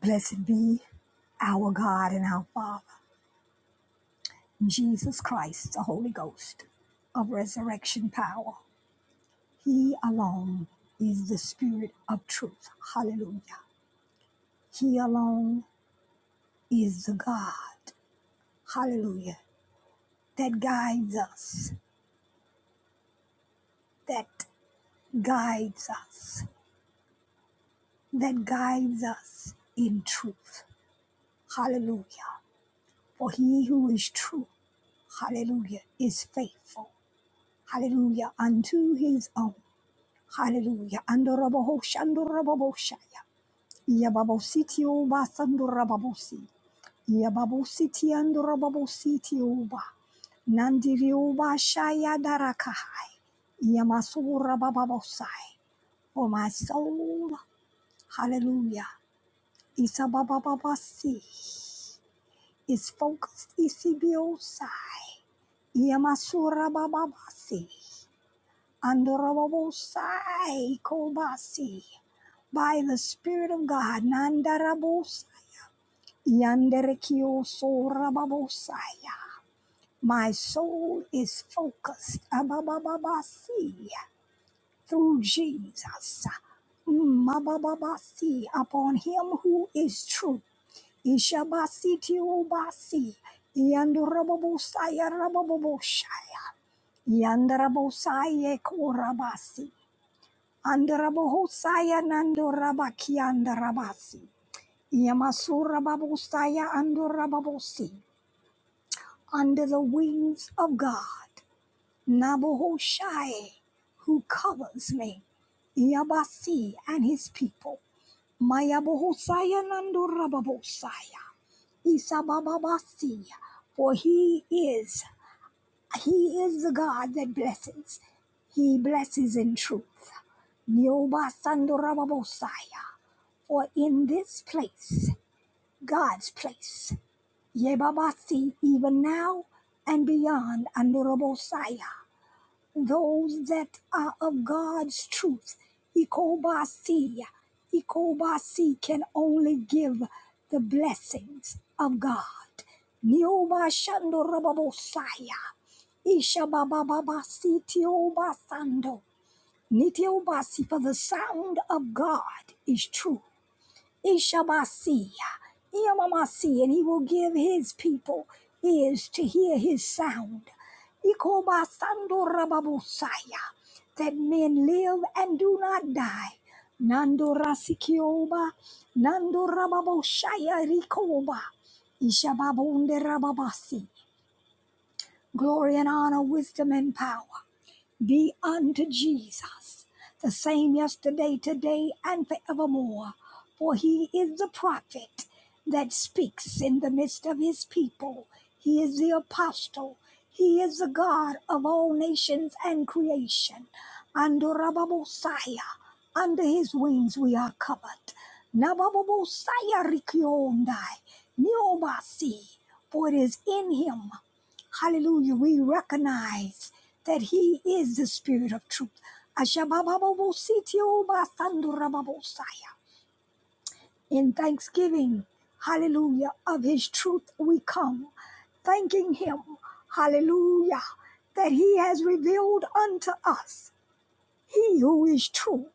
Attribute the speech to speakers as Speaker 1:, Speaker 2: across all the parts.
Speaker 1: Blessed be our God and our Father, Jesus Christ, the Holy Ghost of resurrection power. He alone is the Spirit of truth. Hallelujah. He alone is the God. Hallelujah. That guides us, that guides us, that guides us in truth. Hallelujah. For he who is true, hallelujah, is faithful. Hallelujah. Unto his own. Hallelujah. Andorabahosha, Andorababoshaya. Yababositi Uba Sandorababosi. Yababositi Andorababositi Uba. Nandiri Uba Shaya Darakahai. Yamasura Bababosai. For my soul, hallelujah. Isababababasi is focused Isibiosai. Yamasura Bababasi. Andorababosai Kobasi. by the Spirit of God. Nandarabosai, yanderekiosorababosaya. My soul is focused ababababasi, through Jesus Mm, upon Him who is true. Ishabasitiobasi, yandorababosaya, rababoboshaya, yandarabosaya, korabasi, andarabohosaya, nandorabakiandarabasi. Yamasura babosaya andora babosi. Under the wings of God, Nabohoshai, who covers me, Yabasi and his people. Mayabohosaya nandora babosaya. Isabababasi, for he is, he is the God that blesses. He blesses in truth. Niobasandorababosaya. For in this place, God's place, Yebabasi, even now and beyond, Andorobosaya, those that are of God's truth, Ikobasi, Ikobasi can only give the blessings of God. Niobashandorobosaya, Ishababababasi, Tiobasando, Nitiobasi, for the sound of God is true. Ishamasi, Yamamasi, and he will give his people ears to hear his sound. Ikobasando rababosaya, that men live and do not die. Nando rasikioba, Nando rababoshaya rikoba, Ishababonde rababasi. Glory and honor, wisdom and power be unto Jesus, the same yesterday, today, and forevermore. For he is the prophet that speaks in the midst of his people. He is the apostle. He is the God of all nations and creation. Under Rababosaya, under his wings we are covered. Nababosaya Rikyondai, Niobasi, for it is in him Hallelujah. We recognize that He is the Spirit of truth. Ashabababositiobasandorababosaya. In thanksgiving, hallelujah, of His truth we come, thanking Him, hallelujah, that He has revealed unto us He who is true,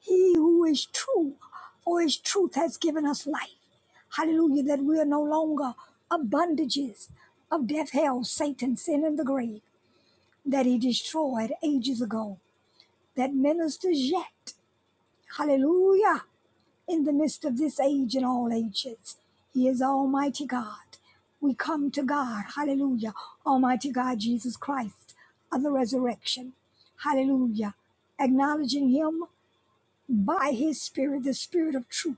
Speaker 1: He who is true, for His truth has given us life. Hallelujah, that we are no longer of bondages of death, hell, Satan, sin, and the grave. that he destroyed ages ago, that ministers yet. Hallelujah. In the midst of this age and all ages, he is Almighty God. We come to God. Hallelujah. Almighty God, Jesus Christ of the resurrection. Hallelujah. Acknowledging him by his spirit, the spirit of truth.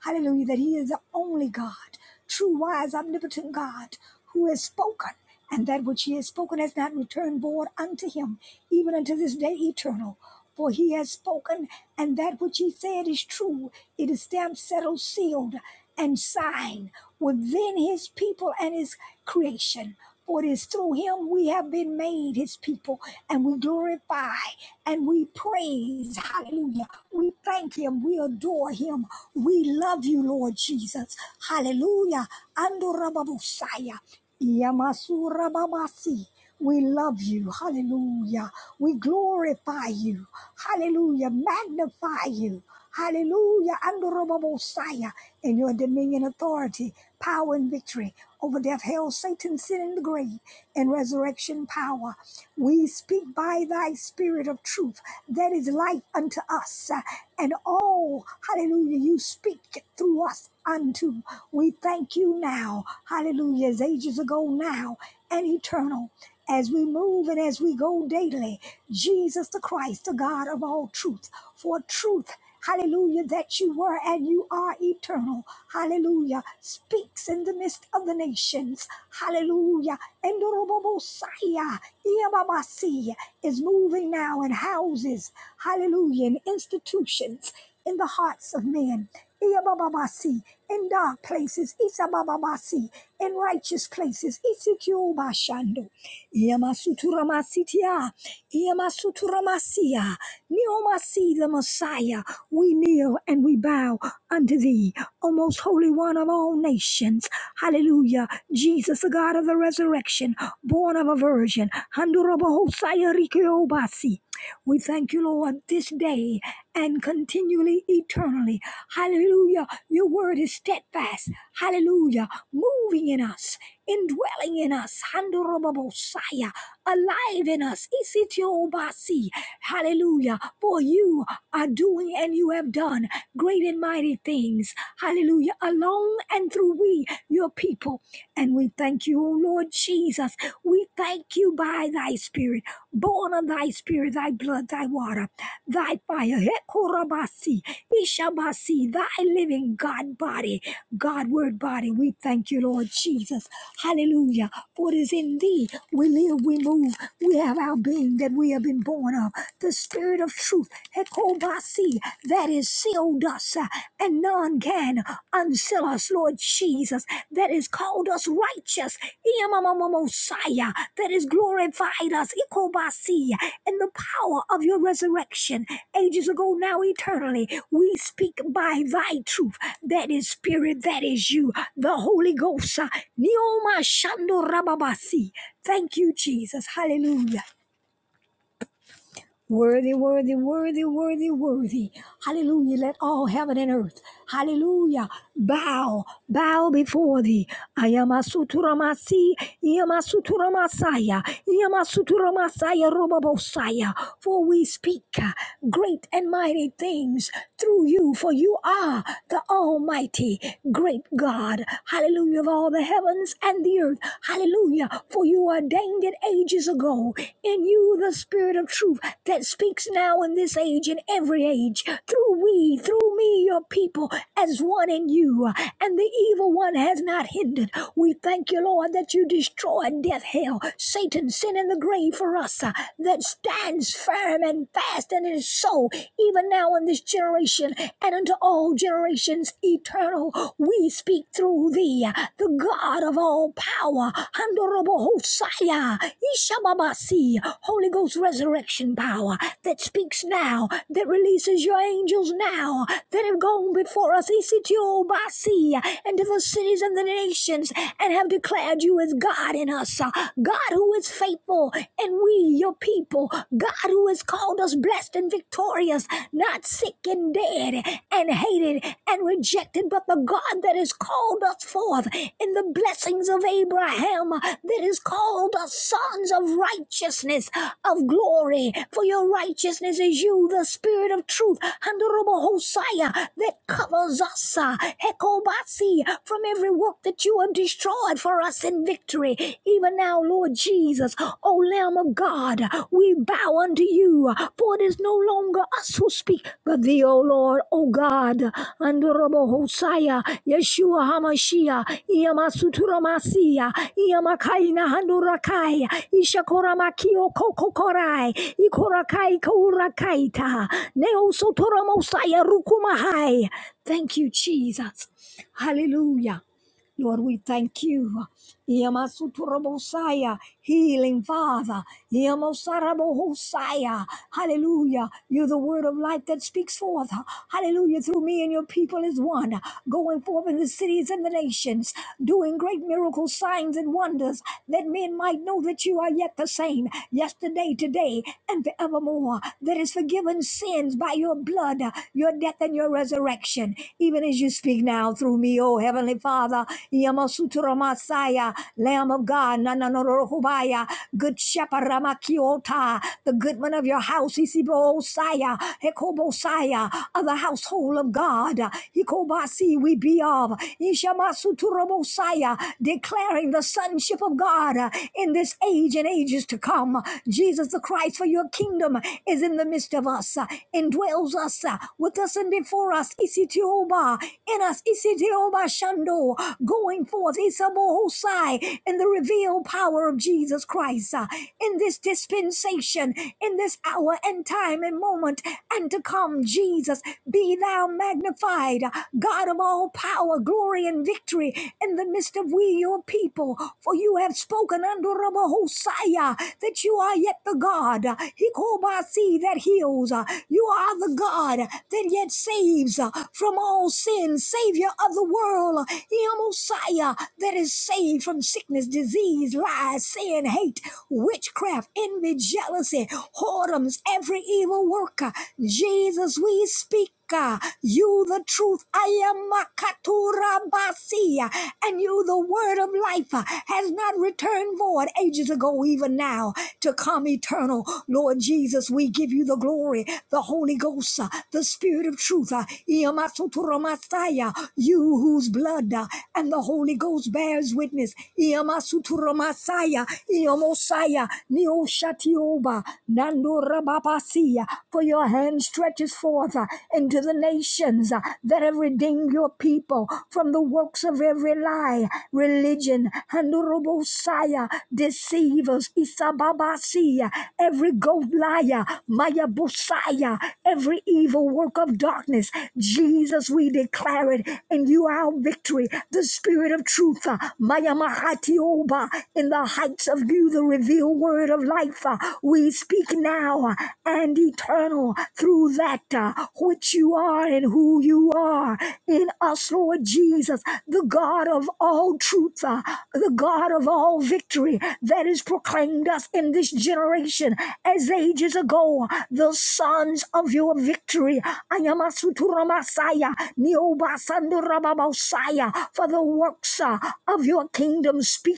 Speaker 1: Hallelujah, that he is the only God, true, wise, omnipotent God who has spoken, and that which he has spoken has not returned void unto him, even unto this day eternal. For he has spoken, and that which he said is true. It is stamped, settled, sealed, and signed within his people and his creation. For it is through him we have been made his people, and we glorify and we praise. Hallelujah. We thank him. We adore him. We love you, Lord Jesus. Hallelujah. Andorababusaya. Yamasurababasi. We love you. Hallelujah. We glorify you. Hallelujah. Magnify you. Hallelujah. And the Messiah in your dominion, authority, power, and victory over death, hell, Satan, sin, and the grave, and resurrection power. We speak by thy spirit of truth that is life unto us. uh, And oh, hallelujah, you speak through us unto. We thank you now, hallelujah, as ages ago now and eternal. As we move and as we go daily, Jesus the Christ, the God of all truth, for truth hallelujah, that you were and you are eternal, hallelujah, speaks in the midst of the nations, hallelujah. And Orobobosaya, Iababasi is moving now in houses, hallelujah, in institutions, in the hearts of men. Iyabababasi, in dark places, Isabababasi, in righteous places, Isikiobashando, Iyamasuturamasitia, Iyamasuturamasia, Neomasi the Messiah, we kneel and we bow unto thee, O most holy one of all nations. Hallelujah. Jesus, the God of the resurrection, born of a virgin, Handurabahosaya Rikyobasi, we thank you, Lord, this day and continually, eternally. Hallelujah. Your word is steadfast. Hallelujah. Moving in us, indwelling in us. Handorobobosaya alive in us. Isitiobasi. Hallelujah. For you are doing and you have done great and mighty things. Hallelujah. Along and through we, your people. And we thank you, O Lord Jesus. We thank you by thy spirit, born of thy spirit, thy blood, thy water, thy fire. Korabasi, Ishabasi, thy living God body, God word body. We thank you, Lord Jesus. Hallelujah. For it is in thee we live, we move, we have our being that we have been born of. The spirit of truth, Hekobasi, that is sealed us, uh, and none can unseal us, Lord Jesus that has called us righteous. Messiah that has glorified us. Ikobasi, In the power of your resurrection, ages ago, now eternally, we speak by thy truth. That is spirit, that is you, the Holy Ghost. Nioma Shando Rababasi. Thank you, Jesus. Hallelujah. Worthy, worthy, worthy, worthy, worthy. Hallelujah. Let all heaven and earth, hallelujah, bow, bow before thee. Ayamasuturamasi, Iamasuturamasaya, Iamasuturamasaya, Robobosaya. For we speak uh, great and mighty things through you, for you are the Almighty, great God. Hallelujah, of all the heavens and the earth. Hallelujah. Hallelujah. For you ordained it ages ago. In you, the Spirit of truth that speaks now in this age, and every age, through we, through me, your people, as one in you. And the evil one has not hindered. We thank you, Lord, that you destroyed death, hell, Satan, sin, and the grave for us, uh, that stands firm and fast, and it is so, even now in this generation and unto all generations, eternal, we speak through thee, the God of all power, Handorobo Hosaya, Ishababasi, Holy Ghost resurrection power that speaks now, that releases your angels now, that have gone before us, Isitiobasi, into the cities and the nations, and have declared you as God in us, God who is faithful, and we, your people, God who has called us blessed and victorious, not sick and dead and hated and rejected, but the God that has called us forth in the blessings of Abraham, that has called us sons of righteousness, of glory. For your righteousness is you, the Spirit of truth, and Hosea, that covers us, uh, Hekobasi, from every work that you have destroyed for us in victory, even even now, Lord Jesus, O Lamb of God, we bow unto you, for it is no longer us who speak, but thee, O Lord, O God, under Hosea, Yeshua HaMashiach, Iyamasuturamasiya, Iyamakaina Handurakai, Ishakoramakio Kokokorai, Ikorakai Kaurakaita, Neosotoramosaya Rukumahai. Thank you, Jesus. Hallelujah. Lord, we thank you. Yamasuturabosaya, healing Father. Yamosarabohosaya. Hallelujah. You're the word of life that speaks forth. Hallelujah. Through me and your people is one. Going forth in the cities and the nations, doing great miracles, signs, and wonders, that men might know that you are yet the same, yesterday, today, and forevermore. That is forgiven sins by your blood, your death, and your resurrection, even as you speak now through me, O. Oh, Heavenly Father, Yamasutura Messiah, Lamb of God, Nananorohubaya, Good Shepherd Ramakiota, the goodman of your house, Isibo Osaya, Hekobo Saya, of the household of God, Hikobasi, we be of, Ishamasutura Messiah, declaring the sonship of God in this age and ages to come. Jesus the Christ, for your kingdom is in the midst of us, indwells us, with us and before us, Isitioba, in in us, Isidiobashando, going forth, Isabohosai, in the revealed power of Jesus Christ, uh, in this dispensation, in this hour and time and moment, and to come, Jesus, be thou magnified, uh, God of all power, glory, and victory, in the midst of we, your people, for you have spoken under Hosea that you are yet the God, uh, Hikobasi, that heals, uh, you are the God that yet saves, uh, from from all sin, Savior of the world, your Messiah that is saved from sickness, disease, lies, sin, hate, witchcraft, envy, jealousy, whoredoms, every evil worker. Jesus, we speak. uh, You the truth, I am Makatura Basia, and you the word of life uh, has not returned void ages ago, even now, to come eternal. Lord Jesus, we give you the glory, the Holy Ghost, uh, the Spirit of truth truth. uh, Iamasuturamastaya, You whose blood uh, and the Holy Ghost bears witness. Iamasuturamastaya, Iamosaya, Neoshatioba, Nandorababasia, For your hand stretches forth uh, into the nations uh, that have redeemed your people from the works of every lie, religion, Handorobosaya, deceivers, Isababasia, every goat liar, Maya every evil evil work of darkness. Jesus, we declare it, and you our victory. The Spirit of Truth, uh, Maya Mahati Oba, in the heights of you, the revealed word of life. uh, We speak now uh, and eternal through that uh, which you are and who you are in us, Lord Jesus, the God of all truth, uh, the God of all victory that is proclaimed us in this generation as ages ago. The Son weapons of your victory. Ayamasuturamashaya, Neobasandurababosaya, For the works uh, of your kingdom speaker,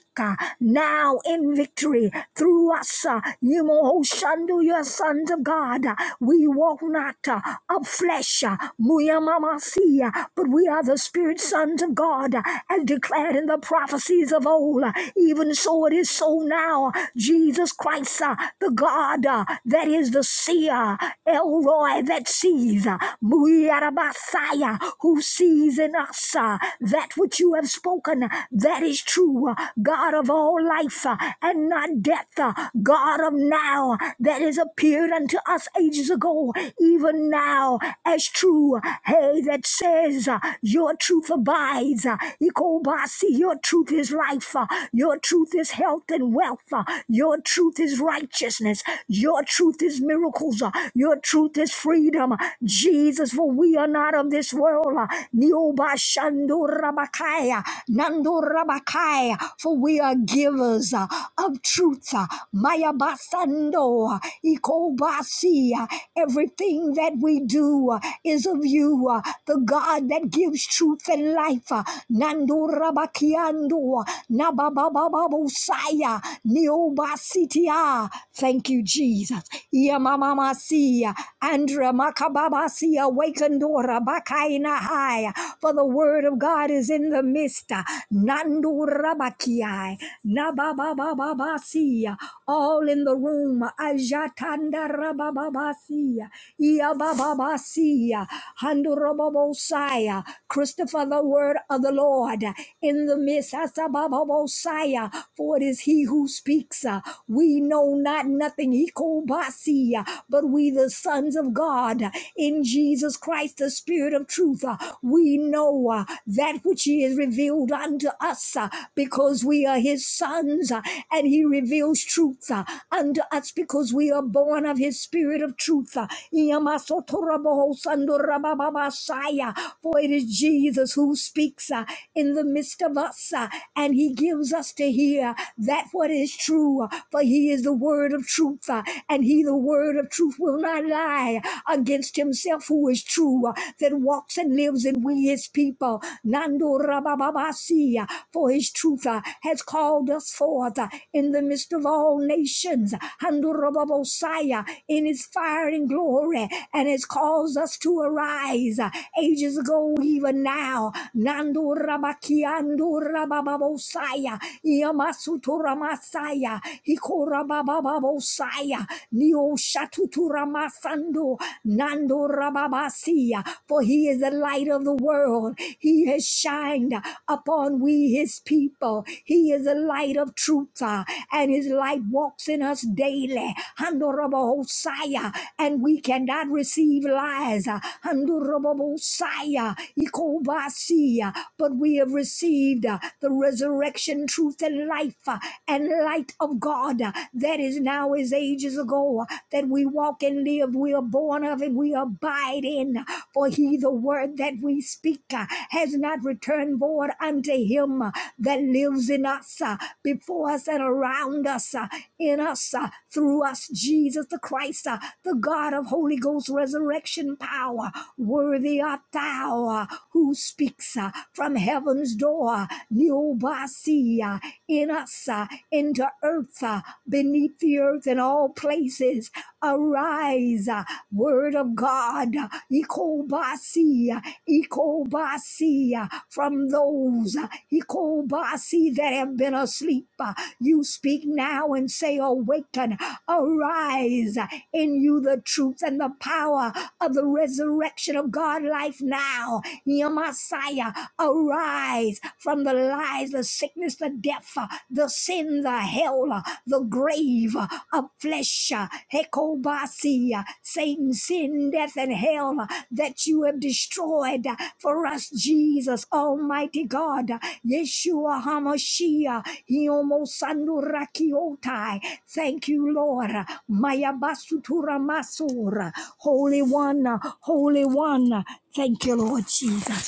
Speaker 1: now in victory through us. uh, Yimohoshandu, Your sons of God, Uh, we walk not uh, of flesh, uh, Muyamamasia, but we are the spirit sons of God, uh, as declared in the prophecies of old. Uh, Even so it is so now. Jesus Christ, uh, the God uh, that is the seer, Elroy that sees, Muyarabasaya who sees in us uh, that which you have spoken, uh, that is true, uh, God of all life uh, and not death, uh, God of now uh, that has appeared unto us ages ago, even now as true, hey, that says uh, your truth abides, uh, Ikobasi, your truth is life, uh, your truth is health and wealth, uh, your truth is righteousness, your truth is miracles. uh, Your truth is freedom. Jesus, for we are not of this world. uh, Nioba shando rabakaya, nando rabakaya, For we are givers uh, of truth. uh, Maya basando, uh, ikobasi, uh, Everything that we do uh, is of you, uh, the God that gives truth and life. uh, Nando rabakiando, nabababababosaya, niobasitia, Ah, Thank you, Jesus. Yamamamasia. Andra makababasia. Wakendora bakainahaya. For the word of God is in the midst. Nandura bakiai. Nababababasia. All in the room. Ajatanda rabababasia. Iabababasia. Handurababosaya. Christopher, the word of the Lord in the midst. Asabababosaya. For it is he who speaks uh, we know not nothing, Ikobasi, uh, but we the sons of God uh, in Jesus Christ, the Spirit of truth. uh, We know uh, that which He has revealed unto us uh, because we are His sons, uh, and He reveals truth uh, unto us because we are born of His Spirit of truth. uh, Iyamasotorabohosandorabababasaya, For it is Jesus who speaks uh, in the midst of us, uh, and He gives us to hear that that what is true, uh, for he is the word of truth, uh, and he, the word of truth, will not lie against himself who is true, uh, that walks and lives, and we his people. Nando Rabababasi, uh, for his truth uh, has called us forth uh, in the midst of all nations. Hando Rababosai, uh, in his fire and glory, and has caused us to arise uh, ages ago, even now. Nando Rabakiando Rabababosai, Iamasutoramasaya, Hikorabababosaya, Neo Shatutura Masando, Nando Rababasia. For he is the light of the world. He has shined upon we, his people. He is the light of truth, uh, and his light walks in us daily. Handorabahosaya, And we cannot receive lies. uh, Handorabahosaya, Ikobasia, But we have received uh, the resurrection, truth, and life, uh, and light of God uh, that is now as ages ago, uh, that we walk and live. We are born of it, we abide in. uh, For he, the word that we speak, uh, has not returned void unto him uh, that lives in us, uh, before us, and around us, uh, in us, uh, through us, Jesus the Christ, uh, the God of Holy Ghost resurrection power. Worthy art thou uh, who speaks uh, from heaven's door Yoa, Neobasia, in us, uh, into earth, uh, beneath the earth, in all places. Arise, uh, word of God, uh, Ikobasia, Ikobasia, from those, uh, Ikobasi, that have been asleep. uh, You speak now and say, Awaken, arise uh, in you the truth and the power of the resurrection of God life now. Yamasaya, arise from the lies, the sickness, the death, uh, the sin, the hell, uh, the grave uh, of flesh, uh, Hekobasi, uh, Satan, sin, death, and hell uh, that you have destroyed uh, for us, Jesus, Almighty God, uh, Yeshua HaMashiach, Hiomo Sandurakiotai. Thank you, Lord. uh, Maya Basutura Masura, Holy One, uh, Holy One. uh, Thank you, Lord Jesus.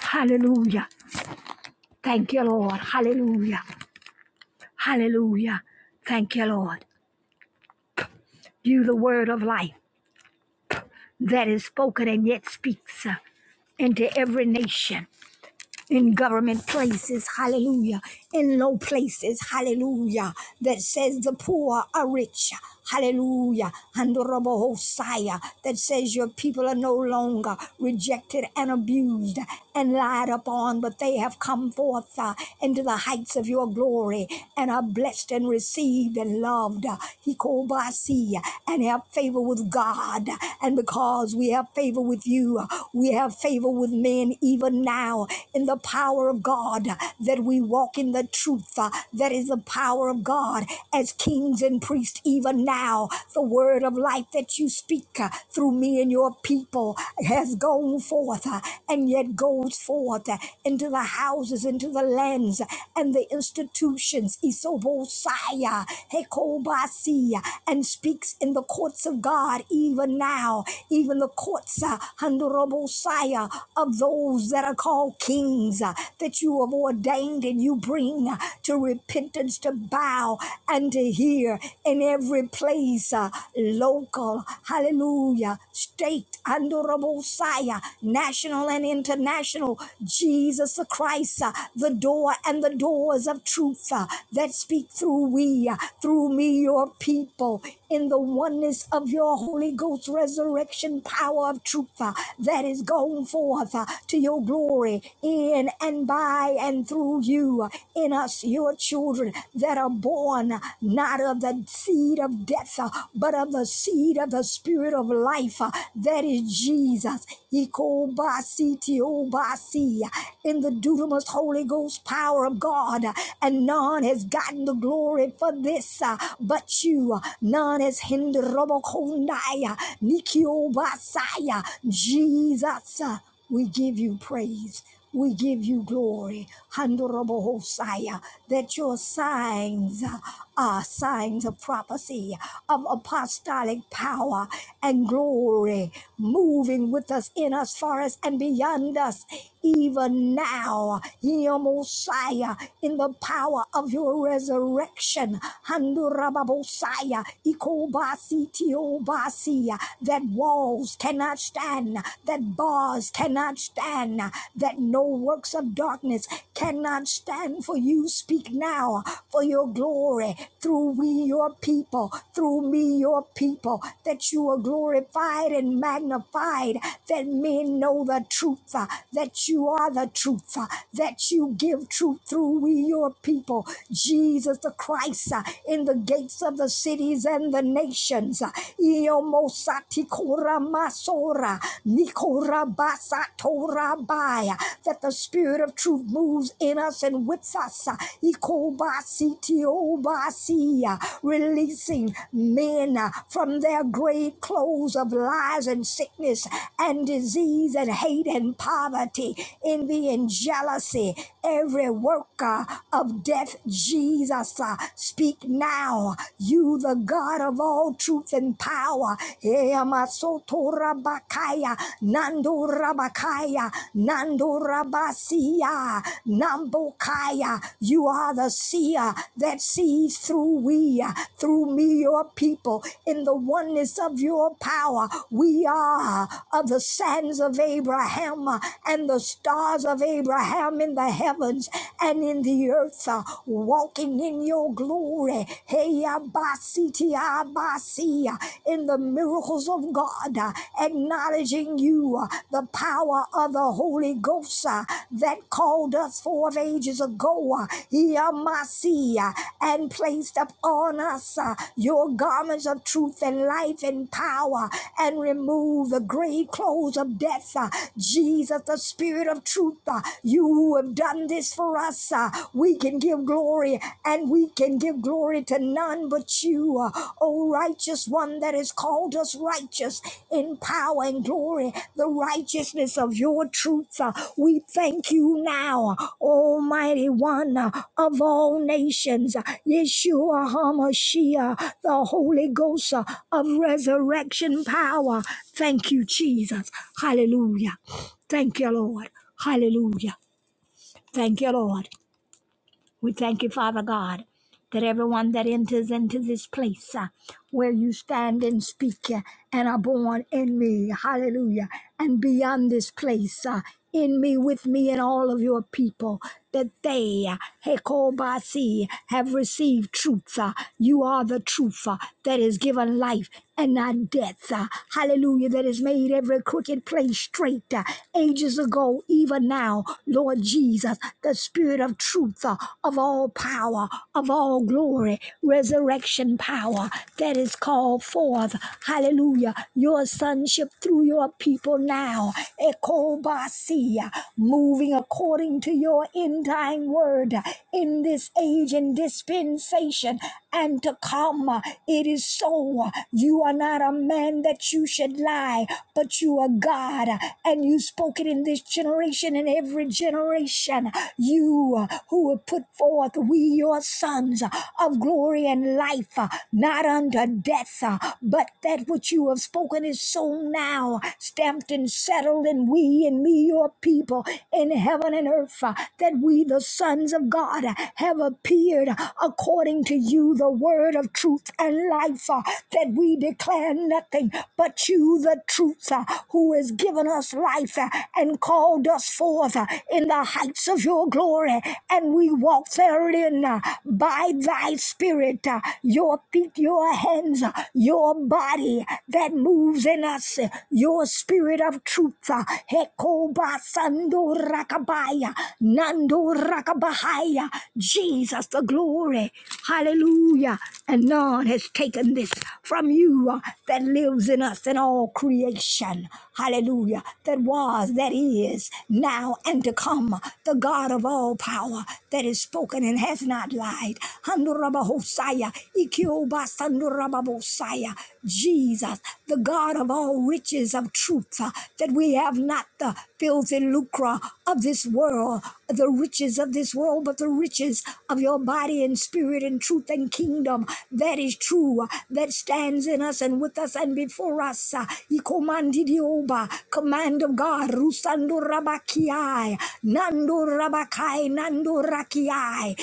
Speaker 1: Hallelujah. Thank you, Lord. Hallelujah. Hallelujah. Thank you, Lord. You, the word of life that is spoken and yet speaks uh, into every nation. in government places, hallelujah, in low places, hallelujah, that says the poor are rich, hallelujah, and Hosea, that says your people are no longer rejected and abused and lied upon, but they have come forth uh, into the heights of your glory and are blessed and received and loved, Hikobasi, and have favor with God, and because we have favor with you, we have favor with men men even now in the power of God, that we walk in the truth uh, that is the power of God as kings and priests, even now. The word of life that you speak uh, through me and your people has gone forth uh, and yet goes forth uh, into the houses, into the lands, uh, and the institutions, Isobosaya, Hekobasi, and speaks in the courts of God even now, even the courts, uh, Messiah, of those that are called kings uh, that you have ordained and you bring uh, to repentance to bow and to hear in every place, uh, local, hallelujah, state, honorable Messiah, national and international, Jesus the Christ, uh, the door and the doors of truth uh, that speak through we, uh, through me, your people, in the oneness of your Holy Ghost resurrection power of truth uh, that is going forth uh, to your glory in and by and through you, uh, in us, your children that are born uh, not of the seed of death, uh, but of the seed of the spirit of life uh, that is Jesus Ikobasitiobasi, in the dunamis Holy Ghost power of God, and none has gotten the glory for this uh, but you. None has hindered Robokondaya, Nikiobasaya, Jesus. uh, we give you praise. We give you glory, Honorable Hosea, that your signs are signs of prophecy, of apostolic power and glory, moving with us, in us, for us, and beyond us, even now, Ye Mosiah, in the power of your resurrection, Handurababosaya, Ikobasi Tiobasi, that walls cannot cannot stand, that bars cannot stand, that no works of darkness cannot stand. For you speak now for your glory through we, your people, through me, your people, that you are glorified and magnified, that men know the truth, uh, that you are the truth, uh, that you give truth through we, your people, Jesus the Christ, uh, in the gates of the cities and the nations. uh, Io mosati koramasora, nikorabasatorabaya, that the spirit of truth moves in us and with us, uh, ikobasitiobasi, uh, releasing men uh, from their grave clothes of lies and sickness and disease and hate and poverty, envy and jealousy. Every worker of death, Jesus, uh, speak now. You, the God of all truth and power. Eamasotorabakaya, Nandorabakaya, Nandorabasia, Nambokaya. You are the seer that sees through we, uh, through me, your people, in the oneness of your power. We are of the sands of Abraham uh, and the stars of Abraham In in the heavens and in the earth, uh, walking in your glory. Hey, abasiti, abasi, uh, in the miracles of God, uh, acknowledging you, uh, the power of the Holy Ghost uh, that called us forth ages ago. uh, He amasi, uh, and placed upon us uh, your garments of truth and life and power and remove the grave clothes of death. uh, Jesus, the Spirit of truth, uh, you who have done this for us. Uh, we can give glory and we can give glory to none but you. Uh, O righteous one that has called us righteous in power and glory, the righteousness of your truth. Uh, we thank you now, Almighty One uh, of all nations, uh, Yeshua HaMashiach, the Holy Ghost uh, of resurrection power. Thank you, Jesus. Hallelujah. Thank you, Lord. Hallelujah. Thank you, Lord. We thank you, Father God that everyone that enters into this place uh, where you stand and speak uh, and are born in me, hallelujah, and beyond this place, uh, in me, with me, and all of your people, that they, uh, Hekobasi, have received truth. uh, You are the truth uh, that is given life and not death. uh, Hallelujah, that has made every crooked place straight. uh, Ages ago, even now, Lord Jesus, the Spirit of truth, uh, of all power, of all fall glory, resurrection power that is called forth. Hallelujah. Your sonship through your people now. Ekobasia, moving according to your end time word in this age and dispensation and to come. It is so. You are not a man that you should lie, but you are God, and you spoke it in this generation and every generation. You who have put forth, we your sons sons uh, of glory and life, uh, not unto death, uh, but that which you have spoken is so now, stamped and settled in we and me, your people, in heaven and earth, uh, that we, the sons of God, uh, have appeared according to you, the word of truth and life, uh, that we declare nothing but you, the truth, uh, who has given us life uh, and called us forth uh, in the heights of your glory, and we walk therein. uh, by thy spirit, uh, your feet, your hands, uh, your body that moves in us, uh, your spirit of truth. uh, Hekoba Sando Rakabaya, Nando Rakabahaya, Jesus the glory. Hallelujah. And none has taken this from you uh, that lives in us and all creation. Hallelujah. That was, that is, now and to come. The God of all power that is spoken and has not light. Handorabahosaya, Ikiobasandorababosaya. Jesus, the God of all riches of truth, uh, that we have not the filthy lucre of this world, the riches of this world, but the riches of your body and spirit and truth and kingdom that is true, uh, that stands in us and with us and before us. uh, Ikomandidioba, Command of God, Rusando Rabakiai, Nando Rabakai, Nando Rakiai,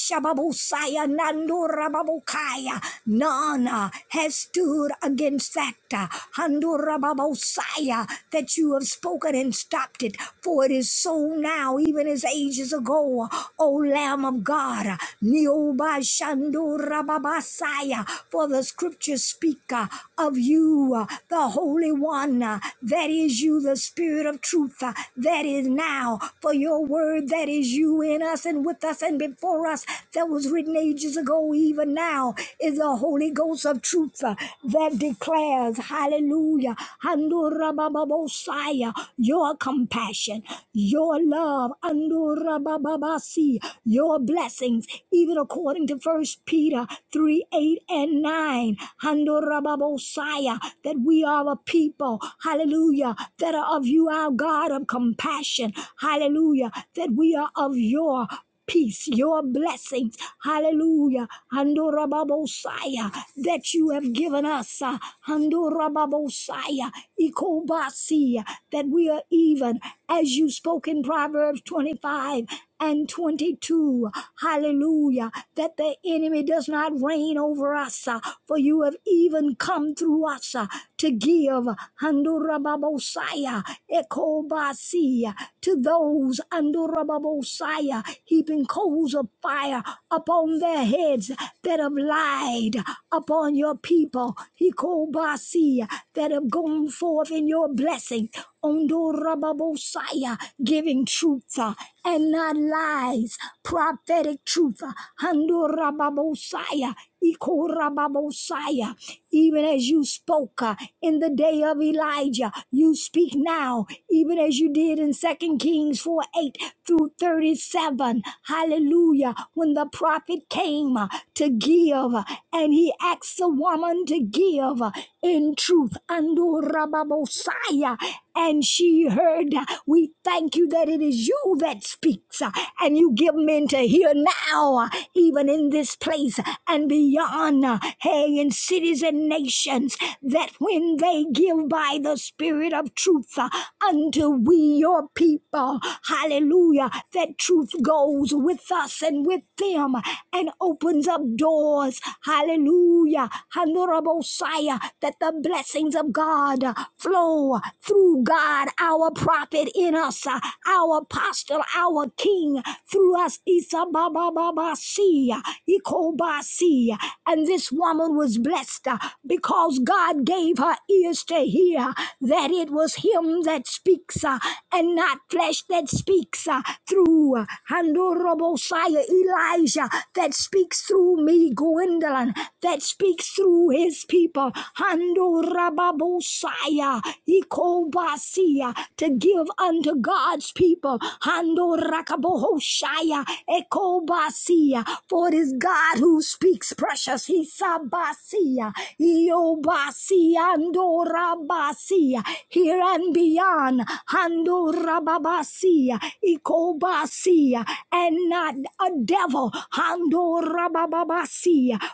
Speaker 1: Shababusaya Nandura Babukaya. Nana has stood against that. uh, Handura Babusaya that you have spoken and stopped it, for it is so now, even as ages ago. O Lamb of God, Nioba Shandura Babasaya, for the scriptures speak uh, of you, uh, the Holy One, uh, that is you, the Spirit of truth, uh, that is now, for your word that is you in us and with us and before us for us that was written ages ago, even now, is the Holy Ghost of truth uh, that declares, hallelujah, handurabababosaya, your compassion, your love, handurabababasi, your blessings, even according to First Peter 3, 8 and 9, handurababosaya, that we are a people, hallelujah, that are of you, our God of compassion, hallelujah, that we are of your peace, your blessings, hallelujah, Handorababosaya, that you have given us, uh, Handorababosaya, Ikobasi, that we are even, as you spoke in Proverbs 25 and 22, hallelujah, that the enemy does not reign over us, uh, for you have even come through us uh, to give, Handorababosaya, Ekobasi, to those, Handorababosaya, heaping coals of fire upon their heads that have lied upon your people. Hikobasi, that have gone forth in your blessing. Ondorababosaya, giving truth uh, and not lies, prophetic truth. uh, Handorababosaya, Ikorababosaya. Even as you spoke uh, in the day of Elijah, you speak now, even as you did in Second Kings 4 8 through 37. Hallelujah. When the prophet came uh, to give, uh, and he asked the woman to give uh, in truth. Andorababosaya. And she heard, uh, We thank you that it is you that speaks, uh, and you give men to hear now. uh, even in this place and beyond, uh, hey, in cities and nations, that when they give by the Spirit of truth uh, unto we, your people, hallelujah, that truth goes with us and with them and opens up doors, hallelujah, honorable Messiah, that the blessings of God uh, flow through God, our prophet in us, uh, our apostle, our king, through through us. Isa, Ba, Ba, Ba, Ba, siya, iko Ba, Ikobasia. And this woman was blessed uh, because God gave her ears to hear that it was Him that speaks uh, and not flesh that speaks uh, through uh, Handorobosaya, Elijah that speaks through me, Gwendolyn, that speaks through his people. Handorababosaya, Ikobasia, to give unto God's people people. Hando rakabohoshaya ekobasia. For it is God who speaks precious. Hisabasia. Iobasia andorabasia. Here and beyond. Hando rababasia. Ikobasia. And not a devil. Hando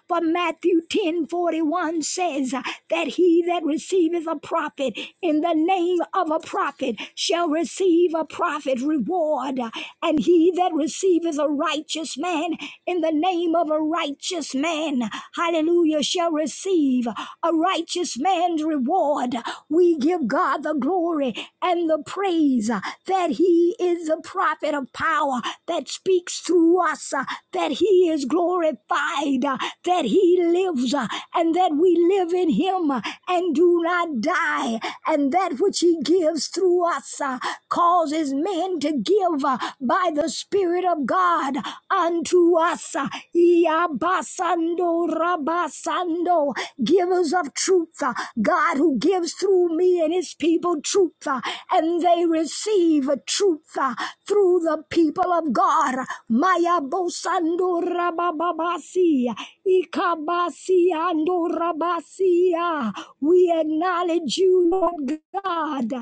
Speaker 1: For Matthew 10 41 says that he that receiveth a prophet in the name of a prophet wicked shall receive a prophet reward, and he that receiveth a righteous man in the name of a righteous man, hallelujah, shall receive a righteous man's reward. We give God the glory and the praise that he is the prophet of power that speaks through us, uh, that he is glorified, uh, that he lives, uh, and that we live in him uh, and do not die and that which he gives through us uh, causes men to give uh, by the Spirit of God unto us. uh, Iabasando rabasando, givers of truth, uh, God who gives through me and his people truth, uh, and they receive truth uh, through the people of God. Maya bosando rabababasi, ikabasi ando rabasi. God. We acknowledge you, Lord God,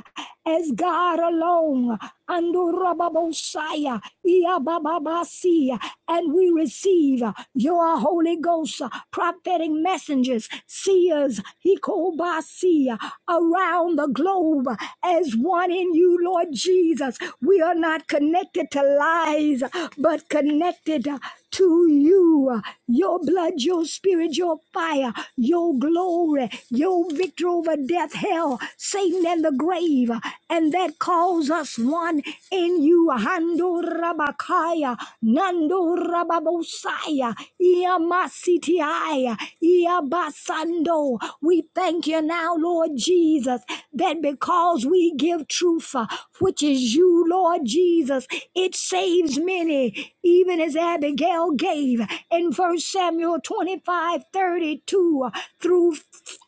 Speaker 1: as God alone. Andorababosaya, Iabababasi, And we receive your Holy Ghost, prophetic messengers, seers, Hikobasi, around the globe as one in you, Lord Jesus. We are not connected to lies, but connected to you. Your blood, your spirit, your fire, your glory, your victory over death, hell, Satan, and the grave. And that calls us one in you. Hando Rabakaya, Nando Rababosaya, Iamasitiaya, Iabasando. We thank you now, Lord Jesus, that because we give truth, uh, which is you, Lord Jesus, it saves many even as Abigail gave in First Samuel 25 32 through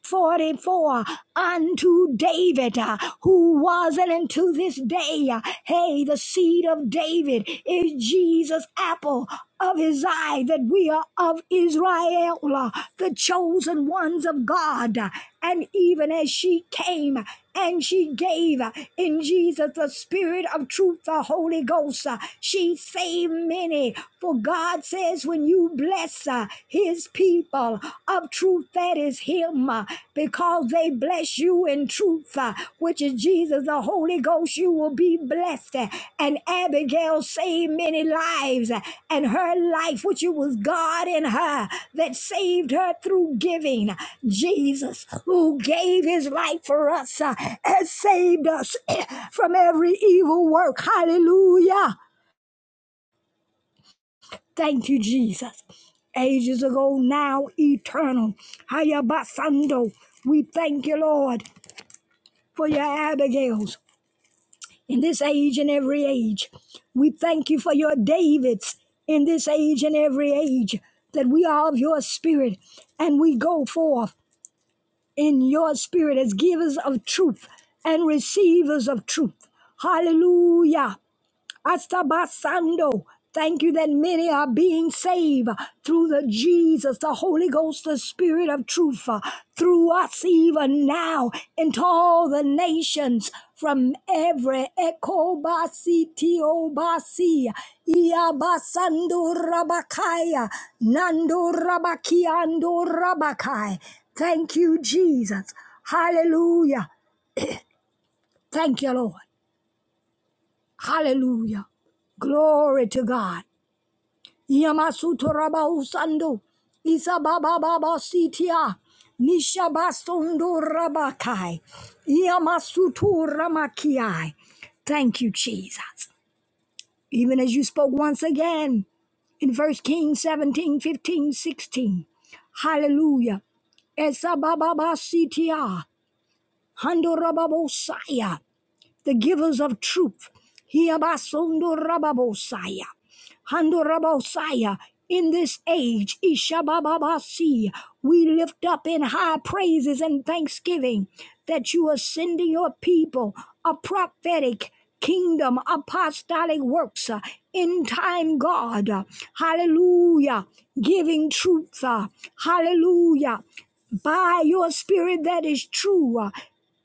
Speaker 1: 44 unto David, uh, who was and unto this day, uh, hey, the seed of David is Jesus' apple of his eye that we are of Israel, the chosen ones of God. And even as she came and she gave in Jesus the Spirit of truth, the Holy Ghost, she saved many. For God says, when you bless his people of truth, that is him, because they they bless you in truth, uh, which is Jesus, the Holy Ghost. You will be blessed. Uh, And Abigail saved many lives, uh, and her life, which it was God in her that saved her through giving. Jesus, who gave his life for us, uh, has saved us from every evil work. Hallelujah. Thank you, Jesus ages ago, now eternal. Hayabasando. We thank you, Lord. for your Abigails in this age and every age. We thank you for your Davids in this age and every age, that we are of your spirit and we go forth in your spirit as givers of truth and receivers of truth. Hallelujah. Astabasando. Thank you that many are being saved through the Jesus, the Holy Ghost, the Spirit of truth, uh, through us even now into all the nations from every echo basi tio basi iabasando rabakaya nando rabakiando rabakai. Thank you, Jesus. Hallelujah. Thank you, Lord. Hallelujah. Glory to God. Yamasuto Raba Usando. Isa Baba Baba Sitia. Nisha Basondo Rabakai. Yamasutu Ramakiai. Thank you, Jesus. Even as you spoke once again in 1 Kings 17 15 16. Hallelujah. Esa Baba Sitia. Hando Rababosaya the givers of truth. Hiabasondo rababosaya. Hando rabosaya. In this age, Ishabababasi, we lift up in high praises and thanksgiving that you are sending your people a prophetic kingdom, apostolic works, uh, in time, God. uh, Hallelujah. Giving truth. uh, Hallelujah by your spirit that is true, uh,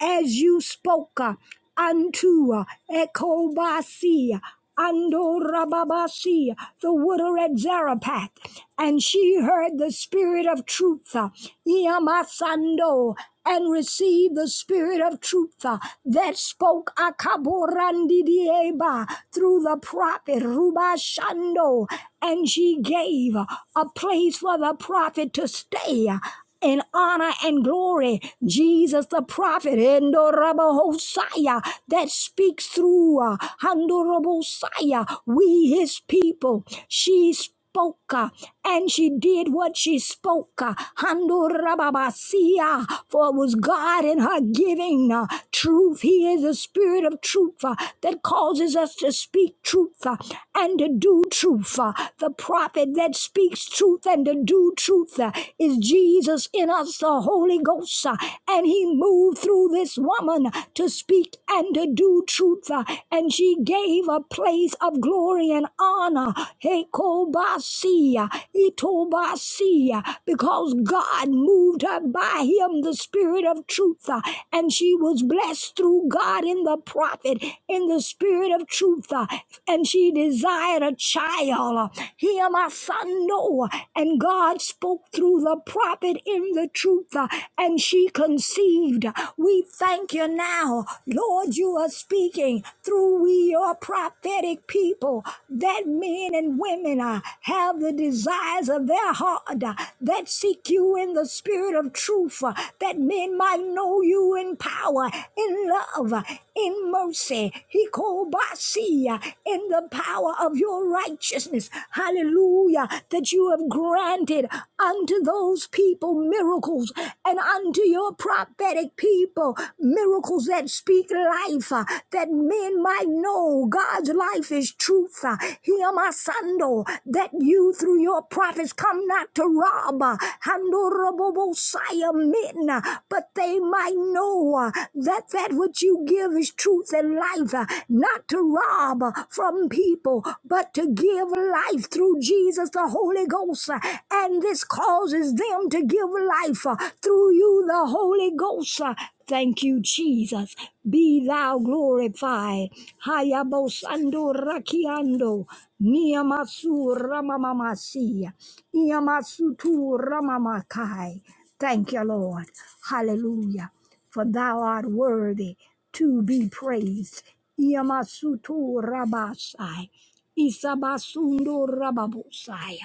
Speaker 1: as you spoke uh, unto uh, Ekobasi, Andorababasi, the widow at Zarephath, and she heard the spirit of truth, uh, Iamasando, and receive the spirit of truth uh, that spoke Akaborandidieba through the prophet Rubashando. And she gave a place for the prophet to stay uh, in honor and glory. Jesus the prophet, Endorabahosaya, that speaks through uh, Handorabosaya, we his people. She speaks spoke, uh, and she did what she spoke. uh, Handurababasia, For it was God in her giving uh, truth. He is the spirit of truth uh, that causes us to speak truth uh, and to do truth. uh, The prophet that speaks truth and to do truth uh, is Jesus in us, the Holy Ghost. uh, And he moved through this woman to speak and to do truth. uh, And she gave receive a place of glory and honor. Hekobasia, itobasia, because God moved her by him, the spirit of truth, uh, and she was blessed through God in the prophet, in the spirit of truth, uh, and she desired a child. Hear my son Noah, and God spoke through the prophet in the truth, uh, and she conceived. We thank you now now, Lord, you are speaking through we, your prophetic people, that men and women uh, have the desires of their heart, uh, that seek you in the spirit of truth, uh, that men might know you in power, in love, uh, in mercy. He called by sea, uh, in the power of your righteousness. Hallelujah. That you have granted unto those people miracles and unto your prophetic people miracles that speak life, uh, that men might know God's life is truth. uh, Hear my sando, that you through your prophets come not to rob, uh, handorobobosaya men, uh, but they might know uh, that that which you give is truth and life, uh, not to rob uh, from people, but to give life through Jesus the Holy Ghost. Ghost, uh, and this causes them to give life uh, through you, the Holy Ghost. uh. Thank you, Jesus. Be thou glorified. Hayabosando rakiando. Niyamasu ramamamasia. Iyamasutu ramamakai. Thank you, Lord. Hallelujah. For thou art worthy to be praised. Iyamasutu rabasai. Isabasundo rababosaya.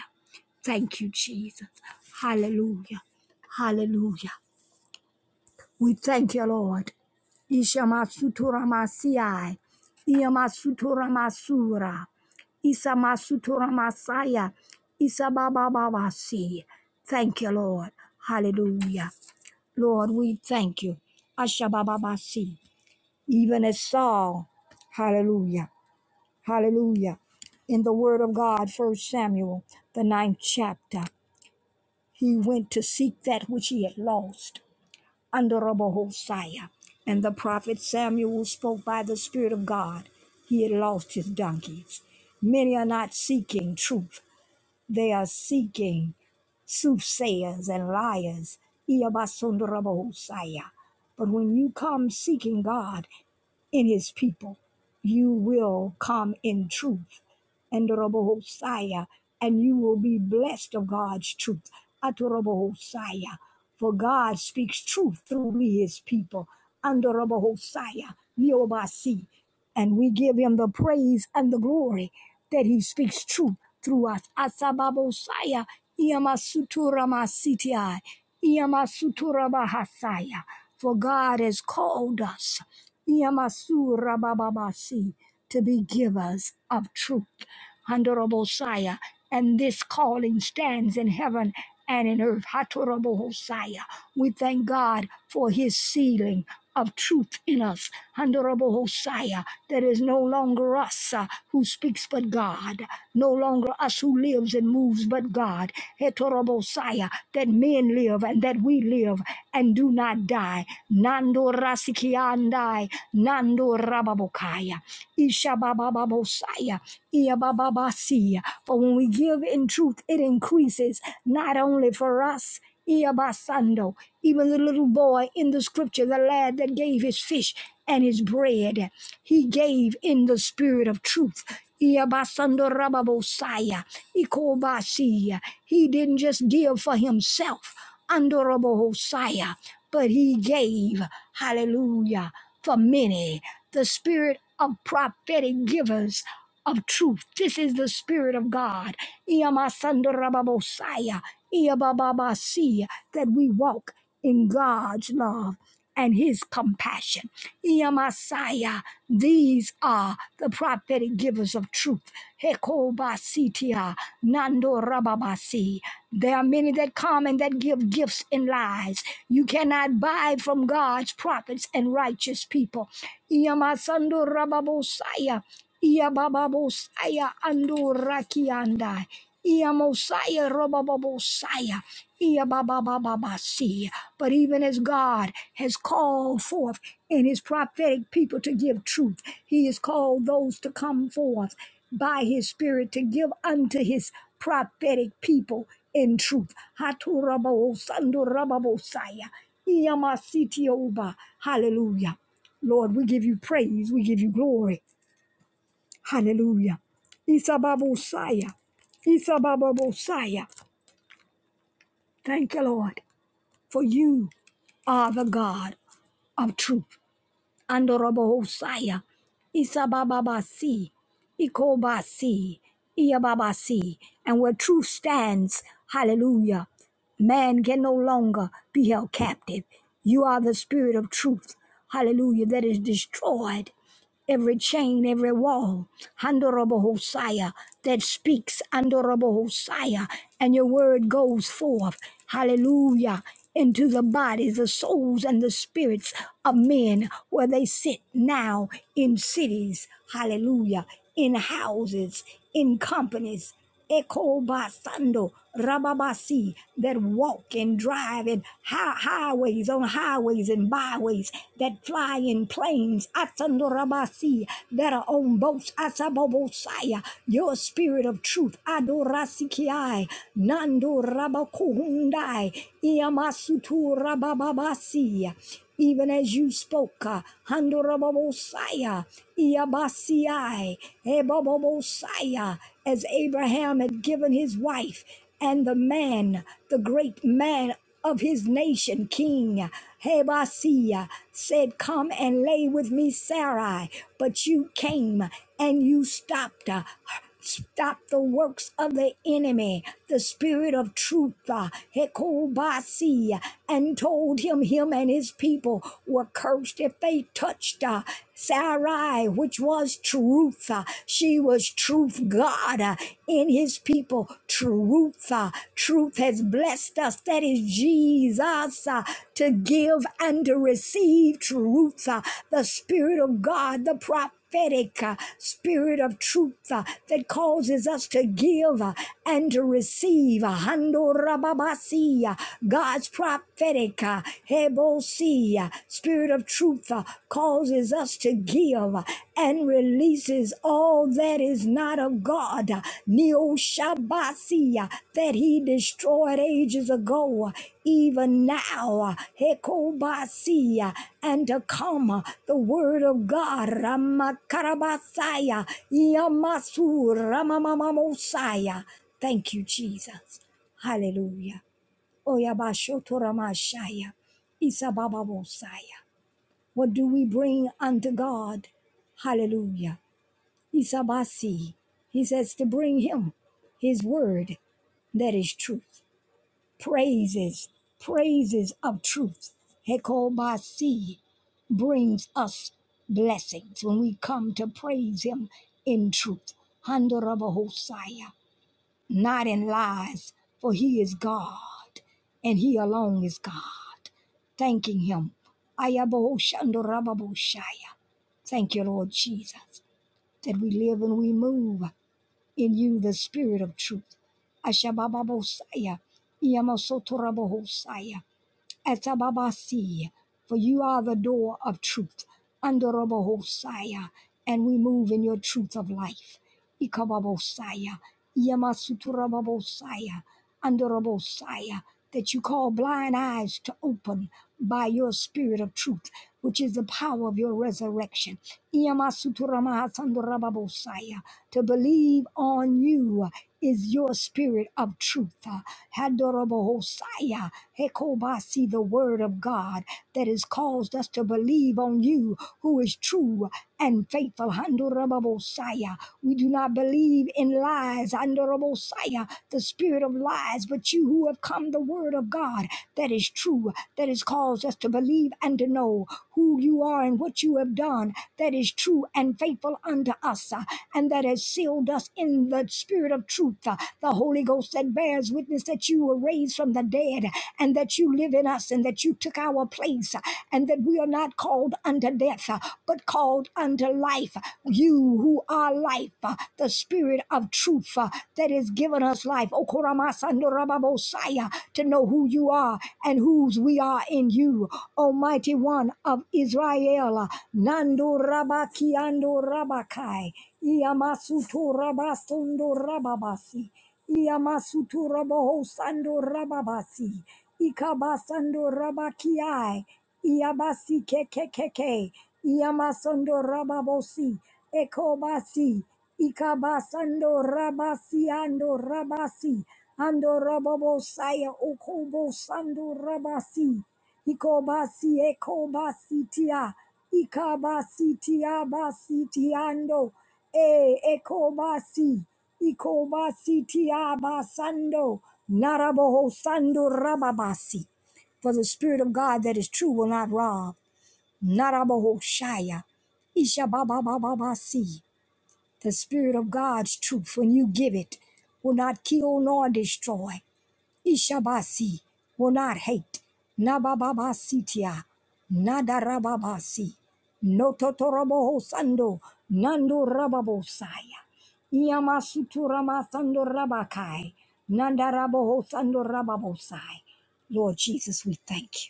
Speaker 1: Thank you, Jesus. Hallelujah. Hallelujah. We thank you, Lord. Ishamasuturamasiai. Iyamasutoramasura. Isamasutoramasaya. Isababababasi. Thank you, Lord. Hallelujah. Lord, we thank you. Ashabababasi. Even as Saul. Hallelujah. Hallelujah. In the word of God, First Samuel, the ninth chapter. He went to seek that which he had lost under Rabbi Hosea. And the prophet Samuel spoke by the Spirit of God. He had lost his donkeys. Many are not seeking truth, they are seeking soothsayers and liars. Iyabasunda Rabbi But when you come seeking God, in his people. You will come in truth. And Robo Hosea, and you will be blessed of God's truth. Atorobo Hosea, for God speaks truth through me, his people. Andorobo Hosea, Neobasi, and we give him the praise and the glory that he speaks truth through us. Asababosaya, Iamasuturamasitia, Iamasuturabahasaya. For God has called us Yamasura Bababasi to be givers of truth. Handorobosaya. And this calling stands in heaven and in earth. Hatorabo Hosea, We thank God for his sealing of truth in us. Honorable Hosea. That is no longer us uh, who speaks but God. No longer us who lives and moves but God. Hetorabo Hosea, That men live and that we live and do not die Andai, Nando Rasiki Andai, Nando Rababokaya, Isha Baba Iya Ia For when we give in truth, it increases not only for us. Ia Basando, even the little boy in the scripture, the lad that gave his fish and his bread, he gave in the spirit of truth. Ia Basando Rababosaya, Iko Basia. He didn't just give for himself. Andorobo Hosea, but he gave, hallelujah, for many, the spirit of prophetic givers of truth. This is the spirit of God. Iamasandorababosaya, Iabababasi, That we walk in God's love and his compassion. Iamasaya, these are the prophetic givers of truth. Hekobasitia, Nando Rababasi. There are many that come and that give gifts and lies. You cannot buy from God's prophets and righteous people. Iamasando Rababosaya, Iabababosaya, Ando Rakiandai. Iamosaya Robababosaya. Iya ba ba ba ba ba see. But even as God has called forth in his prophetic people to give truth, he has called those to come forth by his spirit to give unto his prophetic people in truth. Haturabo sandurababo saya. Iya ma siti oba. Hallelujah. Lord, we give you praise. We give you glory. Hallelujah. Isababosaya. Isababosaya. Thank you, Lord, for you are the God of truth. Andorobo Hosaya, Isabababasi, Ikobasi, Iababasi, and where truth stands, hallelujah, man can no longer be held captive. You are the spirit of truth, hallelujah, that is destroyed every chain, every wall, Handorobo Hosea, that speaks, Handorobo Hosea, and your word goes forth, hallelujah, into the bodies, the souls, and the spirits of men where they sit now in cities, hallelujah, in houses, in companies. Echo Basando Rababasi that walk and drive in hi- highways on highways and byways that fly in planes Asando Rabasi that are on boats Asabobosaya your spirit of truth Adorasikiai Nando Rabakuhundai Iamasutu Rabababasi even as you spoke, Handorababosaya, Shaddai, Ebobosaya, as Abraham had given his wife and the man, the great man of his nation, King Hebasiah, said, Come and lay with me, Sarai. But you came and you stopped uh, Stop the works of the enemy, the spirit of truth, uh, Hekobasi, and told him, him and his people were cursed if they touched uh, Sarai, which was truth. uh, She was truth God uh, in his people. Truth. uh, Truth has blessed us. That is Jesus uh, to give and to receive truth. uh, The Spirit of God, the prophet prophetic uh, spirit of truth uh, that causes us to give uh, and to receive. Uh, Hando rababasi, uh, God's prophetic uh, hebosi, uh, spirit of truth uh, causes us to give uh, and releases all that is not of God. God, Neo that he destroyed ages ago, even now, Hekobasia, and to come, the word of God, Ramakarabasaya, Yamasu, Ramamamamosaya. Thank you, Jesus. Hallelujah. Oyabashotoramashaya, Isababamosaya. What do we bring unto God? Hallelujah. Isabasi. He says to bring him his word that is truth. Praises, praises of truth. Hekobasi brings us blessings when we come to praise him in truth. Handorabahosaya, not in lies, for he is God and he alone is God. Thanking him. Ayabohoshandorababoshaya. Thank you, Lord Jesus, that we live and we move in you the spirit of truth. Ashabababosaya, Iyamosotorabosaya. Atababasi, for you are the door of truth. Andorobahosaya, and we move in your truth of life. Ikababosaya, Yamasuturababosaya, Andorobosaya, that you call blind eyes to open by your spirit of truth, which is the power of your resurrection. Iyamasuturamahasandarababosaya, To believe on you is your spirit of truth. Uh, Handorable Hosea, Hekobasi, the word of God that has caused us to believe on you who is true and faithful. Handorable Hosea, we do not believe in lies. Handorable Hosea, the spirit of lies, but you who have come the word of God that is true, that has caused us to believe and to know who you are and what you have done that is true and faithful unto us us uh, and that has sealed us in the spirit of truth, uh, the Holy Ghost that bears witness that you were raised from the dead and that you live in us and that you took our place uh, and that we are not called unto death uh, but called unto life. You who are life, uh, the spirit of truth uh, that has given us life. O Koramasa, Okoramasandorababosaya, To know who you are and whose we are in you, Almighty One of Israel. Shandala, Nando Rabaki Ando Rabakai, Iamasuto Rabasondo Rababasi, Iamasuto Raboho Sando Rababasi, Ikabasando Rabakiai, Iabasi Kekekeke, Iamasando Rababosi, Ekobasi, Ikabasando Rabasi Ando Rabasi, Ando Rababosaya Okobo Sando Rabasi. Ikobasi ekobasitia. Ikabasitia basitiando. E ekobasi. Ikobasitia basando. Naraboho sando rababasi. For the Spirit of God that is true will not rob. Naraboho shaya. Ishabababababasi. The Spirit of God's truth, when you give it, will not kill nor destroy. Ishabasi will not hate. Nabababasitia. Nadarababasi. Nototoroboho sando. Nando rababosaya. Iamasuturama sando rabakai. Nandaraboho sando rababosai. Lord Jesus, we thank you.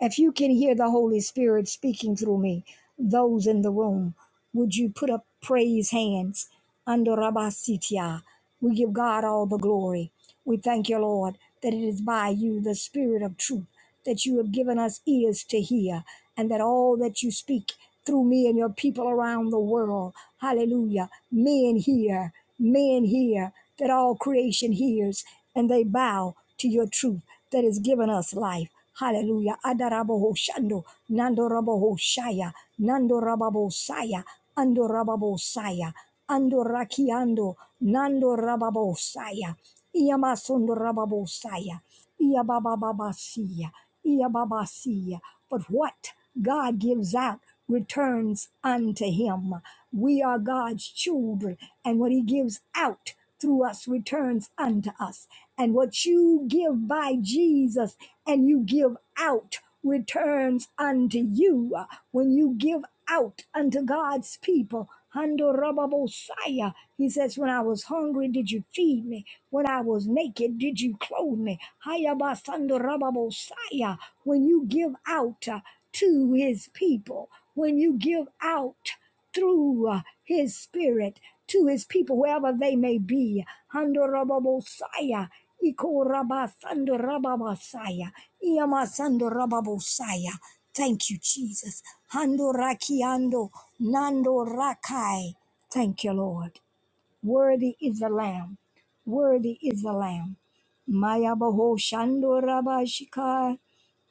Speaker 1: If you can hear the Holy Spirit speaking through me, those in the room, would you put up praise hands under Rabasitia? We give God all the glory. We thank you, Lord, that it is by you, the Spirit of truth, that you have given us ears to hear, and that all that you speak through me and your people around the world, hallelujah, men hear, men hear, that all creation hears, and they bow to your truth that has given us life. Hallelujah. Adaraboho shando. Nando raboho shaya. Nando rababo saya. Ando rababo saya. Ando rakiando. Nando rababo saya. Iyamasondo rababo saya. Iyabababasia. Iyababasia. But what God gives out returns unto him. We are God's children, and what he gives out through us returns unto us. And what you give by Jesus and you give out returns unto you. When you give out unto God's people, Hando Rababosaya, he says, When I was hungry, did you feed me? When I was naked, did you clothe me? Hayabasando Rababosaya, when you give out uh, to his people, when you give out through uh, his spirit to his people, wherever they may be. Handorababosaya, ikorabasandarababasaya, iyamasandarababosaya. Thank you, Jesus. Handorakiando, nandorakai. Thank you, Lord. Worthy is the Lamb. Worthy is the Lamb. Mayabaho Shando Rabashika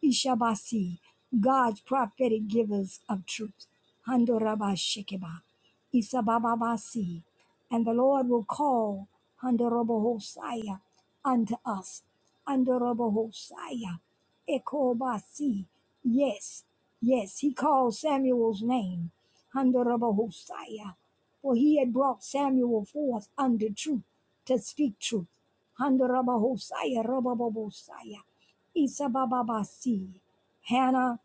Speaker 1: Ishabasi. God's prophetic givers of truth. Hando Rabashikeba. Isabababasi. And the Lord will call Hando Rabohosaya unto us. Hando Rabohosaya. Ekobasi. Yes. Yes. He called Samuel's name. Hando Rabohosaya for he had brought Samuel forth unto truth to speak truth. Handarabahosaya, rabababosaya, isabababasi. Hannah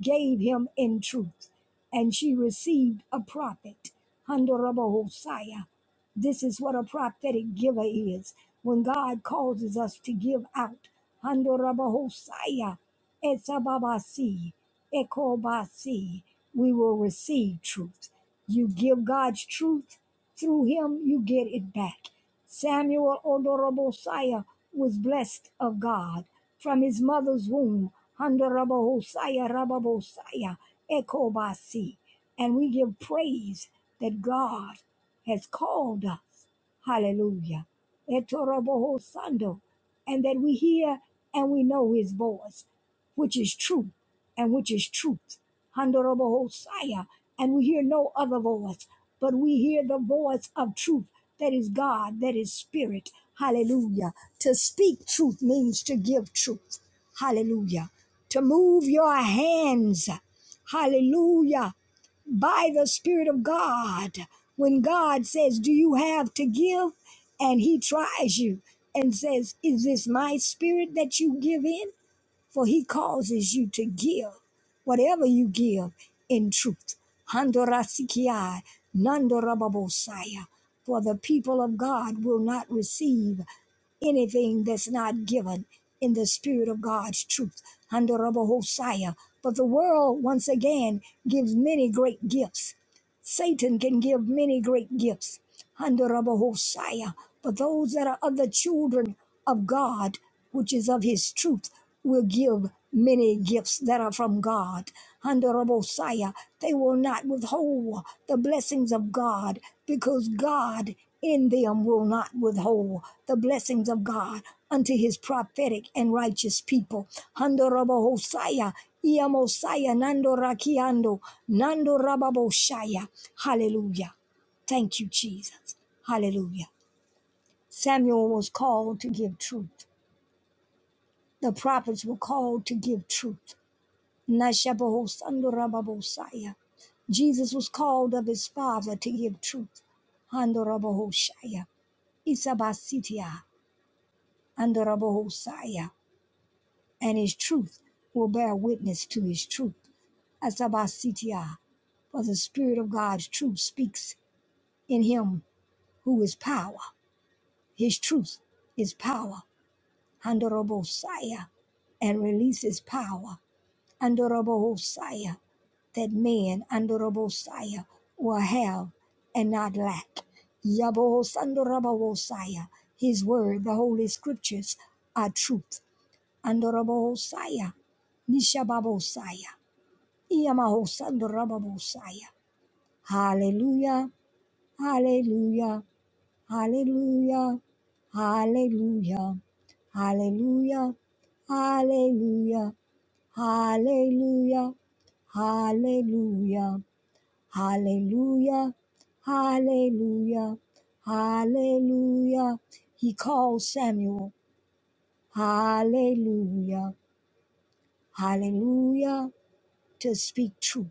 Speaker 1: gave him in truth, and she received a prophet. Handarabahosaya. This is what a prophetic giver is. When God causes us to give out, Handorabahosaya, Etababasi, Ekobasi, we will receive truth. You give God's truth through him, you get it back. Samuel Odorobosaya was blessed of God from his mother's womb. Handorobosaya Rababosaya Ekobasi. And we give praise that God has called us. Hallelujah. Etorobohosando. And that we hear and we know his voice, which is true and which is truth. Honorable Hosea, and we hear no other voice, but we hear the voice of truth that is God, that is spirit. Hallelujah. To speak truth means to give truth. Hallelujah. To move your hands. Hallelujah. By the Spirit of God. When God says, Do you have to give? And He tries you and says, Is this my spirit that you give in? for he causes you to give whatever you give in truth. Handorasikiai, nandorababosaya. For the people of God will not receive anything that's not given in the spirit of God's truth. Handorabahosaya. But the world, once again, gives many great gifts Satan can give many great gifts under but those that are of the children of God, which is of his truth, will give many gifts that are from God. Under they will not withhold the blessings of God because God in them will not withhold the blessings of God unto his prophetic and righteous people. Under Ia Mosiah, Nando Rakiando, Nando Rababo Shaya. Hallelujah. Thank you, Jesus. Hallelujah. Samuel was called to give truth. The prophets were called to give truth. Nashabaho Sando Rababo Shaya. Jesus was called of his father to give truth. Handorabohoshaya, Isabasitia, Andorabohosaya, and his truth will bear witness to his truth. Asabasitiya, for the Spirit of God's truth speaks in him who is power. His truth is power, Handorobosaya, and releases power, Handorobosaya, that man, Handorobosaya, will have and not lack. Yabohosandorobosaya, his word, the holy scriptures are truth, Handorobosaya, Nishababosaya, Iyamahosandorobosaya. Hallelujah, hallelujah, hallelujah, hallelujah, hallelujah, hallelujah, hallelujah, hallelujah, hallelujah, hallelujah, hallelujah. He called Samuel, hallelujah, hallelujah, to speak truth.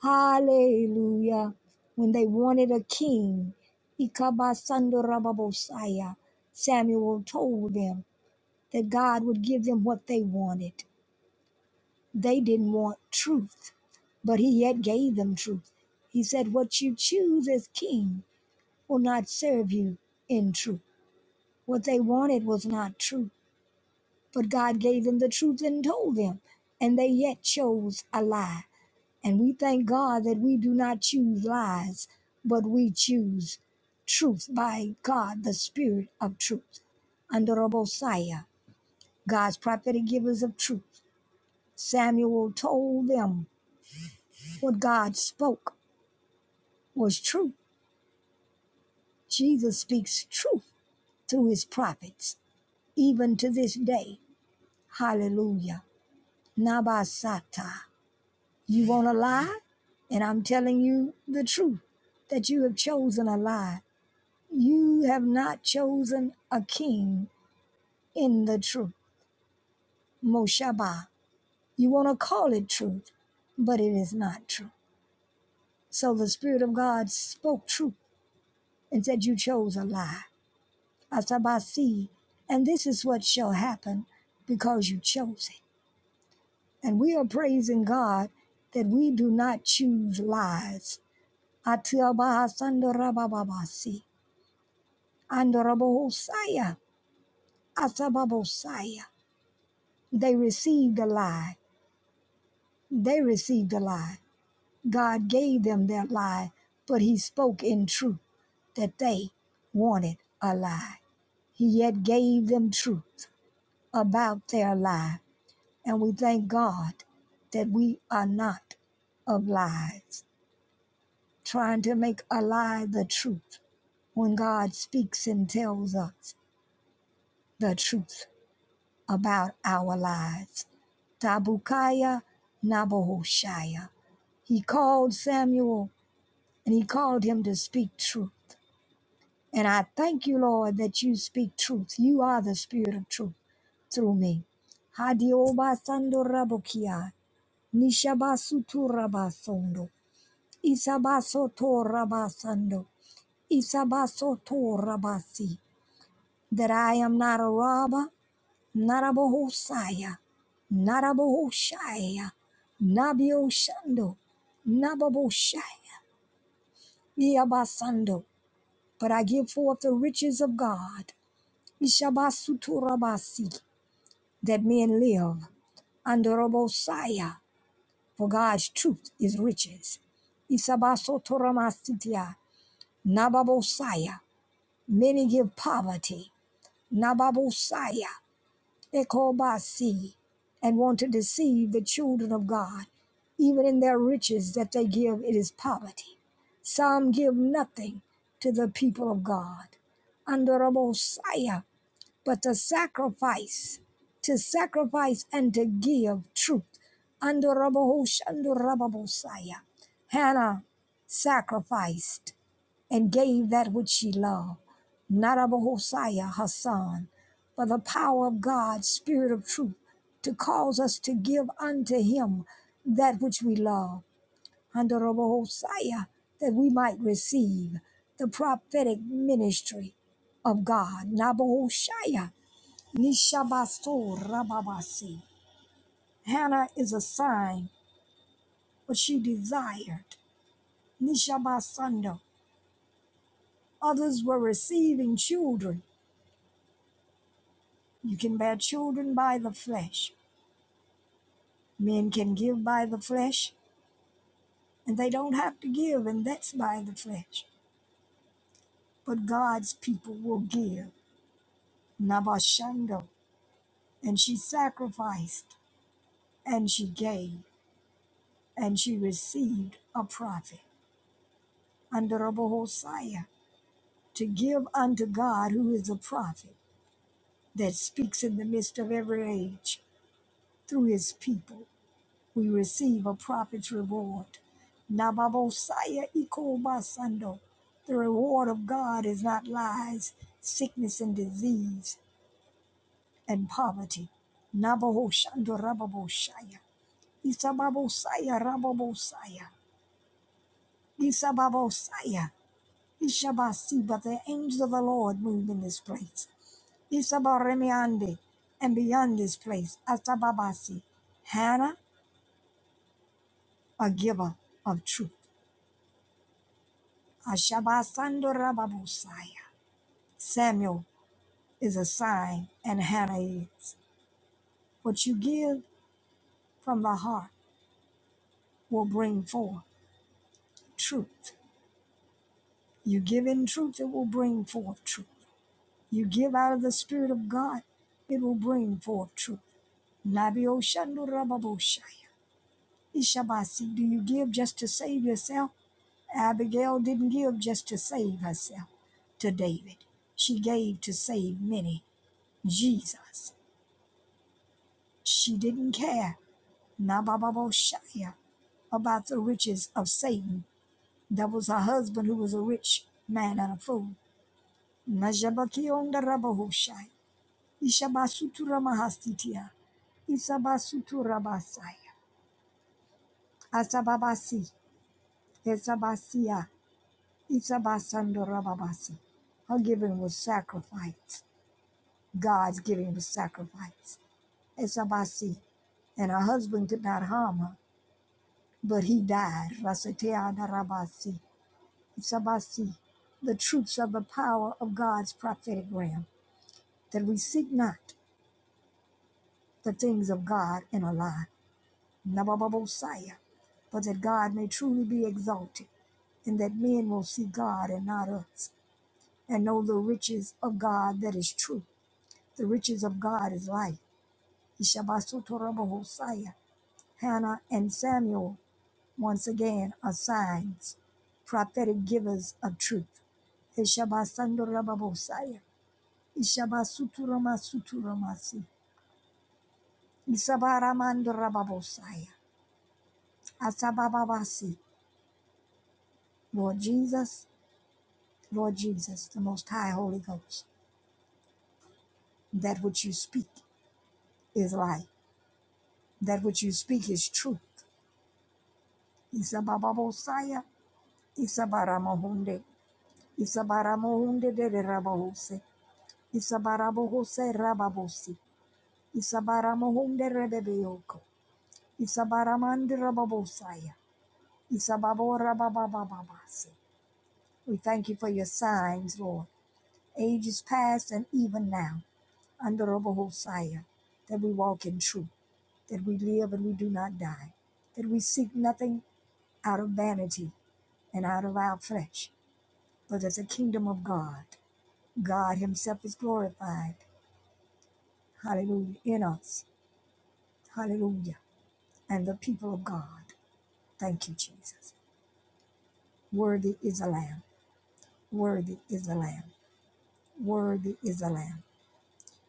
Speaker 1: Hallelujah. When they wanted a king, Ikabasandorababosaya, Samuel told them that God would give them what they wanted. They didn't want truth, but he yet gave them truth. He said, What you choose as king will not serve you in truth. What they wanted was not truth, but God gave them the truth and told them, and they yet chose a lie. And we thank God that we do not choose lies, but we choose truth by God, the Spirit of truth. Under Rabosiah, God's prophetic givers of truth, Samuel told them what God spoke was true. Jesus speaks truth through his prophets, even to this day. Hallelujah. Nabasata. You want a lie? And I'm telling you the truth that you have chosen a lie You have not chosen a king in the truth. Moshaba. You want to call it truth, but it is not true. So the Spirit of God spoke truth and said, You chose a lie. Asabasi. And this is what shall happen because you chose it. And we are praising God that we do not choose lies. Atiabahasandorabababasi. Andorabohosaya. Asababosaya. They received a lie They received a lie. God gave them that lie, but he spoke in truth that they wanted a lie. He yet gave them truth about their lie. And we thank God that we are not of lies, trying to make a lie the truth when God speaks and tells us the truth about our lives. Tabukaya Nabohoshaya. He called Samuel and he called him to speak truth. And I thank you, Lord, that you speak truth. You are the spirit of truth through me. Hadiobasando rabokia, nishabasutu rabasondo, isabasoto rabasando, isabasoto rabasi, that I am not a robber, not a bohosaya, not a bohoshaya, nabiosando, nababoshaya, iabasando, but I give forth the riches of God. Ishabasuturabasi, that men live under Robosaya. for God's truth is riches. Isabasotoramasitia, Nababosaya. many give poverty. Nababosaya, Ekobasi, and want to deceive the children of God. Even in their riches that they give, it is poverty. Some give nothing to the people of God. Under Mosiah, but to sacrifice, to sacrifice and to give truth. Andorabahosha, andorababosaya. Hannah sacrificed and gave that which she loved, not Abahosaya, her son, but the power of God, Spirit of truth, to cause us to give unto him that which we love, Andorabahosaya, that we might receive the prophetic ministry of God. Nabohoshaya. Nishabaso Rababasi. Hannah is a sign, what she desired. Nishabasando. Others were receiving children. You can bear children by the flesh. Men can give by the flesh, and they don't have to give, and that's by the flesh. But God's people will give. Nabashando. And she sacrificed, and she gave, and she received a prophet. Under Rabbi Hosea. to give unto God, who is a prophet that speaks in the midst of every age through his people. We receive a prophet's reward. Nababosaya ikobasando. The reward of God is not lies, sickness and disease, and poverty. Nabahoshando rababoshaya. Isababosaya rababosaya. Isababosaya. Ishabasi, but the angels of the Lord move in this place. Isabaremiande, and beyond this place, Asababasi, Hannah, a giver of truth. Ashabasandorababusaya. Samuel is a sign, and Hannah is. What you give from the heart will bring forth truth. You give in truth, it will bring forth truth. You give out of the Spirit of God, it will bring forth truth. Nabioshandurababushaya. Ishabasi, do you give just to save yourself? Abigail didn't give just to save herself to David. She gave to save many. Jesus. She didn't care, Nababoshaya, about the riches of Satan. That was her husband who was a rich man and a fool. Najabakiondarabahoshai, Ishabasuturamahastitiya, Isabasuturabasaya, Asababasi, Esabasia, Isabasandorababasi. Her giving was sacrifice. God's giving the sacrifice. It's about see. And her husband could not harm her, but he died. Rasateana Rabasi. It's The truths of the power of God's prophetic realm, that we seek not the things of God in a lie. Nabababosaya. But that God may truly be exalted, and that men will see God and not us, and know the riches of God that is true. The riches of God is life. Hannah and Samuel once again are signs, prophetic givers of truth. Eshabasandarababosaya, Ishabasuturamasturamasi, Isabaramandorababosaya, Asabababasi. Lord Jesus, Lord Jesus, the Most High Holy Ghost, that which you speak is life, that which you speak is truth. Isabababosaya, Isabaramahunde, Isabaramohunde de Rabahose, Isabarabose rababosi. Isabaramohunde rebebeyoko. Isabaramandi rababosaya. Isababora bababababase. We thank you for your signs, Lord. Ages past and even now, under Rabahosaya, that we walk in truth, that we live and we do not die, that we seek nothing out of vanity and out of our flesh, but as the kingdom of God. God Himself is glorified. Hallelujah. In us. Hallelujah. and the people of God. Thank you, Jesus. Worthy is the Lamb. Worthy is the Lamb. Worthy is the Lamb.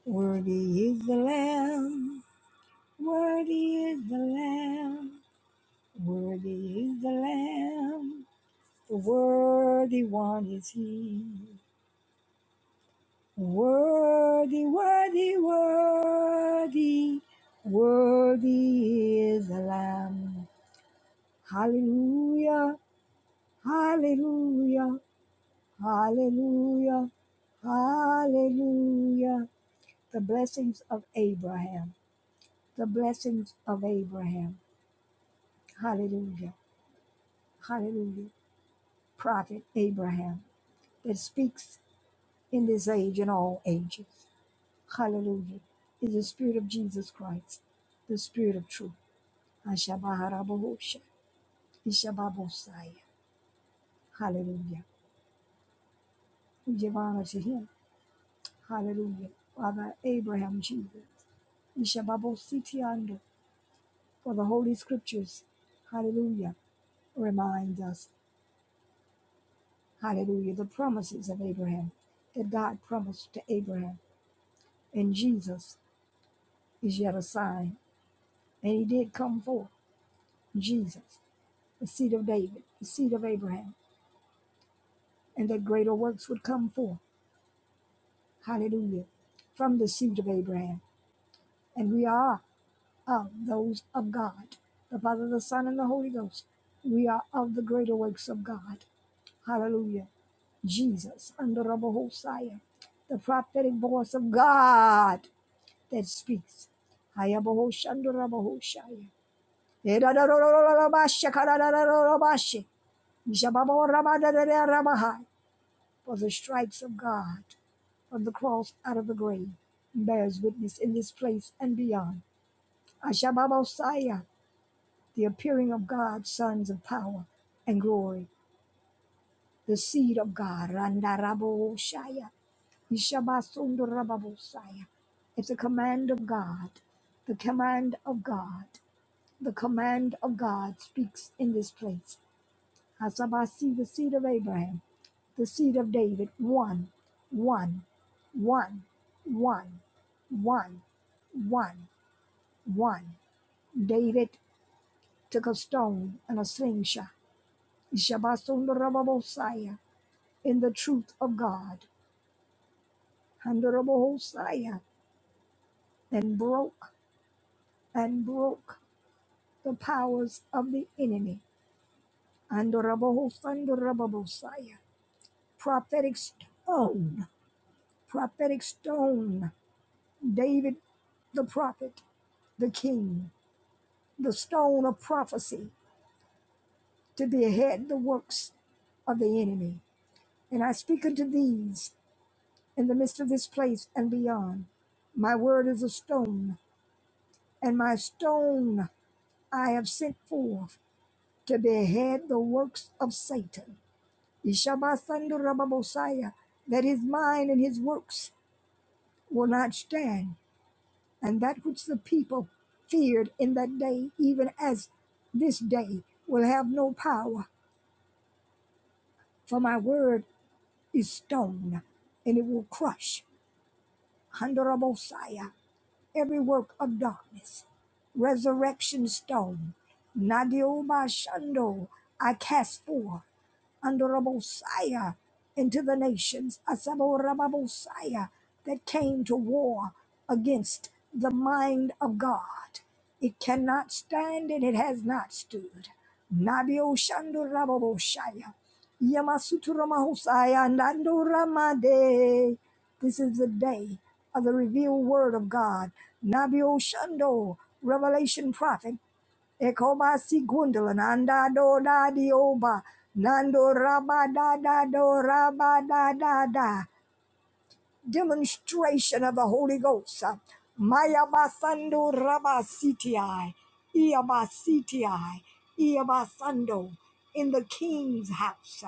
Speaker 1: Worthy is the Lamb. Worthy is the Lamb. Worthy is the Lamb. The worthy one is He. Worthy, worthy, worthy. Worthy is the Lamb. Hallelujah. Hallelujah. Hallelujah. Hallelujah. The blessings of Abraham. The blessings of Abraham. Hallelujah. Hallelujah. Prophet Abraham that speaks in this age and all ages. Hallelujah. Is the Spirit of Jesus Christ, the Spirit of truth. Ashabaharabahosha. Ishababosaya. Hallelujah. We give honor to him. Hallelujah. Father Abraham Jesus. Ishababositiando. For the Holy Scriptures, hallelujah, remind us, hallelujah, the promises of Abraham that God promised to Abraham. And Jesus is yet a sign. And he did come forth, Jesus, the seed of David, the seed of Abraham, and that greater works would come forth, hallelujah, from the seed of Abraham. And we are of those of God, the Father, the Son, and the Holy Ghost. We are of the greater works of God. Hallelujah. Jesus, under Rabbi Hosea, the prophetic voice of God that speaks. Hayabahosh under Rabahoshaya. For the stripes of God on the cross out of the grave bears witness in this place and beyond. Ashababosaya, the appearing of God, sons of power and glory, the seed of God, Randaraboshaya Yishabasundurababusaya. It's a command of God. The command of God. The command of God speaks in this place. Hasabasi, the seed of Abraham, the seed of David, one, one, one, one, one, one, one. David took a stone and a slingshot. Yishabasundurababusaya. In the truth of God. Handurababusaya. And broke and broke the powers of the enemy. Andorabosandorabosaya. Prophetic stone, prophetic stone. David, the prophet, the king, the stone of prophecy to behead the works of the enemy. And I speak unto these in the midst of this place and beyond. My word is a stone, and my stone I have sent forth to behead the works of Satan. Ishabasandurababosaya, that his mind and his works will not stand, and that which the people feared in that day, even as this day, will have no power, for my word is stone, and it will crush Handurabosaya, every work of darkness. Resurrection stone, Nadiobashando, I cast forth. Andorabosaya into the nations, Asaborababosaya, that came to war against the mind of God. It cannot stand and it has not stood. Nabioshandorababosaya, Yamasuturamahosaya, Nandoramade. This is the day of the revealed word of God. Nabioshandor, revelation prophet. Ekoba si gundala nanda do da dioba oba nando raba da da do raba da da da demonstration of the Holy Ghost. Maya Mayabasando Rabasitiai, Iabasitiai, Iabasando, in the king's house,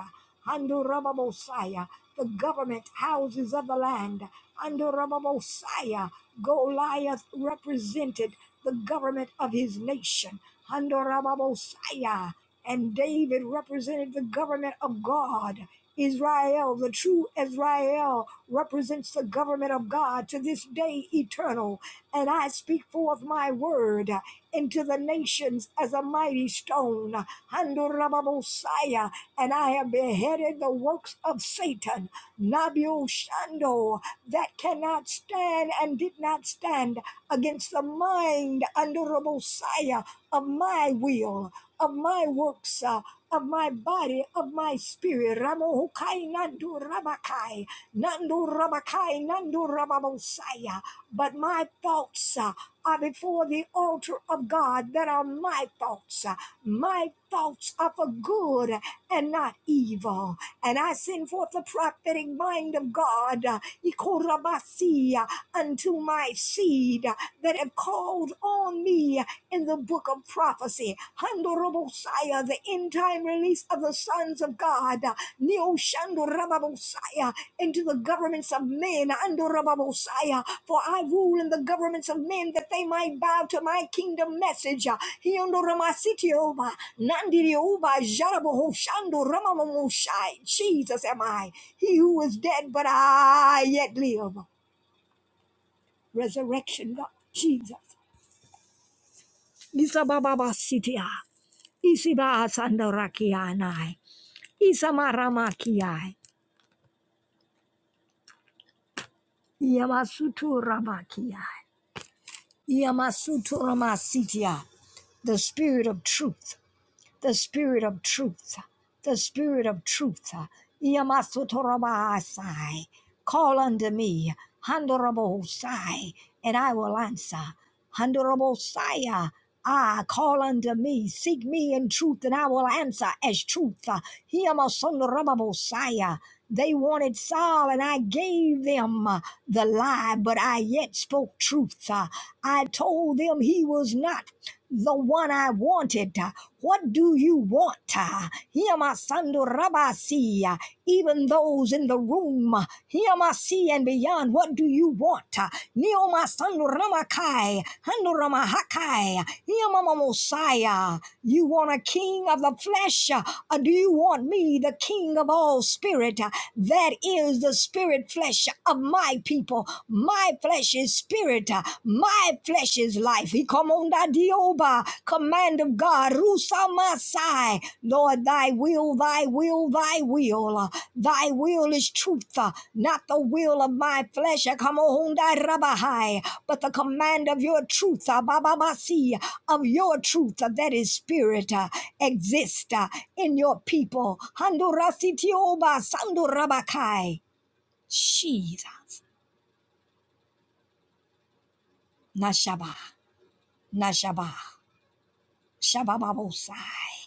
Speaker 1: Ando rababosaya the government houses of the land, Ando rababosaya Goliath represented the government of his nation, Ando rababosaya. And David represented the government of God. Israel, the true Israel, represents the government of God to this day eternal. And I speak forth my word into the nations as a mighty stone. Handorababosaya. And I have beheaded the works of Satan, Nabil Shando, that cannot stand and did not stand against the mind, Handorabosaya, of my will of my works, uh, of my body, of my spirit. Ramo hukai nandu rabakai, nandu rabakai, nandu rababosaya. But my thoughts uh, are before the altar of God that are my thoughts. uh, My thoughts are for good and not evil. And I send forth the prophetic mind of God, uh, Ikorabasi, uh, unto my seed uh, that have called Hold on me in the book of prophecy. Handorobosaya, the end time release of the sons of God. Neo Shandorababosaya, into the governments of men. Andorababosaya, for I rule in the governments of men that they might bow to my kingdom message. Hiondoramasitioba, Nandirioba, Jarabohoshandoramamamosai. Jesus am I, he who is dead, but I yet live. Resurrection, God, Jesus. Isa bababa sitia. Isiba asandarakianai. Isa maramakiai. Yamasutu ramakiai. Yamasutu ramasitia. The spirit of truth. the spirit of truth, the spirit of truth. Iyamasotorabahasai. Call unto me, Handorabosai, and I will answer. Handorabosai, Ah, call unto me, seek me in truth, and I will answer as truth. Hiyamasondarababosai. They wanted Saul, and I gave them uh, the lie, but I yet spoke truth. Uh, I told them he was not the one I wanted. What do you want? Hiamasando Rabasi, even those in the room, Hiamasi and beyond, what do you want? Neomasando Ramakai, Hando Ramahakai, Hiamamamosaya. You want a king of the flesh? Or do you want me, the king of all spirit? That is the spirit flesh of my people. My flesh is spirit. uh, My flesh is life. He come on that dioba. Command of God. Rusa Masai. Lord, thy will, thy will, thy will. uh, Thy will is truth, uh, not the will of my flesh. uh, Come on that rabahai. But the command of your truth. uh, Baba Masi, Of your truth. uh, That is spirit. uh, Exist uh, in your people. Handurasi tioba. Sandurabakai. Jesus. Nashaba. Nashaba. Shabababo sai.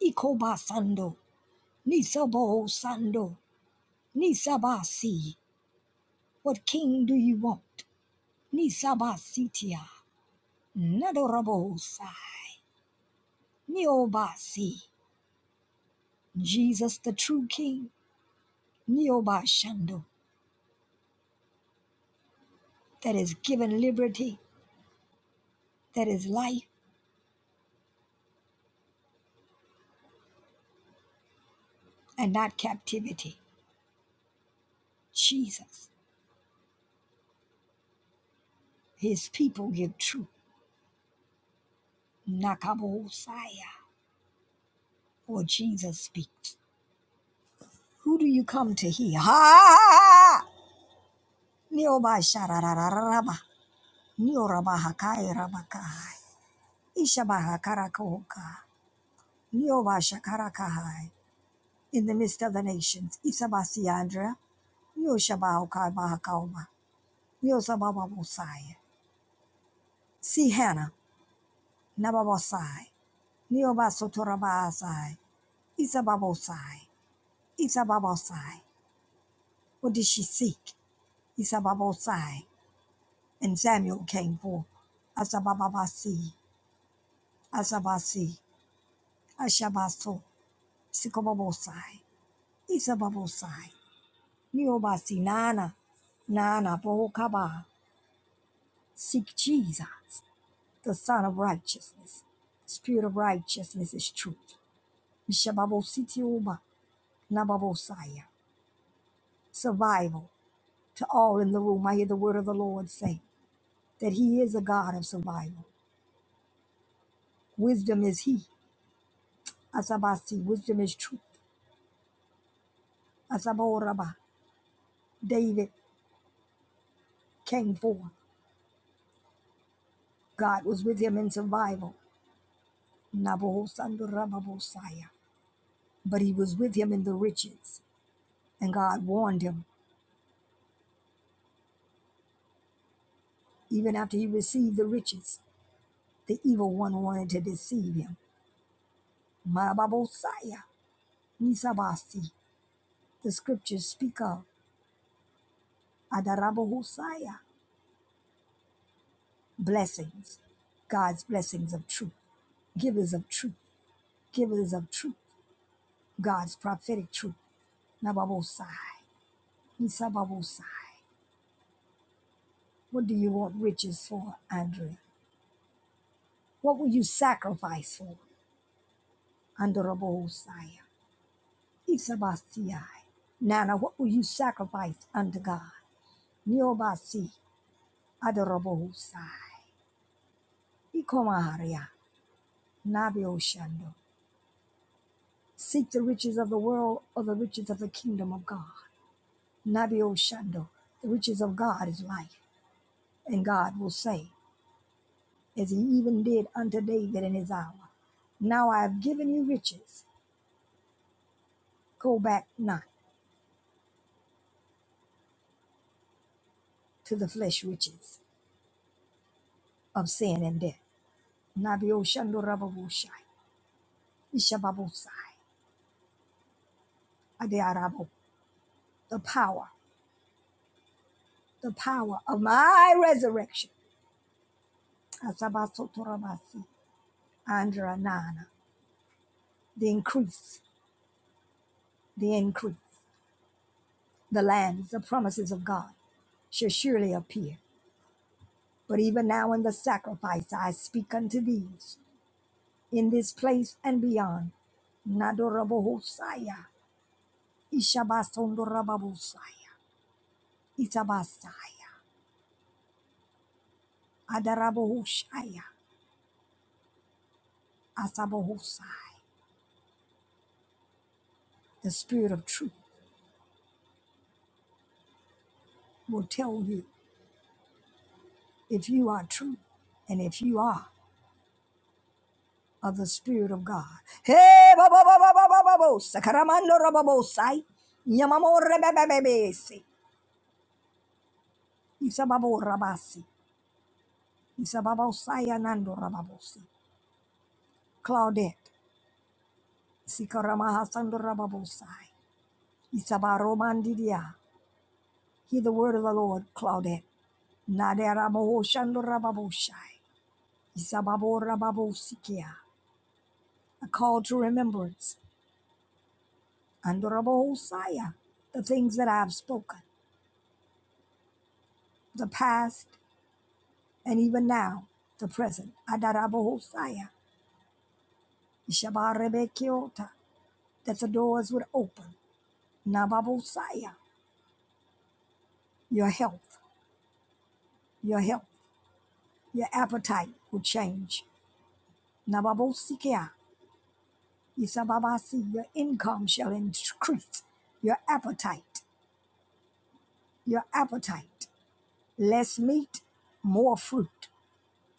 Speaker 1: Ikoba sando. Nisabo sando. Nisabasi. What king do you want? Nisabasitia. Nadorabo sai. Niobasi. Jesus the true king. Nioba shando. That is given liberty. That is life and not captivity. Jesus. His people give truth. Nakabo saya. Or Jesus speaks. Who do you come to hear? Ha! Nioba shararararaba. Nioba hakai rabakai. Ishabaha karakoka. Nioba shakarakahai. In the midst of the nations. Isabasiandra. Yoshabahokai bahakaoma. Yosababa bosai. See Hannah. Nababosai. Nioba sotorabasai. Isababosai. Isababosai. What did she seek? Isababosai. And Samuel came forth. Asabababasi. Asabasi. Ashabaso. Sikobabosai, Isababosai, Niobasi Nana, Nana Bokaba. Seek Jesus, the Son of Righteousness. Spirit of righteousness is truth. Ishababositioba, Nababosaya. Survival. To all in the room, I hear the word of the Lord say that He is a God of survival. Wisdom is He. Asabasi, wisdom is truth. Asaboraba, David came forth. God was with him in survival. Nabohosandorababosaya. But he was with him in the riches. And God warned him, even after he received the riches, the evil one wanted to deceive him. Marababosaya, Nisabasi. The scriptures speak of Adarabohosaya, blessings, God's blessings of truth, givers of truth, givers of truth, God's prophetic truth. Nababosai, Nisababosai. What do you want riches for, Andrea? What will you sacrifice for? Honorable Osiah, Isabasiah. Nana, what will you sacrifice unto God? Niobasi, Adorable Osiah, Ikomaharia, Nabio Shando. Seek the riches of the world or the riches of the kingdom of God. Nabio Shando, the riches of God is life. And God will say, as he even did unto David in his hour, Now I have given you riches. Go back not to the flesh riches of sin and death. Nabio Shando Rababushai. Ishababosai, Adearabo, the power, the power of my resurrection. Asabasotorabasi, Andranana, the increase, the increase, the lands, the promises of God shall surely appear. But even now in the sacrifice I speak unto these, in this place and beyond. Nadorabohosaya, Ishabasondorababosaya, Itabasaya, Adarabohoshaya, Asabohosai, the spirit of truth will tell you if you are true and if you are of the Spirit of God. Hey, bo- bo- bo- bo- bo- bo- bo- bo- sakaramando robobo sai, nyamamore bebebebesi, isababo rabasi, isababo sai anando rababosi, Claudette, sikaramaha sando rababo sai, isabaromandidia. Hear the word of the Lord, Claudette. Naderabo shando rababo shai, isababo rababo sikia. A call to remembrance and the Rabbi Hosiah, the things that I have spoken, the past and even now, the present. Adarabo Hosiah, Kiota, that the doors would open. Nababo Hosea, your health, your health, your appetite will change. Nababosikia, Isababasi, your income shall increase. Your appetite, your appetite. Less meat, more fruit.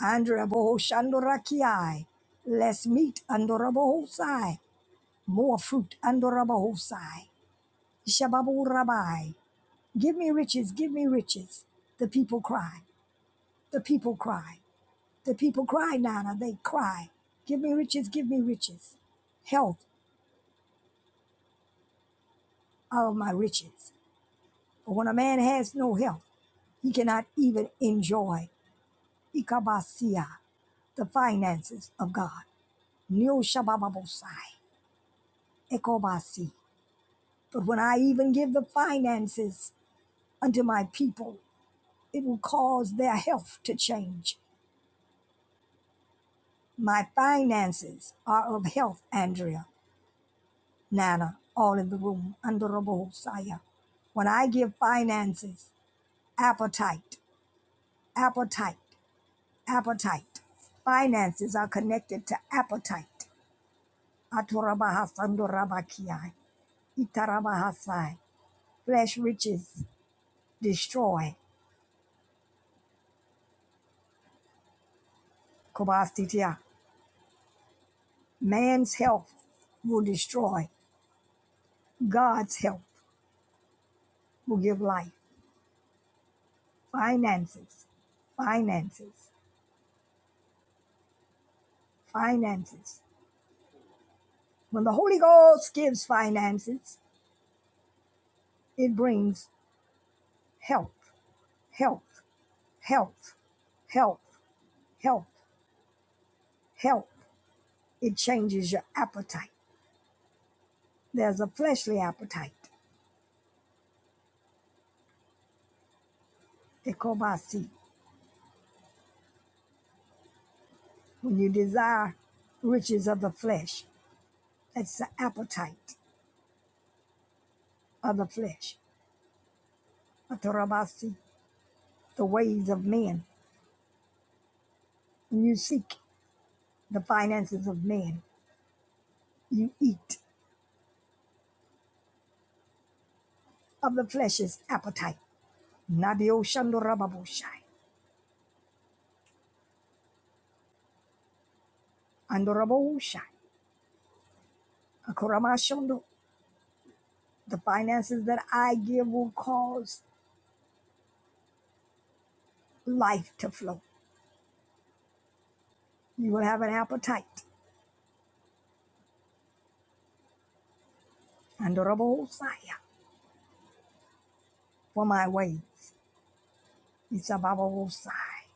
Speaker 1: Andorabo Shandoraki. Less meat Andorabo Hosai. More fruit Andorabo Hosai. Shababu Rabai. Give me riches, give me riches. The people cry. The people cry. The people cry, Nana. They cry. Give me riches, give me riches. Health out of my riches. But when a man has no health, he cannot even enjoy Ikabasia, the finances of God. Nyo Shabababosai. Ekobasi. But when I even give the finances unto my people, it will cause their health to change. My finances are of health, Andrea, Nana, all in the room, under Robo Hosea. When I give finances, appetite, appetite, appetite. Finances are connected to appetite. Aturabahasandurabakiai, Itarabahasai. Flesh riches destroy. Kobastitia. Man's health will destroy, God's health will give life. Finances, finances, finances. When the Holy Ghost gives finances, it brings health, health, health, health, health, health. It changes your appetite. There's a fleshly appetite, the kobasi. When you desire riches of the flesh, that's the appetite of the flesh, atarabasi, the ways of men. When you seek the finances of men, you eat of the flesh's appetite. Nadio shando rababoshai, ando raboshai, Akorama shondo. The finances that I give will cause life to flow. You will have an appetite, ando raboshai, for my ways. It's a bababosai,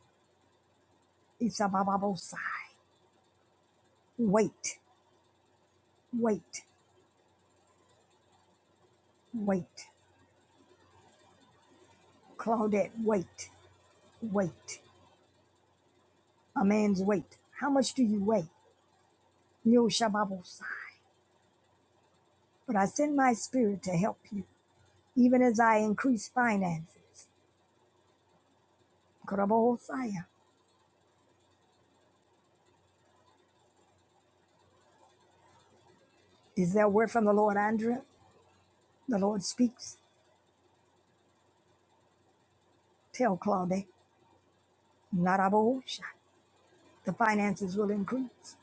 Speaker 1: it's a bababosai. Wait, wait, wait. Claudette, wait, wait. A man's weight. How much do you weigh? Yo shababosai. But I send my spirit to help you, even as I increase finances. Karabohosaya. Is there a word from the Lord, Andrea? The Lord speaks. Tell Claudette, not Abohosha. The finances will increase,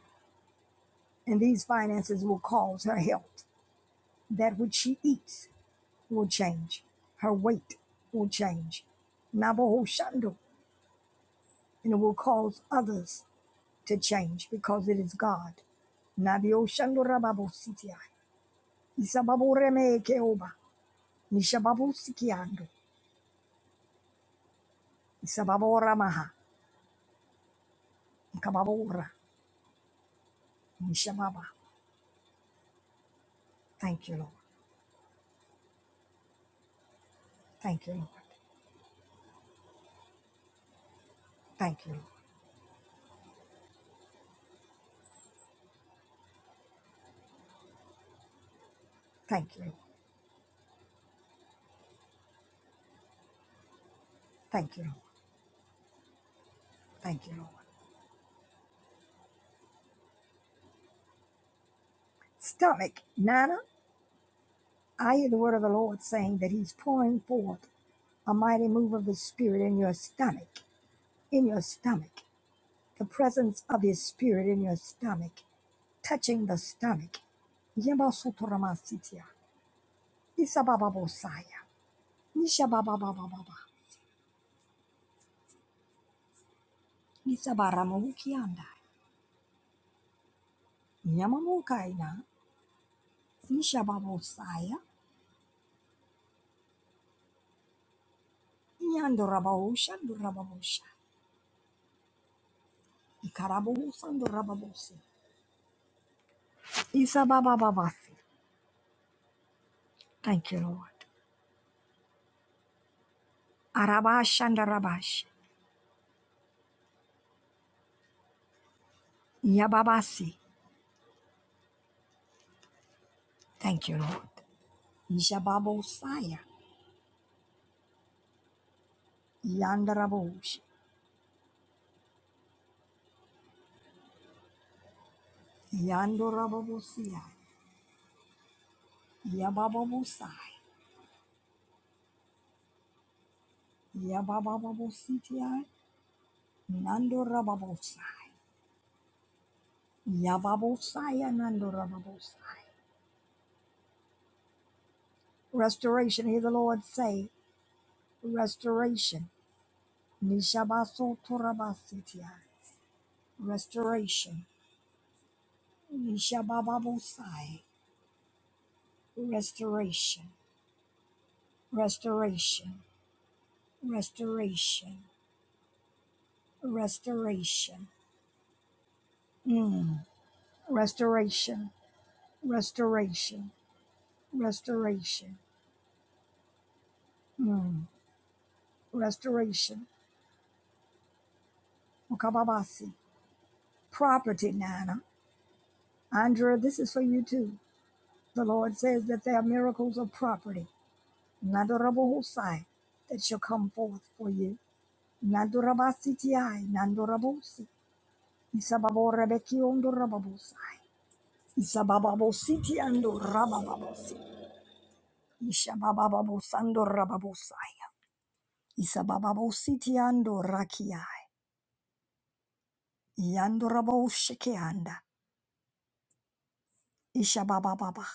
Speaker 1: and these finances will cause her health. That which she eats will change. Her weight will change. Nabohoshando. And it will cause others to change because it is God. Nabioshandorababositiai. Isababoremekeoba. Nishababu sikiando. Isababora maha. Ikababora. Nishababa. Thank you, Lord. Thank you, Lord. Thank you, Lord. Thank you, Lord. Thank you, Lord. Thank you, Lord. Stomach, Nana, I hear the word of the Lord saying that He's pouring forth a mighty move of His Spirit in your stomach, in your stomach, the presence of His Spirit in your stomach, touching the stomach. Yemba sotorama sitia. Isabababosaya. Nishabababababa, Isabaramukianda, Yamamukaina, Ishababosaya, Yandorabahushandorabahusha, Ikarabohusandorabahuse, Isabababasi. Thank you, Lord. Arabash and Arabashandarabash, Yababasi. Thank you, Lord. Ishababosaya, Yandarabahush, Yandorabahusia, Yabababosai, Yababababositia, Nandorabahusai, Yababosaya, Nandorabahusai. Restoration. Hear the Lord say, restoration. Nishabaso torabasitia. Restoration. Nishabababosai. Restoration. Restoration. Restoration. Restoration. Mm. Restoration. Restoration. Restoration. Mm. Restoration. Mukababasi. Property, Nana. Andrea, this is for you too. The Lord says that there are miracles of property Nandorabosai, that shall come forth for you. Nandorabasitiai, Nandorabosi, Isababorebeki ondorababosai, Isabababositi andorabababosi, Ishababababosandorababosai, Isabababositi andorakiai, Yandoraboshekeanda, Ishababababa.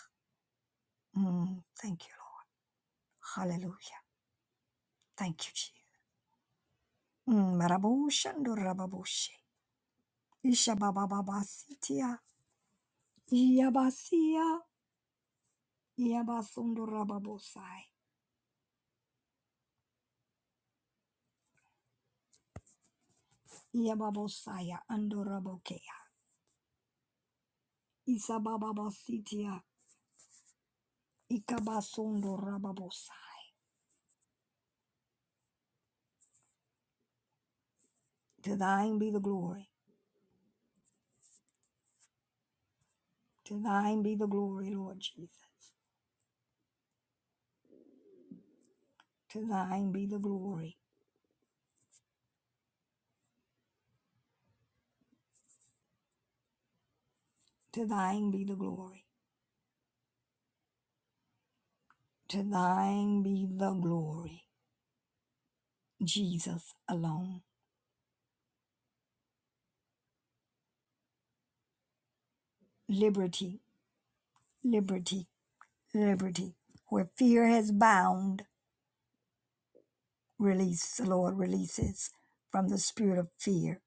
Speaker 1: Mm, thank you, Lord. Hallelujah. Thank you, Jesus. Mm, Maraboshandorababoshe, Ishababababasitia. Yabasia, Yabasundurababosai, Yababosaya, Andorabokea, Isabababasitia, Ikabasundurababosai. To thine be the glory, to thine be the glory, Lord Jesus. To thine be the glory, to thine be the glory, to thine be the glory, Jesus alone. Liberty, liberty, liberty, where fear has bound. release, the Lord releases from the spirit of fear.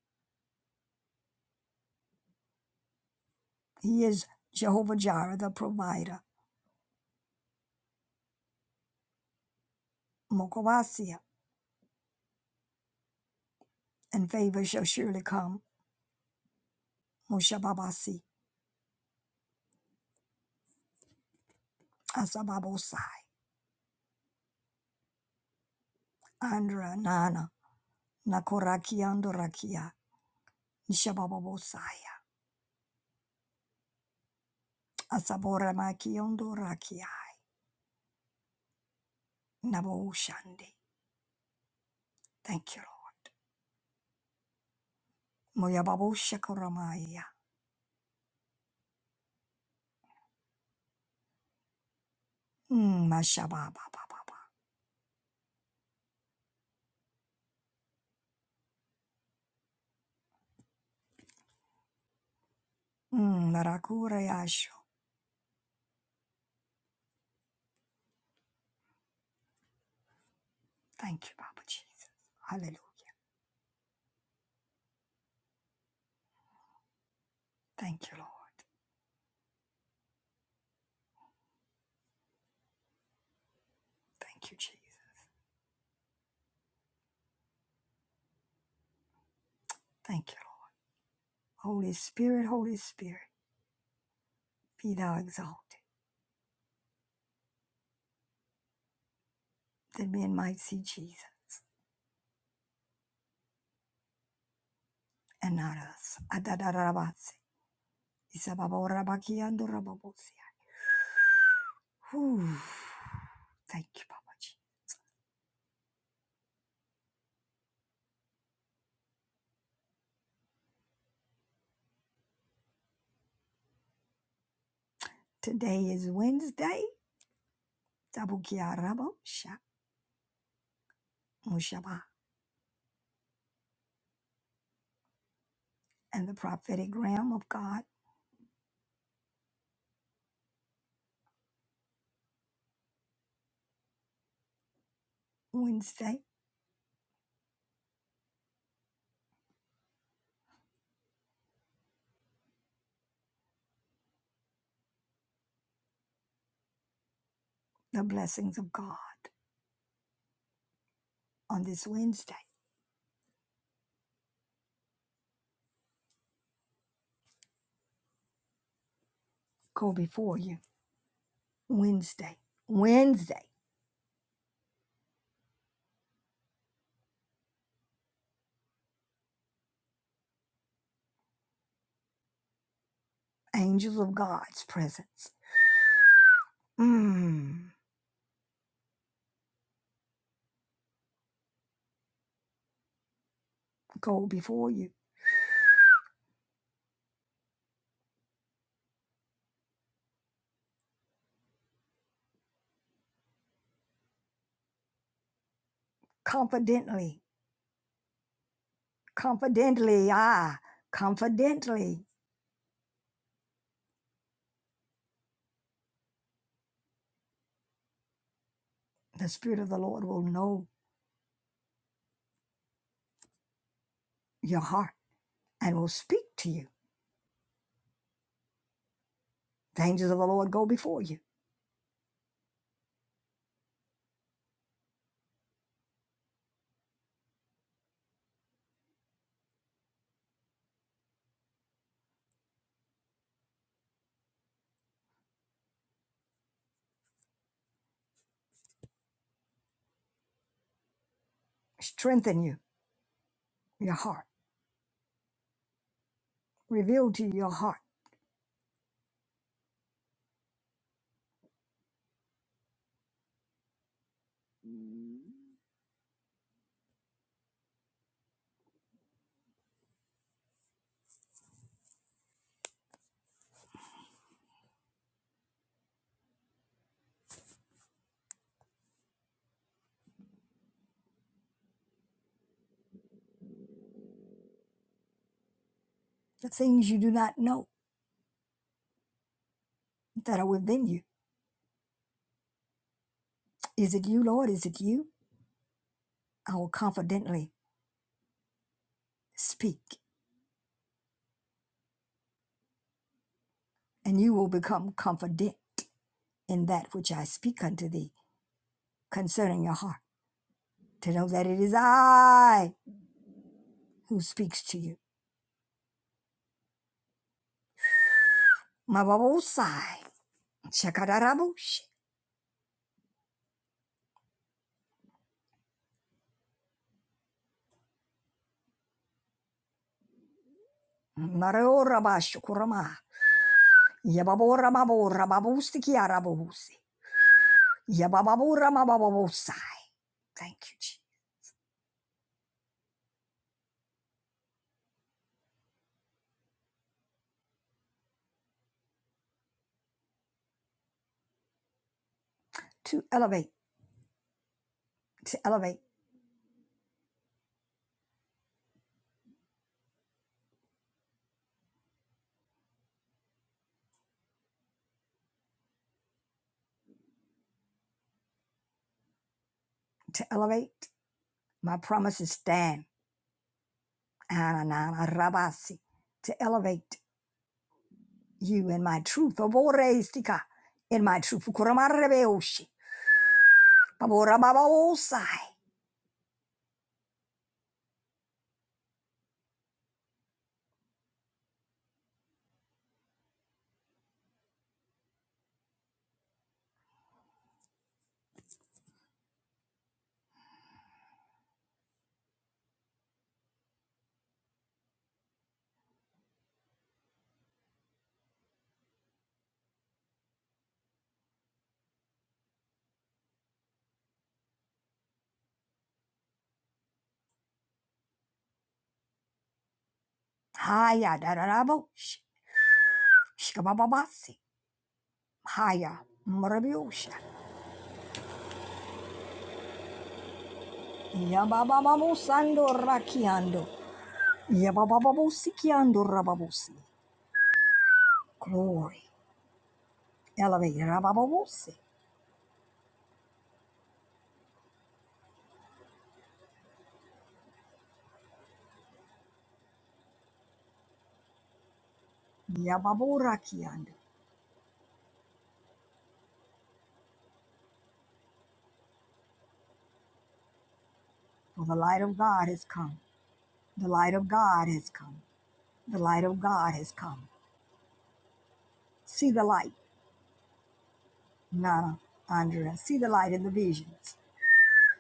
Speaker 1: He is Jehovah Jireh, the provider. Mokobasia, and favor shall surely come. Moshababasi, Asababosai, Andra Nana, Nakorakiondorakia, Nishabababosaya, Asaboramakiondorakiai, Naboshandi. Thank you, Lord. Moyababoshakoramaya, Mm, Mashababababa, Mm, Thank you, Papa Jesus. Hallelujah. Thank you, Lord. Thank you, Jesus. Thank you, Lord. Holy Spirit, Holy Spirit, be thou exalted, that men might see Jesus and not us. Adadarabase. Isababorabakiandorababosia. Whew. Thank you, Papa Jesus. Today is Wednesday. Tabukiarabosha, Mushaba, And the prophetic realm of God, Wednesday, the blessings of God on this Wednesday go before you Wednesday. Wednesday, angels of God's presence. Mm, go before you confidently, confidently, ah, confidently. The Spirit of the Lord will know your heart and will speak to you. The angels of the Lord go before you, strengthen you, your heart, reveal to you your heart the things you do not know that are within you. Is it you, Lord? Is it you? I will confidently speak, and you will become confident in that which I speak unto thee concerning your heart, to know that it is I who speaks to you. Mababosai, Shakadarabush, Mareorabashukurama, Yababoramaborababustikiarabusi, Yabababoramababosai. Thank you, Jesus. To elevate, to elevate, to elevate, my promises stand. Ananana rabasi. to elevate you in my truth. Oboreistika, in my truth. Kuramarebeoshi, Baborababosai. Haya dararabo sh- shikabababasi. Haya mrabiusha. Yababababu sando rakiando. Yababababusi kiando rababusi. Glory. Elevate rabababusi. Yababu rakiando. For the light of God has come. The light of God has come. The light of God has come. See the light, Nana, Andrea. See the light in the visions.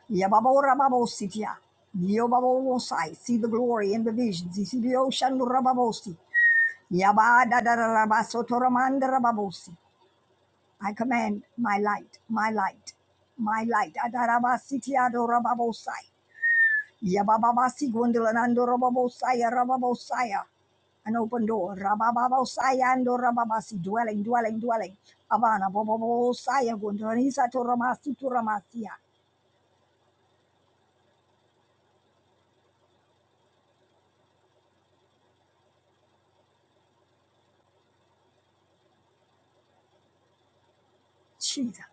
Speaker 1: Yababo-rababo-sitia. Yobabobo-sai. See the glory in the visions. Isibio-shandu-rababosi. Yabadadarabasotoramandarababosi. I command my light, my light, my light. Adarabasitiadorababosai. Yabababasi-gwendolanandorababosaya, rababosaya. Rababosaya. An open door. Rabababosaya andorababasi. Dwelling, dwelling, dwelling. Abana, bobobosaya, gondoranisatoramasu, turamasia. Jesus.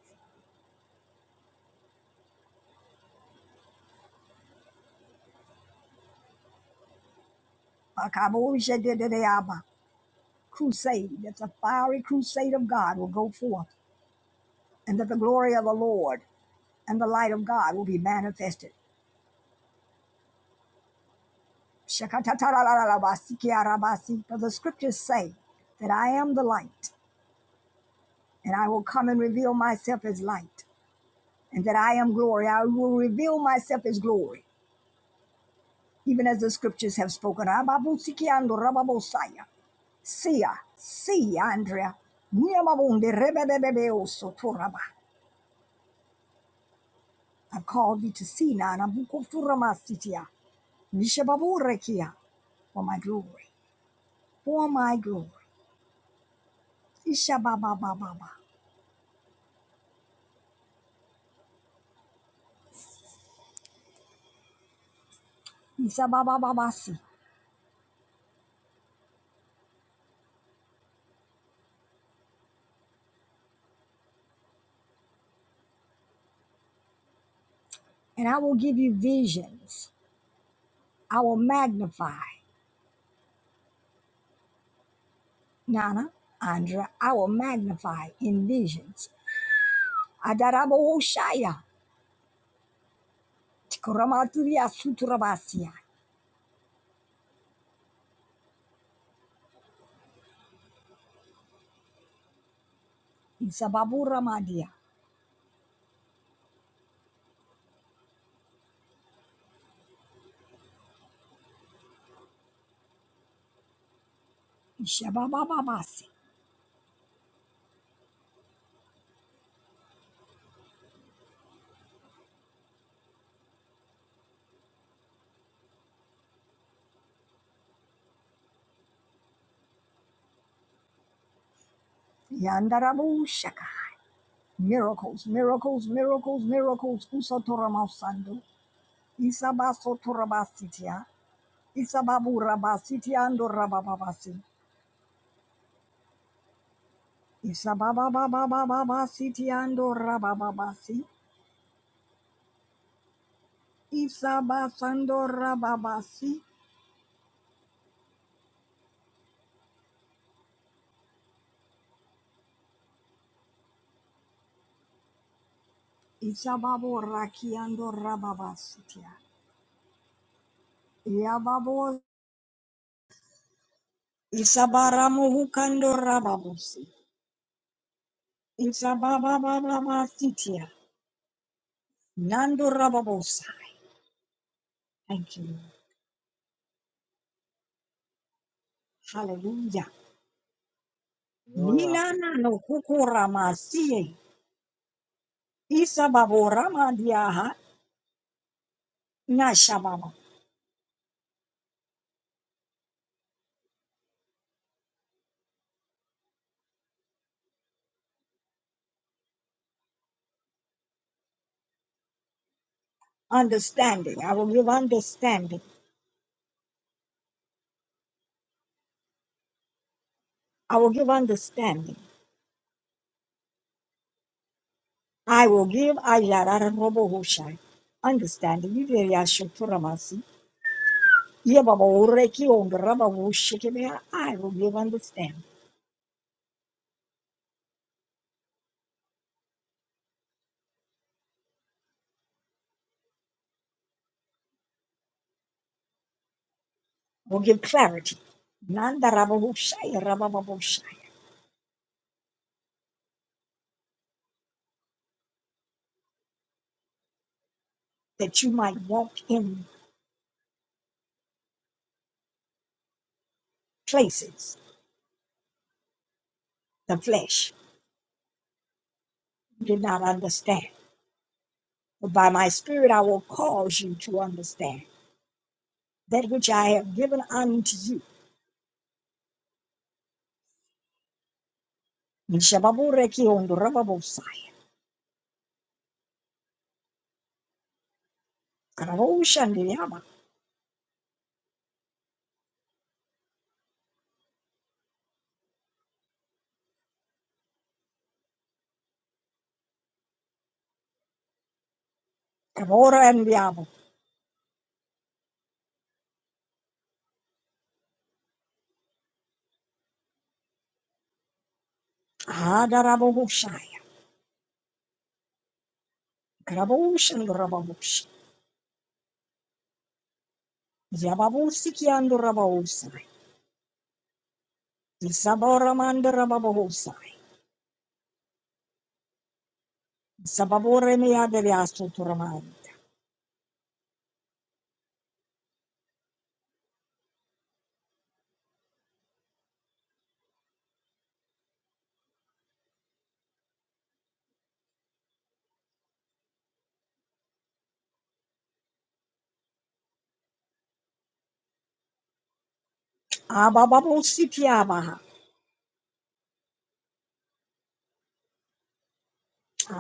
Speaker 1: Pakaboshededeyaba. crusade, that the fiery crusade of God will go forth, and that the glory of the Lord and the light of God will be manifested. Shakatatarararabasikiarabasi. For the scriptures say that I am the light, and I will come and reveal myself as light, and that I am glory. I will reveal myself as glory, even as the scriptures have spoken. Rababusikiandorababosaya. Sia, sia, Andrea. Niamabunde rebebebebeoso toraba. I've called thee to see Nanabukofuramastitia, Nishababurekia, for my glory, for my glory. Ishababababa, Isababababasi. And I will give you visions. I will magnify, Nana, Andra, I will magnify in visions. Adarabawoshaya, Tikoramaturia Suturabasia, Isababuramandia, Ishababababasi, Yandarabushaka. Miracles, miracles, miracles, miracles. Usatora masando. Isabaso torabasitia. Isababu rabasitia ando rabababasi. Isabababababababasiti ando rabababasi. Isabasando rababasi. Isababu raki ando rababasitia. Yababo. Isabaramu hukando rababosi. Isabababababasitia. Nando rababosa. Thank you. Hallelujah.
Speaker 2: Hallelujah.
Speaker 1: Vilana no kukurama siye. Isababo rama diaha nashababa. Understanding. I will give understanding. I will give understanding. I will give ayarara robo hushai. Understanding. Yiviri ashuturamasi. Yebaba ureki ongraba hushikibea. I will give understanding. I will give clarity. Nanda raba hushai rababa hushai. That you might walk in places the flesh did not understand But by my spirit I will cause you to understand that which I have given unto you. Nishababureki ondorababosai. Karaboshandiyaba. Kaborandyaba. Adarababoshaya. Karaboshandorababosha. Yababosikiandorababosai. Isaboramandorababosai. Isababoremiyaderiasotoramai. Abababosikiyabaha.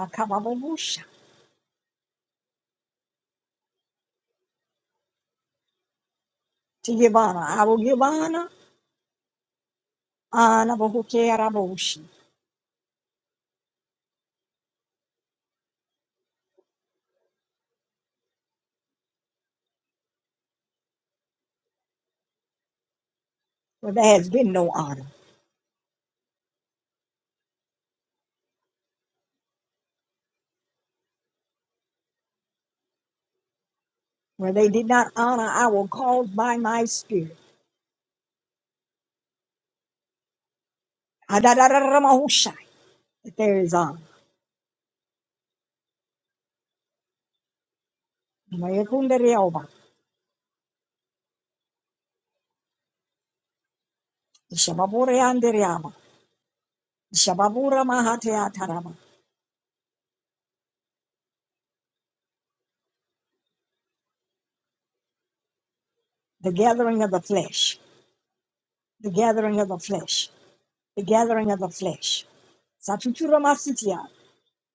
Speaker 1: Akabababosha. Tigibana. I will give honor. Anabahukerabosha. where there has been no honor, where they did not honor, I will cause by my spirit. That there is honor. The gathering of the flesh, the gathering of the flesh, the gathering of the flesh. Satuturamasitia,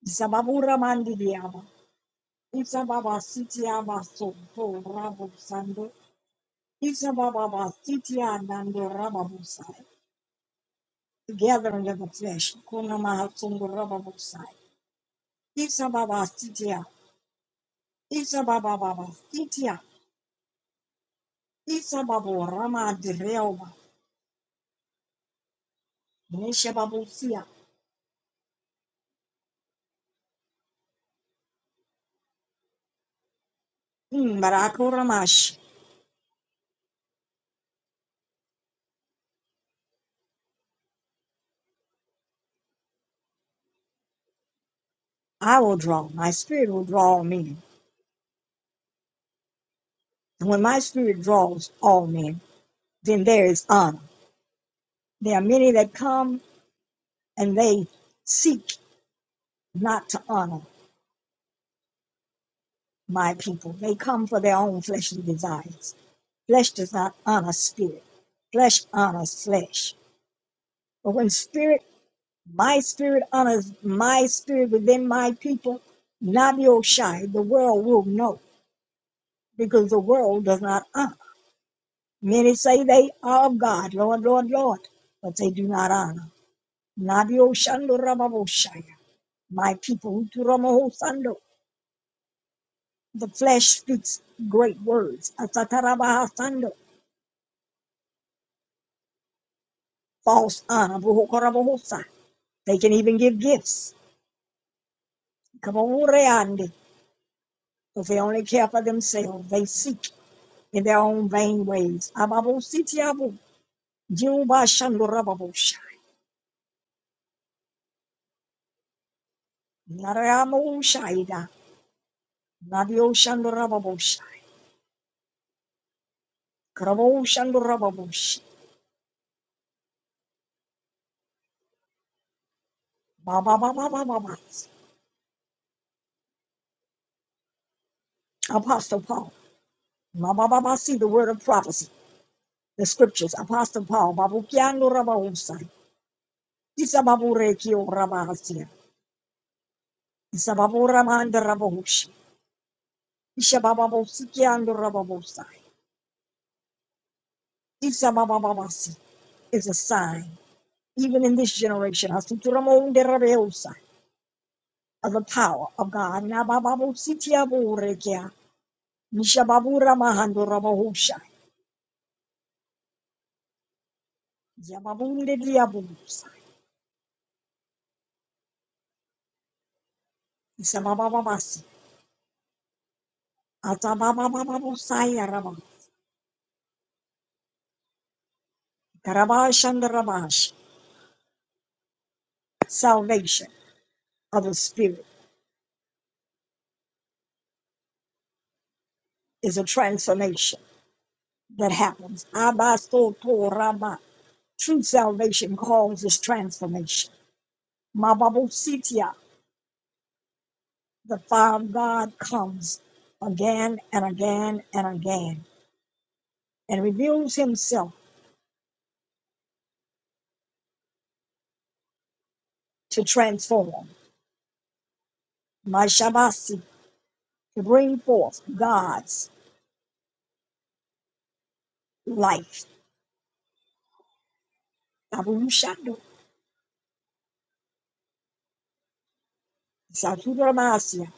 Speaker 1: Isababuramandiriama, Isababasitiabaso, Rabu Sando, Isababasitianandorababusai. the gathering of the flesh. Kunamahasungurababusai. Isababasitia. Isabababasitia. Isababoramadirelba. Nishababusia. Mm, Barakuramash. I will draw. My spirit will draw all men. And when my spirit draws all men, then there is honor. There are many that come and they seek not to honor. my people. They come for their own fleshly desires. Flesh does not honor spirit. Flesh honors flesh. But when spirit, my spirit honors my spirit within my people, Nabi Shai, the world will know because the world does not honor. Many say they are of God, Lord, Lord, Lord, but they do not honor. Nabi Oshando Rababoshaya, my people, Uturamo Sando. The flesh speaks great words. Asatarabahasando false honor. They can even give gifts. If they only care for themselves, they seek in their own vain ways. Apostle Paul. see the word of prophecy. The scriptures. Apostle Paul. Babukiano Rabahusa. Isa babu rekio Rabahasi, Zababora Rabosh, Ishabababosiki and the Rabosa, Isabababasi is a sign, even in this generation, as to Asuturamonde Rabeosa, of the power of God. Nabababositia Borekia, Mishababura Mahando Rabosha, Yababunde Diabusa, Isabababasi, Atababababosaya Rabba, Karabash and the Rabash. Salvation of the Spirit is a transformation. that happens. Abasoto Rama. True salvation causes transformation. Mababositia. The fire of God comes again and again and again and reveals himself to transform. Mashabasi. To bring forth God's life. Abushado. Saturamasia.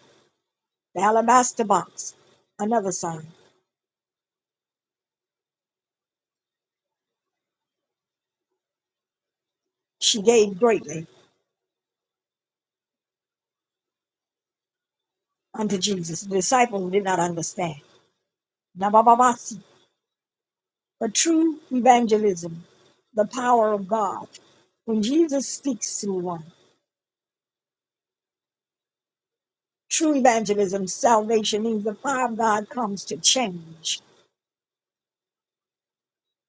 Speaker 1: The alabaster box. Another sign. She gave greatly unto Jesus. The disciples did not understand. Nabababasi. But true evangelism, the power of God, when Jesus speaks to one, true evangelism, salvation means the power of God comes to change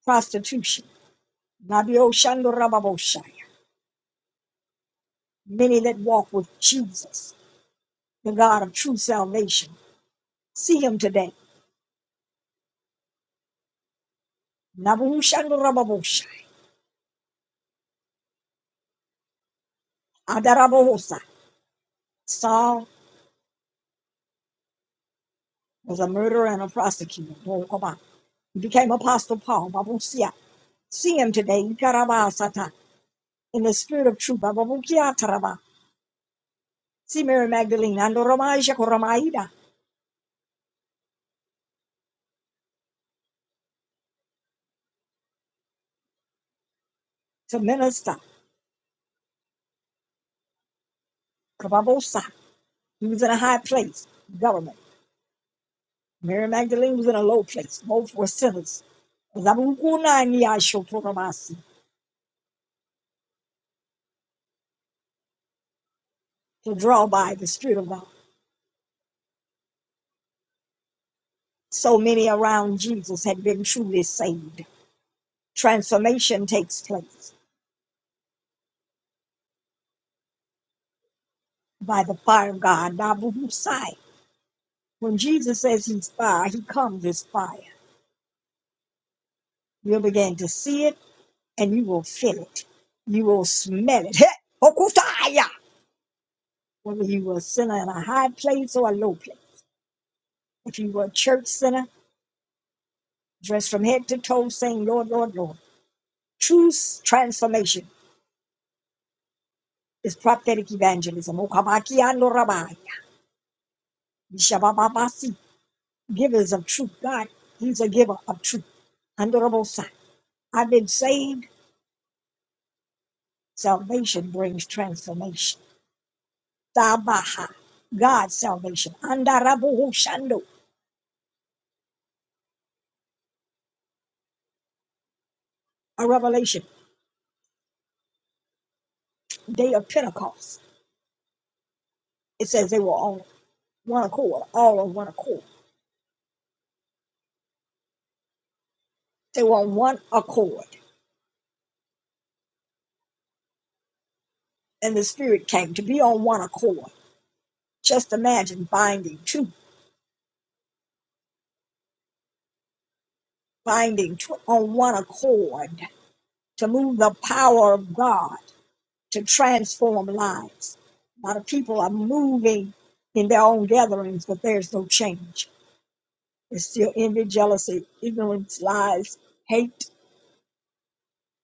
Speaker 1: prostitution. Nabio Shando Rababoshai. Many that walk with Jesus, the God of true salvation, see him today. Nabu Shando Rababoshai. Adarabohosa. Saul was a murderer and a prosecutor. He became Apostle Paul. Babusia. See him today. in the spirit of truth. Baba Bukia Taraba. See Mary Magdalene, Ando Romaisha Koramaida, to minister. Kababosa. He was in a high place, government. Mary Magdalene was in a low place. Both were sinners. Zabukuna and Yasho Koramasi, To draw by the Spirit of God. So many around Jesus had been truly saved. Transformation takes place by the fire of God. Nabubusai. When Jesus says he's fire, he comes as fire. You'll begin to see it and you will feel it. You will smell it. Heh! Okutaya! Whether you were a sinner in a high place or a low place. If you were a church sinner, dressed from head to toe, saying, Lord, Lord, Lord. True s- transformation is prophetic evangelism. Okabakiando rabai. Shabababasi. Givers of truth. God, He's a giver of truth. Honorable Son. I've been saved. Salvation brings transformation. Tabaha. God's salvation. Andarabuhu shando. A revelation. day of Pentecost, it says they were on one accord, all on one accord. They were on one accord, and the Spirit came to be on one accord. Just imagine binding two, binding two on one accord to move the power of God to transform lives. A lot of people are moving in their own gatherings, but there's no change. There's still envy, jealousy, ignorance, lies, hate,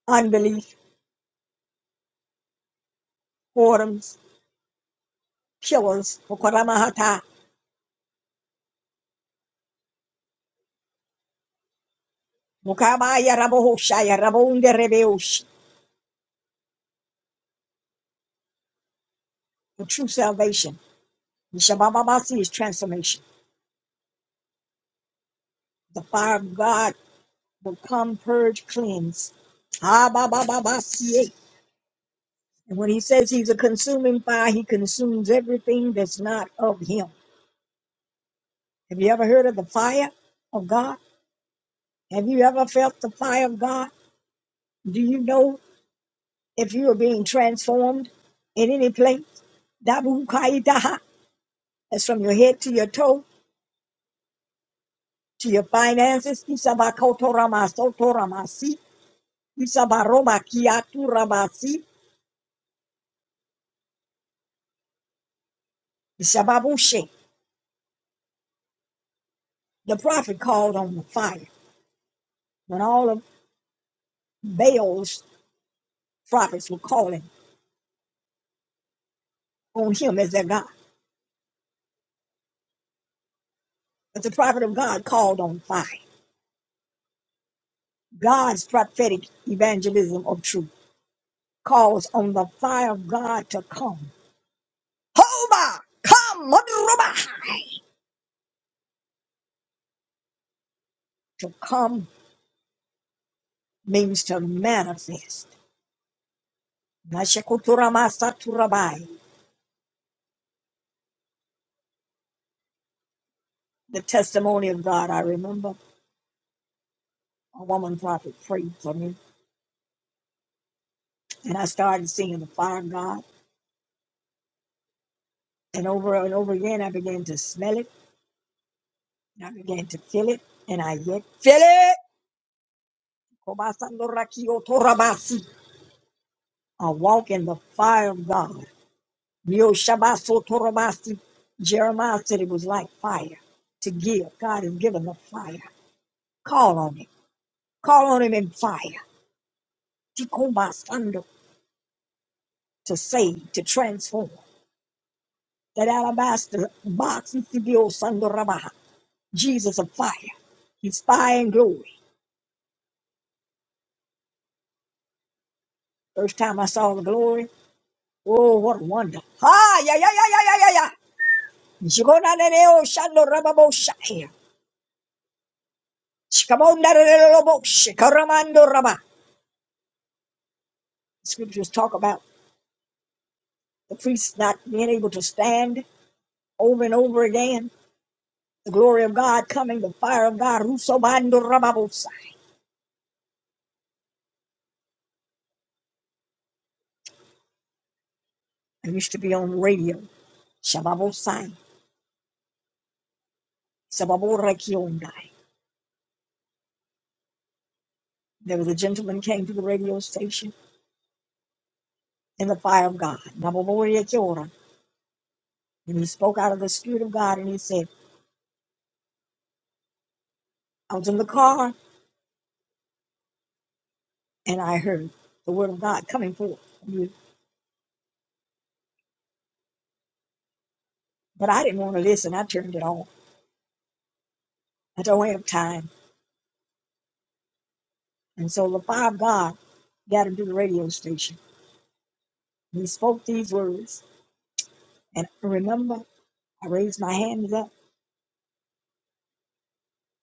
Speaker 1: unbelief, whoredoms, killers, Mukabaya rabohoshaya rabonde rebeush. The true salvation, the Shabbat is transformation. The fire of God will come, purge, cleanse. Ah, ba, ba, ba, ba, see it. And when he says he's a consuming fire, he consumes everything that's not of him. Have you ever heard of the fire of God? Have you ever felt the fire of God? Do you know if you are being transformed in any place? Dabu kaitaha. That's from your head to your toe. to your finances. Isabakotoramasotoramasi, Isabarobakiaturabasi, Isababushe. The prophet called on the fire when all of Baal's prophets were calling on him as their God. But the prophet of God called on fire. God's prophetic evangelism of truth calls on the fire of God to come. Hoba! Come! Madruba! To come means to manifest. Nashakuturamasaturabai. the testimony of God. I remember a woman prophet prayed for me, and I started seeing the fire of God. And over and over again, I began to smell it, and I began to feel it, and I yet feel it. I walk in the fire of God. Myoshabasotorabasi. Jeremiah said it was like fire to give. God has given the fire. Call on Him. Call on Him in fire. Tikobasando, To save, to transform. That alabaster box is the old son of Jesus of fire. He's fire and glory. First time I saw the glory, oh, what a wonder. Ha, yeah, yeah, yeah, yeah, yeah, yeah, yeah. Jigona neneo shando rababo shaya. Shikamonda rerebo shikaramando raba. Scriptures talk about the priests not being able to stand over and over again. The glory of God coming, the fire of God. Rusobando rababo shaya. I used to be on radio. Shababo sai. Sababo rekionda. There was a gentleman came to the radio station in the fire of God. Namamoriya Kia ora. And he spoke out of the Spirit of God and he said, I was in the car and I heard the word of God coming forth. But I didn't want to listen. I turned it off. I don't have time. And so the fire of God got him to the radio station. He spoke these words. And I remember, I raised my hands up.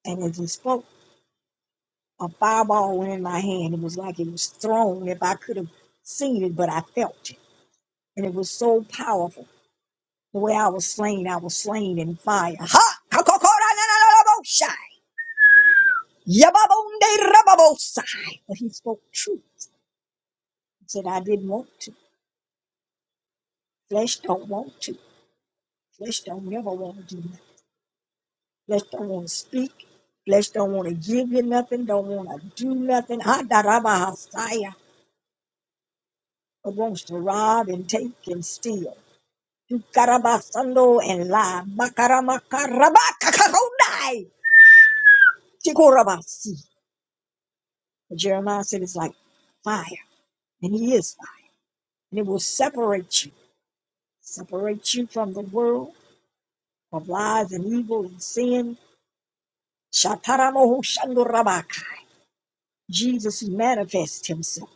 Speaker 1: And as he spoke, a fireball went in my hand. It was like it was thrown if I could have seen it, but I felt it. And it was so powerful. The way I was slain, I was slain in fire. Ha! Kakokora na na na na bo shai. Yababonde rababosai. But he spoke truth. He said, I didn't want to. Flesh don't want to. Flesh don't never want to do nothing. Flesh don't want to speak. Flesh don't want to give you nothing. Don't want to do nothing. Ha da rabahasaya. But wants to rob and take and steal. You karabasando and lie. Makaramakarabakakakonai. Tikorabasi. But Jeremiah said it's like fire. and He is light. And it will separate you, separate you from the world of lies and evil and sin. Shataramohu shandorabaka. Jesus manifests Himself.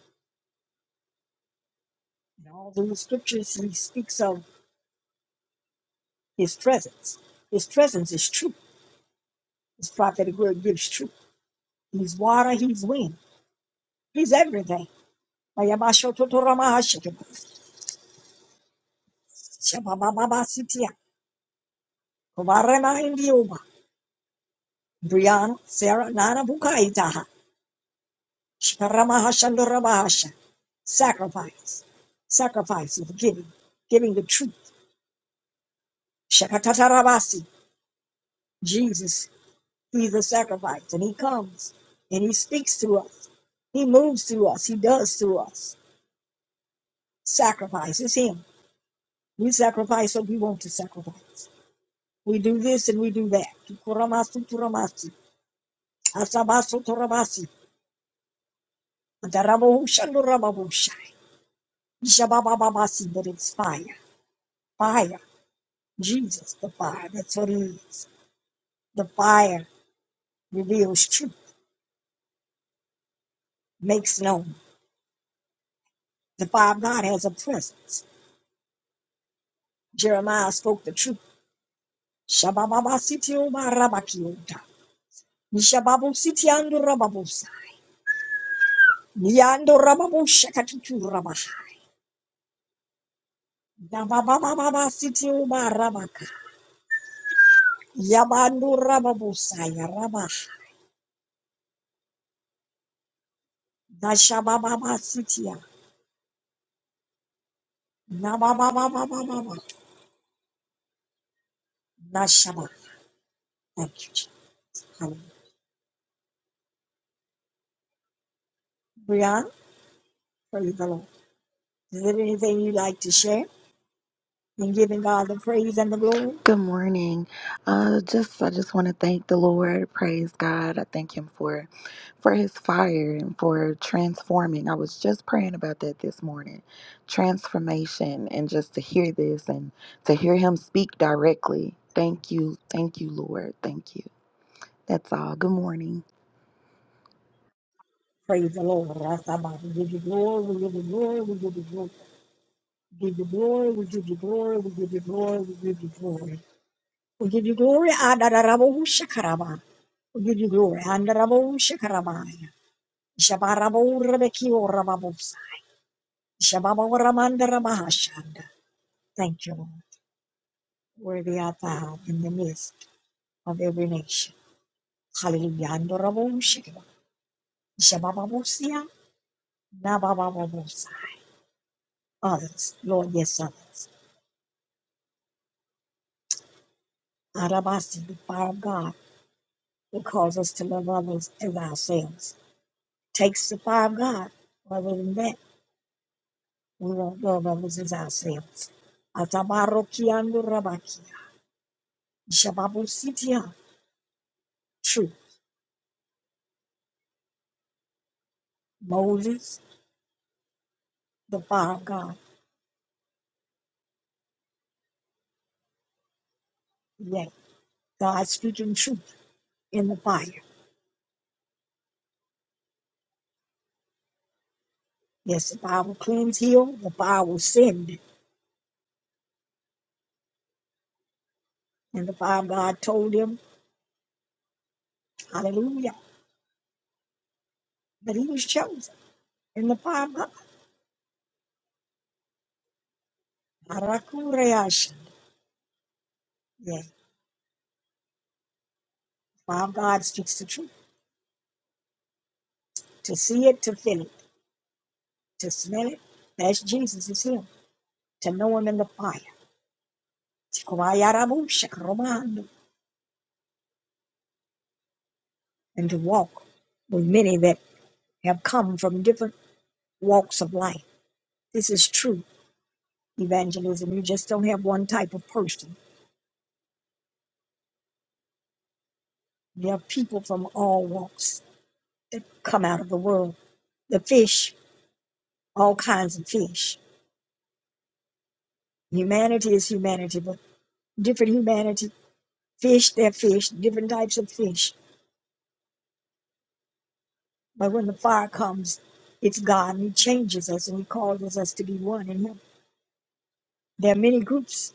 Speaker 1: In all those scriptures, He speaks of His presence. His presence is truth. His prophetic word gives truth. He's water. He's wind. He's everything. Mayabasho totoramaha shekeba. Shababababa sitia. Kobarema indioba. Brianna, Sarah, Nana, Bukaita. Sharamahashandorabahasha. Sacrifice. Sacrifice of giving. Giving the truth. Shakatatarabasi. Jesus, He's a sacrifice. And He comes and He speaks to us. He moves through us. He does through us. Sacrifice is Him. We sacrifice what we want to sacrifice. We do this and we do that. Tukuramasu turamasi. Asabasu turabasi. Darabahu shandorabahusha. Shababababasi. That it's fire. Fire. Jesus, the fire. That's what it is. The fire reveals truth, makes known. The fire of God has a presence. Jeremiah spoke the truth. Shabababa sitio barabakiota. Nishababu sitiando rababusa. Niando rababu shakatutu rabaha. Dabababa sitio barabaka. Yabando rababusa yarabaha. Dashabababa sitia. Nabababa. Nashaba. Thank you, Jesus. Hallelujah. Brian, praise the Lord. Is there anything you'd like to share in giving God the praise and the glory?
Speaker 3: Good morning. Uh, just I just want to thank the Lord. Praise God. I thank Him for for His fire and for transforming. I was just praying about that this morning, transformation, and just to hear this and to hear Him speak directly. Thank you, thank you, Lord. Thank you. That's all. Good morning.
Speaker 1: Praise the Lord. Rasabah. We give you glory, we give you glory, we give you glory. We give you glory, we give you glory, we give you glory, we give you glory. We give you glory, Adarabo Shakarabah. We give you glory. Andarabo Shakarabaya. Shabarabo Rebeki or Rababosa. Shababo Ramanda Ramahashanda. Thank you, Lord. Worthy art thou in the midst of every nation. Hallelujah. Andarabo Shakaba. Shababosia. Nabababosa. Others, Lord, yes, others. Arabasi, the fire of God will cause us to love others as ourselves. Takes the fire of God. Other than that, we won't love others as ourselves. Atabarokiando Rabakia. Shababu Shababusitia. Truth. Moses, the fire of God. Yet, God speaking truth in the fire. Yes, the fire will cleanse, heal, the fire will send. And the fire of God told him, Hallelujah. But he was chosen. In the Bible, Arakureash. Yes, our God speaks the truth. To see it, to feel it, to smell it, that's Jesus is Him. To know Him in the fire. Tikurayarabusha, Romando. And to walk with many that have come from different walks of life. This is true evangelism. You just don't have one type of person. There are people from all walks that come out of the world. The fish, all kinds of fish. Humanity is humanity, but different humanity fish, they're fish, different types of fish. But when the fire comes, it's God and He changes us and He causes us to be one in Him. There are many groups.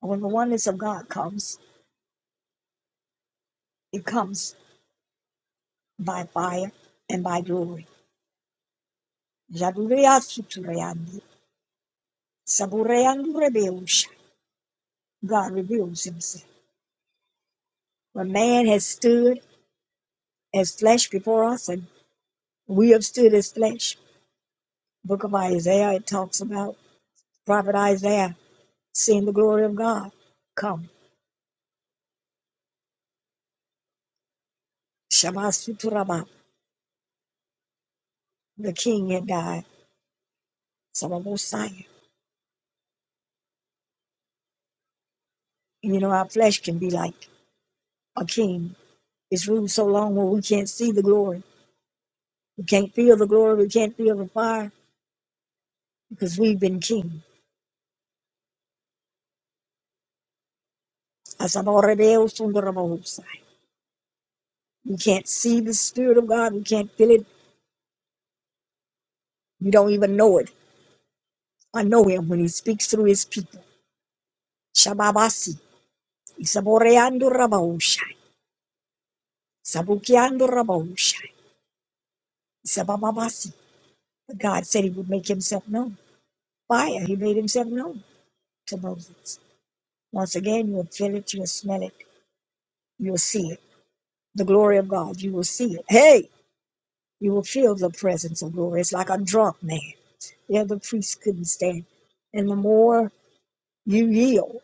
Speaker 1: but When the oneness of God comes, it comes by fire and by glory. Jadureasutureyandi, sabureyandurebeusha. God reveals Himself. When man has stood as flesh before us, and we have stood as flesh, book of Isaiah, it talks about prophet Isaiah seeing the glory of God come. Shabasuturaba, the king had died, Samabosai. And you know, our flesh can be like a king. It's ruled so long where we can't see the glory. We can't feel the glory. We can't feel the fire because we've been king. Asabarebeosundarabahusai. We can't see the Spirit of God. We can't feel it. We don't even know it. I know Him when He speaks through His people. Shababasi. Isaboreandurabahushai. Sabukiandurabahushai. Isabababasi. But God said He would make Himself known. fire. He made himself known to Moses. Once again, you will feel it, you will smell it, you will see it. The glory of God, you will see it. Hey, you will feel the presence of glory. It's like a drunk man. Yeah, the other priest couldn't stand. And the more you yield,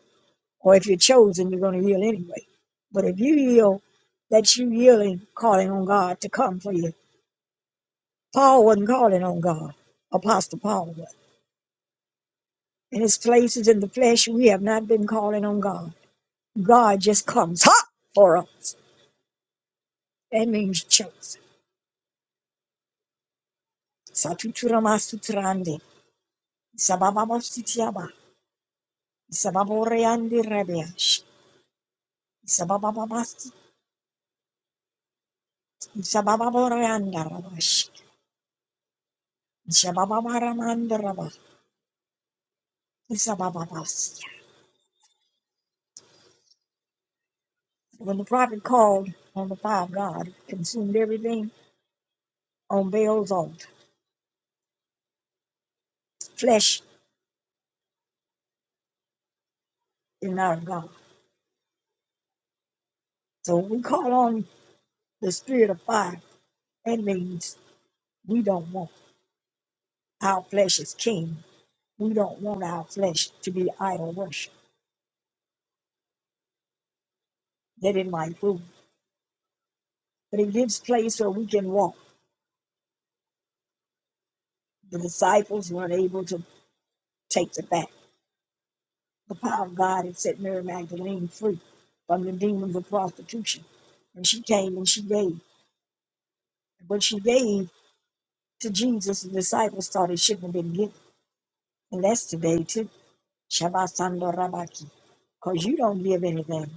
Speaker 1: or if you're chosen, you're going to yield anyway. But if you yield, that you yielding, calling on God to come for you. Paul wasn't calling on God. Apostle Paul was. In his places in the flesh, we have not been calling on God. God just comes ha for us. That means chosen. Satuturama sutrande. Isabababa sutiaba. Isababo reandi rebeash. Isabababa sit- Isabababo reanda rabash. Isabababa ramanda raba. Isabababa sia. When the prophet called on the fire of God, it consumed everything on Baal's altar. Flesh is not of God. So when we call on the spirit of fire, that means we don't want our flesh is king We don't want our flesh to be idol worship. Let it like food. But it gives place where we can walk. The disciples weren't able to take the back. The power of God had set Mary Magdalene free from the demons of prostitution. And she came and she gave. What she gave to Jesus, the disciples thought it shouldn't have been given. And that's today too. Shabbat Sando Rabaki. Because you don't give anything.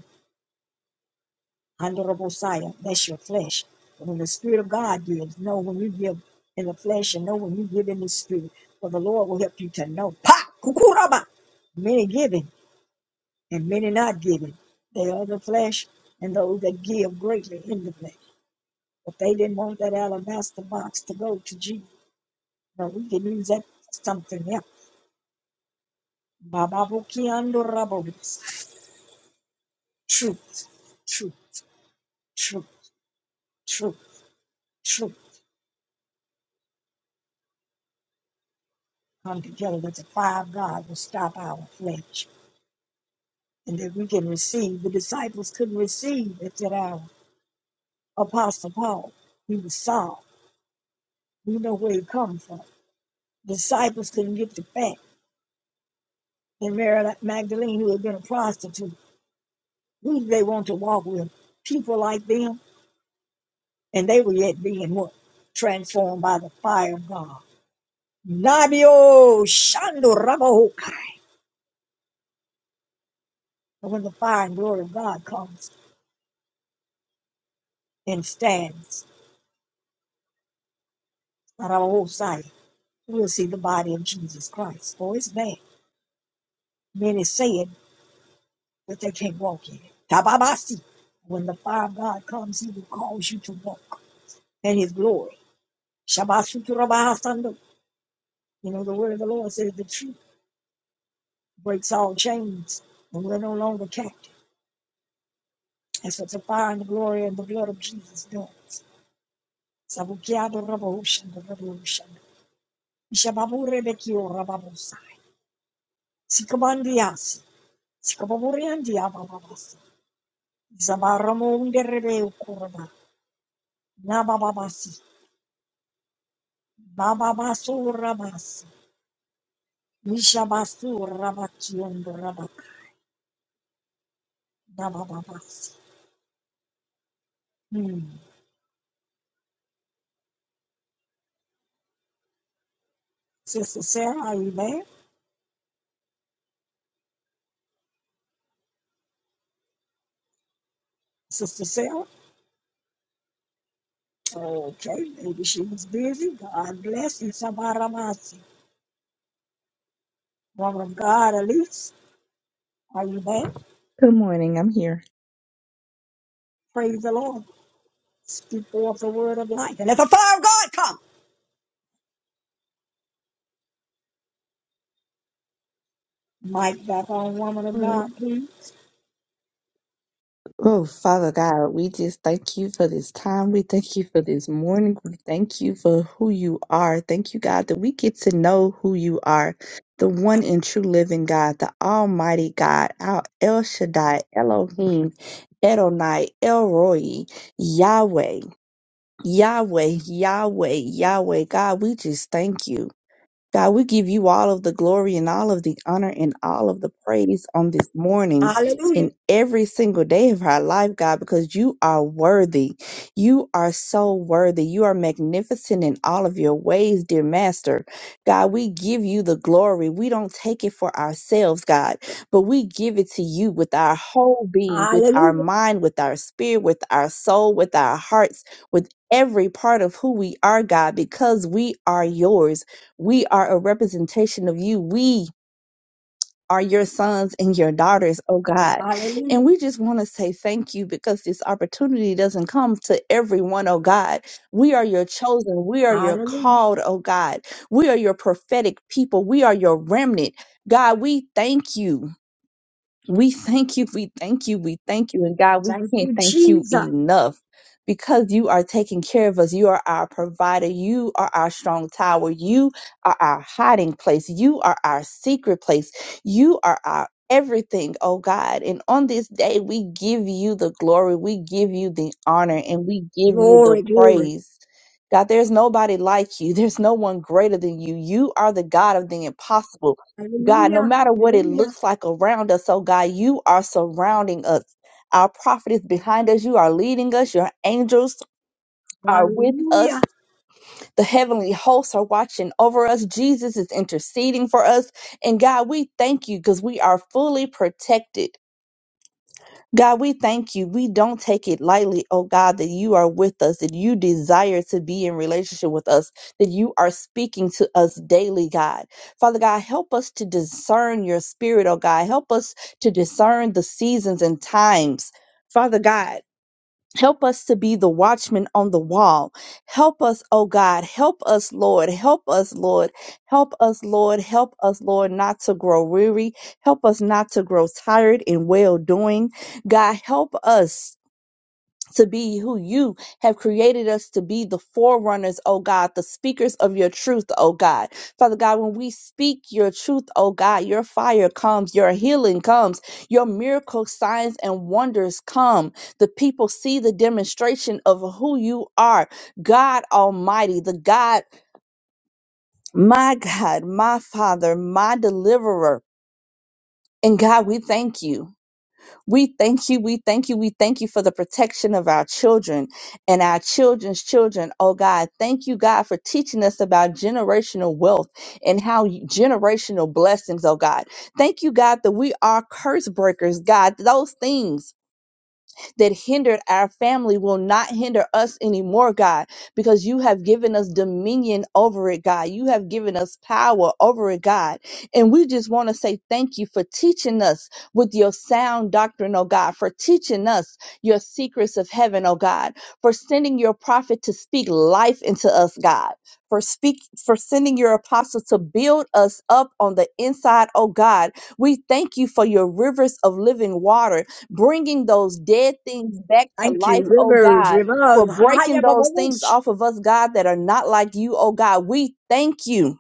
Speaker 1: Andorabosaya, that's your flesh. But when the Spirit of God gives, know when you give in the flesh and know when you give in the Spirit. For the Lord will help you to know. Pa! Kukuraba! Many giving and many not giving. They are the flesh and those that give greatly in the flesh. But they didn't want that alabaster box to go to Jesus. No, we can use that for something else. Bababuki andorabos. Truth, truth, truth, truth, truth. come together with the fire of God will stop our flesh. And that we can receive. The disciples couldn't receive it that our apostle Paul. He was Saul. We know where he come from. Disciples couldn't get the fact. And Mary Magdalene, who had been a prostitute, who did they want to walk with? People like them. And they were yet being what? Transformed by the fire of God. Nabio Shando Rabahokai. And when the fire and glory of God comes and stands at our whole sight. we will see the body of Jesus Christ. For it's bad! Many say it, but they can't walk in it. Tababasi. When the fire of God comes, he will cause you to walk in his glory. Shabasuturabahasando. You know, the word of the Lord says the truth breaks all chains, and we're no longer captive. That's what the fire and the glory and the blood of Jesus does. Sabukiado rabahushando, rabahushando. Ishababurebekio rababosai. Sikabandiasi. Sikababuriandiabababasi. Zabaramongere kurba. Nabababasi. Bababasurabasi. Nishabasurabakiyondorabak. Nabababasi. Hmm. Sister Sarah, are you there? Sister Sarah? Okay, maybe she was busy. God bless you, Sabaramasi. Woman of God, Elise, are you there?
Speaker 4: Good morning. I'm here.
Speaker 1: Praise the Lord. Speak forth the word of life. And let the fire of God come. Mic back on, woman of
Speaker 4: Lord.
Speaker 1: God, please.
Speaker 4: Oh, Father God, we just thank you for this time. We thank you for this morning. We thank you for who you are. Thank you, God, that we get to know who you are, the one and true living God, the Almighty God, our El Shaddai, Elohim, Edonai, Elroy, Yahweh, Yahweh, Yahweh, Yahweh. God, we just thank you. God, we give you all of the glory and all of the honor and all of the praise on this morning
Speaker 1: Hallelujah.
Speaker 4: in every single day of our life, God, because you are worthy. You are so worthy. You are magnificent in all of your ways, dear Master. God, we give you the glory. We don't take it for ourselves, God, but we give it to you with our whole being, with our
Speaker 1: Hallelujah.
Speaker 4: mind, with our spirit, with our soul, with our hearts, with every part of who we are, God, because we are yours. We are a representation of you. We are your sons and your daughters, oh God. And
Speaker 1: Hallelujah.
Speaker 4: we just want to say thank you because this opportunity doesn't come to everyone, oh God. We are your chosen. We are your
Speaker 1: Hallelujah.
Speaker 4: called, oh God. We are your prophetic people. We are your remnant. God, we thank you. We thank you, we thank you, we thank you. And God, we
Speaker 1: Thank
Speaker 4: can't
Speaker 1: you,
Speaker 4: thank you
Speaker 1: Jesus.
Speaker 4: enough because you are taking care of us. You are our provider. You are our strong tower. You are our hiding place. You are our secret place. You are our everything, oh God. And on this day, we give you the glory, we give you the honor, and we give you the
Speaker 1: Glory, glory.
Speaker 4: praise. God, there's nobody like you. There's no one greater than you. You are the God of the impossible. God, no
Speaker 1: Hallelujah.
Speaker 4: matter what it
Speaker 1: Hallelujah.
Speaker 4: looks like around us, oh God, you are surrounding us. Our prophet is behind us. You are leading us. Your angels are with
Speaker 1: Hallelujah.
Speaker 4: us. The heavenly hosts are watching over us. Jesus is interceding for us. And God, we thank you because we are fully protected. God, we thank you. We don't take it lightly, oh God, that you are with us, that you desire to be in relationship with us, that you are speaking to us daily, God. Father God, help us to discern your spirit, oh God. Help us to discern the seasons and times. Father God, Help us to be the watchman on the wall. Help us, oh God. Help us, Lord. Help us, Lord. Help us, Lord. Help us, Lord, not to grow weary. Help us not to grow tired in well doing. God, help us to be who you have created us to be the forerunners, oh God, the speakers of your truth, oh God. Father God, when we speak your truth, oh God, your fire comes, your healing comes, your miracle signs and wonders come. The people see the demonstration of who you are, God Almighty, the God, my God, my Father, my deliverer. And God, we thank you. We thank you, we thank you, we thank you for the protection of our children and our children's children. Oh God, thank you, God, for teaching us about generational wealth and how you- generational blessings, oh God. Thank you, God, that we are curse breakers, God, those things that hindered our family will not hinder us anymore, God, because you have given us dominion over it, God. You have given us power over it, God. And we just want to say thank you for teaching us with your sound doctrine, oh God, for teaching us your secrets of heaven, oh God, for sending your prophet to speak life into us, God. For speak for sending your apostle to build us up on the inside, oh God. We thank you for your rivers of living water bringing those dead things back to
Speaker 1: Thank you,
Speaker 4: life, oh
Speaker 1: rivers,
Speaker 4: God, for
Speaker 1: rivers.
Speaker 4: breaking
Speaker 1: Haya
Speaker 4: those things
Speaker 1: bababush.
Speaker 4: off of us, God, that are not like you, oh God. We thank you.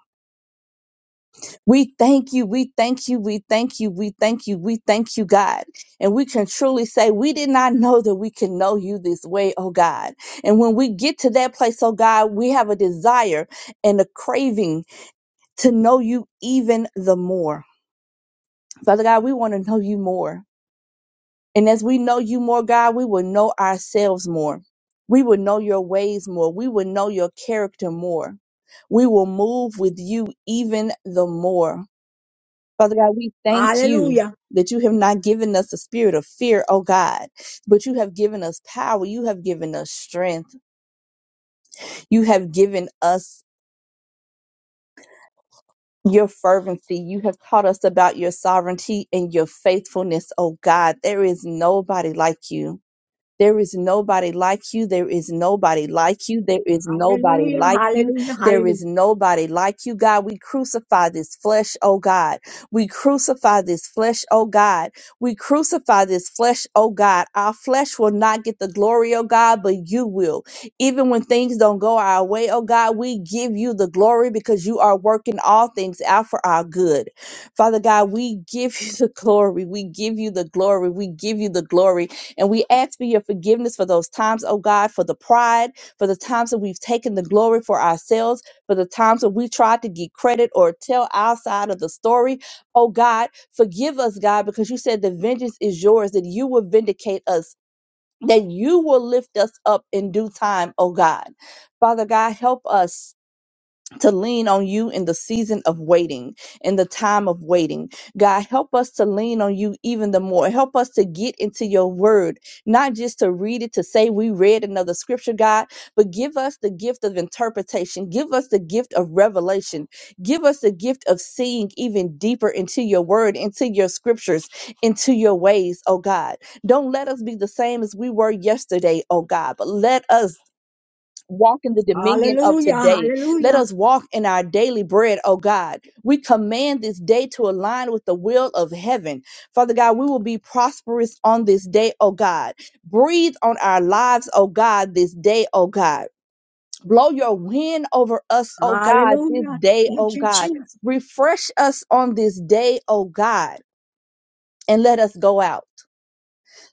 Speaker 4: We thank you. We thank you. We thank you. We thank you. We thank you, God. And we can truly say, we did not know that we can know you this way, oh God. And when we get to that place, oh God, we have a desire and a craving to know you even the more. Father God, we want to know you more. And as we know you more, God, we will know ourselves more. We will know your ways more. We will know your character more. We will move with you even the more. Father God, we thank you
Speaker 1: Hallelujah.
Speaker 4: that you have not given us the spirit of fear, oh God, but you have given us power. You have given us strength. You have given us your fervency. You have taught us about your sovereignty and your faithfulness, oh God. There is nobody like you. There is nobody like you. There is nobody like you. There is nobody
Speaker 1: Hallelujah.
Speaker 4: like you.
Speaker 1: Hallelujah.
Speaker 4: There is
Speaker 1: Hallelujah.
Speaker 4: nobody like you, God. We crucify this flesh, oh God. We crucify this flesh, oh God. We crucify this flesh, oh God. Our flesh will not get the glory, oh God, but you will. Even when things don't go our way, oh God, we give you the glory because you are working all things out for our good. Father God, we give you the glory. We give you the glory. We give you the glory and we ask for your forgiveness for those times, oh God, for the pride, for the times that we've taken the glory for ourselves, for the times that we tried to get credit or tell our side of the story. Oh God, forgive us, God, because you said the vengeance is yours, that you will vindicate us. That you will lift us up in due time, oh God. Father God, help us to lean on you in the season of waiting, in the time of waiting. God, help us to lean on you even the more. Help us to get into your word, not just to read it, to say we read another scripture, God, but give us the gift of interpretation. Give us the gift of revelation. Give us the gift of seeing even deeper into your word, into your scriptures, into your ways, oh God. Don't let us be the same as we were yesterday, oh God, but let us walk in the dominion of
Speaker 1: Hallelujah.
Speaker 4: today. Let
Speaker 1: Hallelujah.
Speaker 4: us walk in our daily bread, oh God. We command this day to align with the will of heaven. Father God, we will be prosperous on this day, oh God. Breathe on our lives, oh God, this day, oh God. Blow your wind over us, oh God, this
Speaker 1: Hallelujah.
Speaker 4: day, oh
Speaker 1: Thank you,
Speaker 4: God.
Speaker 1: Jesus.
Speaker 4: Refresh us on this day, oh God, and let us go out.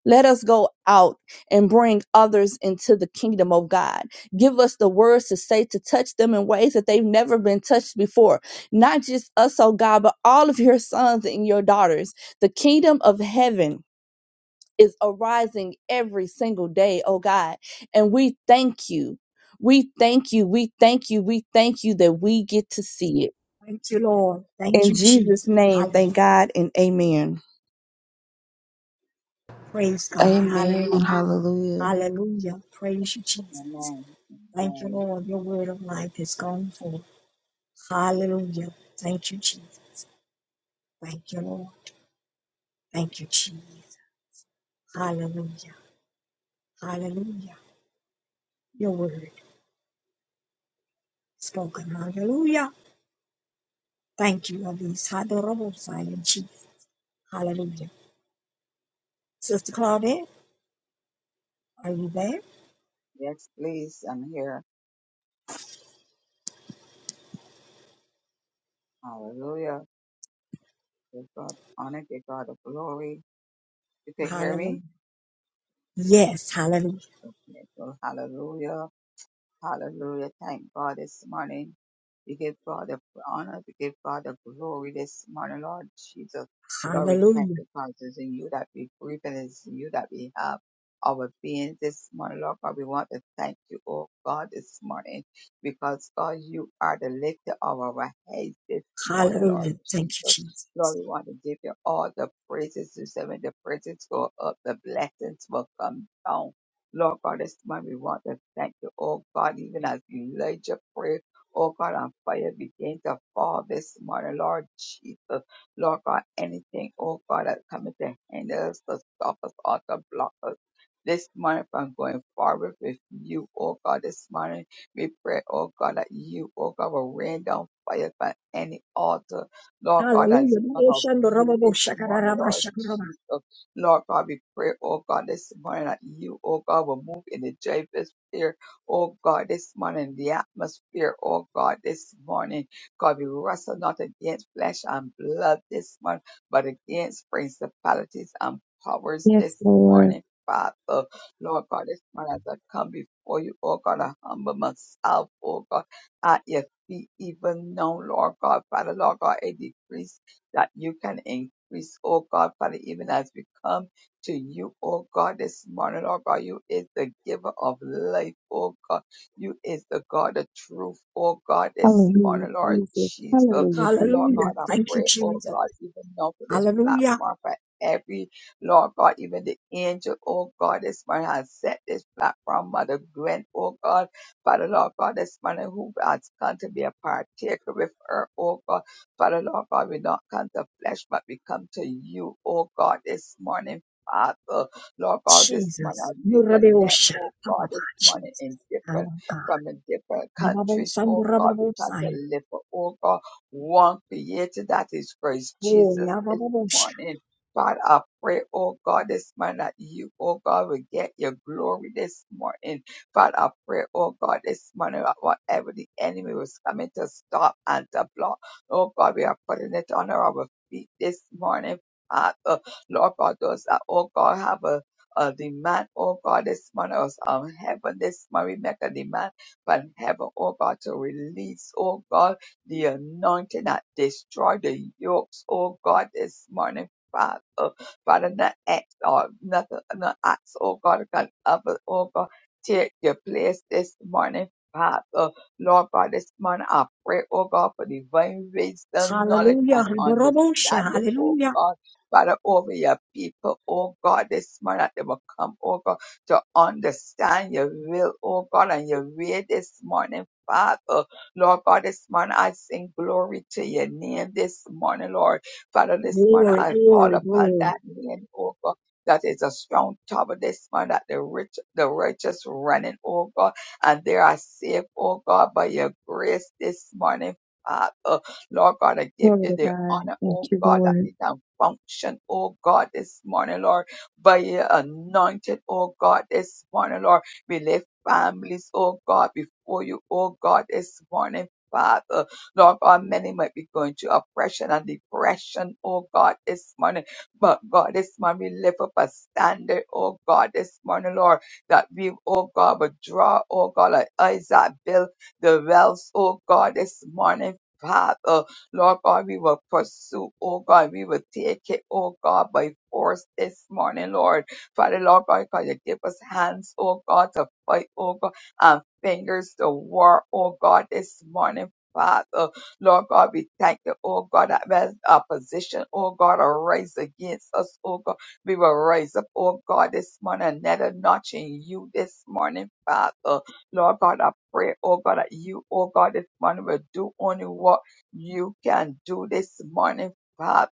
Speaker 4: Let us go out and bring others into the kingdom of God. Give us the words to say to touch them in ways that they've never been touched before. Not just us, oh God, but all of your sons and your daughters. The kingdom of heaven is arising every single day, oh God. And we thank you. We thank you. We thank you. We thank you that we get to see it.
Speaker 1: Thank you, Lord. Thank
Speaker 4: In
Speaker 1: you,
Speaker 4: Jesus'
Speaker 1: Jesus.
Speaker 4: name, thank
Speaker 1: Hallelujah.
Speaker 4: God and amen.
Speaker 1: Praise God.
Speaker 3: Amen.
Speaker 1: Hallelujah.
Speaker 3: Hallelujah.
Speaker 1: Hallelujah. Praise you, Jesus.
Speaker 2: Amen.
Speaker 1: Thank you,
Speaker 2: Amen.
Speaker 1: Lord. Your word of life is gone forth. Hallelujah. Thank you, Jesus. Thank you, Lord. Thank you, Jesus. Hallelujah. Hallelujah. Your word spoken. Hallelujah. Thank you, Elise. Adorable Zion, Jesus. Hallelujah. Sister Claudette, are you there?
Speaker 2: Yes, please. I'm here. Hallelujah. Give God honor. Give God the glory. You can hear me?
Speaker 1: Hallelujah. Yes. Hallelujah.
Speaker 2: Okay. So hallelujah. Hallelujah. Thank God this morning. We give God the honor. We give God the glory this morning, Lord Jesus. Lord, we thank
Speaker 1: Hallelujah.
Speaker 2: you because it's in you that we breathe and it's in you that we have our being this morning, Lord God. We want to thank you, oh God, this morning because, God, you are the lifter of our heads this morning,
Speaker 1: Hallelujah.
Speaker 2: Lord
Speaker 1: Thank you,
Speaker 2: Jesus.
Speaker 1: Jesus.
Speaker 2: Lord, we want to give you all the praises. You said when the praises go up, the blessings will come down. Lord God, this morning we want to thank you, oh God, even as Elijah prayed, oh God, and fire began to fall this morning, Lord Jesus. Lord God, anything, oh God, that's coming to hinder us, to stop us, or to block us. This morning, from going forward with you, oh God, this morning, we pray, oh God, that you, oh God, will rain down fire from any altar, Lord God, that's
Speaker 1: Hallelujah.
Speaker 2: part of you this morning, Lord Jesus. Lord God, we pray, oh God, this morning that you, oh God, will move in the atmosphere. oh God, this morning, the atmosphere, oh God, this morning. God, we wrestle not against flesh and blood this morning, but against principalities and powers
Speaker 4: Yes,
Speaker 2: this
Speaker 4: Lord.
Speaker 2: morning. Father, Lord God, this morning as I come before you, oh God, I humble myself, oh God, at your feet, even now, Lord God, Father, Lord God, I decrease that you can increase, oh God, Father, even as we come to you, oh God, this morning, oh God, you is the giver of life, oh God. You is the God of truth, oh God, this
Speaker 4: Hallelujah,
Speaker 2: morning, Lord
Speaker 4: Jesus.
Speaker 2: Jesus.
Speaker 4: Hallelujah,
Speaker 2: Lord
Speaker 4: Jesus.
Speaker 1: Hallelujah.
Speaker 2: God, I
Speaker 1: Thank you,
Speaker 2: pray, oh
Speaker 1: Jesus.
Speaker 2: God, even now for this
Speaker 1: Hallelujah.
Speaker 2: platform, for every, Lord God, even the angel, oh God, this morning has set this platform, Mother Gwen, oh God, Father, Lord God, this morning who has come to be a partaker with her, oh God. Father Lord God, we don't come to flesh, but we come to you, oh God, this morning, Father. Lord God, this morning
Speaker 1: Jesus,
Speaker 2: as we connect,
Speaker 1: Murabeosha,
Speaker 2: oh God,
Speaker 1: Papa
Speaker 2: this morning
Speaker 1: Jesus,
Speaker 2: in
Speaker 1: our
Speaker 2: different
Speaker 1: God,
Speaker 2: from the different
Speaker 1: Nibabo
Speaker 2: countries, oh God, we come to
Speaker 1: Samburababosai,
Speaker 2: live for, oh God, one creator that is Christ
Speaker 1: Oh,
Speaker 2: Jesus this
Speaker 1: Yababosha,
Speaker 2: morning. Father, I pray, oh God, this morning that you, oh God, will get your glory this morning. Father, I pray, oh God, this morning that whatever the enemy was coming to stop and to block. Oh God, we are putting it on our feet this morning, Father. Lord God, those that, oh God, have a, a demand, oh God, this morning, us on heaven this morning, we make a demand from heaven, oh God, to release, oh God, the anointing that destroy the yokes, oh God, this morning. Father, Father, not acts or nothing, not acts, oh God, can ever, oh God, take your place this morning, Father. Lord, God this morning I pray, oh God, for divine wisdom, knowledge,
Speaker 1: Hallelujah,
Speaker 2: and
Speaker 1: Hibarabosha,
Speaker 2: understanding, oh
Speaker 1: Hallelujah,
Speaker 2: God. Father, over your people, oh God, this morning that they will come, oh God, to understand your will, oh God, and your way this morning, Father. Lord God, this morning I sing glory to your name this morning, Lord. Father, this morning
Speaker 1: glory,
Speaker 2: I call
Speaker 1: glory,
Speaker 2: upon
Speaker 1: glory,
Speaker 2: that name, oh God. That is a strong tower this morning that the rich, the righteous running, oh God. And there are said, oh God, by your grace this morning, Father, Lord God, I give
Speaker 4: Glory
Speaker 2: you
Speaker 4: to
Speaker 2: the
Speaker 4: God.
Speaker 2: honor,
Speaker 4: Thank
Speaker 2: oh
Speaker 4: you,
Speaker 2: God, that
Speaker 4: Lord.
Speaker 2: we can function, oh God, this morning, Lord, by your anointed, oh God, this morning, Lord. We lift families, oh God, before you, oh God, this morning. Father, Lord God, many might be going through oppression and depression, oh God, this morning. But God, this morning we lift up a standard, oh God, this morning, Lord that we, oh God, would draw, oh God, like Isaac built the wells, oh God, this morning. Father, Lord God, we will pursue, oh God, we will take it, oh God, by force this morning, Lord. Father, Lord God, God, you give us hands, oh God, to fight, oh God, and fingers to war, oh God, this morning, Father. Lord God, we thank you, oh God, that when opposition, oh God, arise against us, oh God. We will rise up, oh God, this morning, another notch in you this morning, Father. Lord God, I pray, oh God, that you, oh God, this morning will do only what you can do this morning, Father.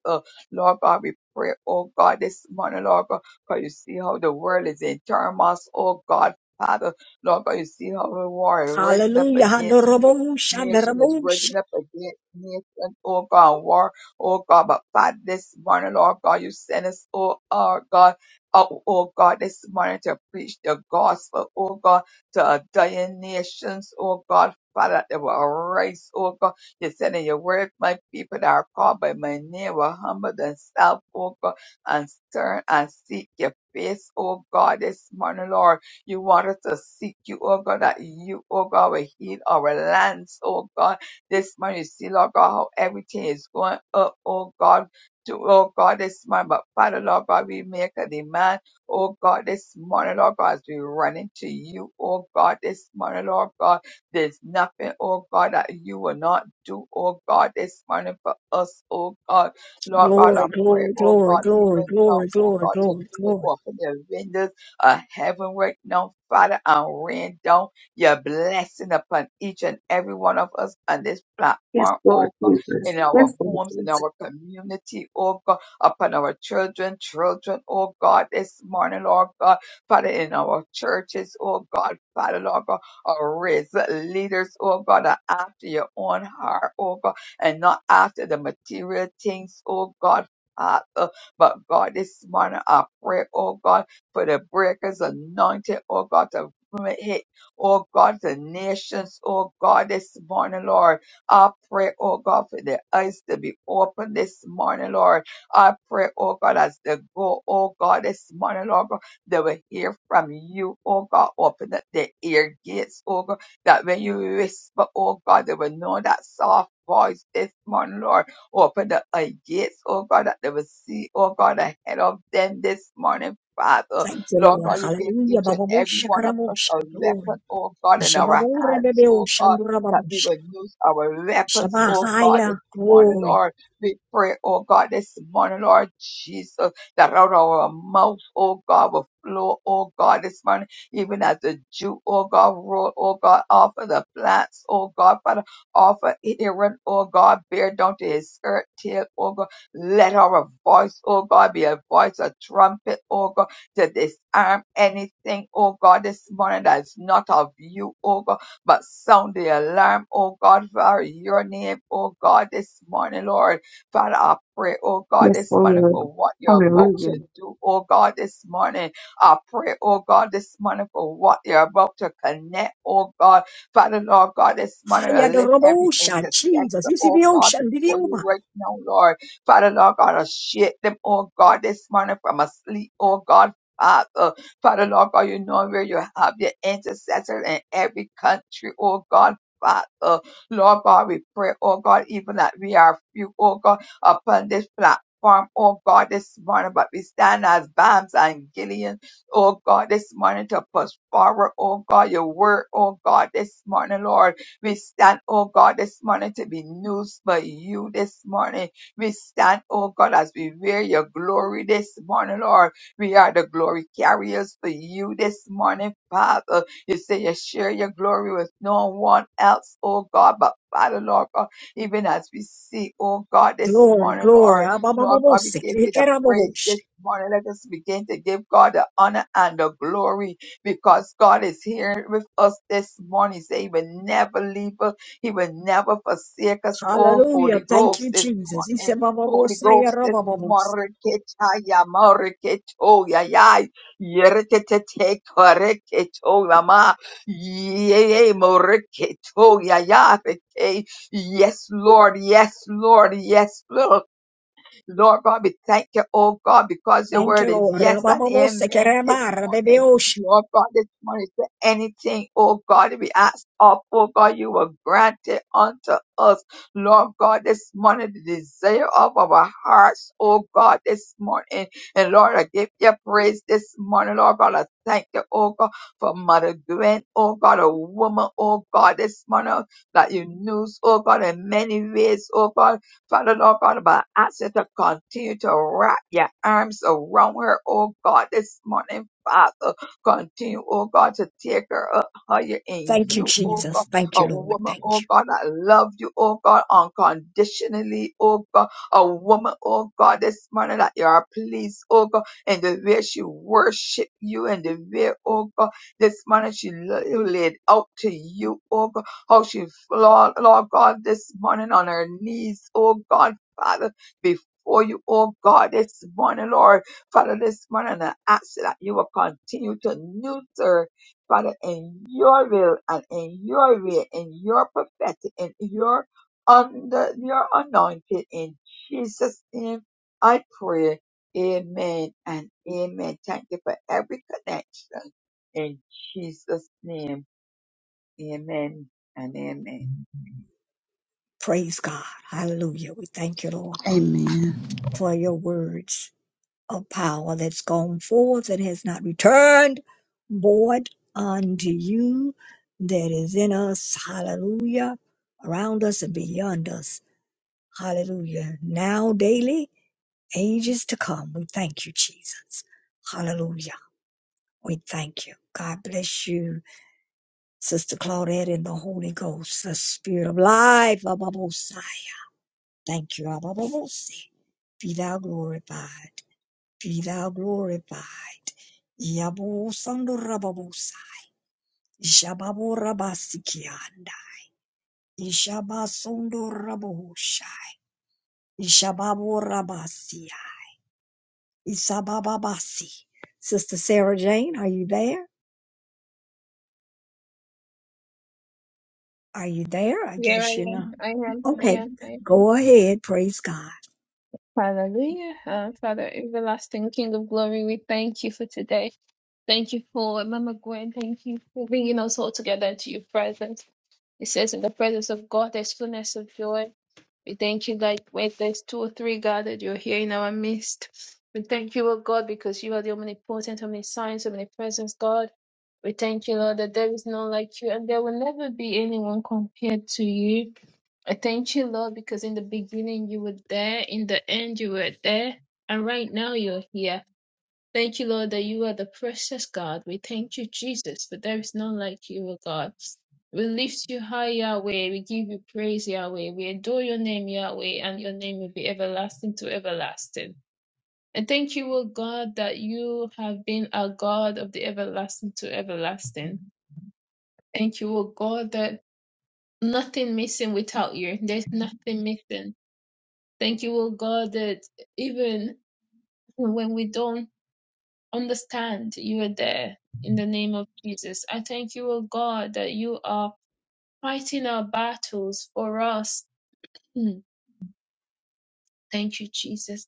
Speaker 2: Lord God, we pray, oh God, this morning, Lord God, because you see how the world is in turmoil, oh God, Father. Lord God, you see how the war is rising up
Speaker 1: Hallelujah,
Speaker 2: against
Speaker 1: Hadorabosha,
Speaker 2: nation is rising
Speaker 1: Darabosha,
Speaker 2: up against nation. Oh God, war Oh God, but Father, this morning, Lord God, you sent us, oh, oh God, oh, oh God, this morning to preach the gospel, oh God, to a dying nations, oh God. Father, that they will arise, oh God. You said in your word, my people that are called by my name will humble themselves, oh God, and turn and seek your face, oh God, this morning, Lord. You want us to seek you, oh God, that you, oh God, will heal our lands, oh God this morning to see, Lord God, how everything is going up, oh God, to, oh God, this morning. But Father, Lord God, we make a demand, oh God, this morning, Lord God, as we run into you, oh God, this morning, Lord God, there's nothing, oh God, that you will not do, oh God, this morning for us, oh God. Lord God, I
Speaker 1: glory,
Speaker 2: pray,
Speaker 1: glory,
Speaker 2: oh
Speaker 1: glory,
Speaker 2: God, even
Speaker 1: glory,
Speaker 2: now,
Speaker 1: glory,
Speaker 2: oh
Speaker 1: glory,
Speaker 2: God, to
Speaker 1: glory,
Speaker 2: do it,
Speaker 1: glory.
Speaker 2: open the windows of heaven right now, Father, and rain down your blessing upon each and every one of us on this
Speaker 4: Yes,
Speaker 2: platform,
Speaker 4: Lord
Speaker 2: oh God,
Speaker 4: Jesus.
Speaker 2: in our
Speaker 4: Yes, Lord
Speaker 2: homes, in
Speaker 4: Jesus.
Speaker 2: our community, oh God, upon our children, children, oh God, this morning, Lord God, Father, in our churches, oh God, Father, Lord God, or raise up leaders, oh God, that are after your own heart, oh God, and not after the material things, oh God. Father. But God, this morning I pray, oh God, for the breakers anointed, oh God, to hit oh God, the nations, oh God, this morning, Lord. I pray, oh God, for their eyes to be open this morning, Lord. I pray, oh God, as they go, oh God, this morning, Lord, God, they will hear from you, oh God. Open up their ear gates, oh God, that when you whisper, oh God, they will know that soft voice this morning, Lord. Open the eye gates, oh God, that they will see, oh God, ahead of them this morning, Father.
Speaker 1: Thank you,
Speaker 2: Lord
Speaker 1: Lord,
Speaker 2: God, you give
Speaker 1: Hallelujah,
Speaker 2: each and every
Speaker 1: Bababosha,
Speaker 2: one of us
Speaker 1: Karabosha,
Speaker 2: a
Speaker 1: glory,
Speaker 2: weapon, oh God, in our
Speaker 1: Shababore,
Speaker 2: hands, oh
Speaker 1: Bebeosha,
Speaker 2: God, that we
Speaker 1: Murababosha,
Speaker 2: would use our weapons, oh God,
Speaker 1: Shabahaya,
Speaker 2: this morning,
Speaker 1: glory.
Speaker 2: Lord. We pray, oh God, this morning, Lord Jesus, that out of our mouth, oh God, will flow, oh God, this morning, even as the Jew, oh God, roll, oh God, offer the plants, oh God, Father, offer Aaron, oh God, bear down to his skirt tail, oh God. Let our voice, oh God, be a voice, a trumpet, oh God to disarm anything, oh God, this morning that's not of you, oh God, but sound the alarm, oh God, for your name, oh God, this morning, Lord. Father, I pray, oh God,
Speaker 4: Yes,
Speaker 2: this morning
Speaker 4: Lord.
Speaker 2: for what you're about
Speaker 4: Hallelujah.
Speaker 2: to do, oh God, this morning. I pray, oh God, this morning for what you're about to connect, oh God. Father, Lord God, this morning, I
Speaker 1: Hiya the
Speaker 2: lift every
Speaker 1: Hayadorobosha,
Speaker 2: intercessor,
Speaker 1: Jesus. You see
Speaker 2: oh
Speaker 1: the
Speaker 2: God,
Speaker 1: ocean, the
Speaker 2: before you
Speaker 1: Ndidiuma.
Speaker 2: right now, Lord. Father, Lord God, I shake them, oh God, this morning from a sleep, oh God. Father. Father, Lord God, you know where you have your intercessor in every country, oh God. Father, Lord God, we pray, oh God, even that we are few, oh God, upon this platform, oh God, this morning, but we stand as Bams and Gideon, oh God, this morning to push forward, oh God, your word, oh God, this morning, Lord. We stand, oh God, this morning to be news for you this morning. We stand, oh God, as we wear your glory this morning, Lord. We are the glory carriers for you this morning, Father. You say you share your glory with no one else, oh God, but Father, Lord God, even as we seek, oh God, this
Speaker 1: Glory,
Speaker 2: morning,
Speaker 1: glory.
Speaker 2: Lord, Lord God, we
Speaker 1: Abababose,
Speaker 2: give you the praise
Speaker 1: Ekerabosha.
Speaker 2: this morning. Let us begin to give God the honor and the glory because God is here with us this morning. Say he will never leave us. He will never forsake us, oh
Speaker 1: Hallelujah.
Speaker 2: Holy
Speaker 1: Thank
Speaker 2: Ghost,
Speaker 1: you,
Speaker 2: this
Speaker 1: Jesus. He
Speaker 2: morning.
Speaker 1: said,
Speaker 2: Holy
Speaker 1: Isebababose,
Speaker 2: Ghost es
Speaker 1: Yarabababose.
Speaker 2: marreketaya marreketoya yai yereketete kareketoya ma yeye marreketoya yareke. Yes, Lord. Yes, Lord. Yes, Lord. Lord God, we thank you, oh God, because your
Speaker 1: Thank
Speaker 2: word
Speaker 1: you,
Speaker 2: is
Speaker 1: Lord.
Speaker 2: yes and
Speaker 1: Rabababose,
Speaker 2: amen this
Speaker 1: Kerebara,
Speaker 2: morning.
Speaker 1: Bebeosha.
Speaker 2: Lord God, this morning to anything, oh God, we ask of, oh God, you will grant it unto us. Lord God, this morning, the desire of our hearts, oh God, this morning. And Lord, I give you praise this morning, Lord God. I thank you, oh God, for Mother Gwen, oh God, a woman, oh God, this morning that you knew, oh God, in many ways, oh God Father Lord God, but I ask you to continue to wrap your arms around her, oh God, this morning, Father. Continue, oh God, to take her up higher in
Speaker 1: Thank you,
Speaker 2: you, oh
Speaker 1: Jesus.
Speaker 2: God.
Speaker 1: Thank
Speaker 2: A
Speaker 1: you, Lord.
Speaker 2: woman,
Speaker 1: Thank
Speaker 2: oh
Speaker 1: you.
Speaker 2: God, I love you, oh God, unconditionally, oh God. A woman, oh God, this morning that you are pleased, oh God, and the way she worship you and the way, oh God, this morning she la- laid out to you, oh God how she, Lord, Lord God, this morning on her knees, oh God, Father, before you, oh God, this morning, Lord, Father, this morning, I ask that you will continue to nurture, Father, in your will and in your way, in your prophetic, in your under your anointed, in Jesus' name, I pray. Amen and amen. Thank you for every connection in Jesus' name. Amen and amen.
Speaker 1: Praise God. Hallelujah. We thank you, Lord,
Speaker 3: Amen.
Speaker 1: for your words. of power that's gone forth and has not returned void unto you that is in us. Hallelujah. Around us and beyond us. Hallelujah. Now, daily, ages to come. We thank you, Jesus. Hallelujah. We thank you. God bless you, Sister Claudette and the Holy Ghost, the Spirit of life. Abba, Mosiah. Thank you, Abba, Mosiah. Be thou glorified. Be thou glorified. Yabo sondo rababosa. Ishababo rabasikianda. Ishaba sondo rabosha. Ishababo rabasia. Isabababasi. Sister Sarah Jane, are you there? Are you there? I
Speaker 5: Yeah, I
Speaker 1: guess you're
Speaker 5: am.
Speaker 1: not.
Speaker 5: I am. I
Speaker 1: Okay,
Speaker 5: am. I am.
Speaker 1: go ahead. Praise God.
Speaker 5: Hallelujah. Uh, Father, everlasting King of glory, we thank you for today. Thank you for Mama Gwen. Thank you for bringing us all together into your presence. It says, in the presence of God, there's fullness of joy. We thank you that when there's two or three gathered, you're here in our midst. We thank you, O God, because you are the omnipotent, omniscience, omnipresence, God. We thank you, Lord, that there is none like you and there will never be anyone compared to you. I thank you, Lord, because in the beginning you were there, in the end you were there, and right now you're here. Thank you, Lord, that you are the precious God. We thank you, Jesus, for there is none like you, O God. We lift you high, Yahweh. We give you praise, Yahweh. We adore your name, Yahweh, and your name will be everlasting to everlasting. And thank you, O God, that you have been our God of the everlasting to everlasting. Thank you, O God, that nothing missing without you. There's nothing missing. Thank you, O God, that even when we don't understand you are there in the name of Jesus. I thank you, O God, that you are fighting our battles for us. Mm. Thank you, Jesus.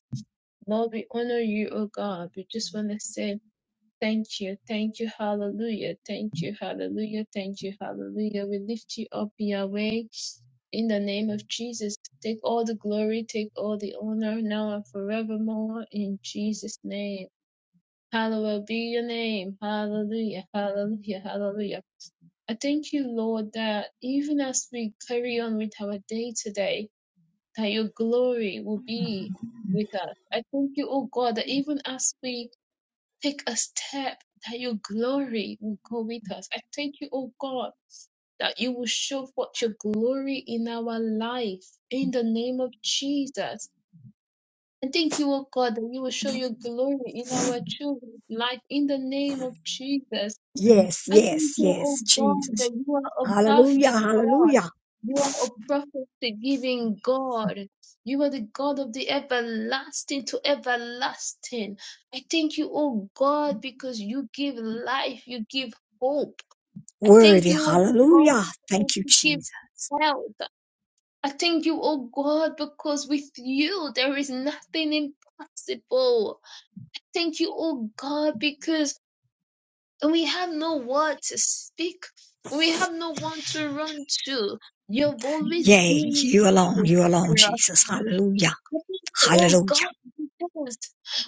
Speaker 5: Lord, we honor you, O God. We just want to say thank you, thank you, hallelujah, thank you, hallelujah, thank you, hallelujah. We lift you up, Yahweh, in the name of Jesus. Take all the glory, take all the honor now and forevermore in Jesus' name. Hallowed be your name. Hallelujah. Hallelujah. Hallelujah. I thank you, Lord, that even as we carry on with our day today, that your glory will be with us. I thank you, oh God, that even as we take a step, that your glory will go with us. I thank you, oh God, that you will show forth your glory in our life in the name of Jesus. I thank you, O God, that you will show your glory in our children's life in the name of Jesus.
Speaker 1: Yes,
Speaker 5: I thank
Speaker 1: yes,
Speaker 5: you, O
Speaker 1: yes.
Speaker 5: God, that
Speaker 1: Jesus.
Speaker 5: you are a
Speaker 1: Hallelujah,
Speaker 5: perfect God.
Speaker 1: hallelujah.
Speaker 5: You are a prophecy giving God. You are the God of the everlasting to everlasting. I thank you, O God, because you give life, you give hope. I thank
Speaker 1: Worthy,
Speaker 5: you, O God,
Speaker 1: hallelujah.
Speaker 5: because
Speaker 1: Thank you,
Speaker 5: you give
Speaker 1: Jesus.
Speaker 5: health. I thank you, oh God, because with you there is nothing impossible. Thank you, oh God, because we have no word to speak. We have no one to run to. You've always
Speaker 1: Yea,
Speaker 5: been
Speaker 1: you alone, you alone,
Speaker 5: there.
Speaker 1: Jesus. Hallelujah.
Speaker 5: Thank you, Oh God,
Speaker 1: Hallelujah.
Speaker 5: because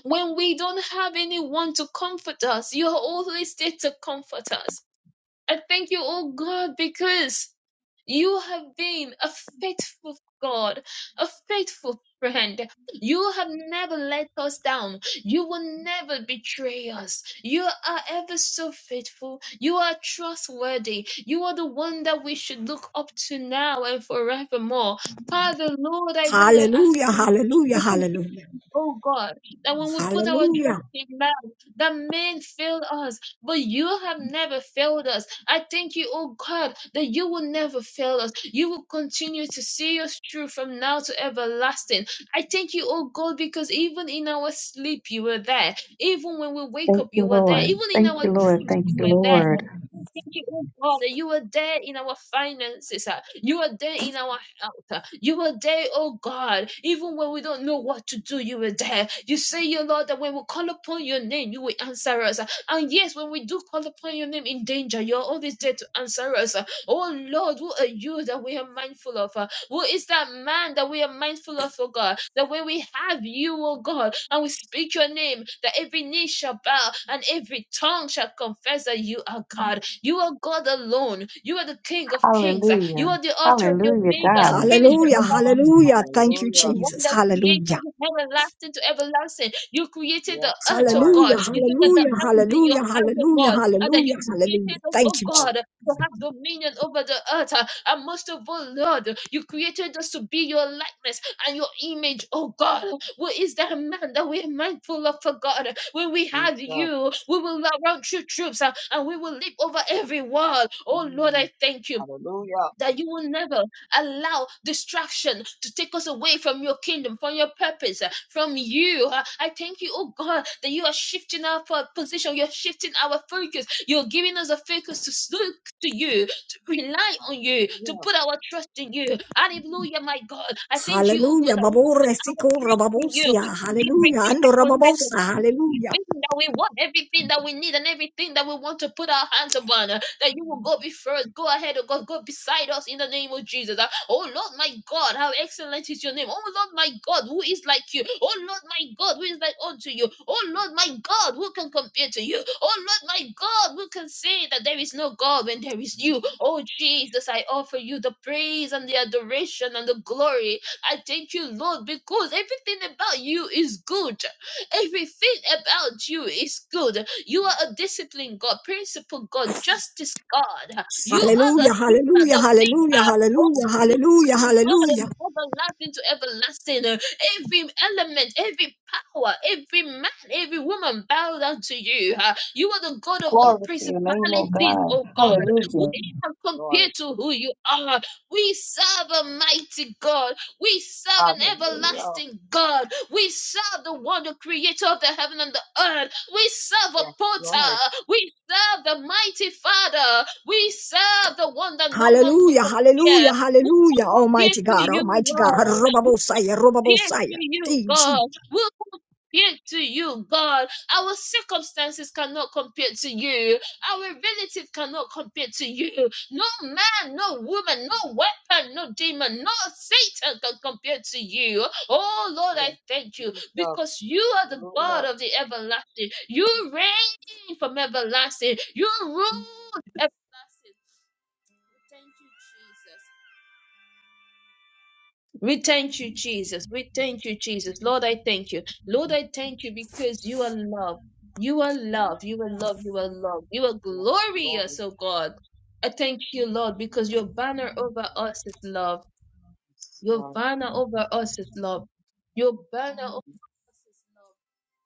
Speaker 5: when we don't have anyone to comfort us, you're always there to comfort us. I thank you, oh God, because you have been a faithful God, a faithful friend. You have never let us down. You will never betray us. You are ever so faithful. You are trustworthy. You are the one that we should look up to now and forevermore. Father, Lord, I want to ask
Speaker 1: Hallelujah,
Speaker 5: you.
Speaker 1: hallelujah,
Speaker 5: to
Speaker 1: hallelujah,
Speaker 5: Oh God, that when we put our trust
Speaker 1: hallelujah,
Speaker 5: in man, that man failed us, but you have never failed us. I thank you, oh God, that you will never fail us. You will continue to see us through from now to everlasting. I thank you, oh God, because even in our sleep, you were there. Even when we wake
Speaker 4: Thank
Speaker 5: up,
Speaker 4: you,
Speaker 5: you were there.
Speaker 4: Lord.
Speaker 5: Even in
Speaker 4: Thank
Speaker 5: our
Speaker 4: you, Lord.
Speaker 5: dreams,
Speaker 4: Thank
Speaker 5: you
Speaker 4: you,
Speaker 5: were there. I
Speaker 4: Lord.
Speaker 5: Thank you, oh God, that you were there in our finances. ah. You were there in our out. You were there, oh God, even when we don't know what to do, you were there. You say, your Lord, that when we call upon your name, you will answer us. And yes, when we do call upon your name in danger, you're always there to answer us. Oh Lord, who are you that we are mindful of? Who is that man that we are mindful of, oh God? That when we have you, oh God, and we speak your name, that every knee shall bow and every tongue shall confess that you are God. You are God alone. You are the King of kings. You
Speaker 4: Hallelujah.
Speaker 5: are the author, the
Speaker 4: Hallelujah,
Speaker 5: Omega, the
Speaker 4: God.
Speaker 5: finisher
Speaker 1: hallelujah,
Speaker 5: of our
Speaker 1: hallelujah.
Speaker 5: faith. you
Speaker 1: Thank you,
Speaker 5: are
Speaker 2: Hallelujah.
Speaker 5: the one
Speaker 1: Jesus.
Speaker 5: that created
Speaker 1: Hallelujah.
Speaker 5: everlasting to everlasting. You created
Speaker 2: Yes,
Speaker 5: the earth, oh
Speaker 2: Lord.
Speaker 5: God.
Speaker 1: Hallelujah,
Speaker 5: You said that the
Speaker 1: hallelujah,
Speaker 5: earth is in your
Speaker 1: hallelujah,
Speaker 5: hands, oh
Speaker 1: hallelujah,
Speaker 5: God, and that you
Speaker 1: hallelujah, hallelujah.
Speaker 5: created us,
Speaker 1: Thank
Speaker 5: oh
Speaker 1: you,
Speaker 2: Jesus,
Speaker 5: God,
Speaker 1: Jesus.
Speaker 5: to have dominion over the earth. uh, And most of all, Lord, you created us to be your likeness and your image, oh God. What is that man that we're mindful of, oh God? When we have
Speaker 2: Jesus.
Speaker 5: you, we will not run through troops uh, and we will leap over every wall. Oh Lord,
Speaker 2: Mm.
Speaker 5: I thank you
Speaker 2: Hallelujah.
Speaker 5: that you will never allow distraction to take us away from your kingdom, from your purpose, uh, from you. Uh, I thank you, oh God, that you are shifting our po- position, you're shifting our focus, you're giving us a focus to s- look to you, to rely on you, to
Speaker 2: Hallelujah,
Speaker 5: put our trust in you. Hallelujah, my God. I thank you, oh God,
Speaker 1: Hallelujah.
Speaker 5: that we will put
Speaker 1: Babore
Speaker 5: our
Speaker 1: siko
Speaker 5: trust in you.
Speaker 1: rababosia. Hallelujah.
Speaker 5: Everything
Speaker 1: Ando
Speaker 5: that concerns
Speaker 1: rababosa.
Speaker 5: us,
Speaker 1: Hallelujah.
Speaker 5: everything that we want, everything that we need, and everything that we want to put our hands upon that you will go before us, go ahead of God, go beside us in the name of Jesus. Uh, Oh Lord, my God, how excellent is your name. Oh Lord, my God, who is like you? Oh Lord, my God, who is like unto you? Oh Lord, my God, who can compare to you? Oh Lord, my God, who can say that there is no God when there is you? Oh Jesus, I offer you the praise and the adoration and the glory. I thank you, Lord, because everything about you is good. Everything about you is good. You are a disciplined God, principle God, justice God. You are the
Speaker 1: Hallelujah,
Speaker 5: healer,
Speaker 1: hallelujah,
Speaker 5: the
Speaker 1: hallelujah,
Speaker 5: maker. Oh,
Speaker 1: hallelujah,
Speaker 5: you
Speaker 1: hallelujah,
Speaker 5: are the God
Speaker 1: hallelujah.
Speaker 5: of everlasting to everlasting. Every element, every power, every man, every woman bow down to you. uh. You are the God of
Speaker 4: Glory
Speaker 5: all
Speaker 4: to your name, oh
Speaker 5: principalities,
Speaker 4: God.
Speaker 5: oh God. We
Speaker 4: Hallelujah.
Speaker 5: are
Speaker 2: Lord.
Speaker 5: compared to who you are. We serve a mighty God. We serve an
Speaker 2: Hallelujah.
Speaker 5: everlasting God. We serve the one, the creator of the heaven and the earth. We serve a
Speaker 2: Yes, Lord.
Speaker 5: potter. We serve the mighty Father. We serve the one that no one can
Speaker 1: Hallelujah,
Speaker 5: compare.
Speaker 1: hallelujah,
Speaker 5: We can
Speaker 1: hallelujah,
Speaker 5: compare
Speaker 1: Almighty
Speaker 5: to
Speaker 1: God,
Speaker 5: you,
Speaker 1: Almighty God,
Speaker 5: Lord. We
Speaker 1: Robabosaya,
Speaker 5: can compare to
Speaker 1: Robabosaya,
Speaker 5: you,
Speaker 1: Thank you,
Speaker 5: God.
Speaker 1: Jesus.
Speaker 5: We can compare to you, God. Our circumstances cannot compare to you. Our relative cannot compare to you. No man, no woman, no weapon, no demon, no Satan can compare to you. Oh Lord,
Speaker 2: Yes,
Speaker 5: I thank you
Speaker 2: Jesus.
Speaker 5: because you are the
Speaker 2: Hallelujah.
Speaker 5: God of the everlasting. You reign from everlasting. You rule everlasting. Thank you, Jesus. We thank you, Jesus. We thank you, Jesus. Lord, I thank you. Lord, I thank you because you are love. You are love. You are love. You are love. You are
Speaker 2: Yes, Lord.
Speaker 5: glorious, oh God. I thank you, Lord, because your banner over us is love.
Speaker 2: Yes,
Speaker 5: Your
Speaker 2: Lord.
Speaker 5: banner over us is love. Your banner over us is love.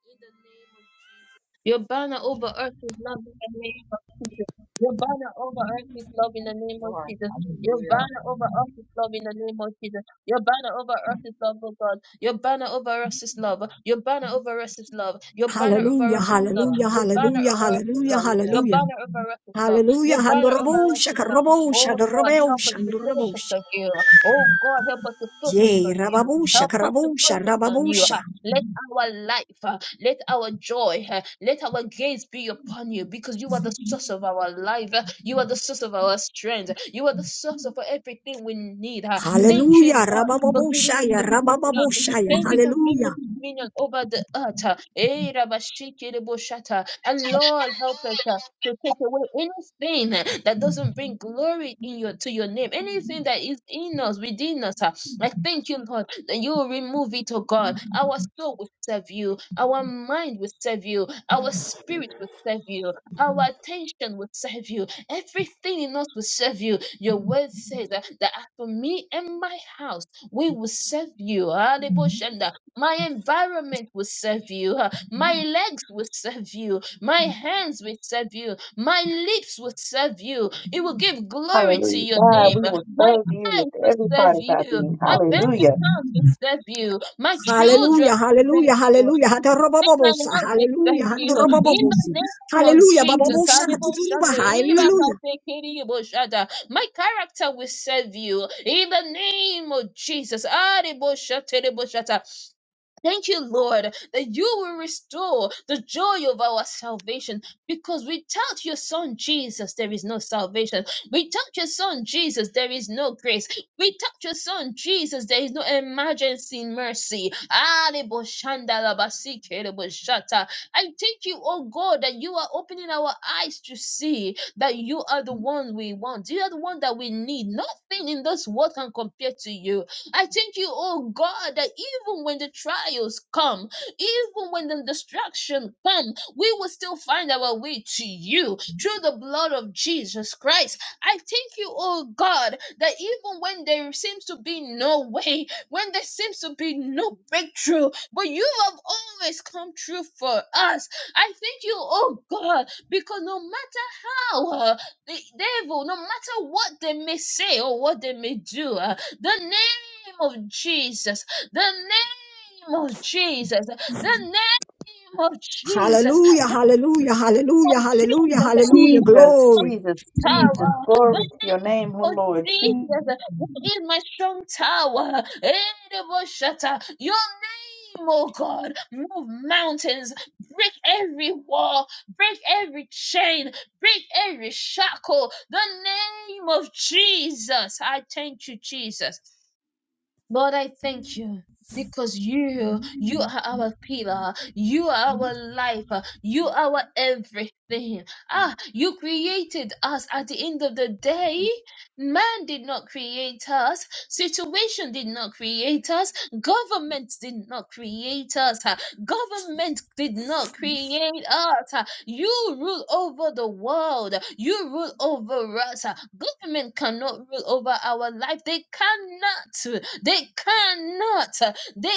Speaker 5: In the name of Jesus. Your banner over us is love in the name of Jesus. Your banner over us is love in the name of
Speaker 2: Lord.
Speaker 5: Jesus. Your
Speaker 2: Hallelujah.
Speaker 5: banner over us is love in the name of Jesus. Your banner over us is love, oh God. Your banner over us is love. Your banner over us is love. Your banner over
Speaker 1: Hallelujah,
Speaker 5: us is love.
Speaker 2: Hallelujah.
Speaker 1: hallelujah,
Speaker 5: Your banner
Speaker 1: hallelujah,
Speaker 5: over us is
Speaker 1: hallelujah,
Speaker 5: love.
Speaker 2: Hallelujah.
Speaker 5: Your
Speaker 1: hallelujah,
Speaker 5: banner over us is love.
Speaker 1: hallelujah,
Speaker 5: Your banner over us
Speaker 1: Handorabosha,
Speaker 5: is love.
Speaker 1: Karabosha,
Speaker 5: Oh Lord, help us
Speaker 1: Dorabosha,
Speaker 5: to focus
Speaker 1: Dorabosha,
Speaker 5: on you. Oh God, help us to focus
Speaker 1: Yea,
Speaker 5: on you.
Speaker 1: Rababosha,
Speaker 5: Help us to
Speaker 1: Karabosha,
Speaker 5: focus on you.
Speaker 1: Rababosha,
Speaker 5: huh. Let our life, huh, let our joy, huh, let our gaze be upon you because you are the source of our life. huh. You are the source of our strength. You are the source of everything we need. huh. Thank you,
Speaker 1: Hallelujah,
Speaker 5: Lord, for giving us
Speaker 1: Rababoshaya,
Speaker 5: dominion.
Speaker 1: Rababoshaya,
Speaker 5: Thank you for giving
Speaker 1: Hallelujah,
Speaker 5: us dominion over the earth. huh. Eh, Rabashiki Reboshata. And Lord, help us. ah, to take away anything that doesn't bring glory in your to your name, anything that is in us, within us. ah. I thank you, Lord, that you will remove it, oh God. Our soul will serve you, our mind will serve you, our spirit will serve you, our attention will serve you, everything in us will serve you. Your word says that, that as for me and my house, we will serve you. Alebo Shanda. My environment will serve you. My legs will serve you. My hands will serve you. My lips will serve you. It will give glory to
Speaker 4: Hallelujah.
Speaker 5: your
Speaker 4: God,
Speaker 5: name.
Speaker 4: we will
Speaker 5: My
Speaker 4: serve you
Speaker 5: eyes
Speaker 4: with
Speaker 5: will
Speaker 4: every
Speaker 5: serve
Speaker 4: part of our
Speaker 5: you.
Speaker 4: being.
Speaker 5: My bank
Speaker 4: Hallelujah.
Speaker 5: account will serve you. My
Speaker 1: Hallelujah,
Speaker 5: children will serve
Speaker 1: Hallelujah,
Speaker 5: you.
Speaker 1: Hallelujah,
Speaker 5: And my
Speaker 1: Hatarababosa,
Speaker 5: love will
Speaker 1: Hallelujah,
Speaker 5: serve you. In the
Speaker 1: Handorababosi,
Speaker 5: name of
Speaker 1: Hallelujah,
Speaker 5: Jesus.
Speaker 1: Bababosha, Katiruba,
Speaker 5: Ariboshande,
Speaker 1: Hallelujah.
Speaker 5: iribakate, kiriboshata. My character will serve you. In the name of Jesus. Ariboshate, riboshata. Thank you, Lord, that you will restore the joy of our salvation because without your son Jesus, there is no salvation. Without your son Jesus, there is no grace. Without your son Jesus, there is no emergency mercy. Ah, lebo shanda laba si lebo shata. I thank you, oh God, that you are opening our eyes to see that you are the one we want. You are the one that we need. Nothing in this world can compare to you. I thank you, oh God, that even when the trials come, even when the destruction come, we will still find our way to you through the blood of Jesus Christ. I thank you, oh God, that even when there seems to be no way, when there seems to be no breakthrough, but you have always come true for us. I thank you, oh God, because no matter allow uh, the devil, no matter what they may say or what they may do, uh, the name of Jesus, the name of Jesus, the name of Jesus,
Speaker 1: Hallelujah, hallelujah,
Speaker 5: of
Speaker 1: hallelujah, hallelujah,
Speaker 5: Jesus and
Speaker 1: hallelujah,
Speaker 4: Jesus,
Speaker 1: glory.
Speaker 4: Jesus,
Speaker 5: power.
Speaker 4: Jesus. Glory to your name, O
Speaker 5: Oh
Speaker 4: Lord.
Speaker 5: Jesus, you is my strong tower. Ereboshata. Your name, oh God, move mountains, break every wall, break every chain, break every shackle. The name of Jesus. I thank you, Jesus. Lord, I thank you. Because you, you are our pillar, you are our life, you are our everything. Ah, you created us at the end of the day. Man did not create us, situation did not create us, government did not create us, ah, government did not create us. ah. You rule over the world, you rule over us. ah. Government cannot rule over our life, they cannot. They cannot, they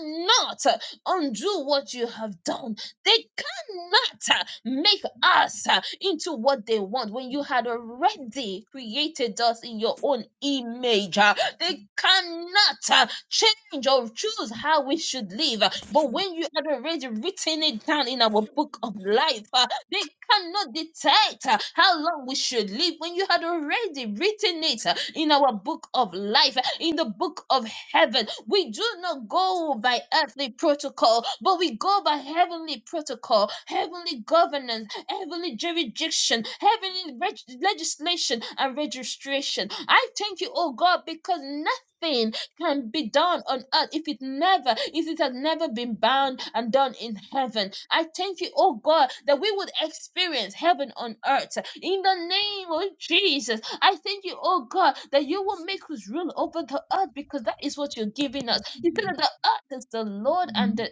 Speaker 5: cannot undo what you have done. They cannot make us into what they want when you had already created us in your own image. They cannot change or choose how we should live. But when you had already written it down in our book of life, they cannot detect uh, how long we should live when you had already written it uh, in our book of life, uh, in the book of heaven. We do not go by earthly protocol, but we go by heavenly protocol, heavenly governance, heavenly jurisdiction, heavenly reg- legislation and registration. I thank you, oh God, because nothing can be done on earth if it never if it has never been bound and done in heaven i thank you oh god that we would experience heaven on earth in the name of jesus i thank you oh god that you will make us rule over the earth because that is what you're giving us you said that the earth is the lord and the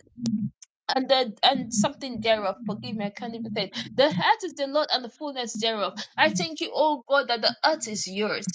Speaker 5: and the and something thereof forgive me i can't even say it. the earth is the lord and the fullness thereof i thank you oh god that the earth is yours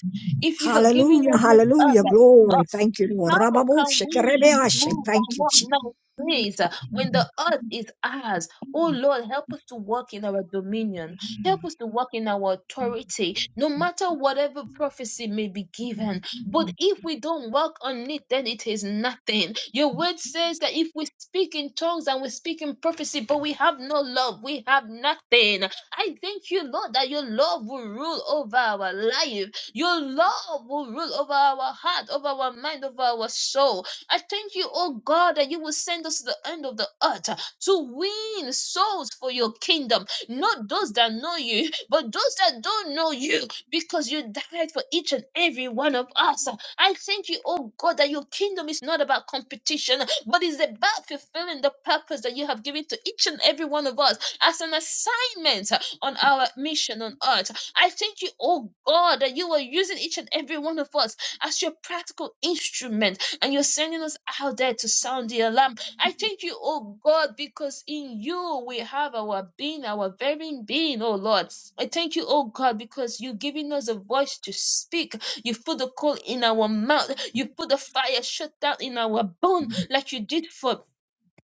Speaker 5: if you have given
Speaker 1: Hallelujah,
Speaker 5: us this earth
Speaker 1: hallelujah,
Speaker 5: that
Speaker 1: glory. Thank you, Lord.
Speaker 5: how can
Speaker 1: Rababoshe,
Speaker 5: we
Speaker 1: kerebeashe.
Speaker 5: move by
Speaker 1: Thank you,
Speaker 5: what
Speaker 1: Jesus.
Speaker 5: man says uh, when the earth is ours? Oh Lord, help us to walk in our dominion. Help us to walk in our authority, no matter whatever prophecy may be given. But if we don't walk on it, then it is nothing. Your word says that if we speak in tongues and we speak in prophecy, but we have no love, we have nothing. I thank you, Lord, that your love will rule over our life. Your love will rule over our heart, over our mind, over our soul. I thank you, oh God, that you will send us to the end of the earth to win souls for your kingdom. Not those that know you, but those that don't know you, because you died for each and every one of us. I thank you, oh God, that your kingdom is not about competition, but is about fulfilling the purpose that you have given to each and every one of us as an assignment on our mission on earth. I thank you, oh God, that you are using each and every one of us as your practical instrument and you're sending us out there to sound the alarm. I thank you, oh God, because in you we have our being, our very being, oh Lord. I thank you, oh God, because you're giving us a voice to speak. You put the coal in our mouth, you put the fire shut down in our bone, like you did for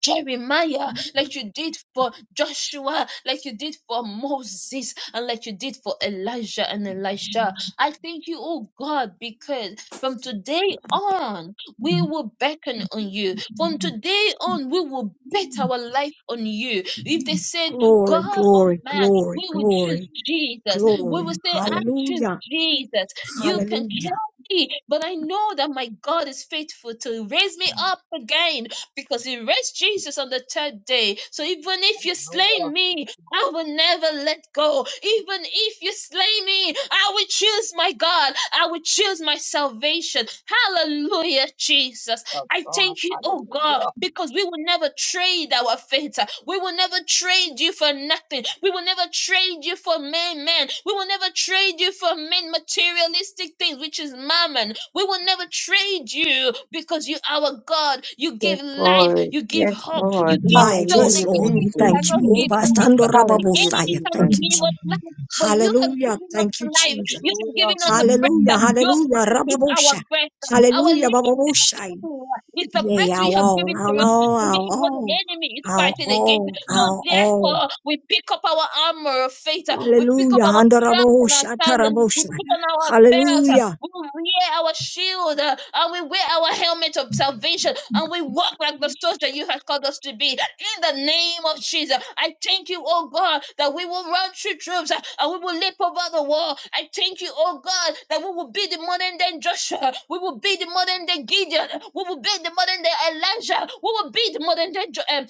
Speaker 5: Jeremiah, like you did for Joshua, like you did for Moses, and like you did for Elijah and Elisha. I thank you, oh God, because from today on, we will beckon on you. From today on, we will bet our life on you. If they said,
Speaker 1: Glory,
Speaker 5: God or
Speaker 1: glory,
Speaker 5: man,
Speaker 1: glory,
Speaker 5: we will choose
Speaker 1: glory,
Speaker 5: Jesus. We will
Speaker 1: glory.
Speaker 5: say, I choose
Speaker 1: Hallelujah,
Speaker 5: Jesus. You can
Speaker 1: hallelujah.
Speaker 5: kill me, but I know that my God is faithful to raise me up again because he raised Jesus on the third day. So even if you slay
Speaker 2: Hallelujah.
Speaker 5: me, I will never let go. Even if you slay me, I will choose my God. I will choose my salvation. Hallelujah, Jesus.
Speaker 2: Of
Speaker 5: I
Speaker 2: God.
Speaker 5: thank you, oh God,
Speaker 2: Hallelujah.
Speaker 5: because we will never trade our faith. We will never trade you for nothing. We will never trade you for men, man. We will never trade you for men, materialistic things, which is mammon. We will never trade you because you are our God. You
Speaker 4: Yes,
Speaker 5: give life,
Speaker 4: Lord.
Speaker 5: you give
Speaker 4: Yes,
Speaker 5: hope, you
Speaker 4: Lord.
Speaker 1: Life,
Speaker 5: give soul. The
Speaker 1: yes,
Speaker 4: Hallelujah,
Speaker 1: Lord. We
Speaker 5: enemy
Speaker 4: Jesus.
Speaker 1: thank you.
Speaker 5: cannot
Speaker 1: Oh,
Speaker 5: give
Speaker 1: bastando
Speaker 5: life. The
Speaker 4: Hallelujah,
Speaker 5: enemy
Speaker 1: rababosaya.
Speaker 4: Jesus.
Speaker 1: Thank
Speaker 5: cannot
Speaker 1: you,
Speaker 5: give us
Speaker 1: Jesus.
Speaker 5: life. But you have
Speaker 1: Hallelujah,
Speaker 5: given us
Speaker 1: thank you,
Speaker 5: life.
Speaker 1: Jesus.
Speaker 5: You have
Speaker 2: Hallelujah.
Speaker 5: given us a
Speaker 1: Hallelujah,
Speaker 5: breath. Your
Speaker 1: hallelujah,
Speaker 5: breath is our
Speaker 1: rababosha.
Speaker 5: breath. Our
Speaker 1: Hallelujah, bababosha.
Speaker 5: living. It's the
Speaker 1: Yea,
Speaker 5: breath we
Speaker 1: our
Speaker 5: have
Speaker 1: own,
Speaker 5: given to
Speaker 1: our
Speaker 5: us. And this is what the
Speaker 1: own,
Speaker 5: enemy is
Speaker 1: our own, our
Speaker 5: fighting against.
Speaker 1: own,
Speaker 5: So
Speaker 1: our own.
Speaker 5: therefore, we pick up our armor of faith. uh, We pick up
Speaker 1: Hallelujah.
Speaker 5: our strength
Speaker 1: Handarabo
Speaker 5: and our sandals.
Speaker 1: shatarabo
Speaker 5: We
Speaker 1: shna.
Speaker 5: put on our belt. uh,
Speaker 1: Hallelujah.
Speaker 5: We wear our shield. uh, And we wear our helmet of salvation and we walk like the souls you have called us to be. In the name of Jesus, I thank you, oh God, that we will run through troops uh, and we will leap over the wall. I thank you, oh God, that we will be the modern day Joshua, we will be the modern day Gideon, we will be the modern day Elijah, we will be the modern day Joel.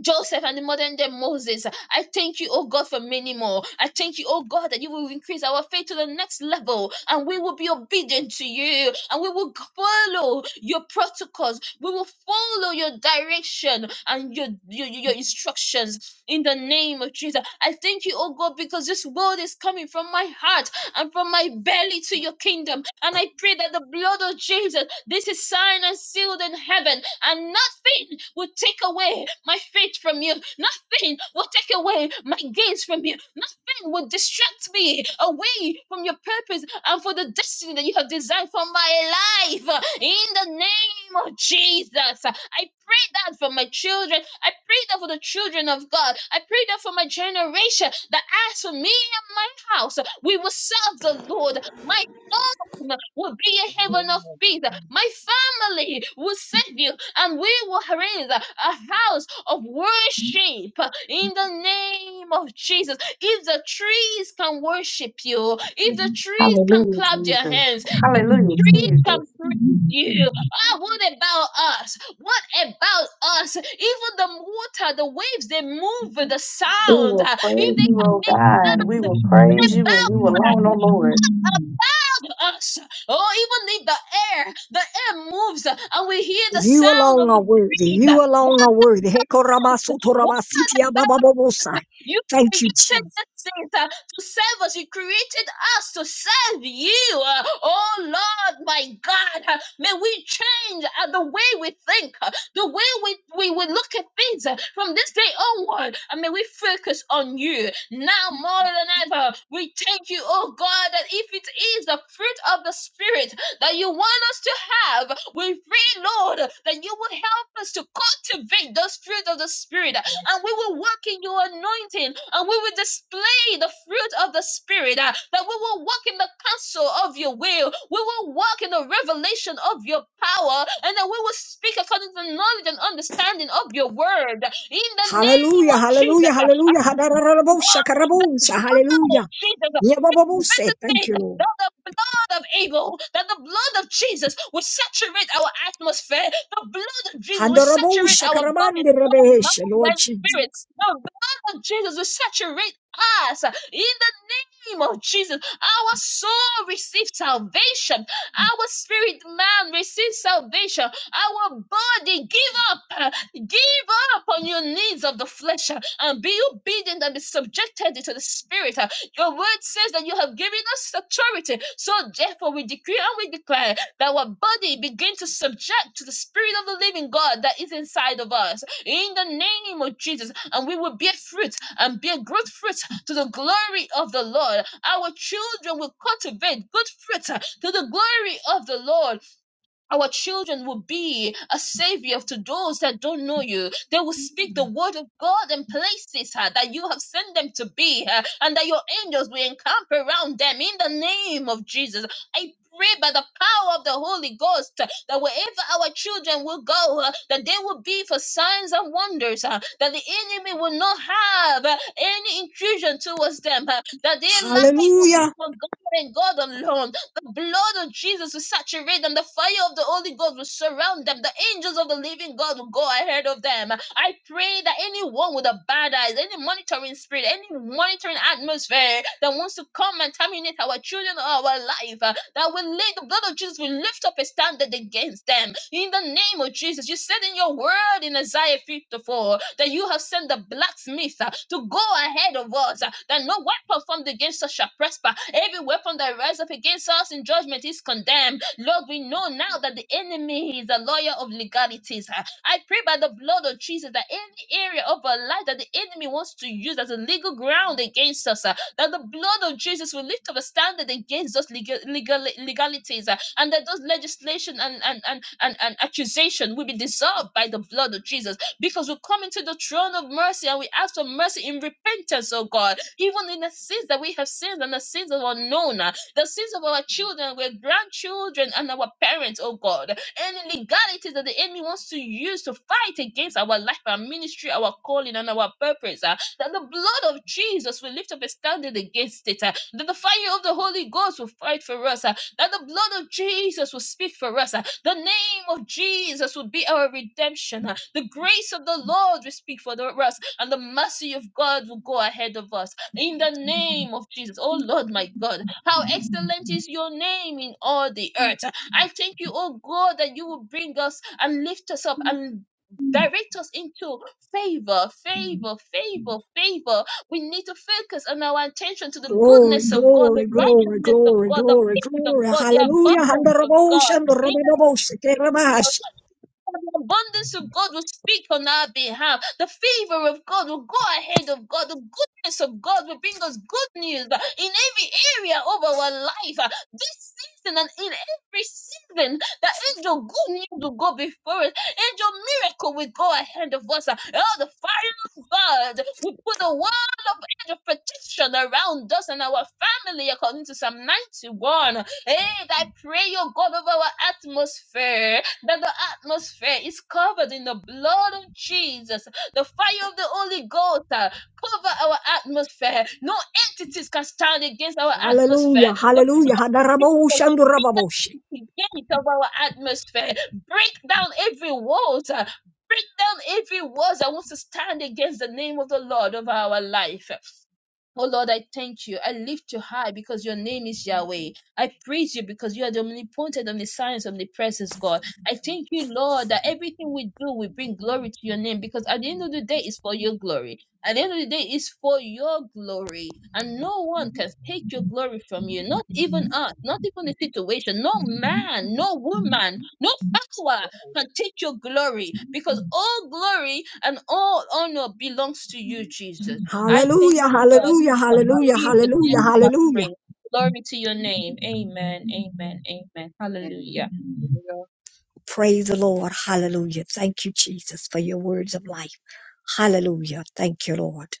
Speaker 5: Joseph and the modern day Moses. I thank you, oh God, for many more. I thank you, oh God, that you will increase our faith to the next level and we will be obedient to you and we will follow your protocols. We will follow your direction and your, your, your instructions in the name of Jesus. I thank you, oh God, because this word is coming from my heart and from my belly to your kingdom. And I pray that the blood of Jesus, this is signed and sealed in heaven and nothing will take away my faith from you. Nothing will take away my gains from you. Nothing will distract me away from your purpose and for the destiny that you have designed for my life. In the name of Jesus, I pray that for my children. I pray that for the children of God. I pray that for my generation. That as for me and my house, we will serve the Lord. My home will be a heaven
Speaker 2: Hallelujah.
Speaker 5: of peace. My family will serve you and we will raise a house of worship in the name of Jesus. If the trees can worship you, if the trees can
Speaker 4: Hallelujah,
Speaker 5: clap their
Speaker 4: Jesus.
Speaker 5: hands, if
Speaker 4: Hallelujah,
Speaker 5: the trees can
Speaker 4: Jesus.
Speaker 5: praise you, ah, what about us? What about us? Even the water, the waves, they move with the
Speaker 4: We
Speaker 5: sound.
Speaker 4: will
Speaker 5: ah, If
Speaker 4: praise
Speaker 5: they
Speaker 4: you,
Speaker 5: can
Speaker 4: O
Speaker 5: make
Speaker 4: God. We
Speaker 5: the
Speaker 4: will praise
Speaker 5: what
Speaker 4: you and you alone, O
Speaker 5: about
Speaker 4: Lord.
Speaker 5: us? to us. Oh, even in the air, the air moves uh, and we hear the
Speaker 1: You
Speaker 5: sound
Speaker 1: alone
Speaker 5: of the
Speaker 1: are worthy.
Speaker 5: breeze. Uh,
Speaker 1: You
Speaker 5: What,
Speaker 1: alone are worthy.
Speaker 5: what
Speaker 1: Hekorabasutorabasitia bababobosai.
Speaker 5: you
Speaker 1: Thank you,
Speaker 5: created
Speaker 1: Jesus.
Speaker 5: this thing uh, to serve us. You created us to serve you. uh, Oh Lord, my God. uh, May we change uh, the way we think, uh, the way we, we, we look at things uh, from this day onward. And may we focus on you now more than ever. We thank you, oh God, that if it is the fruit of the Spirit that you want us to have, we pray, Lord, that you will help us to cultivate those fruit of the Spirit and we will walk in your anointing and we will display the fruit of the spirit uh, that we will walk in the counsel of your will we will walk in the revelation of your power and that we will speak according to the knowledge and understanding of your word in the name
Speaker 1: Hallelujah.
Speaker 5: of
Speaker 1: Hallelujah.
Speaker 5: jesus uh,
Speaker 1: Hallelujah. Hadarabo
Speaker 5: oh, the blood
Speaker 1: shakarabosha.
Speaker 5: of
Speaker 1: Hallelujah.
Speaker 5: Jesus, uh,
Speaker 1: Yabababose.
Speaker 5: Better
Speaker 1: Thank
Speaker 5: say
Speaker 1: you, Lord.
Speaker 5: that the blood of Abel, that the blood of Jesus will saturate our atmosphere. The blood of Jesus will
Speaker 1: Handarabo
Speaker 5: saturate our bodies, soul,
Speaker 1: shakarabandirabeshe,
Speaker 5: mind,
Speaker 1: Lord
Speaker 5: and
Speaker 1: Jesus.
Speaker 5: spirit. The blood of Jesus will saturate us in the name of Jesus. Our soul receives salvation. Our spirit man receives salvation. Our body give up, uh, give up on your needs of the flesh uh, and be obedient and be subjected to the spirit. Your word says that you have given us authority. So therefore, we decree and we declare that our body begin to subject to the spirit of the living God that is inside of us. In the name of Jesus, and we will bear fruit and bear good fruit to the glory of the Lord. Our children will cultivate good fruit to the glory of the Lord our children will be a savior to those that don't know you. They will speak the word of God in places uh, that you have sent them to be, uh, and that your angels will encamp around them in the name of Jesus. I pray by the power of the Holy Ghost uh, that wherever our children will go, uh, that they will be for signs and wonders, uh, that the enemy will not have uh, any intrusion towards them, uh, that their life will be
Speaker 1: Hallelujah.
Speaker 5: for God and God alone the blood of Jesus will saturate them. The fire of the Holy Ghost will surround them. The angels of the living God will go ahead of them. I pray that anyone with a bad eyes, any monitoring spirit, any monitoring atmosphere that wants to come and terminate our children or our life, uh, that will li- the blood of Jesus will lift up a standard against them. In the name of Jesus, you said in your word in Isaiah 54 that you have sent the blacksmith uh, to go ahead of us, uh, that no weapon formed against us shall prosper. Every weapon that rises up against us in judgment is condemned. Lord, we know now that the enemy is a lawyer of legalities. uh. I pray by the blood of Jesus that any area of our life that the enemy wants to use as a legal ground against us, uh, that the blood of Jesus will lift up a standard against those legal, legal legalities, uh, and that those legislation and and, and and and accusation will be dissolved by the blood of Jesus, because we come into the throne of mercy and we ask for mercy in repentance, oh God, even in the sins that we have sinned and the sins that are known, uh, the sins of our children, our grandchildren, and our parents, oh God, any legalities that the enemy wants to use to fight against our life, our ministry, our calling, and our purpose, uh, that the blood of Jesus will lift up a standing against it, uh, that the fire of the Holy Ghost will fight for us, uh, that the blood of Jesus will speak for us, uh, the name of Jesus will be our redemption, uh, the grace of the Lord will speak for the- us, and the mercy of God will go ahead of us. In the name of Jesus, oh Lord my God, how excellent is your name in all the earth. I thank you, oh God, that you will bring us and lift us up and direct us into favor, favor, favor, favor. We need to focus on our attention to the
Speaker 1: Glory,
Speaker 5: goodness of God, the
Speaker 1: glory, glory,
Speaker 5: righteousness of
Speaker 1: glory,
Speaker 5: God, the
Speaker 1: glory,
Speaker 5: peace of
Speaker 1: glory.
Speaker 5: God, the
Speaker 1: Hallelujah.
Speaker 5: abundance of
Speaker 1: Handarabosh
Speaker 5: God.
Speaker 1: and Rababosh. Kerabash.
Speaker 5: The abundance of God will speak on our behalf. The favor of God will go ahead of God. The goodness of God will bring us good news in every area of our life. This season and in every season, the angel good news will go before us. Angel miracle will go ahead of us. Oh, the fire of God will put a wall of angel protection around us and our family, according to Psalm 91. Hey, I pray, your God, over our atmosphere that the atmosphere is covered in the blood of Jesus. The fire of the Holy Ghost uh, cover our atmosphere. No entities can stand against our atmosphere.
Speaker 1: Hallelujah.
Speaker 5: The
Speaker 1: Hallelujah.
Speaker 5: blood of Jesus
Speaker 1: Handarabosh and Rababosh.
Speaker 5: is the gate of our atmosphere. Break down every wall. uh, Break down every wall that wants to stand against the name of the Lord of our life. Oh Lord, I thank you. I lift you high because your name is Yahweh. I praise you because you are the omnipotent, omniscience, omnipresence, God. I thank you, Lord, that everything we do we bring glory to your name because at the end of the day, it's for your glory. At the end of the day, it's for your glory. And no one can take your glory from you, not even us, not even the situation. No man, no woman, no power can take your glory because all glory and all honor belongs to you, Jesus. I thank
Speaker 1: Hallelujah.
Speaker 5: you,
Speaker 2: Jesus.
Speaker 5: Lord.
Speaker 1: Hallelujah.
Speaker 5: For in
Speaker 1: Hallelujah.
Speaker 5: Jesus' name
Speaker 1: Hallelujah.
Speaker 5: we have
Speaker 1: Hallelujah.
Speaker 5: prayed. Glory to your name. Amen. Amen. Amen. Hallelujah.
Speaker 2: Hallelujah.
Speaker 1: Praise the Lord. Hallelujah. Thank you, Jesus, for your words of life. Hallelujah. Thank you, Lord.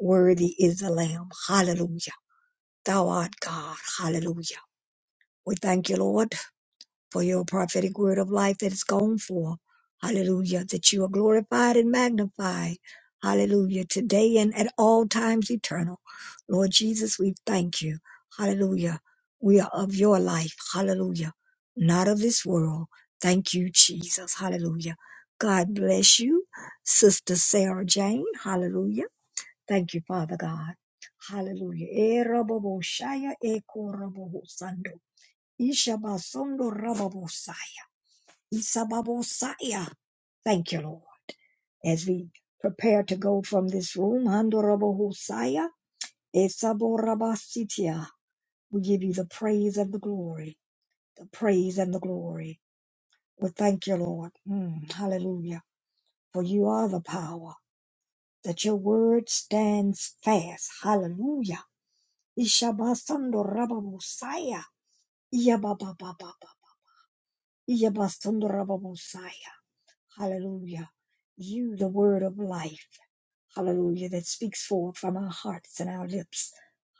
Speaker 1: Worthy is the Lamb. Hallelujah. Thou art God. Hallelujah. We thank you, Lord. for your prophetic word of life that is gone forth. Hallelujah. That you are glorified and magnified. Hallelujah. Today and at all times eternal. Lord Jesus, we thank you. Hallelujah. We are of your life. Hallelujah. Not of this world. Thank you, Jesus. Hallelujah. God bless you, Sister Sarah Jane. Hallelujah. Thank you, Father God. Hallelujah. Eh, robo bo shaya, eh, ko robo ho sando. Ishabasondo Rababosaya. Isababosaya. Thank you, Lord. As we prepare to go from this room, Handorabahosaya, Esaborabasitia. We give you the praise and the glory, the praise and the glory. We thank you, Lord. Mm, hallelujah. For you are the power, that your word stands fast. Hallelujah. Ishabasando Rababosaya. Yabasundurababosaya. Hallelujah. You, the word of life. Hallelujah. That speaks forth from our hearts and our lips.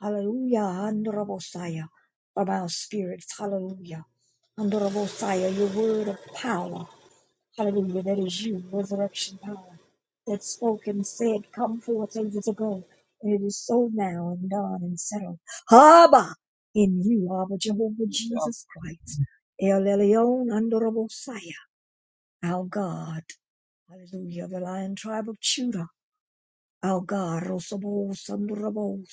Speaker 1: Hallelujah. Andorabosaya. From our spirits. Hallelujah. Andorabosaya, your word of power. Hallelujah. That is you, resurrection power, that spoke and said, Come forth ages ago. And it is so now and done and settled. Haba in you, Abba Jehovah Jesus Christ, El Elyon, Honorable Messiah, our God. Hallelujah. The lion tribe of Judah, our God. Rosabo, Sandurabo,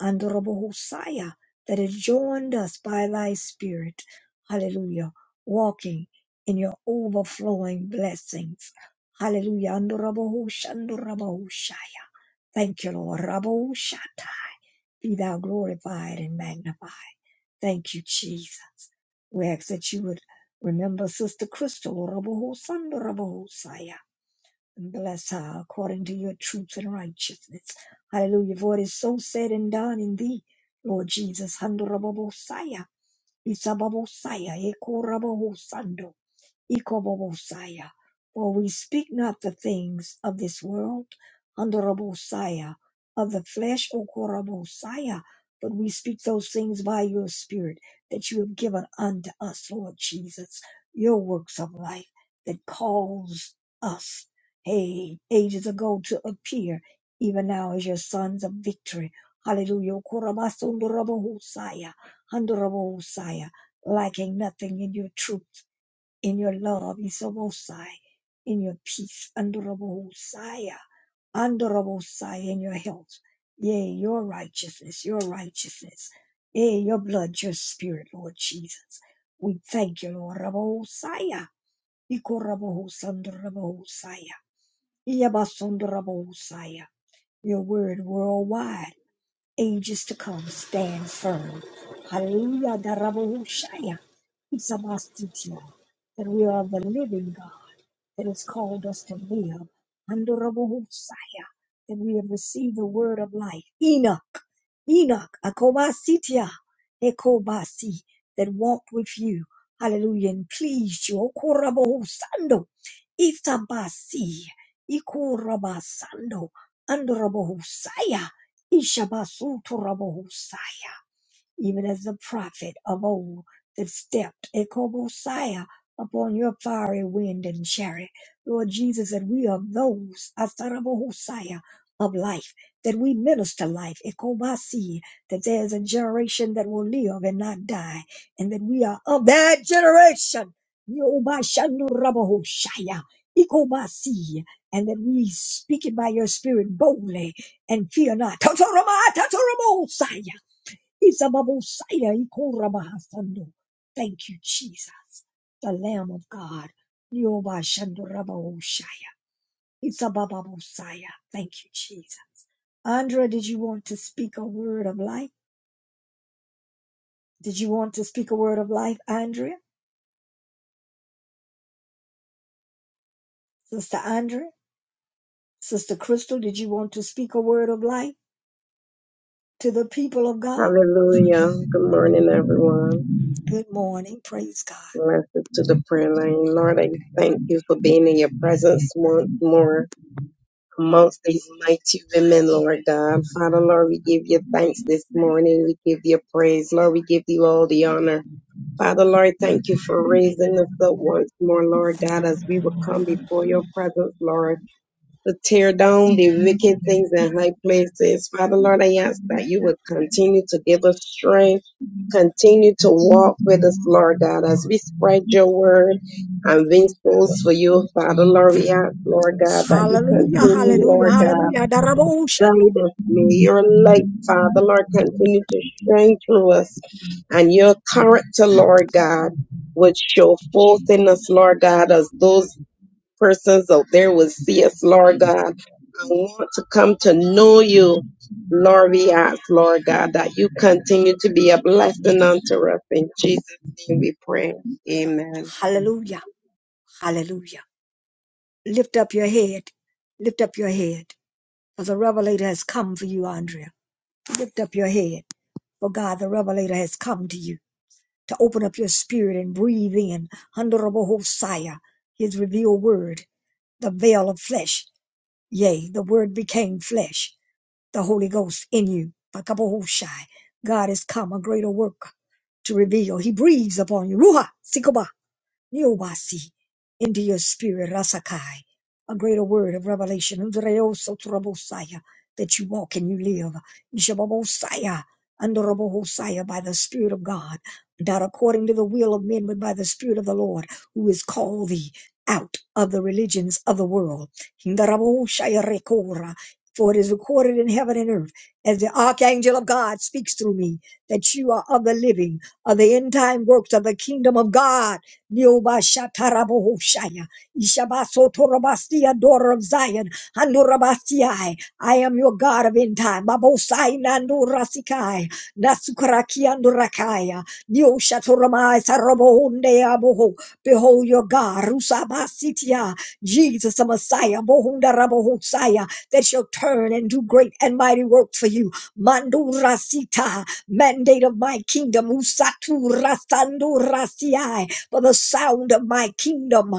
Speaker 1: Honorable Hosiah, that has joined us by thy spirit. Hallelujah. Walking in your overflowing blessings. Hallelujah. Honorable Hosha, Honorable Hosiah. Thank you, Lord. Rabbo Shatai. Be thou glorified and magnified. Thank you, Jesus. We ask that you would remember Sister Crystal, Rabbo Hosan, Rabbo Hosiah and Bless her according to your truth and righteousness. Hallelujah. For it is so said and done in thee, Lord Jesus. Handorababosaya, Isababosaya, Ekorabohosando. Ikobobosaya. For we speak not the things of this world, Andorobosaya, of the flesh, Okorobosaya, but we speak those things by your Spirit that you have given unto us, Lord Jesus, your works of life that calls us, hey, ages ago to appear, even now as your sons of victory. Hallelujah. Okorobasondorobosaya, Andorobosaya, lacking nothing in your truth in your love, Isobosai, in your peace, Andorabosai, Andorabosai, in your health. Yea, your righteousness, your righteousness. Yea, your blood, your spirit, Lord Jesus. We thank you, Lord Rabosai. Ikorabosandorabosai. Iyabasondorabosai. Your word worldwide ages to come, stand firm. Hallelujah. Darabohushaya. It's a master that we are the living God. It has called us to live under Rabbosaya, and we have received the word of life. Enoch, Enoch, Akobasitia, Ekobasi, that walked with you. Hallelujah, and pleased you. Okorabosando, Iftabasi, Ikorabasando, under Rabbosaya, Ishabasuto Rabbosaya even as the prophet of old that stepped Ekobosiah upon your fiery wind and chariot. Lord Jesus, that we are those Asarabosiah of life, that we minister life, Ekobasi, that there is a generation that will live and not die, and that we are of that generation. Yobashandurabahoshaya, Ekobasi, and that we speak it by your spirit boldly and fear not. Tatarama, tatarabosaya. Isababosaya ikorabahasando. Thank you, Jesus, the Lamb of God. Yobashandorabaoshaya. Isabababosaya. Thank you, Jesus. Andrea, did you want to speak a word of life? Did you want to speak a word of life, Andrea? Sister Andrea? Sister Crystal, did you want to speak a word of life to the people of God?
Speaker 6: Hallelujah. Good morning, everyone.
Speaker 1: Good morning. Praise God.
Speaker 6: Blessed to the prayer line. Lord, I thank you for being in your presence once more amongst these mighty women, Lord God. Father, Lord, we give you thanks this morning. We give you praise. Lord, we give you all the honor. Father, Lord, thank you for raising us up once more, Lord God, as we will come before your presence, Lord to tear down the wicked things in high places. Father Lord, I ask that you would continue to give us strength, continue to walk with us, Lord God, as we spread your word and win souls for you, Father Lord. We ask, Lord God, that you
Speaker 1: Hallelujah.
Speaker 6: continue,
Speaker 1: Hallelujah.
Speaker 6: Lord God,
Speaker 1: Hallelujah.
Speaker 6: guide us. May your light, Father Lord, continue to shine through us and your character, Lord God. Would show forth in us, Lord God, as those Persons out there will see us, Lord God. I want to come to know you, Lord. We ask, Lord God, that you continue to be a blessing unto us. In Jesus' name we pray. Amen.
Speaker 1: Hallelujah. Hallelujah. Lift up your head. Lift up your head. For the revelator has come for you, Andrea. Lift up your head. For God, the revelator has come to you to open up your spirit and breathe in. Honorable Hosea, his revealed word, the veil of flesh. Yea, the word became flesh, the Holy Ghost in you. Bakabohoshai. God has come, a greater work to reveal. He breathes upon you. Ruha, Yobasi, into your spirit, Rasakai, a greater word of revelation, Udreoso Trobosaya, that you walk and you live, Jababosaya, under Robohosaya by the Spirit of God, not according to the will of men, but by the Spirit of the Lord, who has called thee out of the religions of the world. Hindaraboshaya Rekora, for it is recorded in heaven and earth, as the archangel of God speaks through me, that you are of the living, of the end time works of the kingdom of God. Niobashatarabohoshaya. Ishabasotorabastia, daughter of Zion. Handorabasiai. I am your God of end time. Babosai nandorasikai. Nasukaraki andorakaya. Nioshatoromai sarabohondeaboho. Behold your God. Rusabasitia. Jesus the Messiah. Bohundarabohosaya. That shall turn and do great and mighty work for you. Mandurasita mandate of my kingdom. Usatu rasando rasiai for the sound of my kingdom.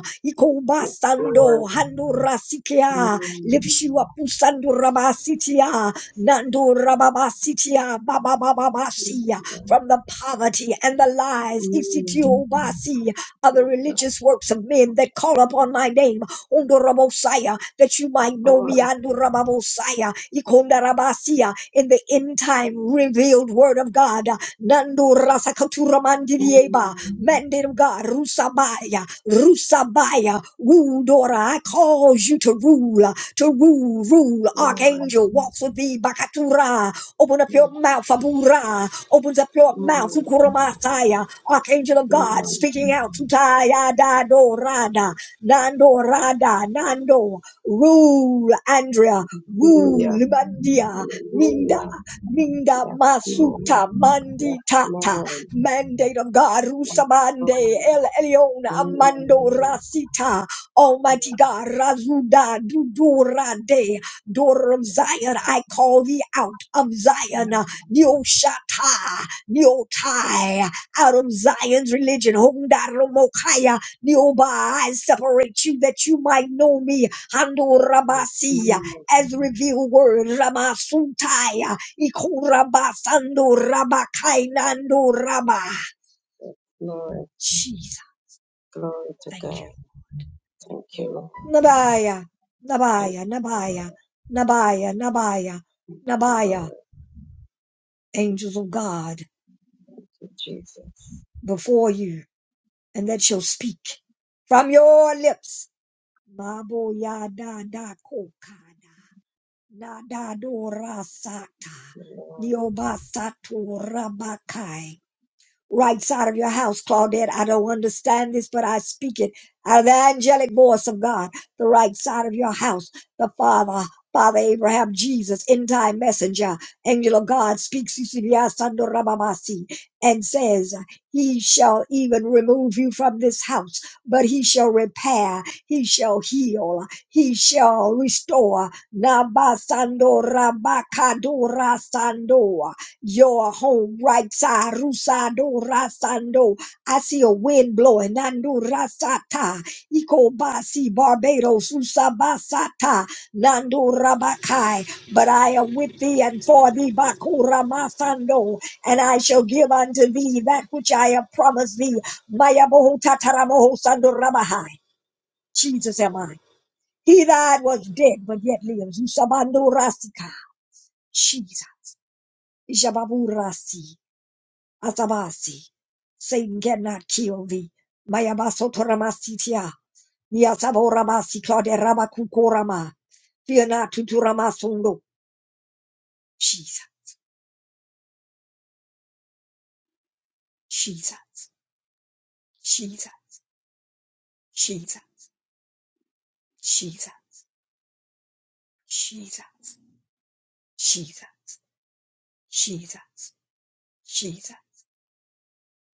Speaker 6: Lord.
Speaker 1: Ikobasando handurasikia
Speaker 6: Lord,
Speaker 1: lifts you up usandurabasitia nandurababasitia bababababasia from the poverty and the lies isitiobasi of the religious works of men that call upon my name undurabosaya that you might know me andurababosaya ikondarabasi in the end time revealed word of God. Nando rasakatura mandidieba, mandate of God, rusabaya, rusabaya, rule, daughter. I cause you to rule, to rule, rule. Archangel, walk for thee, bakatura. Open up your mouth, abura. Opens up your mouth,
Speaker 6: Lord,
Speaker 1: ukuramataya. Archangel of God,
Speaker 6: Lord.
Speaker 1: speaking out, tutaya, da, rada, nando, rada, nando. Rule, Andrea, rule,
Speaker 6: Hallelujah.
Speaker 1: Libandia.
Speaker 6: Hallelujah.
Speaker 1: Minda, Minda,
Speaker 6: Yes, Lord.
Speaker 1: Masuta,
Speaker 6: Yes,
Speaker 1: Mandi Tata,
Speaker 6: Lord.
Speaker 1: Mandate of God,
Speaker 6: Yes,
Speaker 1: Rusamande,
Speaker 6: Lord.
Speaker 1: El Elyon,
Speaker 6: Mm.
Speaker 1: Amando Rasita, Almighty God, Razuda, Dudura, De, daughter of Zion, I call thee out of Zion, Neoshata, Neotai, out of Zion's religion, Hondaromokaya, Neoba, I separate you that you might know me, Handorabasi,
Speaker 6: Mm.
Speaker 1: as revealed word. Rabasutaya, Ikurabasando, Rabakainando, Rabba.
Speaker 6: Glory,
Speaker 1: Jesus,
Speaker 6: glory to
Speaker 1: thank you.
Speaker 6: God. Thank you.
Speaker 1: Nabaya,
Speaker 6: Thank
Speaker 1: Nabaya, Nabaya, Nabaya, Nabaya,
Speaker 6: you, Lord.
Speaker 1: Nabaya, angels of God
Speaker 6: To Jesus.
Speaker 1: before you, and that shall speak from your lips. Babo ya da da kokada, nada do rasata,
Speaker 6: Lord.
Speaker 1: niobasato rabakai. right side of your house, Claudette. I don't understand this, but I speak it out of the angelic voice of God, the right side of your house, the Father. Father Abraham, Jesus, end time messenger, angel of God, speaks Sisilia Sando Rabamasi, and says, He shall even remove you from this house, but he shall repair, he shall heal, he shall restore. Nabasando Rabakadora Sando your home, right side, rusa do Rasando. I see a wind blowing, Nando Rasata, Iko basi Barbados, Usabasata, Nando Rabakai. But I am with thee and for thee, Bakura Masando, and I shall give unto thee that which I have promised thee. Mayabohu Tataramoho Sando Rabahai. Jesus am I. He that was dead but yet lives, Usabando Rasika. Jesus. Ishababurasi. Asabasi, Satan cannot kill thee. Mayabasotoramasitia. Yasaborabasi Clauderabakukorama. Fear not tuturamasondo. Jesus, Jesus, Jesus, Jesus, Jesus, Jesus, Jesus, Jesus, Jesus,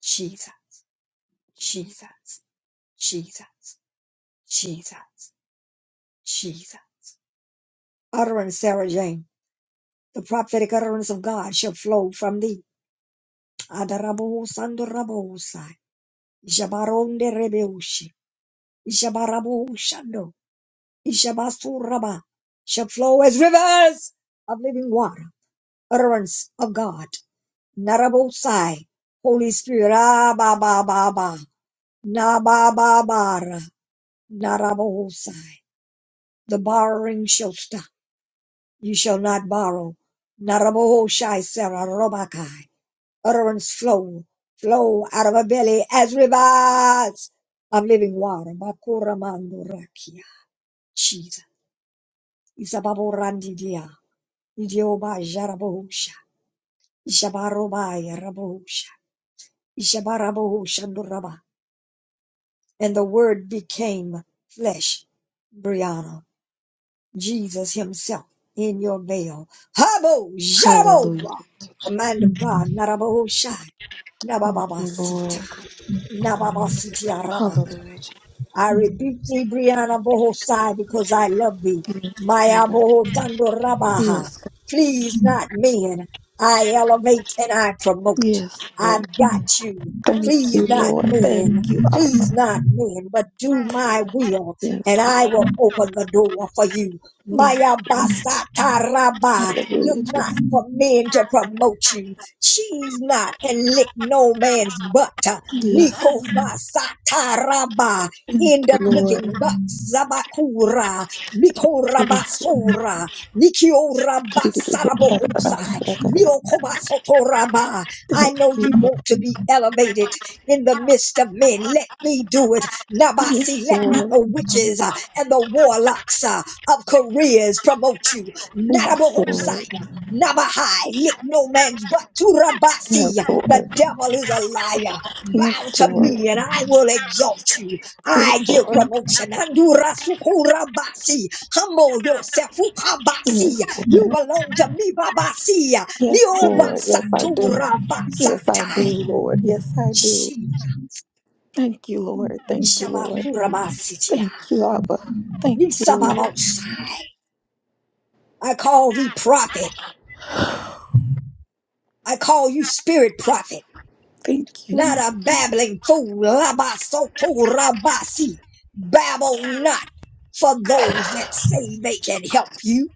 Speaker 1: Jesus, Jesus, Jesus, Jesus, Jesus. Utterance, Sarah Jane, the prophetic utterance of God shall flow from thee Adarabosando rabosa. Jabaronde rebeushi. Jabaraboshando. Jabasuraba. Shall flow as rivers of living water. Utterance of God. Narabosai. Holy Spirit. Ah, ba, ba, ba, ba. Na, ba, ba, ba, ra. Narabosai. The borrowing shall stop. You shall not borrow. Naraboshai, Sarah, Robakai. Utterance flow, flow out of our belly as rivers of living water. Bakuramando rakia. Jesus. Isababo randidia. Idioba jarabosha. Ishabarobaya rabosha. Ishabaraboshanduraba. And the word became flesh. Brianna. Jesus himself in your veil. Habo
Speaker 3: Hallelujah.
Speaker 1: jarabo. Command of God. Narabosha.
Speaker 3: Thank you,
Speaker 1: Nabababasita.
Speaker 3: Lord.
Speaker 1: Nababasitia Raba.
Speaker 3: Hallelujah.
Speaker 1: I rebuke thee, Brianna Bohosai, because I love thee.
Speaker 3: Yes,
Speaker 1: Maya
Speaker 3: Lord.
Speaker 1: Bohosando Rabaha.
Speaker 3: Yes, God.
Speaker 1: Please, not men. I elevate and I promote.
Speaker 3: Yes, Lord.
Speaker 1: I've got you.
Speaker 3: Thank
Speaker 1: Please,
Speaker 3: you,
Speaker 1: not
Speaker 3: Lord. Thank you.
Speaker 1: men.
Speaker 3: Oh,
Speaker 1: Please, not men, but do my will,
Speaker 3: yes,
Speaker 1: and I
Speaker 3: Lord.
Speaker 1: will open the door for you.
Speaker 3: Yes,
Speaker 1: Maya
Speaker 3: Lord.
Speaker 1: Basata Rabba. Look
Speaker 3: Hallelujah,
Speaker 1: not
Speaker 3: Jesus.
Speaker 1: for men to promote you. She's not and lick no man's butt.
Speaker 3: Yes.
Speaker 1: Nico Basata Rabba
Speaker 3: Thank
Speaker 1: in
Speaker 3: you,
Speaker 1: the
Speaker 3: Lord.
Speaker 1: living box. Zabakura, Mikorabasura, Nikiorabasarabohosai, Niokobasotoraba. I know you want to be elevated in the midst of men. Let me do it. Nabasi,
Speaker 3: Yes,
Speaker 1: let not
Speaker 3: Lord.
Speaker 1: the witches uh, and the warlocks uh, of careers promote you.
Speaker 3: Yes, Lord.
Speaker 1: Narabohosai, Nabahai, lick no man's butt.
Speaker 3: Yes,
Speaker 1: Turabasi, the
Speaker 3: Lord.
Speaker 1: devil is a liar. Bow
Speaker 3: Yes,
Speaker 1: to
Speaker 3: Lord.
Speaker 1: me and I will exalt you. I give promotion. Andura sukura basi. Humble yourself.
Speaker 3: Yes, Lord.
Speaker 1: Ukabasi.
Speaker 3: Yes, Lord.
Speaker 1: You belong to me, Babasi.
Speaker 3: Yes, Lord. Yes, I do.
Speaker 1: Niobasatura
Speaker 3: Yes, I
Speaker 1: basatai.
Speaker 3: do, Lord. Yes, I do.
Speaker 1: Jesus.
Speaker 3: Thank you, Lord. Thank you, Lord.
Speaker 1: Nishabasurabasitia.
Speaker 3: Thank you, Abba. Thank you, Lord.
Speaker 1: Nisababausai. I call thee prophet. I call you spirit prophet.
Speaker 3: Thank you.
Speaker 1: not a babbling fool. Labasoto rabasi. Babble not for those that say they can help you.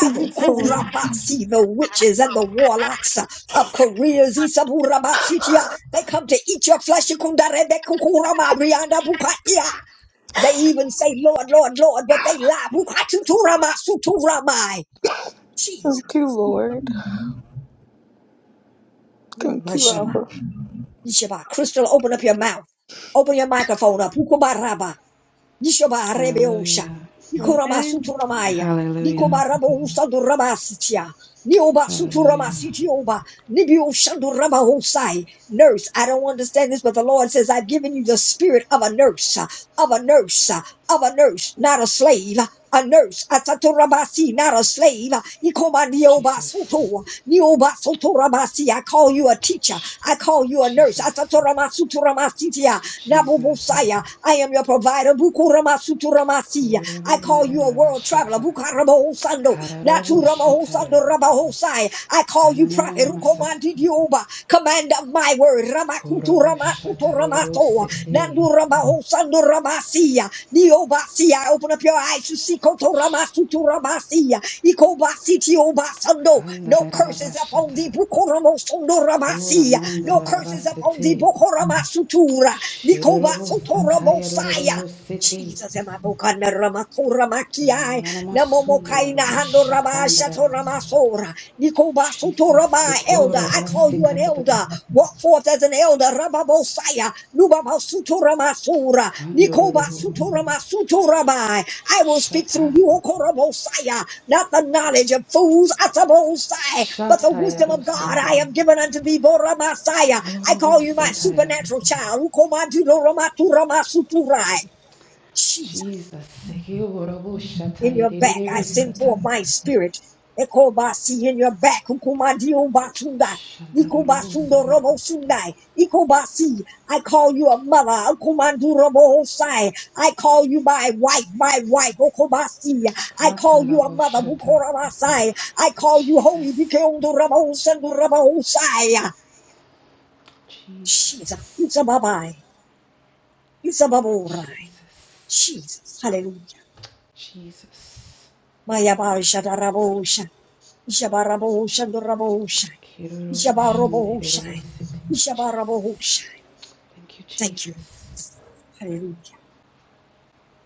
Speaker 3: Yes, Lord.
Speaker 1: the witches and the warlocks of careers, Isaburabasitia, they come to eat your flesh. Ikundarebekukurababriandabukaia. They even say, Lord, Lord, Lord, but they lie. Bukatuturama, suturamai. Jesus.
Speaker 3: Thank you, Lord.
Speaker 1: Mm,
Speaker 3: Thank you,
Speaker 1: Mashaba.
Speaker 3: Abba.
Speaker 1: Ishaba. Crystal, open up your mouth. Open your microphone up. Ukubaraba. Dishobarebeosha,
Speaker 7: Hallelujah.
Speaker 5: Amen.
Speaker 1: Nikorabasuturamaya,
Speaker 7: Hallelujah.
Speaker 1: Nikobarabosa durabasitia,
Speaker 7: Hallelujah.
Speaker 1: Niobasuturamasidioba, Nibioshandurabahosai. Nurse, I don't understand this, but the Lord says, I've given you the spirit of a nurse of a nurse, uh, of a nurse, not a slave, a nurse, Asaturabasi, not a slave.
Speaker 7: Jesus.
Speaker 1: Ikomandiobasoto, niobasotorabasi. I call you a teacher.
Speaker 7: Shh.
Speaker 1: I call you a nurse.
Speaker 7: Jesus.
Speaker 1: Asatoramasutoramasitia,
Speaker 7: Jesus.
Speaker 1: nabobosaya. I am your provider. Bukuramasutoramasi. I call you a world traveler.
Speaker 7: Kurabandarabashata.
Speaker 1: Bukarabahosando,
Speaker 7: Kararabushataya.
Speaker 1: naturamahosando, rabahosai. I call you prophet.
Speaker 7: Kanananamasata.
Speaker 1: Rukomandidioba, Commander of my word.
Speaker 7: Kurabushataya
Speaker 1: Ramakutoramasutoramaso.
Speaker 7: rosete.
Speaker 1: Nandurabahosandorabasia. Diobasia. Open up your eyes to see
Speaker 7: Shh.
Speaker 1: Kotoramasutorabasia. Ikobasitiobasando. No curses upon
Speaker 7: Kandarabashata.
Speaker 1: thee. Bukoramosondorabasia. No curses upon thee.
Speaker 7: Kuramandarabasete.
Speaker 1: Bukoramasutura.
Speaker 7: Shirabusataya
Speaker 1: Nikobasotorabosaya.
Speaker 7: rorobosete.
Speaker 1: Jesus, am I bokana namomokaina hando rabashato
Speaker 7: Yananamasundarabushakandarabashata.
Speaker 1: ramasora, Nikobasoto
Speaker 7: Shisa
Speaker 1: Rabba, elder.
Speaker 7: sikora
Speaker 1: I call you an
Speaker 7: basikatata
Speaker 1: elder. Walk forth as an elder. Rabba Bosaya. Nubabasuto Ramasura.
Speaker 7: kandororobo
Speaker 1: Nikobasuto Ramasuto Rabbi. I will speak through
Speaker 7: shata
Speaker 1: you, Okorabosaya. Not the knowledge of fools, Atabosai, but the
Speaker 7: shataya
Speaker 1: wisdom of God I
Speaker 7: rosete
Speaker 1: have given unto thee, Boramasaya. I
Speaker 7: orobo
Speaker 1: call you my
Speaker 7: sataya
Speaker 1: supernatural child. Ukomajudo Ramatu Ramasuturai
Speaker 7: Jesus sikorobo
Speaker 1: in
Speaker 7: shataya
Speaker 1: your back. I
Speaker 7: rerebe
Speaker 1: send
Speaker 7: sata
Speaker 1: forth my spirit. Ekobasi in your back. Ukumadiombasundai.
Speaker 7: shandarorobo sata
Speaker 1: Ikobasundorobosundai. Ikobasi. I call you a mother. Ukumandurobohosai. I call you my wife, my wife. Okobasi. I call you a
Speaker 7: katalabo
Speaker 1: mother.
Speaker 7: shata
Speaker 1: Bukorabasai. I call you holy.
Speaker 7: Jesus
Speaker 1: Bikeundu robo sendu Bikeondurabohosandurabohosai. Jesus.
Speaker 7: Jesus
Speaker 1: It's a babai. It's a baborai.
Speaker 7: Jesus
Speaker 1: Jesus. Hallelujah.
Speaker 7: Jesus
Speaker 1: Maya Barisha Jabarabohusha, Dorabohusha,
Speaker 7: kirorobo
Speaker 1: Jabarobohusha,
Speaker 7: shanderorobo sete Jesus
Speaker 1: Jabarabohusha.
Speaker 7: thank you
Speaker 1: Thank you.
Speaker 7: Jesus
Speaker 1: Hallelujah.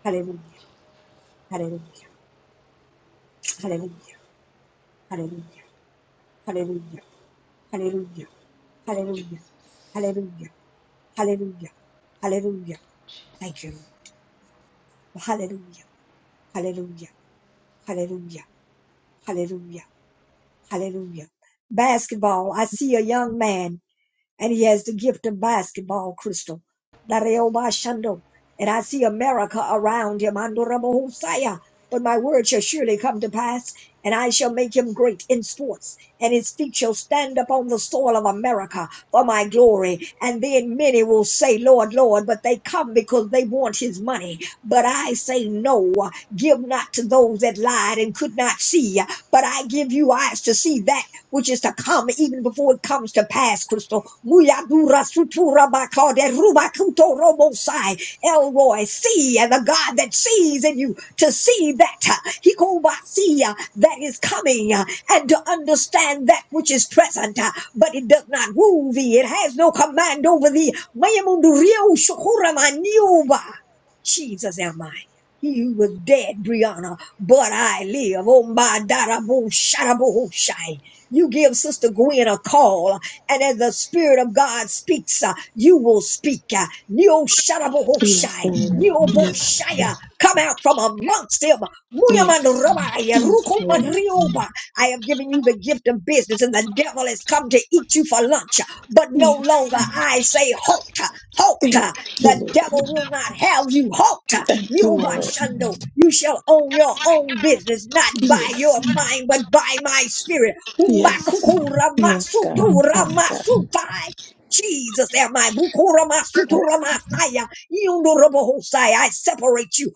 Speaker 1: Hallelujah. Hallelujah. Hallelujah. Hallelujah. Hallelujah. Hallelujah. Hallelujah. Hallelujah. Hallelujah. Hallelujah.
Speaker 7: Jesus.
Speaker 1: Thank you. Lord. Hallelujah. Hallelujah. Hallelujah. Hallelujah. Hallelujah. Basketball. I see a young man. and he has the gift of basketball, Crystal. Daréo Dareobashando. And I see America around him, Andorabahusaya. But my word shall surely come to pass, and I shall make him great in sports, and his feet shall stand upon the soil of America for my glory. And then many will say, Lord, Lord, but they come because they want his money. But I say, No, give not to those that lied and could not see, but I give you eyes to see that which is to come even before it comes to pass, Crystal. Muyadura sutura bakade rubakuto robosai. Elroy, see, and the God that sees in you to see that uh, hikobasia that is coming uh, and to understand that which is present, uh, but it does not rule thee. It has no command over thee. Mayamundu riu shukura maniuba. Jesus am I. He was dead, Brianna, but I live. Oh my darabu sharabu shai. You give Sister Gwen a call, and as the Spirit of God speaks, uh, you will speak. Uh, Neo
Speaker 3: Yes,
Speaker 1: Sharabohoshai,
Speaker 3: Lord.
Speaker 1: Neo
Speaker 3: Yes,
Speaker 1: Boshaya, come out from amongst them. Muyaman
Speaker 3: yes,
Speaker 1: Rabaya,
Speaker 3: yes,
Speaker 1: Rukuman
Speaker 3: Lord.
Speaker 1: Rioba. I have given you the gift of business, and the devil has come to eat you for lunch. But no
Speaker 3: Yes.
Speaker 1: longer I say, halt, halt.
Speaker 3: Thank you,
Speaker 1: The
Speaker 3: Lord.
Speaker 1: devil will not have you, halt.
Speaker 3: Thank you, Lord.
Speaker 1: Nubashando, you shall own your own business, not by
Speaker 3: Yes,
Speaker 1: your mind, but by my spirit.
Speaker 3: yes,
Speaker 1: Umbakukura
Speaker 3: yes, God.
Speaker 1: masutura
Speaker 3: Yes, God.
Speaker 1: masutai. Jesus, am I? Bukura masutura
Speaker 3: Yes,
Speaker 1: masaya. Yundurabahosaya. I separate you.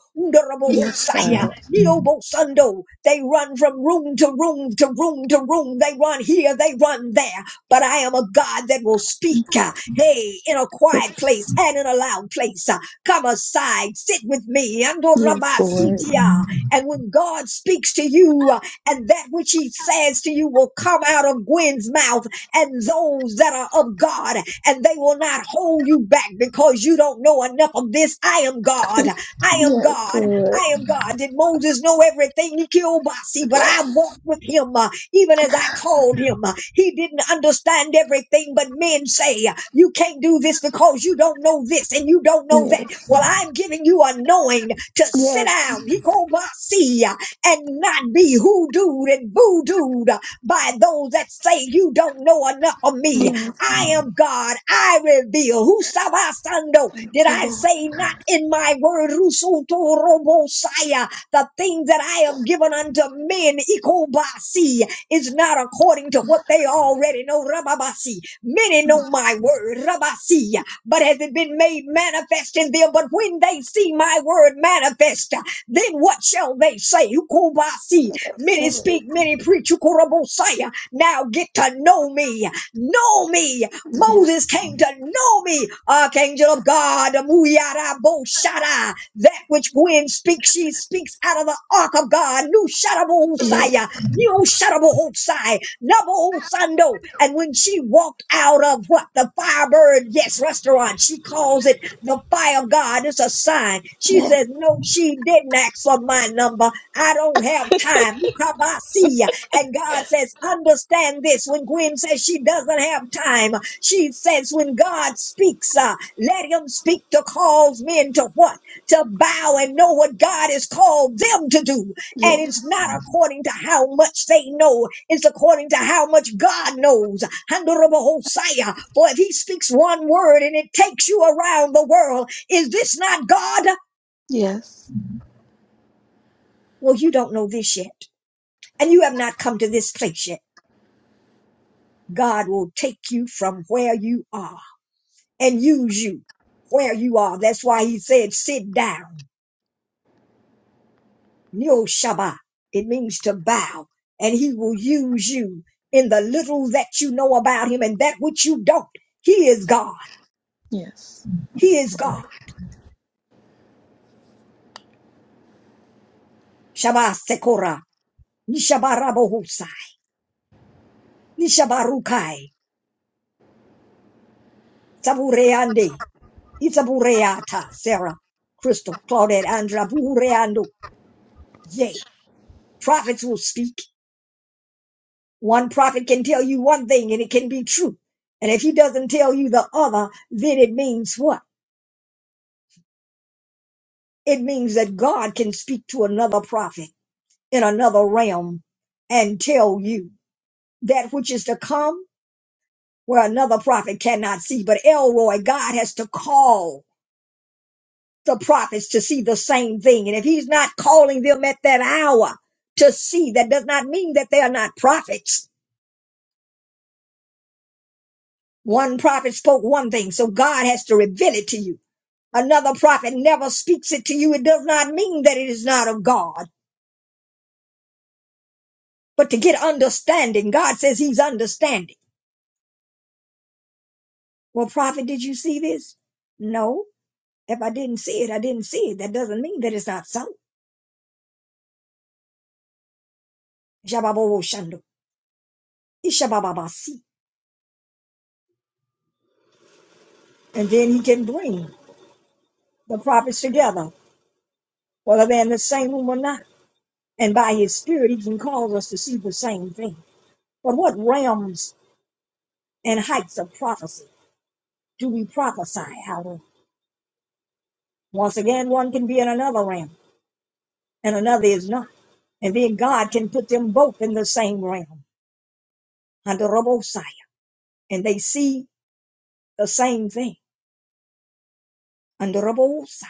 Speaker 3: Yes, God.
Speaker 1: Undurabahosaya. Neobosando. They run from room to room to room to room. They run here, they run there. But I am a God that will speak. uh, Hey, in a quiet
Speaker 3: Yes.
Speaker 1: place and in a loud place. uh, Come aside, sit with me.
Speaker 3: Yes, Lord.
Speaker 1: Andorabasitia. And when God speaks to you, uh, and that which he says to you will come out of Gwen's mouth and those that are of God, and they will not hold you back because you don't know enough of this. I am God. I am
Speaker 3: Yes,
Speaker 1: God.
Speaker 3: Lord.
Speaker 1: I am God. Did Moses know everything? He killed Basi, but I
Speaker 3: Yes.
Speaker 1: walked with him uh, even as I called him. Uh, He didn't understand everything, but men say, You can't do this because you don't know this and you don't know that. Well, I'm giving you a knowing to sit
Speaker 3: Yes.
Speaker 1: down. He called Basi and not be hoodooed and voodooed by those that say you don't know enough of me.
Speaker 3: Yes.
Speaker 1: I am God. I reveal. Who sabasando?
Speaker 3: Thank
Speaker 1: Did
Speaker 3: you,
Speaker 1: I
Speaker 3: Lord.
Speaker 1: say not in my word? Rusuto robosaya. The things that I have given unto men, ikobasi, is not according to what they already know. Rababasi. Many know my word. Rabasi. But has it been made manifest in them? But when they see my word manifest, then what shall they say? Ukobasi.
Speaker 3: Yes,
Speaker 1: Many
Speaker 3: Lord.
Speaker 1: speak, many preach. Ukorobosaya. Now get to know me. Know me.
Speaker 3: Yes.
Speaker 1: Moses came to know me. Archangel of God. Amuyaraboshara. That which Gwen speaks, she speaks out of the ark of God. New Sharabohosaya.
Speaker 3: Yes.
Speaker 1: New Sharabohosai. Nabohosando. And when she walked out of what? The Firebird, yes, restaurant, she calls it. The fire of God is a sign. She
Speaker 3: Yes.
Speaker 1: says, No, she didn't ask for my number. I don't have time. You come, I see ya. And God says, Understand this. When Gwen says she doesn't have time, she says, When God speaks, uh, let him speak to cause men to what? To bow and know what God has called them to do. And
Speaker 3: Yes.
Speaker 1: it's not according to how much they know. It's according to how much God knows. Honorable Hosea, for if he speaks one word and it takes you around the world, is this not God?
Speaker 3: Yes. Yes.
Speaker 1: Well, you don't know this yet. And you have not come to this place yet. God will take you from where you are and use you where you are. That's why he said, sit down. Yo Shaba. It means to bow. And he will use you in the little that you know about him and that which you don't. He is God.
Speaker 3: Yes.
Speaker 1: He is God. Shabbat Sekora. Nishabarabohusai. Nishabarukai. Sabureande. Isabureata. Sarah. Crystal. Claudette. Andra. Buhureando. Yea. Prophets will speak. One prophet can tell you one thing and it can be true. And if he doesn't tell you the other, then it means what? It means that God can speak to another prophet in another realm and tell you that which is to come where another prophet cannot see. But Elroy, God has to call the prophets to see the same thing. And if he's not calling them at that hour to see, that does not mean that they are not prophets. One prophet spoke one thing, so God has to reveal it to you. Another prophet never speaks it to you. It does not mean that it is not of God. But to get understanding, God says he's understanding. Well, prophet, did you see this? No. If I didn't see it, I didn't see it. That doesn't mean that it's not so. Shababoboshando. Ishabababasi. And then he can bring the prophets together, whether they're in the same room or not. And by his spirit, he can cause us to see the same thing. But what realms and heights of prophecy do we prophesy out of? Once again, one can be in another realm and another is not. And then God can put them both in the same realm under Rabosai, and they see the same thing. under a bullseye.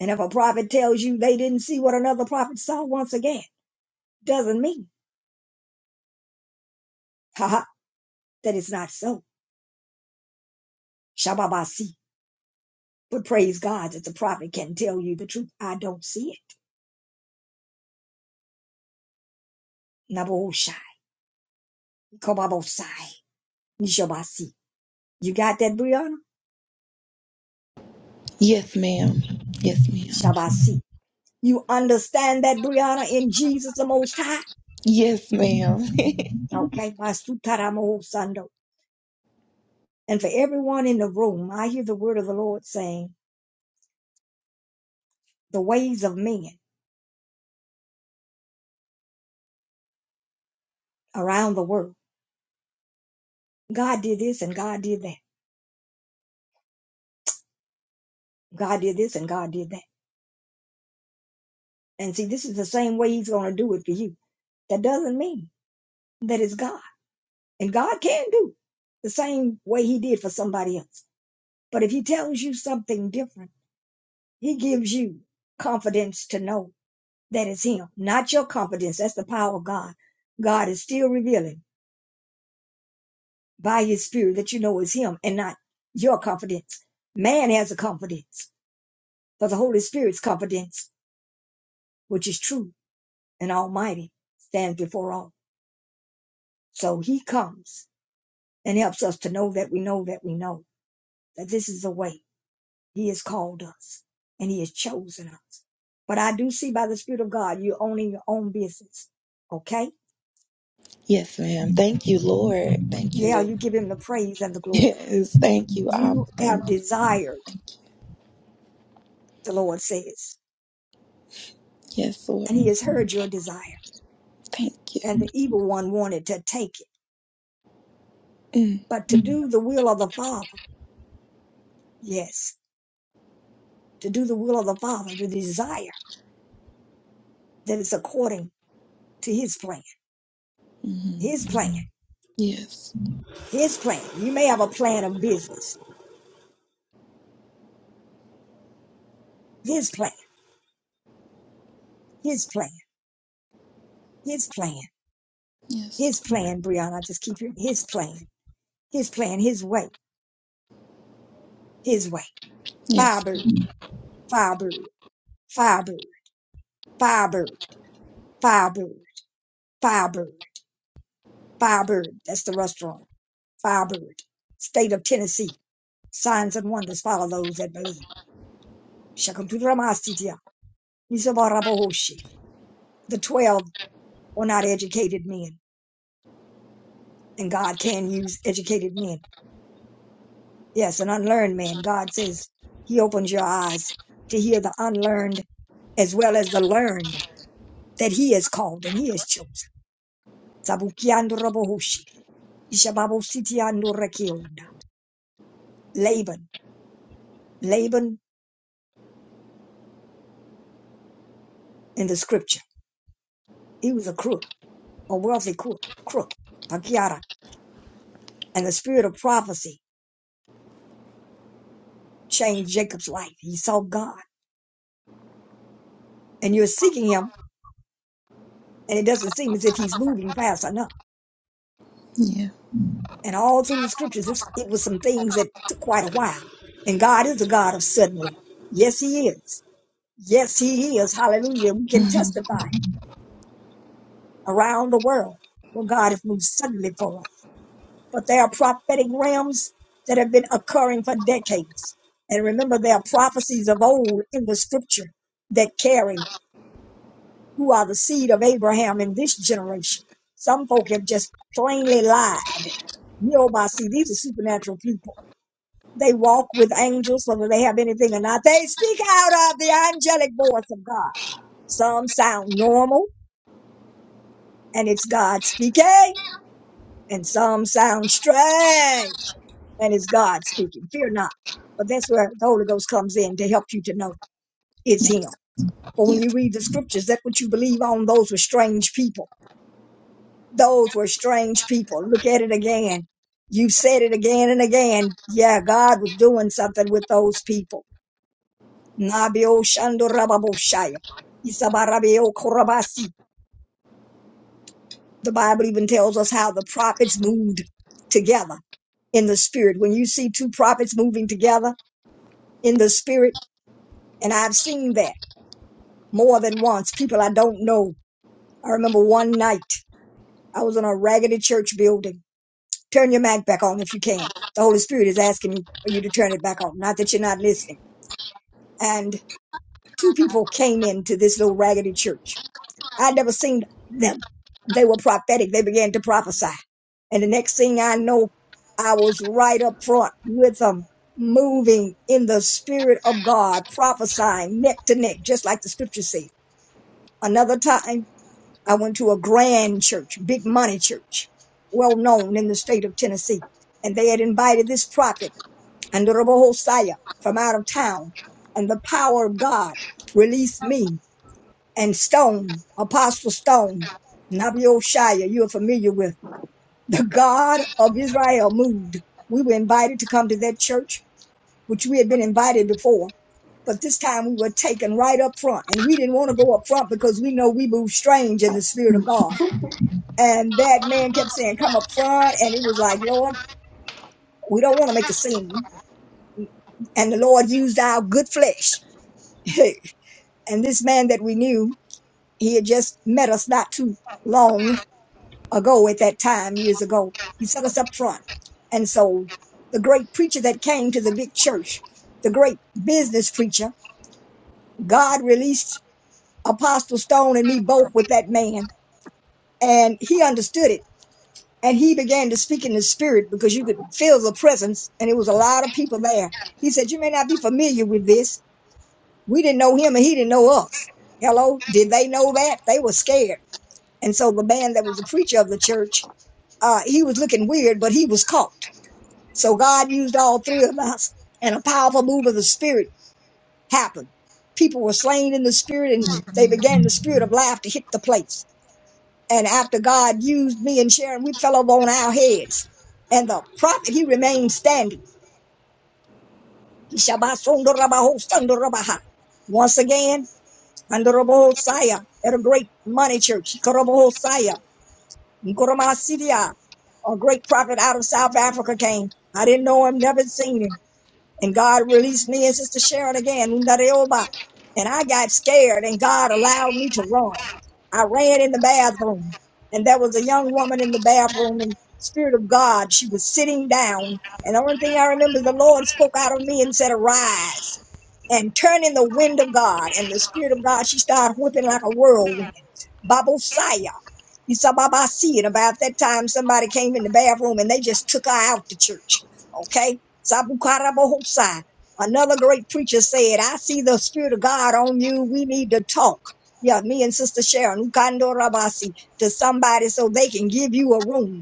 Speaker 1: And if a prophet tells you they didn't see what another prophet saw once again, doesn't mean, haha, that it's not so. Shababasi. But praise God that the prophet can tell you the truth. I don't see it. Naboshai. Kobabosai. Nishabasi. You got that, Brianna?
Speaker 3: Yes, ma'am. Yes, ma'am.
Speaker 1: Shabasi. You understand that, Brianna, in Jesus the Most High?
Speaker 3: Yes, ma'am.
Speaker 1: Okay. Basutaramohosando. And for everyone in the room, I hear the word of the Lord saying, the ways of men around the world God did this and God did that. God did this and God did that. And see, this is the same way He's going to do it for you. That doesn't mean that it's God. And God can do the same way He did for somebody else. But if He tells you something different, He gives you confidence to know that it's Him, not your confidence. That's the power of God. God is still revealing by His Spirit that you know it's Him and not your confidence. Man has a confidence, but the Holy Spirit's confidence, which is true and Almighty stands before all. So he comes and helps us to know that we know that we know that this is the way he has called us and he has chosen us. But I do see by the Spirit of God, you're owning your own business. Okay?
Speaker 3: yes, ma'am. Thank you, Lord. Thank you,
Speaker 1: Yeah,
Speaker 3: Lord.
Speaker 1: you give him the praise and the glory.
Speaker 3: Yes. Thank you, Abba.
Speaker 1: You
Speaker 3: Thank
Speaker 1: have desired,
Speaker 3: you.
Speaker 1: the Lord says,
Speaker 3: Yes, Lord.
Speaker 1: and he has heard your desire.
Speaker 3: Thank you.
Speaker 1: And the evil one wanted to take it.
Speaker 3: Mm.
Speaker 1: But to do the will of the Father, yes, to do the will of the Father, the desire that is according to his plan,
Speaker 3: hmm
Speaker 1: his plan,
Speaker 3: Yes.
Speaker 1: his plan. You may have a plan of business, his plan, his plan, his plan,
Speaker 3: Yes.
Speaker 1: his plan, Brianna. I just keep hearing his plan, his plan, his way, his way.
Speaker 3: Yes.
Speaker 1: Firebird, firebird, firebird, firebird, firebird, firebird, firebird. That's the restaurant. Firebird, state of Tennessee. Signs and wonders follow those that believe. Shakaduramasitia, Nisabarabahoshi. The twelve were not educated men and God can use educated men. Yes, an unlearned man. God says He opens your eyes to hear the unlearned as well as the learned that He has called and He has chosen. Sabukiando robohushi, ishababositiando rekionda. Laban, Laban in the scripture, he was a crook, a wealthy crook, crook, pakiara, and the spirit of prophecy changed Jacob's life. He saw God, and you're seeking Him, and it doesn't seem as if He's moving fast enough.
Speaker 3: Yeah.
Speaker 1: and all through the scriptures, it's, it was some things that took quite a while. And God is a God of suddenly. Yes, He is. Yes, He is. Hallelujah. We can
Speaker 3: Mhm.
Speaker 1: testify around the world where God has moved suddenly for us. But there are prophetic realms that have been occurring for decades. And remember, there are prophecies of old in the scripture that carry who are the seed of Abraham in this generation. Some folk have just plainly lied. You know, by see, these are supernatural people They walk with angels, whether they have anything or not. They speak out of the angelic voice of God. Some sound normal and it's God speaking, and some sound strange and it's God speaking. Fear not. But that's where the Holy Ghost comes in to help you to know it's
Speaker 3: Yes,
Speaker 1: Him. For when
Speaker 3: yes.
Speaker 1: you read the scriptures, that's what you believe on. Those were strange people. Those were strange people. Look at it again. You said it again and again. Yeah, God was doing something with those people Nabio Shandorababoshaya. Isabarabio Korabasi. The Bible even tells us how the prophets moved together in the spirit. When you see two prophets moving together in the spirit, and I've seen that more than once, people I don't know. I remember one night I was in a raggedy church building. Turn your mic back on if you can. The Holy Spirit is asking for you to turn it back on. Not that you're not listening. And two people came into this little raggedy church I never seen them. They were prophetic. They began to prophesy. And the next thing I know, I was right up front with them, moving in the spirit of God, prophesying neck to neck, just like the scripture said. Another time, I went to a grand church, big money church, well known in the state of Tennessee. And they had invited this prophet, Andorabo Hosea, from out of town. And the power of God released me and Stone, Apostle Stone, Nabi Oshaya, you're familiar with, the God of Israel moved. We were invited to come to that church, which we had been invited before. But this time we were taken right up front and we didn't want to go up front because we know we move strange in the spirit of
Speaker 3: Mhm.
Speaker 1: God. And that man kept saying, come up front. And it was like, Lord, we don't want to make a scene. And the Lord used our good flesh. and this man that we knew, he had just met us not too long ago at that time years ago he set us up front and so the great preacher that came to the big church the great business preacher god released apostle stone and me both with that man and he understood it and he began to speak in the spirit because you could feel the presence and it was a lot of people there he said you may not be familiar with this we didn't know him and he didn't know us hello did they know that they were scared and so the man that was the preacher of the church uh, he was looking weird but he was caught So God used all three of us, and a powerful move of the Spirit happened. People were slain in the Spirit, and they
Speaker 3: Mhm.
Speaker 1: began the Spirit of life to hit the place. And after God used me and Sharon, we fell over on our heads. And the prophet, he remained standing. Ishabasondorabahosandorobaha. Once again, Andorabahosaya, at a great money church, Ikorabahosaya, Nkoromasidia, a great prophet out of South Africa came. I didn't know him, never seen him And God released me and Sister Sharon again. Ndareoba. And I got scared and God allowed me to run. I ran in the bathroom and there was a young woman in the bathroom and Spirit of God, she was sitting down. And the only thing I remember is the Lord spoke out of me and said, arise and turn in the wind of God. And the Spirit of God, she started whipping like a whirlwind. Babosaya. You saw Baba see it about that time somebody came in the bathroom and they just took her out the church. Okay? Sabukara bohosai. Another great preacher said, I see the Spirit of God on you. We need to talk. Yeah, me and Sister Sharon, Ukando Rabasi, to somebody so they can give you a room.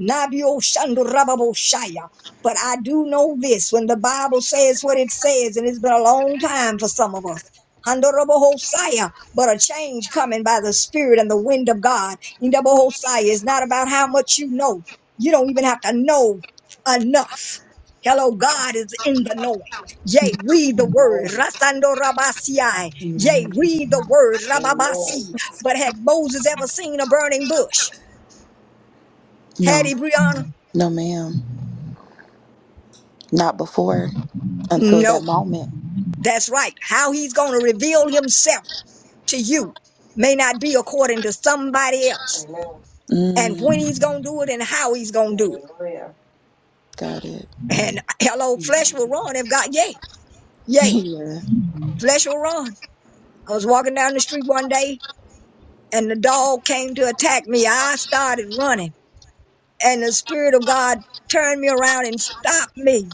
Speaker 1: Nabio Shando Rababo Shaya. But I do know this when the Bible says what it says, and it's been a long time for some of us. Hando Hosea, But a change coming by the Spirit and the wind of God. Ndabo Hosea is not about how much you know. You don't even have to know enough. Hello, God is in the knowing. Yea, read the word.
Speaker 6: Amen.
Speaker 1: Rasando Rabasiai. Yea,
Speaker 7: Amen.
Speaker 1: read the word.
Speaker 6: Amen.
Speaker 1: Rababasi. But had Moses ever seen a burning bush? Had
Speaker 3: No,
Speaker 1: he, Brianna?
Speaker 3: no, ma'am. Not before, until that
Speaker 1: No.
Speaker 3: moment.
Speaker 1: That's right. How he's going to reveal himself to you may not be according to somebody else.
Speaker 6: Amen.
Speaker 1: And when
Speaker 3: Mm,
Speaker 1: he's going to do it and how he's going to do it.
Speaker 6: Hallelujah.
Speaker 3: got it.
Speaker 1: And hello, flesh will run if God, yay, yay, flesh will run. I was walking down the street one day and the dog came to attack me. I started running and the spirit of God turned me around and stopped me.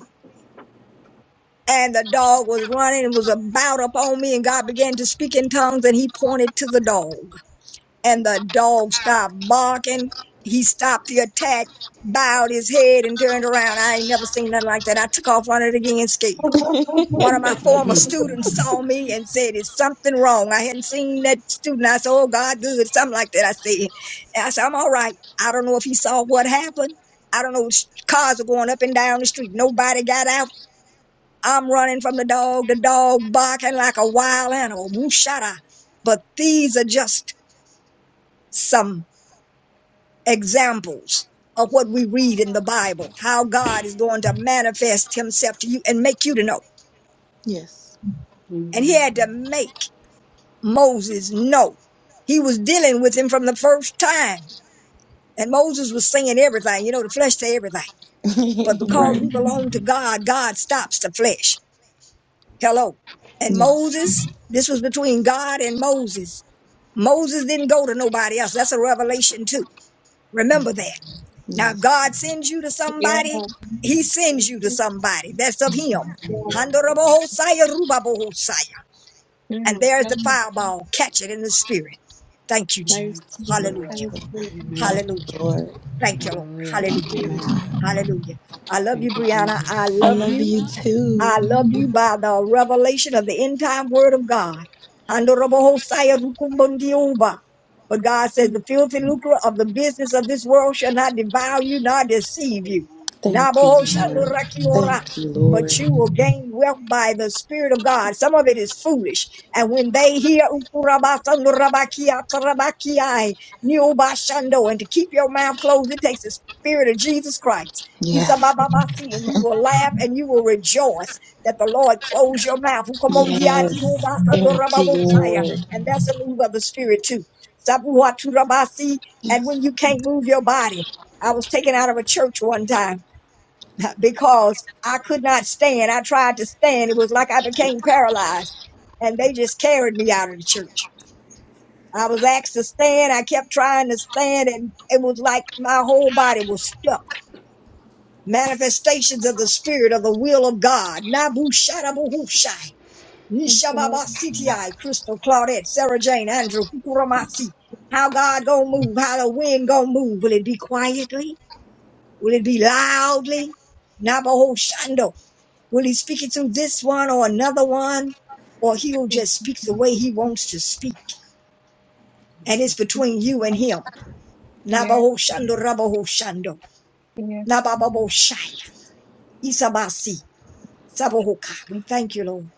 Speaker 1: And the dog was running and was about up on me and God began to speak in tongues and he pointed to the dog. and the dog stopped barking. He stopped the attack, bowed his head, and turned around. I ain't never seen nothing like that. I took off running again scared.
Speaker 3: Yeah.
Speaker 1: One of my former students saw me and said, It's something wrong. I hadn't seen that student. I said, Oh, God, good. Something like that. I said, and I said, I'm all right. I don't know if he saw what happened. I don't know. s- Cars are going up and down the street. Nobody got out. I'm running from the dog. The dog barking like a wild animal. Woo, shut up. But these are just some examples of what we read in the Bible, how God is going to manifest himself to you and make you to know.
Speaker 3: yes.
Speaker 1: And he
Speaker 7: Amen.
Speaker 1: had to make Moses know. He was dealing with him from the first time. And Moses was saying everything, you know, the flesh to everything. But because
Speaker 3: right.
Speaker 1: we belong to God, God stops the flesh. Hello. And
Speaker 3: Yes.
Speaker 1: Moses, this was between God and Moses. Moses didn't go to nobody else. That's a revelation too. Remember that. Now,
Speaker 3: Yes.
Speaker 1: God sends you to
Speaker 5: Yeah.
Speaker 1: somebody, He sends you to somebody. That's of
Speaker 3: Mhm.
Speaker 1: Him.
Speaker 5: Yeah.
Speaker 6: Amen.
Speaker 1: Handorobohosaya, rubabohosaya. And
Speaker 5: Mm.
Speaker 1: there's
Speaker 5: That's
Speaker 1: the fireball. Catch it in the spirit. Thank you,
Speaker 5: nice.
Speaker 1: Jesus.
Speaker 7: Amen.
Speaker 3: Yes,
Speaker 5: Thank
Speaker 1: Hallelujah.
Speaker 5: you too.
Speaker 3: Lord.
Speaker 7: Amen.
Speaker 3: Thank you,
Speaker 1: Hallelujah.
Speaker 3: Lord.
Speaker 1: Thank you, Lord.
Speaker 7: Hallelujah.
Speaker 3: Thank you,
Speaker 1: Hallelujah.
Speaker 5: Thank
Speaker 7: Amen.
Speaker 3: Lord.
Speaker 1: Hallelujah. I love you,
Speaker 7: Thank you,
Speaker 1: Brianna. I
Speaker 7: Jesus.
Speaker 3: I
Speaker 1: love
Speaker 3: love
Speaker 1: you.
Speaker 3: you too.
Speaker 1: I love you by the revelation of the end time word of God. Handorobo Hosea Rukumbundioba. But God says the filthy lucre of the business of this world shall not devour you, nor deceive you.
Speaker 3: Thank you,
Speaker 1: Naboho
Speaker 3: Lord.
Speaker 1: Shandorakiora.
Speaker 3: Thank you,
Speaker 1: But
Speaker 3: Lord.
Speaker 1: you will gain wealth by the Spirit of God. Some of it is foolish. And when they hear Nyobashando, and to keep your mouth closed, it takes the spirit of Jesus Christ.
Speaker 3: Yes.
Speaker 1: Isabababasi, And you will laugh and you will rejoice that the Lord closed your mouth.
Speaker 3: Yes.
Speaker 1: Ukomondiyadiyobasando
Speaker 3: Thank you,
Speaker 1: rababosaya,
Speaker 3: Lord.
Speaker 1: And that's a move of the spirit too. Sabuhaturabasi, And
Speaker 3: Yes.
Speaker 1: when you can't move your body, I was taken out of a church one time because I could not stand. I tried to stand. It was like I became paralyzed. And they just carried me out of the church. I was asked to stand. I kept trying to stand, and it was like my whole body was stuck. Manifestations of the Spirit of the will of God. Nabu Shadabuhushai.
Speaker 5: you. Thank
Speaker 1: Nishababa CTI, Crystal, Claudette, Sarah Jane, Andrew, Kukuramasi. How God gonna move? How the wind gonna move? Will it be quietly? Will it be loudly? Nabaho Shando. Will he speak it through this one or another one? Or he'll
Speaker 5: you.
Speaker 1: just speak the way he wants to speak. And it's between you
Speaker 5: Thank
Speaker 1: and
Speaker 5: you.
Speaker 1: him.
Speaker 5: Yeah.
Speaker 1: Nabaho shando, rabaho shando,
Speaker 5: Yeah.
Speaker 1: Rabahoshando. shaya. Isabasi. Sabahoka. We thank you, Lord.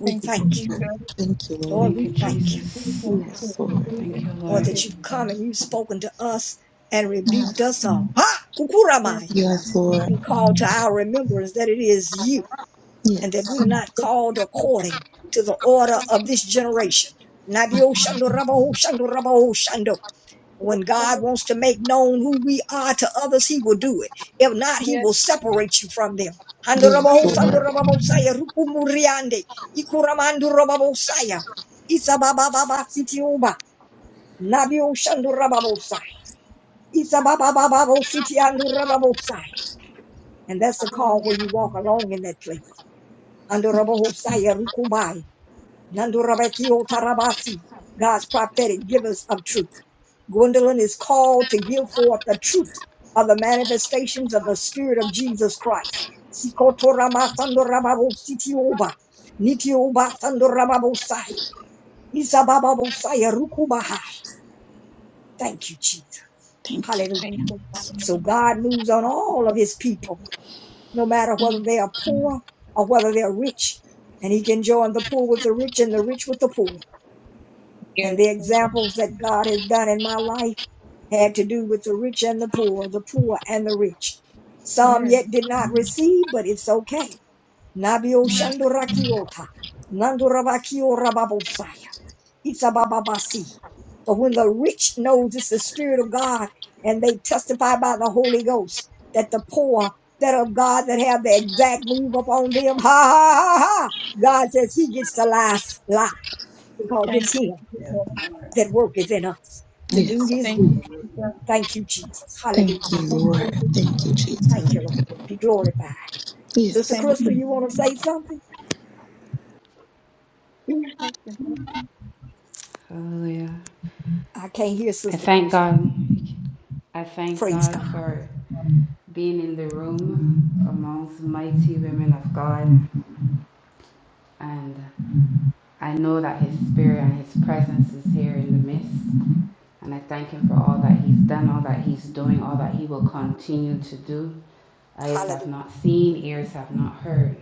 Speaker 1: We
Speaker 5: Thank
Speaker 3: you,
Speaker 5: you.
Speaker 1: thank
Speaker 5: Thank
Speaker 1: you.
Speaker 3: Lord.
Speaker 5: you.
Speaker 3: Thank you, Lord.
Speaker 1: Lord,
Speaker 7: Thank you,
Speaker 1: we
Speaker 5: Thank
Speaker 1: thank
Speaker 5: you.
Speaker 1: you.
Speaker 5: Thank
Speaker 7: Jesus.
Speaker 5: you.
Speaker 3: Yes, Lord.
Speaker 5: Thank you.
Speaker 7: Thank you,
Speaker 1: Lord,
Speaker 7: Lord.
Speaker 1: that you've
Speaker 6: Hallelujah.
Speaker 1: come and you've spoken to us and rebuked us
Speaker 3: Yes.
Speaker 1: all. Ha!
Speaker 5: Yes,
Speaker 1: Kukuramaya.
Speaker 3: Yes, Lord.
Speaker 1: And called to our remembrance that it is you and that we're
Speaker 3: Yes.
Speaker 1: not
Speaker 5: yes, yes,
Speaker 1: called
Speaker 5: yes, yes, yes,
Speaker 1: according to the order of this generation. Nabio shando, rabaho shando, rabaho shando. When God wants to make known who we are to others, He will do it. If not, He will separate you from them.
Speaker 5: yes,
Speaker 3: Yes,
Speaker 1: Handorabahos,
Speaker 5: yes,
Speaker 3: Lord.
Speaker 1: andorababosaya, rukumuriande, ikuramandorababosaya, isababababasitioba, nabioshandorababosai, isabababababositiandorababosai. And that's the call
Speaker 5: yes,
Speaker 1: where you walk along in that place. Handorabahosaya, rukubai. Nandurabekio Tarabasi, God's prophetic givers of truth. Gwendolyn is called to give forth the truth of the manifestations of the Spirit of Jesus Christ. Sikotoramasandorababositioba, nitiobasandorababosahi, isabababosaya rukubahai. Thank you, Jesus.
Speaker 3: Thank you.
Speaker 5: thank
Speaker 1: Hallelujah.
Speaker 5: you, God.
Speaker 1: So God moves on all of his people, no matter whether
Speaker 5: Mm.
Speaker 1: they are poor or whether they're rich. And he can join the poor with the rich and the rich with the poor.
Speaker 5: Yes,
Speaker 1: And the
Speaker 5: thank you.
Speaker 1: examples that God has done in my life had to do with the rich and the poor, the poor and the rich. Some
Speaker 5: Mm.
Speaker 1: yet did not receive, but it's okay. Nabio
Speaker 3: Yes.
Speaker 1: Shandorakiota, Nandorabakio Rababosai. Itabababasi. But when the rich knows it's the Spirit of God and they testify by the Holy Ghost that the poor that of God that have the exact move upon them, ha ha ha ha, God says he gets the last lie because
Speaker 5: Thank
Speaker 1: it's
Speaker 5: you,
Speaker 1: him
Speaker 6: Yes,
Speaker 5: Jesus.
Speaker 1: that worketh in us to
Speaker 5: Mm.
Speaker 1: do
Speaker 3: Yes.
Speaker 1: his
Speaker 5: Thank you,
Speaker 1: will.
Speaker 5: Jesus.
Speaker 6: hallelujah.
Speaker 1: Thank you, Jesus.
Speaker 3: Thank
Speaker 1: Hallelujah.
Speaker 3: you,
Speaker 5: Thank
Speaker 3: Lord.
Speaker 5: you, Jesus.
Speaker 3: Thank you, Jesus.
Speaker 1: Thank you, Lord. Be glorified. Sister
Speaker 3: Yes.
Speaker 5: Thank
Speaker 3: Lord.
Speaker 1: Crystal, you
Speaker 5: you.
Speaker 1: want to say something?
Speaker 5: Thank you.
Speaker 7: Hallelujah.
Speaker 1: I can't hear
Speaker 7: I
Speaker 1: Sister
Speaker 7: thank
Speaker 1: Crystal.
Speaker 7: God. I thank
Speaker 1: Praise
Speaker 7: God
Speaker 1: God.
Speaker 7: for being in the room amongst mighty women of God and I know that His Spirit and His presence is here in the midst. And I thank Him for all that He's done, all that He's doing, all that He will continue to do. Eyes have
Speaker 1: Hallelujah.
Speaker 7: not seen, ears have not heard.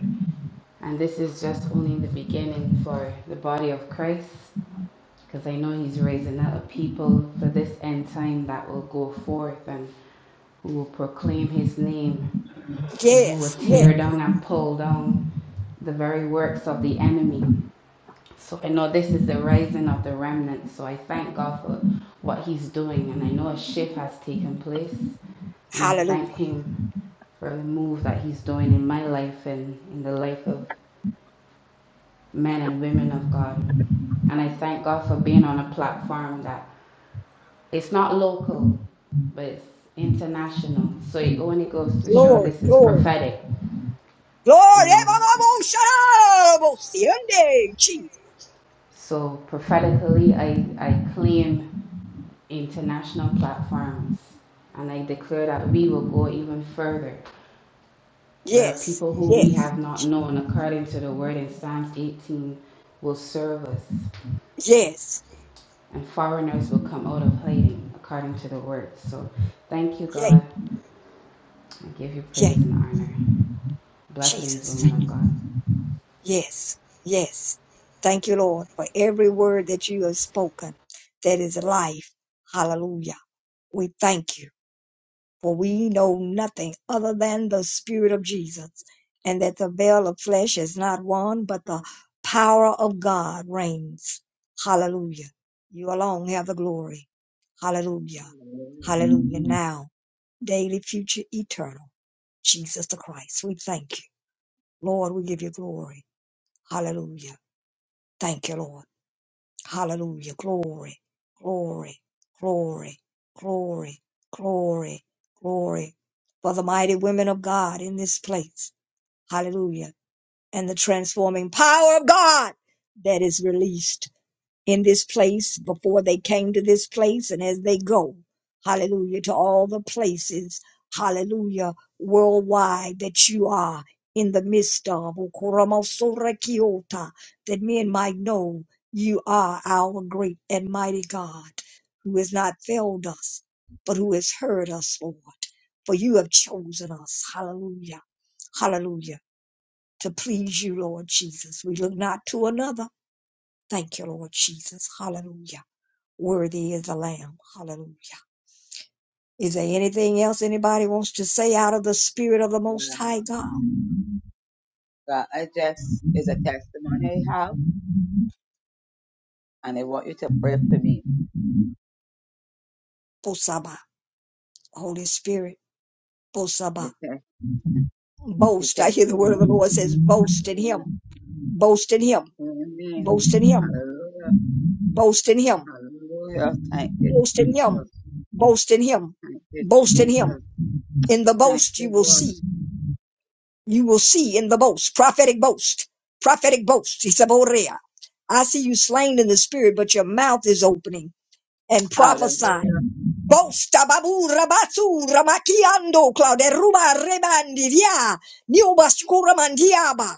Speaker 7: And this is just only the beginning for the body of Christ, because I know He's raising up a people for this end time that will go forth and who will proclaim His name and who will
Speaker 1: Yes, yes.
Speaker 7: tear down and pull down the very works of the enemy. So I know this is the rising of the remnant. So I thank God for what He's doing, and I know a shift has taken place. And I
Speaker 1: Hallelujah.
Speaker 7: thank Him for the move that He's doing in my life and in the life of men and women of God. And I thank God for being on a platform that it's not local, but it's international. So it only goes to show
Speaker 1: Glory,
Speaker 7: this is
Speaker 1: glory,
Speaker 7: prophetic, you
Speaker 1: glory.
Speaker 7: know.
Speaker 1: Jesus.
Speaker 7: So prophetically, I, I claim international platforms. And I declare that we will go even further, where
Speaker 1: Yes,
Speaker 7: people who we
Speaker 1: yes,
Speaker 7: have not known, according to the word in Psalms 18, will serve us,
Speaker 1: yes,
Speaker 7: and foreigners will come out of hiding, according to the word. So thank you,
Speaker 1: yay,
Speaker 7: God. I give you praise
Speaker 1: yay,
Speaker 7: and honor. Blessings,
Speaker 1: Jesus.
Speaker 7: woman of God.
Speaker 1: Yes, yes. Thank you, Lord, for every word that you have spoken that is life. Hallelujah. We thank you, for we know nothing other than the Spirit of Jesus, and that the veil of flesh is not one, but the power of God reigns. Hallelujah. You alone have the glory. Hallelujah.
Speaker 2: Hallelujah.
Speaker 1: Hallelujah. Mhm. Now, daily, future, eternal, Jesus the Christ. We thank you. Lord, we give you glory. Hallelujah. Thank you, Lord. Hallelujah. Glory, glory, glory, glory, glory, glory. For the mighty women of God in this place. Hallelujah. And the transforming power of God that is released in this place before they came to this place and as they go, hallelujah, to all the places, hallelujah, worldwide that you are in the midst of. Okoromosorekiota, That men might know you are our great and mighty God who has not failed us, but who has heard us, Lord. For you have chosen us, hallelujah, hallelujah, to please you, Lord Jesus. We look not to another. Thank you, Lord Jesus. Hallelujah. Worthy is the Lamb. Hallelujah. Is there anything else anybody wants to say out of the Spirit of the Most
Speaker 2: Wow.
Speaker 1: High God?
Speaker 2: God, I just is a testimony I have, and I want you to pray for me.
Speaker 1: Bosaba, Holy Spirit.
Speaker 2: The,
Speaker 1: Bosaba,
Speaker 2: tes- the
Speaker 1: boast. I hear the word of the Lord
Speaker 2: testimony.
Speaker 1: says, boast in
Speaker 2: Hallelujah.
Speaker 1: Him, boast in Him,
Speaker 2: Amen.
Speaker 1: boast in Him,
Speaker 2: Hallelujah.
Speaker 1: boast in Him,
Speaker 2: Hallelujah. Thank you,
Speaker 1: boast in Him,
Speaker 2: Jesus.
Speaker 1: boast in Him,
Speaker 2: Thank you,
Speaker 1: boast in Him.
Speaker 2: Jesus.
Speaker 1: In the
Speaker 2: Thank
Speaker 1: boast you
Speaker 2: you,
Speaker 1: will
Speaker 2: Lord.
Speaker 1: see, you will see in the boast, prophetic boast, prophetic boast. He said, "Borea." I see you slain in the Spirit, but your mouth is opening. and prophesy.
Speaker 2: Hallelujah.
Speaker 1: Bosta babu rabatsu ramakiando claude ruba rebandi via niuba mandiaba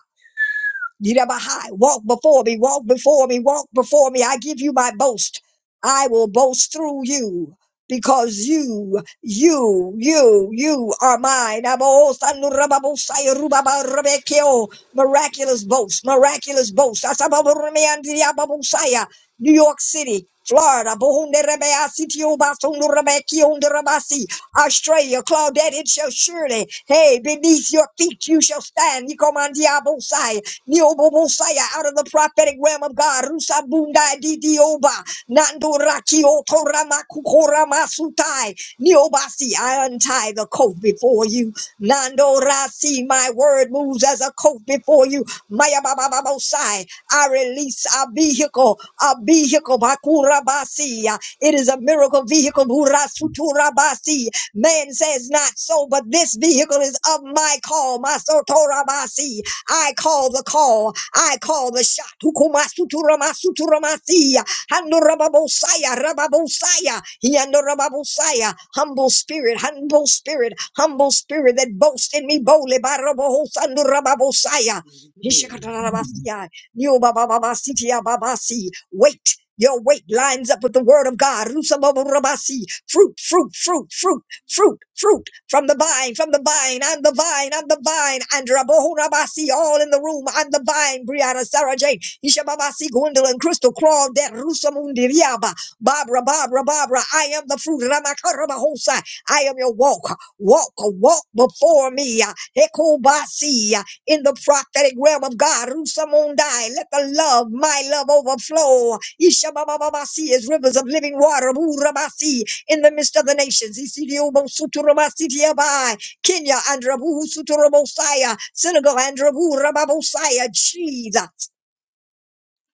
Speaker 1: Yidabahai, walk before me, walk before me, walk before me. I give you my boast. I will boast through you because you, you, you, you are mine. Abo sanu rababo sayo rubaba rebekeo. Miraculous boast, miraculous boast. Asababo remeandi ababo saya. New York City, Florida, Bohunde Rebea Sitio Basung Rebeki on the Rabasi. Australia, Claudette, it shall surely, hey, beneath your feet you shall stand. Nikomandiabosai, Niobobosaya, out of the prophetic realm of God. Rusabundai Didioba, Nandoraki Otoramakukora Masutai, Niobasi, I untie the coat before you. Nandorasi, my word moves as a coat before you. Maya Baba Bosai, I release our vehicle, our vehicle vehicle. Bakurabasi. It is a miracle vehicle. Burasuturabasi. Man says not so, but this vehicle is of my call. Masotorabasi. I call the call. I call the shot. Hukumasuturamasuturamasii. Handorababosaya, rababosaya, yandorababosaya. Humble spirit, humble spirit, humble spirit that boasts in me boldly. Barabohosandorababosaya.
Speaker 2: Hallelujah.
Speaker 1: Hishakatarabasiya, nyobabababasitiya babasi. Wait, your weight lines up with the word of God. Rusaboborobasi. Fruit, fruit, fruit, fruit, fruit, fruit from the vine, from the vine. I'm the vine, I'm the vine. And Rabohorabasi, all in the room. I'm the vine. Brianna, Sarah Jane, Ishababasi, Gwendolyn, Crystal, Crawl, That Rusamundi, Riaba, Barbara, Barbara, Barbara. I am the fruit. Ramakarabahosa. I am your walk, walk, walk before me. Ekubasi, in the prophetic realm of God. Rusamondai, let the love, my love overflow. Ishabababasi is rivers of living water. Burabasi, in the midst of the nations. Isidiobo suturabasi diabai. Kenya, Andrabu suturabosaya. Senegal, Andrabu rababosaya. Jesus.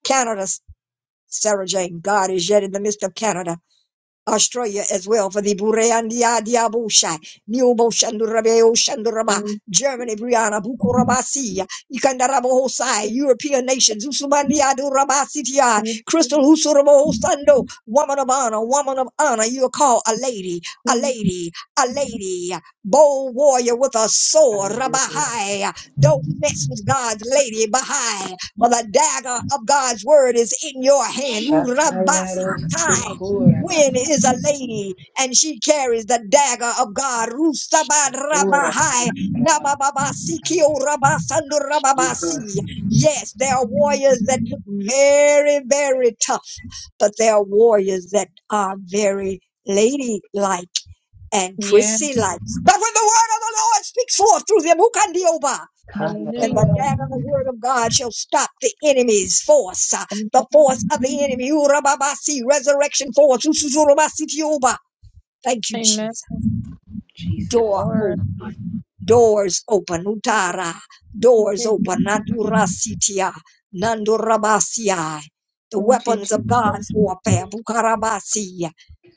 Speaker 1: Canada, Sarah Jane, God is yet in the midst of Canada. Australia as well for the Burandia Diabusha, Niobo Shandurabeo Shanduraba,
Speaker 5: And
Speaker 1: Germany, Brianna, Bukurabasia, Ikandarabo Hosai, European nations, Usubandia Duraba Sitia,
Speaker 5: thank
Speaker 1: Crystal
Speaker 5: you,
Speaker 1: Usurabo Sando, woman of honor, woman of honor, you are called a lady, a lady, a lady, bold warrior with a sword,
Speaker 7: Hallelujah.
Speaker 1: Rabahai. Don't mess with God's lady, Bahai, for the dagger of God's word is in your hand, Urabasatai. Gwen
Speaker 7: Shatayarosukurabasauraya.
Speaker 1: is a lady and she carries the dagger of God. Rusabarabahai, nabababasikio rabasandurababasi.
Speaker 7: Jesus.
Speaker 1: Yes, there are warriors that look very, very tough, but there are warriors that are very ladylike and
Speaker 5: Yeah.
Speaker 1: prissy like. But when the word of the Lord speaks forth through them, who can be over? and the
Speaker 7: Kandarababa.
Speaker 5: Hallelujah.
Speaker 1: dad of the word of God shall stop the enemy's force, uh, the force of the enemy. Urababasi, Resurrection force. Ususurabasi tioba. Thank you,
Speaker 5: Amen.
Speaker 1: Jesus.
Speaker 7: Jesus.
Speaker 1: Door
Speaker 5: Or thank you.
Speaker 1: open. Doors open. Utara.
Speaker 5: Thank
Speaker 1: Doors open. Nadurasitia. Nandurabasiai. The
Speaker 5: you,
Speaker 1: weapons of
Speaker 5: Jesus.
Speaker 1: God's warfare. Bukarabasi.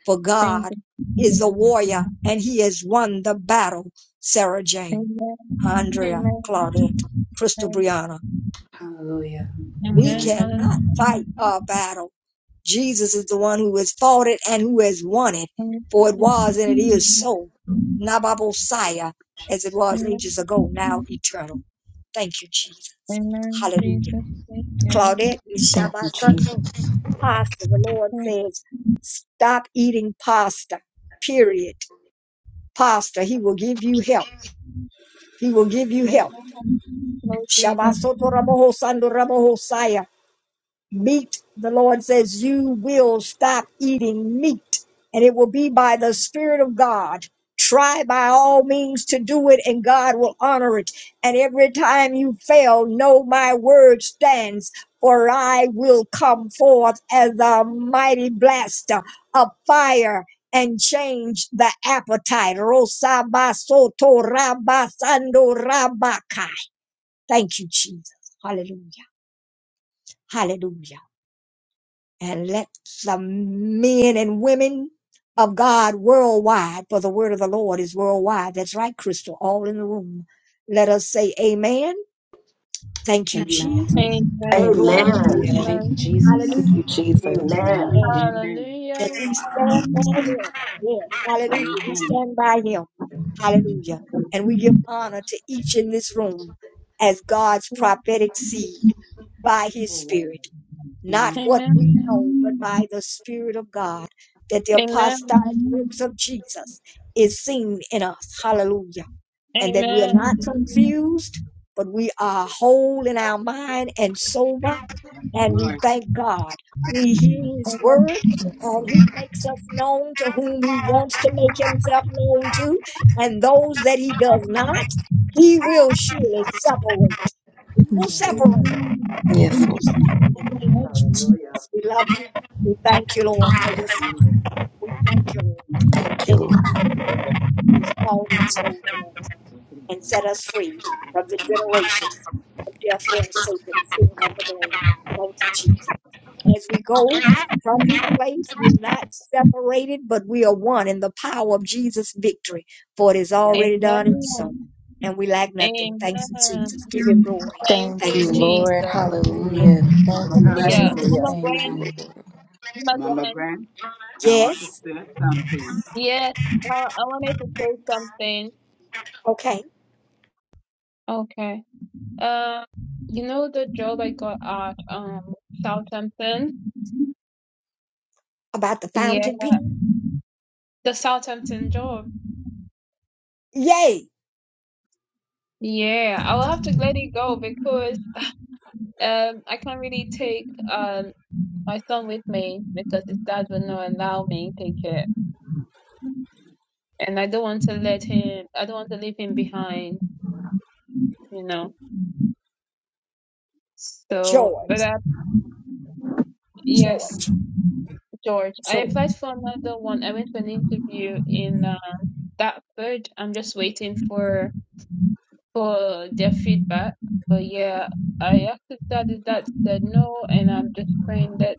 Speaker 1: For
Speaker 5: Thank
Speaker 1: God
Speaker 5: you,
Speaker 1: is a
Speaker 5: Jesus.
Speaker 1: warrior and he has won the battle. Sarah Jane,
Speaker 5: Amen.
Speaker 1: Andrea,
Speaker 5: Amen.
Speaker 1: Claudette, Crystal
Speaker 5: Amen.
Speaker 1: Brianna.
Speaker 7: Hallelujah.
Speaker 1: We
Speaker 5: Amen.
Speaker 7: Amen.
Speaker 5: Hallelujah.
Speaker 1: cannot fight our battle. Jesus is the one who has fought it and who has won it, for it was and it is
Speaker 5: Amen.
Speaker 1: so. Nababosaya, as it was ages ago, now eternal. Thank you, Jesus.
Speaker 5: Amen.
Speaker 1: Hallelujah.
Speaker 5: Jesus. Thank you.
Speaker 1: Claudette is
Speaker 3: Thank you, Jesus.
Speaker 1: Shabbatando. Pasta, the Lord
Speaker 5: Amen.
Speaker 1: says, stop eating pasta, period. Pasta, He will give you help. He will give you help.
Speaker 5: Lord Jesus.
Speaker 1: Shabbasoto Raboho Sando Raboho Saya. meat. The Lord says, You will stop eating meat, and it will be by the Spirit of God. Try by all means to do it, and God will honor it. And every time you fail, know my word stands, for I will come forth as a mighty blast of fire. And change the appetite. Rosabasoto rabasando rabakai. Thank you, Jesus. Hallelujah. Hallelujah and let the men and women of God worldwide, for the word of the Lord is worldwide. That's right, Crystal, all in the room. Let us say amen. Thank you,
Speaker 7: Amen.
Speaker 1: Jesus.
Speaker 3: Amen.
Speaker 1: Glory to
Speaker 6: Amen.
Speaker 7: Hallelujah. Thank
Speaker 5: Amen.
Speaker 7: you, Jesus.
Speaker 3: Thank you,
Speaker 1: Hallelujah.
Speaker 3: Jesus.
Speaker 7: Amen.
Speaker 6: Amen.
Speaker 1: And
Speaker 2: Amen.
Speaker 5: Hallelujah.
Speaker 1: that
Speaker 3: Yes,
Speaker 1: we stand by him. Yes. Hallelujah. We
Speaker 2: Amen.
Speaker 1: stand by him. Hallelujah. And we give honor to each in this room as God's prophetic seed by his spirit not
Speaker 7: Amen.
Speaker 1: what we
Speaker 5: Amen.
Speaker 1: know, but by the Spirit of God, that the
Speaker 5: Amen.
Speaker 1: apostolic works of Jesus is seen in us. Hallelujah. And that we are
Speaker 5: Amen.
Speaker 1: not confused, but we are whole in our mind and sober, and we
Speaker 2: Lord.
Speaker 1: thank God. We hear His
Speaker 5: Amen.
Speaker 1: word, and
Speaker 3: Lord.
Speaker 1: He makes us known to whom He wants to make Himself known to, and those that He does not, He will surely separate. He will
Speaker 6: Amen.
Speaker 1: separate.
Speaker 5: Amen.
Speaker 3: Yes,
Speaker 1: You
Speaker 3: Lord.
Speaker 1: are like, Thank you,
Speaker 6: Hallelujah.
Speaker 1: Jesus. We love you. We thank you, Lord,
Speaker 2: Yes,
Speaker 1: for
Speaker 3: Yes,
Speaker 1: your
Speaker 2: Lord.
Speaker 1: we thank you, Lord,
Speaker 3: thank you,
Speaker 1: that it
Speaker 3: Lord.
Speaker 1: is you
Speaker 6: Hallelujah.
Speaker 1: who's called and saved us
Speaker 2: Thank you,
Speaker 1: and
Speaker 2: Lord.
Speaker 1: set us free from the generations of death, hell, Satan, sin, and the grave. Thank you, Jesus. As we go from this place, we're not separated, but we are one in the power of Jesus' victory, for it is
Speaker 6: Yes.
Speaker 1: already
Speaker 6: Lord.
Speaker 1: done and so. And we lack nothing. Thanks,
Speaker 5: Amen.
Speaker 1: Jesus. Give him glory.
Speaker 5: Thank
Speaker 3: Thank
Speaker 1: Thank
Speaker 5: you,
Speaker 3: you,
Speaker 1: you, Lord.
Speaker 5: Jesus.
Speaker 3: Lord. Hallelujah.
Speaker 7: Amen.
Speaker 1: Amen.
Speaker 2: Mama
Speaker 3: Thank you,
Speaker 1: Thank you,
Speaker 2: Grant.
Speaker 5: Hallelujah.
Speaker 1: Jesus.
Speaker 3: Jesus.
Speaker 6: Hallelujah.
Speaker 5: Mama
Speaker 3: Thank you,
Speaker 5: Gwen,
Speaker 3: Lord.
Speaker 7: Amen.
Speaker 5: Mama
Speaker 2: Mama
Speaker 5: Gwen.
Speaker 2: Grant. I want to
Speaker 1: Yes.
Speaker 2: say something.
Speaker 5: Yes, uh, I wanted to say something.
Speaker 1: Okay.
Speaker 5: Okay. Uh, you know the job I got at um Southampton?
Speaker 1: About the
Speaker 5: Yeah.
Speaker 1: fountain pen.
Speaker 5: The Southampton job.
Speaker 1: Yay,
Speaker 5: Yeah. I will have to let it go because um I can't really take um my son with me because his dad will not allow me to take it. and I don't want to let him, I don't want to leave him behind, you know. So,
Speaker 1: George,
Speaker 5: but I, yes,
Speaker 1: George,
Speaker 5: George, I
Speaker 1: George.
Speaker 5: applied for another one. I went for an interview in uh, Dartford. I'm just waiting for for their feedback. But yeah, I asked if that if that said no, and I'm just praying that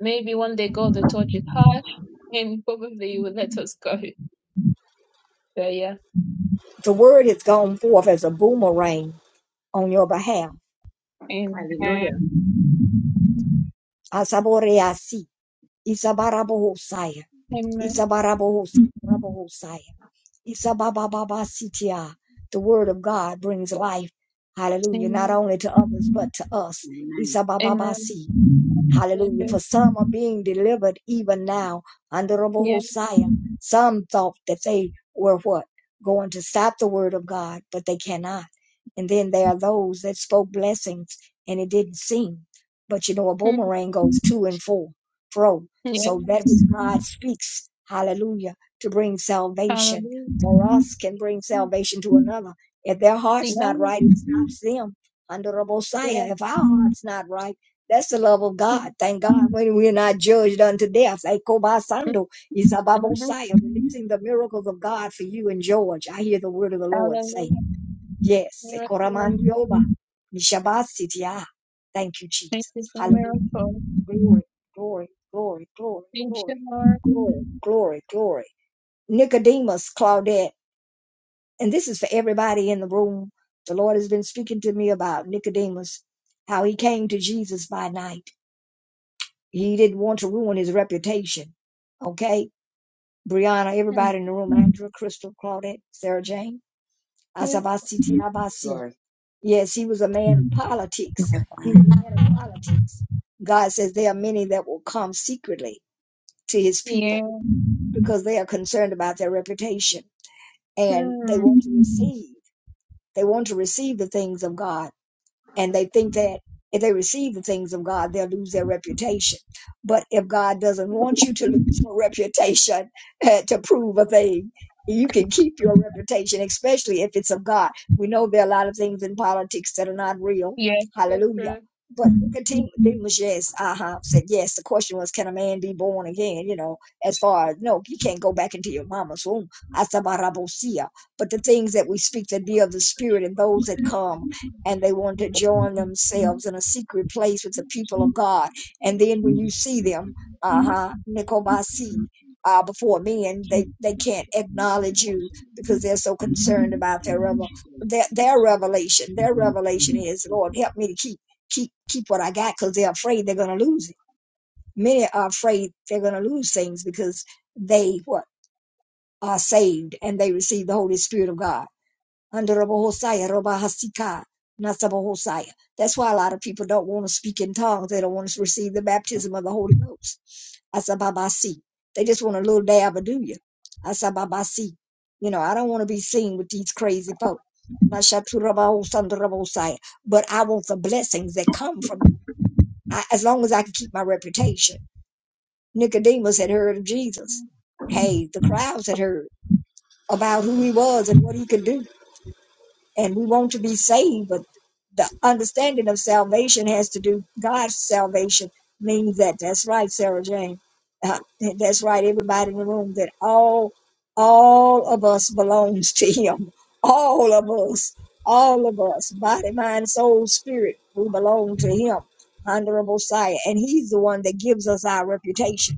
Speaker 5: maybe one day God will touch his heart and probably he will let us go. But yeah,
Speaker 1: The word has gone forth as a boomerang on your behalf.
Speaker 5: amen,
Speaker 6: Hallelujah.
Speaker 1: Asaboreasi. Isabarabohosaya.
Speaker 5: amen,
Speaker 1: Isabarabohosaya. Isababababasitia. The word of God brings life. Hallelujah. Not
Speaker 5: amen,
Speaker 1: only to others, but to us.
Speaker 2: Amen.
Speaker 5: amen.
Speaker 1: Isabababasi. Hallelujah. For some are being delivered even now under Rabbi
Speaker 5: Yeah.
Speaker 1: Hosea. Some thought that they were what? Going to stop the word of God, but they cannot. And then there are those that spoke blessings and it didn't seem. But you know, a boomerang goes to and fro. fro.
Speaker 5: Mm,
Speaker 1: So
Speaker 5: Yes.
Speaker 1: that which God speaks, hallelujah, to bring salvation
Speaker 5: Hallelujah.
Speaker 1: for us can bring salvation to another. If their heart's not
Speaker 5: Yeah.
Speaker 1: right, it stops them. Under Rabbi Hosea,
Speaker 5: Yeah.
Speaker 1: if our heart's not right, that's the love of God. Thank God when we're not judged unto death. Like Kobasando,
Speaker 5: Mm-hmm.
Speaker 1: Isababosaya, releasing the miracles of God for you and George. I hear the word of the Lord say,
Speaker 5: Hallelujah.
Speaker 1: Yes.
Speaker 5: Miracle.
Speaker 1: Ekoramandioba, Nishabasitia. Thank you,
Speaker 5: Thank
Speaker 1: Jesus.
Speaker 5: you for
Speaker 1: Hallelujah.
Speaker 5: miracle.
Speaker 1: Glory, glory, glory, glory,
Speaker 5: Thank you,
Speaker 1: glory,
Speaker 5: Lord.
Speaker 1: glory, glory, glory. Nicodemus, Claudette. And this is for everybody in the room. The Lord has been speaking to me about Nicodemus, how he came to Jesus by night he didn't want to ruin his reputation. Okay? Brianna,
Speaker 5: Thank
Speaker 1: everybody in the room, Andrea, Crystal, Claudette, Sarah Jane,
Speaker 5: you.
Speaker 1: Asabasi
Speaker 2: Yes,
Speaker 1: Tiabasi.
Speaker 2: Lord.
Speaker 1: Yes, he was a man of politics.
Speaker 3: Yes.
Speaker 1: He was a man of politics. God says there are many that will come secretly to his
Speaker 5: Yeah.
Speaker 1: people because they are concerned about their reputation and they
Speaker 5: Hmm.
Speaker 1: want to receive. They want to receive the things of God and they think that if they receive the things of God, they'll lose their reputation. But if God doesn't want you to lose your reputation eh, to prove a thing, you can keep your reputation, especially if it's of God. We know there are a lot of things in politics that are not real.
Speaker 5: Yeah. So
Speaker 1: Hallelujah.
Speaker 5: true.
Speaker 1: But continue. Nicodemus, yes, uh-huh, said yes. The question was, can a man be born again? You know, as far as no, you can't go back into your mama's womb. Asabarabosia. But the things that we speak that be of the spirit and
Speaker 2: go
Speaker 1: those that
Speaker 2: ahead
Speaker 1: come and they want to join
Speaker 2: and
Speaker 1: themselves in a secret place with the
Speaker 2: use
Speaker 1: people of
Speaker 2: it for
Speaker 1: God.
Speaker 2: the
Speaker 1: And
Speaker 2: watch
Speaker 1: then when you see
Speaker 2: simply put
Speaker 1: them,
Speaker 2: in a
Speaker 1: uh huh,
Speaker 2: particular
Speaker 1: Nicomasi, uh, before men, they, they can't acknowledge you because they're so concerned about their revel- their, their revelation. Their revelation is, Lord, help me to keep keep keep what I got because they're afraid they're going to lose it. Many are afraid they're going to lose things because they what are saved and they receive the Holy Spirit of God under Hosaya, Roba Hasika, Hosaya. That's why a lot of people don't want to speak in tongues. They don't want to receive the baptism of the Holy Ghost. Asababasi. They just want a little dab of do you. Asababasi. You know, I don't want to be seen with these crazy folk. Mashaturabahosandorabosaya. But I want the blessings that come from I, as long as I can keep my reputation. Nicodemus had heard of Jesus. Hey, the crowds had heard about who he was and what he could do and we want to be saved, but the understanding of salvation has to do God's salvation means that that's right, Sarah Jane. Uh, that's right, everybody in the room. That all all of us belongs to Him. All of us, all of us, body, mind, soul, spirit, we belong to Him, honorable sire, and He's the one that gives us our reputation.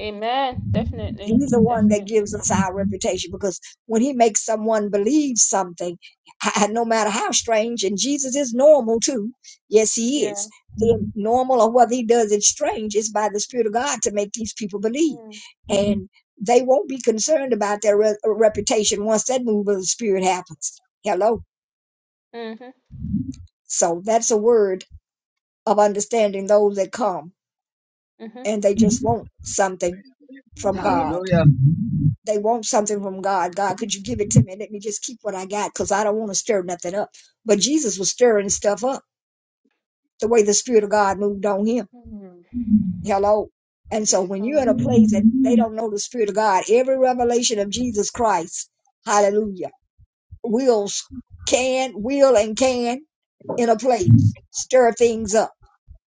Speaker 5: Amen. Definitely.
Speaker 1: He's the one that gives
Speaker 5: Definitely.
Speaker 1: us our reputation because when he makes someone believe something, h- no matter how strange, and Jesus is normal too. Yes, he
Speaker 5: Yeah.
Speaker 1: is. The normal or whether he does it strange is by the Spirit of God to make these people believe.
Speaker 5: Mm.
Speaker 1: And they won't be concerned about their re- uh, reputation once that move of the Spirit happens. Hello.
Speaker 5: Mm-hmm.
Speaker 1: So that's a word of understanding those that come
Speaker 5: Mm-hmm.
Speaker 1: and they just want something from God
Speaker 2: Hallelujah.
Speaker 1: They want something from God. God, could you give it to me? Let me just keep what I got because I don't want to stir nothing up. But Jesus was stirring stuff up the way the Spirit of God moved on him.
Speaker 5: Mm-hmm.
Speaker 1: Hello. And so when you're in a
Speaker 5: Hallelujah.
Speaker 1: place that they don't know the Spirit of God, every revelation of Jesus Christ, hallelujah, will, can, will, and can in a place stir things up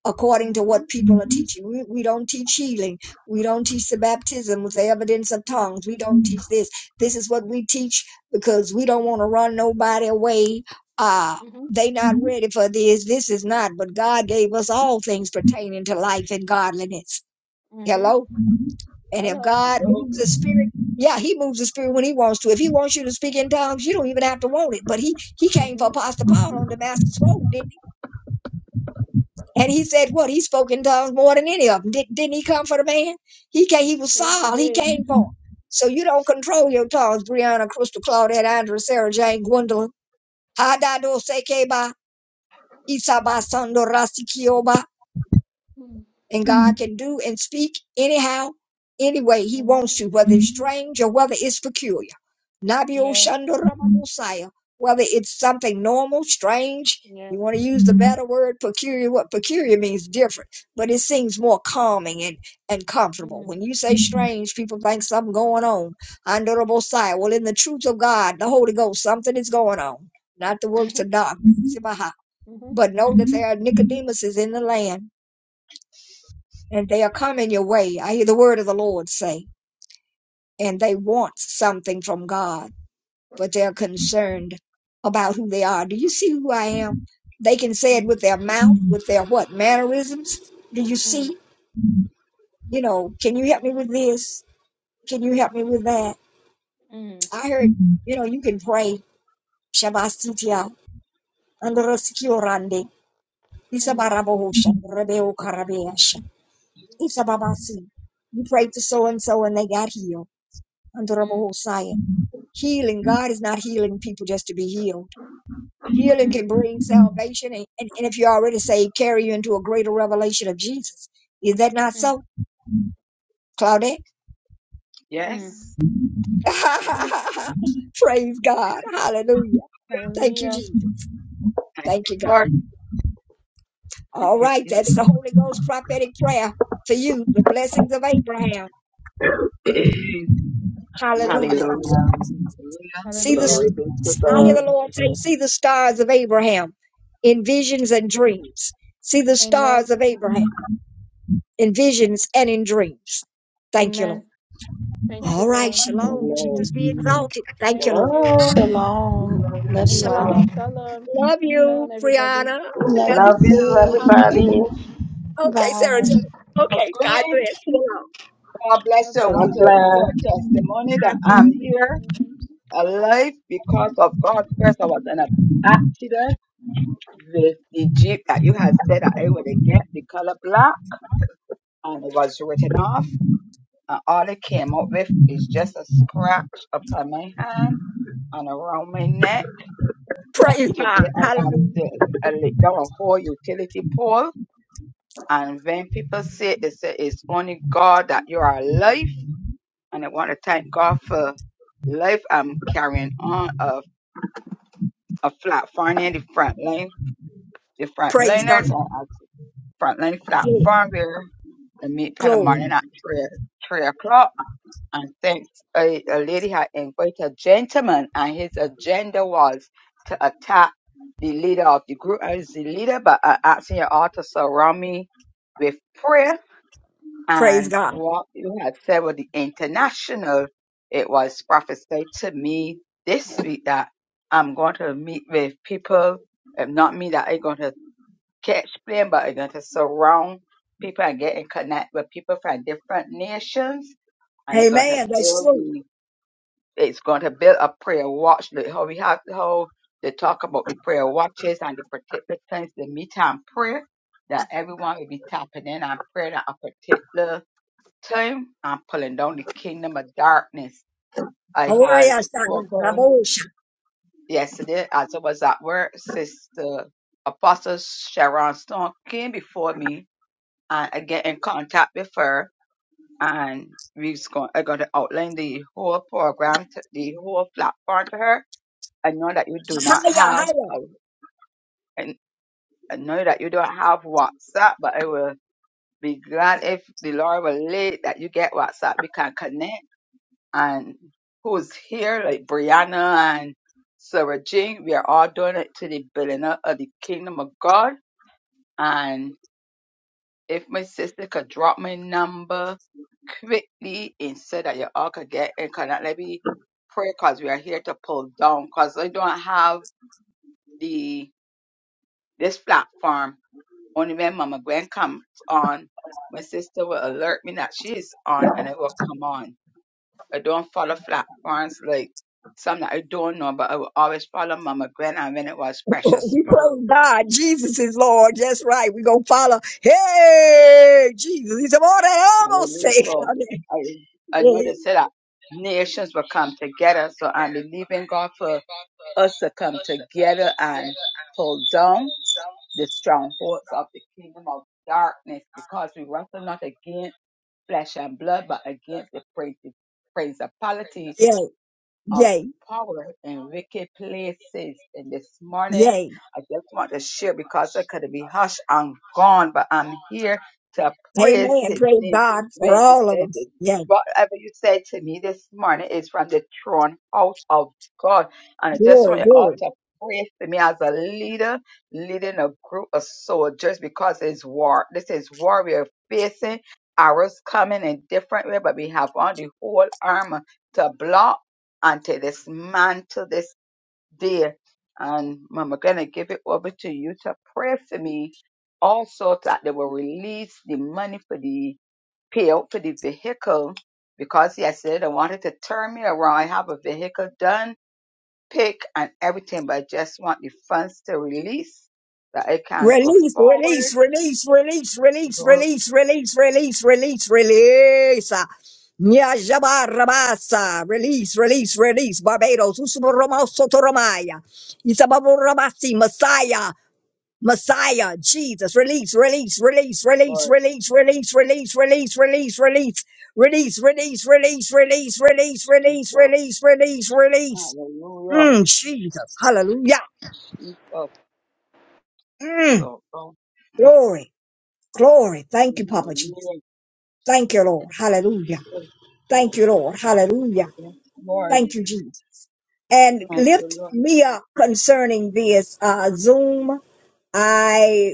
Speaker 1: according to
Speaker 5: Mm-hmm.
Speaker 1: what people are teaching. We, we don't teach healing. We don't teach the baptism with the evidence of
Speaker 5: Mm.
Speaker 1: tongues. We don't teach this. This is what we teach because we don't want to run nobody away. Uh,
Speaker 5: Mm-hmm.
Speaker 1: they not ready for this. This is not. But God gave us all things pertaining to life and godliness.
Speaker 5: Mm-hmm.
Speaker 1: Hello? And if
Speaker 5: Hello.
Speaker 1: God
Speaker 2: Hello.
Speaker 1: moves the spirit, yeah, he moves the spirit when he wants to. If he wants you to speak in tongues, you don't even have to want it. But he he came
Speaker 5: Mm-hmm.
Speaker 1: for Apostle Paul on Damascus Road, didn't He? And he said, "What? He spoke in tongues more than any of them. Did, didn't he come for the man? He came. He was
Speaker 5: Yes, it
Speaker 1: Saul. He
Speaker 5: did.
Speaker 1: came for. 'em. So you don't control your tongues, Brianna, Crystal, Claudette, Andrew, Sarah, Jane, Gwendolyn. Hadado sekeba, isaba sando rasikioba
Speaker 5: Mm.
Speaker 1: and God can do and speak anyhow, any way He wants
Speaker 5: Amen.
Speaker 1: to, whether it's strange or whether it's peculiar. Nabi
Speaker 5: Yes.
Speaker 1: Oshandoramamosaya, whether it's something normal, strange,
Speaker 5: Yes.
Speaker 1: you want to use the better word peculiar, what peculiar means different, but it seems more calming and, and comfortable.
Speaker 5: Mm-hmm.
Speaker 1: When you say strange, people think something going on. Andorabosaya, well, in the truth of God, the Holy Ghost, something is going on, not the works
Speaker 5: Mm-hmm.
Speaker 1: of darkness, Sibaha.
Speaker 5: Mm-hmm.
Speaker 1: but know
Speaker 5: Mm-hmm.
Speaker 1: that there are Nicodemuses in the land and they are coming your way. I hear the word of the Lord say, and they want something from God, but they're concerned about who they are. Do you see who I am? They can say it with
Speaker 5: Mm.
Speaker 1: their mouth, with their what mannerisms. Do you
Speaker 5: Mm.
Speaker 1: see? You know, can you help me with this? Can you help me with that?
Speaker 5: Mm,
Speaker 1: I heard, you know, you can pray. Shabastitia, Androskiorande,
Speaker 5: mm,
Speaker 1: Isabarabohosha, Rebeo Karabeasha, Isababasi. You prayed to so and so and they got healed.
Speaker 5: mm,
Speaker 1: Healing, God is not healing people just to be healed. Healing
Speaker 5: mm,
Speaker 1: can bring salvation, and, and, and if you're already saved, carry you into a greater revelation of Jesus. Is that not
Speaker 5: mm,
Speaker 1: so, Claudette?
Speaker 2: Yes.
Speaker 5: mm.
Speaker 2: Yes.
Speaker 1: Praise God. Hallelujah. Thank you,
Speaker 5: Hallelujah.
Speaker 1: Jesus.
Speaker 2: Thank
Speaker 1: Thank
Speaker 2: you,
Speaker 1: you, God.
Speaker 2: Lord. Thank
Speaker 1: All
Speaker 2: you,
Speaker 1: right, that's
Speaker 2: Jesus.
Speaker 1: the Holy Ghost prophetic prayer for you, the blessings of Abraham.
Speaker 2: Amen.
Speaker 1: Hallelujah
Speaker 6: Hallelujah.
Speaker 2: Hallelujah.
Speaker 1: see the s-
Speaker 6: Glory
Speaker 5: Hallelujah.
Speaker 6: be to
Speaker 1: s- I hear
Speaker 6: God.
Speaker 1: the Lord say, see the stars of Abraham in visions and dreams. See the stars
Speaker 5: Amen.
Speaker 1: of Abraham. in visions and in dreams. Thank you,
Speaker 5: Amen.
Speaker 1: Lord.
Speaker 5: Thank
Speaker 2: Thank
Speaker 5: you,
Speaker 1: All
Speaker 2: you,
Speaker 1: right.
Speaker 5: Lord.
Speaker 2: Lord.
Speaker 1: Shalom.
Speaker 6: Amen.
Speaker 1: Jesus be exalted. Thank you,
Speaker 5: Thank
Speaker 1: Lord.
Speaker 5: you.
Speaker 6: Hello.
Speaker 3: Shalom. Love
Speaker 5: Thank
Speaker 3: you
Speaker 5: you,
Speaker 3: all.
Speaker 5: Mama.
Speaker 1: Shalom.
Speaker 5: Shalom.
Speaker 1: Love
Speaker 5: Shalom,
Speaker 1: you,
Speaker 5: everybody.
Speaker 1: Brianna.
Speaker 3: Love
Speaker 1: Love
Speaker 3: you
Speaker 6: Love
Speaker 1: you.
Speaker 6: you,
Speaker 3: too.
Speaker 6: everybody.
Speaker 1: Okay, Sarah.
Speaker 3: Bye.
Speaker 1: Jane. Okay. God
Speaker 2: Okay.
Speaker 1: bless. Shalom.
Speaker 2: God bless
Speaker 5: God
Speaker 2: you. I
Speaker 6: God
Speaker 5: bless
Speaker 2: want to
Speaker 5: you.
Speaker 2: share
Speaker 6: bless.
Speaker 2: a testimony that
Speaker 1: God bless.
Speaker 2: I'm here alive because of God. First, I was in an accident The, the Jeep that you had said that I would get the color black and it was written off and all it came up with is just a scratch upon my hand and around my neck. But
Speaker 1: Praise God.
Speaker 2: today I am
Speaker 1: Hallelujah.
Speaker 2: the I laid down a whole utility pole and when people say it, they say it's only God that you are alive and I want to thank God for life. I'm carrying on a, a flat in the front line the front
Speaker 1: Praise God.
Speaker 2: frontliners. Frontline Flat
Speaker 1: Glory.
Speaker 2: Farm where I meet in the morning
Speaker 1: Glory.
Speaker 2: at three, three o'clock. And thanks, a, a lady had invited a gentleman, and his agenda was to attack the leader of the group. I was the leader, but I asked you all to surround me with prayer.
Speaker 1: Praise
Speaker 2: And
Speaker 1: God.
Speaker 2: what you had said with the international, it was prophesied to me this week that I'm going to meet with people, if not me, that i am going to catch being, but it's going to surround people and get in connect with people from different nations, and it's going to
Speaker 1: Amen. That's
Speaker 2: build
Speaker 1: true.
Speaker 2: the, it's going to build a prayer watch. Like how we have how they talk about the prayer watches and the particular times they meet and pray, that everyone will be tapping in and praying at a particular time and pulling down the kingdom of darkness. I
Speaker 1: Gloria a
Speaker 2: has
Speaker 1: God.
Speaker 2: spoken
Speaker 1: Rabosh.
Speaker 2: yesterday as I was at work, Sister Apostle Sharon Stone came before me and I get in contact with her and we're going, I got to outline the whole program, to, the whole platform to her. I know that you do not
Speaker 1: Haya,
Speaker 2: have,
Speaker 1: haya.
Speaker 2: uh, and I know that you don't have WhatsApp, but I will be glad if the Lord will lead that you get WhatsApp, we can connect. And who's here, like Brianna and Sarah Jean, we are all doing it to the building up of the kingdom of God. If my sister could drop my number quickly and so that you all could get and cannot let me pray because we are here to pull down because I don't have the this platform. Only when Mama Gwen comes on, my sister will alert me that she's on and it will come on. I don't follow platforms like some that I don't know, but I will always follow Mama Gwen and when it was Precious
Speaker 1: We
Speaker 2: Pearl.
Speaker 1: praise God. Jesus is Lord. That's right. We're going to follow. Hey, Jesus. He's about to almost say,
Speaker 2: Hallelujah. So
Speaker 1: something.
Speaker 2: I, I know
Speaker 1: yay,
Speaker 2: they said that nations will come together. So I'm believing God for us to come together and pull down the strongholds of the kingdom of darkness because we wrestle not against flesh and blood, but against the prin- principality
Speaker 1: yay,
Speaker 2: of
Speaker 1: yay,
Speaker 2: power in wicked places. And this morning,
Speaker 1: yay.
Speaker 2: I just want to share because I could be hushed and gone, but I'm here to praise
Speaker 1: Amen.
Speaker 2: His
Speaker 1: Praise
Speaker 2: name.
Speaker 1: God for
Speaker 2: When you
Speaker 1: all of
Speaker 2: said that,
Speaker 1: us. Yay.
Speaker 2: whatever you said to me this morning is from the throne house of God. And I just want
Speaker 1: Glory,
Speaker 2: you all
Speaker 1: glory.
Speaker 2: to pray for me as a leader, leading a group of soldiers because it's war. This is war we are facing. Arrows coming in different way, but we have on the whole armor to block until this man to this day. And Mama gonna give it over to you to pray for me also that they will release the money for the payout for the vehicle because yesterday they wanted to turn me around. I have a vehicle done, pick and everything, but I just want the funds to release that I can go
Speaker 1: Release,
Speaker 2: forward.
Speaker 1: release, release, release, release,
Speaker 2: Glory to
Speaker 1: release, release, release, release, release. Nya jaba rabasa. Release, release, release. Barbados. Usubaroma sotoromaya. Isababo rabasi. Messiah. Messiah, Jesus, release, release, release, release, release, release, release, release, release, release, release, release, release, release,
Speaker 2: Yes,
Speaker 1: release, release,
Speaker 2: Jesus.
Speaker 1: release, release, release.
Speaker 2: Hallelujah.
Speaker 1: Mm, Jesus, hallelujah.
Speaker 2: Jesus.
Speaker 1: Mm,
Speaker 2: So, oh,
Speaker 1: glory, glory. Thank you, Papa Jesus.
Speaker 2: hallelujah.
Speaker 1: Thank you, Lord. Hallelujah.
Speaker 2: Jesus.
Speaker 1: Thank you, Lord. Hallelujah.
Speaker 2: Yes, Lord.
Speaker 1: Thank you, Jesus. And
Speaker 2: Thank you,
Speaker 1: lift
Speaker 2: Lord.
Speaker 1: me up concerning this uh, Zoom. I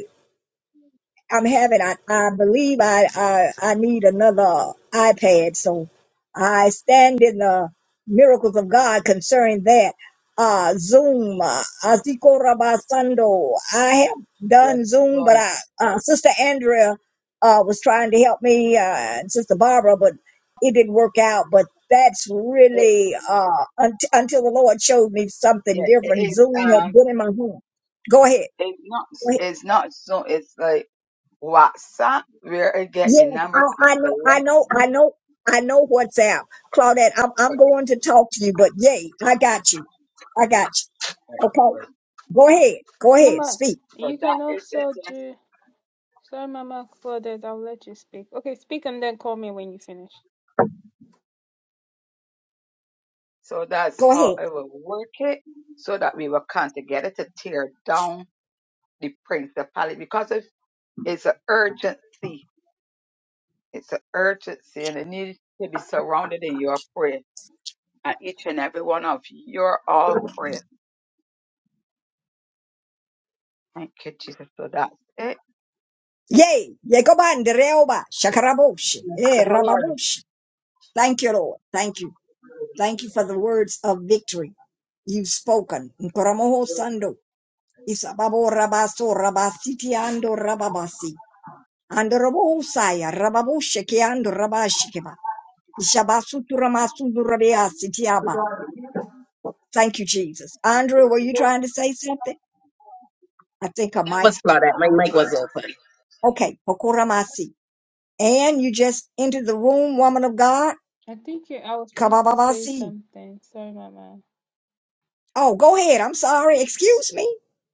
Speaker 1: I'm having. I, I believe I, I I need another iPad. So I stand in the miracles of God concerning that. Uh, Zoom, uh, Asiko Rabasando. I have
Speaker 2: Yes,
Speaker 1: done Zoom, but
Speaker 2: Lord.
Speaker 1: I, uh, Sister Andrea uh, was trying to help me, uh, and Sister Barbara, but it didn't work out. But that's
Speaker 2: It,
Speaker 1: really uh, unt- until the Lord showed me something
Speaker 2: yeah,
Speaker 1: different.
Speaker 2: it is.
Speaker 1: Zoom has
Speaker 2: Um,
Speaker 1: been in my home. Go ahead.
Speaker 2: it's not. It's not so. It's like WhatsApp where I get the
Speaker 1: Yes,
Speaker 2: numbers and
Speaker 1: I, I know, I
Speaker 2: select.
Speaker 1: know, I know, I know what's out. Claudette, I'm,
Speaker 2: Right,
Speaker 1: I'm going to talk to you, but yay, I got you. I got you.
Speaker 2: right,
Speaker 1: Okay.
Speaker 2: right.
Speaker 1: Go ahead. Go ahead.
Speaker 5: Mama,
Speaker 1: Speak.
Speaker 5: you
Speaker 2: So that
Speaker 5: can
Speaker 2: is it.
Speaker 5: also
Speaker 2: Yes.
Speaker 5: do. Sorry, Mama Claudette, I'll let you speak. Okay, speak and then call me when you finish.
Speaker 2: So that's
Speaker 1: Go
Speaker 2: how
Speaker 1: ahead.
Speaker 2: I will work it, so that we will come together to tear down the principality because it's it's an urgency. It's an urgency, and it needs to be surrounded in your prayer and each and every one of your all prayers. Thank you, Jesus. So that's it.
Speaker 1: Yay. Yekobandereoba. Shakaraboshi. Eh,
Speaker 6: Good Lord.
Speaker 1: rababoshi. Thank you, Lord. Thank you. Thank you for the words of victory you've spoken. Nkoromoho sando. Isababo rabaso rabasiti ando rababasi. Andorobo saya rababoshe ke ando Shabasuturamasunurabeasitiaba. Thank you, Jesus. Andrea, were you trying to say something? I think
Speaker 6: No,
Speaker 1: I
Speaker 6: that
Speaker 1: might.
Speaker 6: was Claudette. My mic was open.
Speaker 1: Okay, Pokoramasi. And you just entered the room, woman of God.
Speaker 5: I think you, I was trying to say
Speaker 1: Kabababasi.
Speaker 5: something. Sorry, Mama.
Speaker 1: Oh, go ahead. I'm sorry. Excuse me.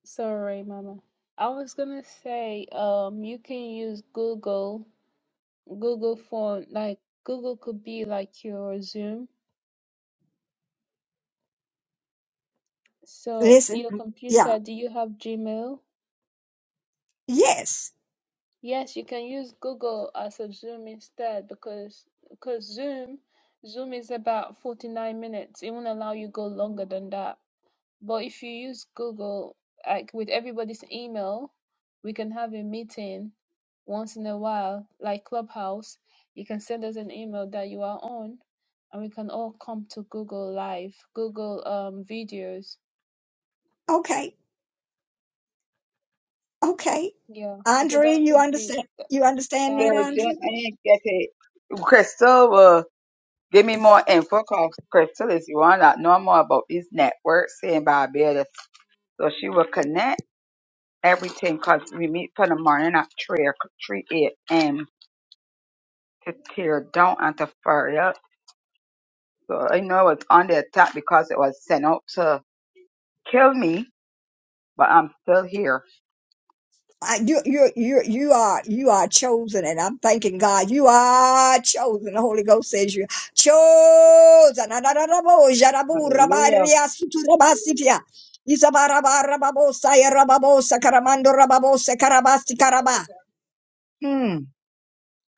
Speaker 5: Sorry, Mama. I was gonna say, um, you can use Google, Google Phone, like Google could be like your Zoom. So
Speaker 1: Listen.
Speaker 5: your
Speaker 1: Yeah.
Speaker 5: computer, do you have Gmail?
Speaker 1: Yes.
Speaker 5: Yes, you can use Google as a Zoom instead because because Zoom, Zoom is about 49 minutes. It won't allow you go longer than that. But if you use Google, like with everybody's email, we can have a meeting once in a while, like Clubhouse. You can send us an email that you are on, and we can all come to Google Live, Google um videos.
Speaker 1: Okay. Okay.
Speaker 5: Yeah, because
Speaker 1: Andrea,
Speaker 5: that
Speaker 1: you
Speaker 5: could be
Speaker 1: understand?
Speaker 5: that
Speaker 1: You understand
Speaker 5: that
Speaker 2: There
Speaker 1: that,
Speaker 5: would be
Speaker 2: was then
Speaker 1: Andrea?
Speaker 2: I
Speaker 5: easier.
Speaker 2: didn't get it. Crystal will give me more info because Crystal is the one that know more about these networks in Barbados. So she will connect everything because we meet for the morning at 3, o'c- 3 a.m. to tear down and to fire up. So I know it's under attack because it was sent out to kill me, but I'm still here.
Speaker 1: I, you, you, you, you are, you are chosen, and I'm thanking God. You are chosen. The Holy Ghost says you chosen. Adarabo, jarabu,
Speaker 2: Hallelujah.
Speaker 1: rabaria, suturabasitia. Isabaraba, rababosa, yarababosa, karamando, rababosa, karabasi, karaba. Hmm.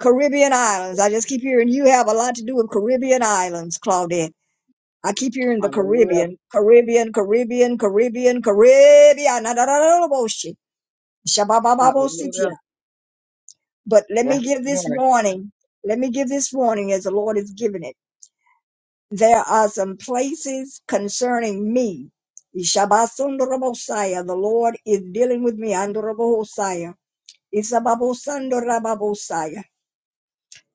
Speaker 1: Caribbean islands. I just keep hearing you have a lot to do with Caribbean islands, Claudette. I keep hearing the
Speaker 2: Hallelujah.
Speaker 1: Caribbean, Caribbean, Caribbean, Caribbean, Caribbean. Adarabo, shi. Shabababo, sitia.
Speaker 2: Hallelujah.
Speaker 1: But let me
Speaker 2: Yes,
Speaker 1: give this
Speaker 2: Lord.
Speaker 1: warning. Let me give this warning as the Lord is giving it. There are some places concerning me. Ishabasundorabosaya. The Lord is dealing with me. Andorabosaya. Isababosandorababosaya.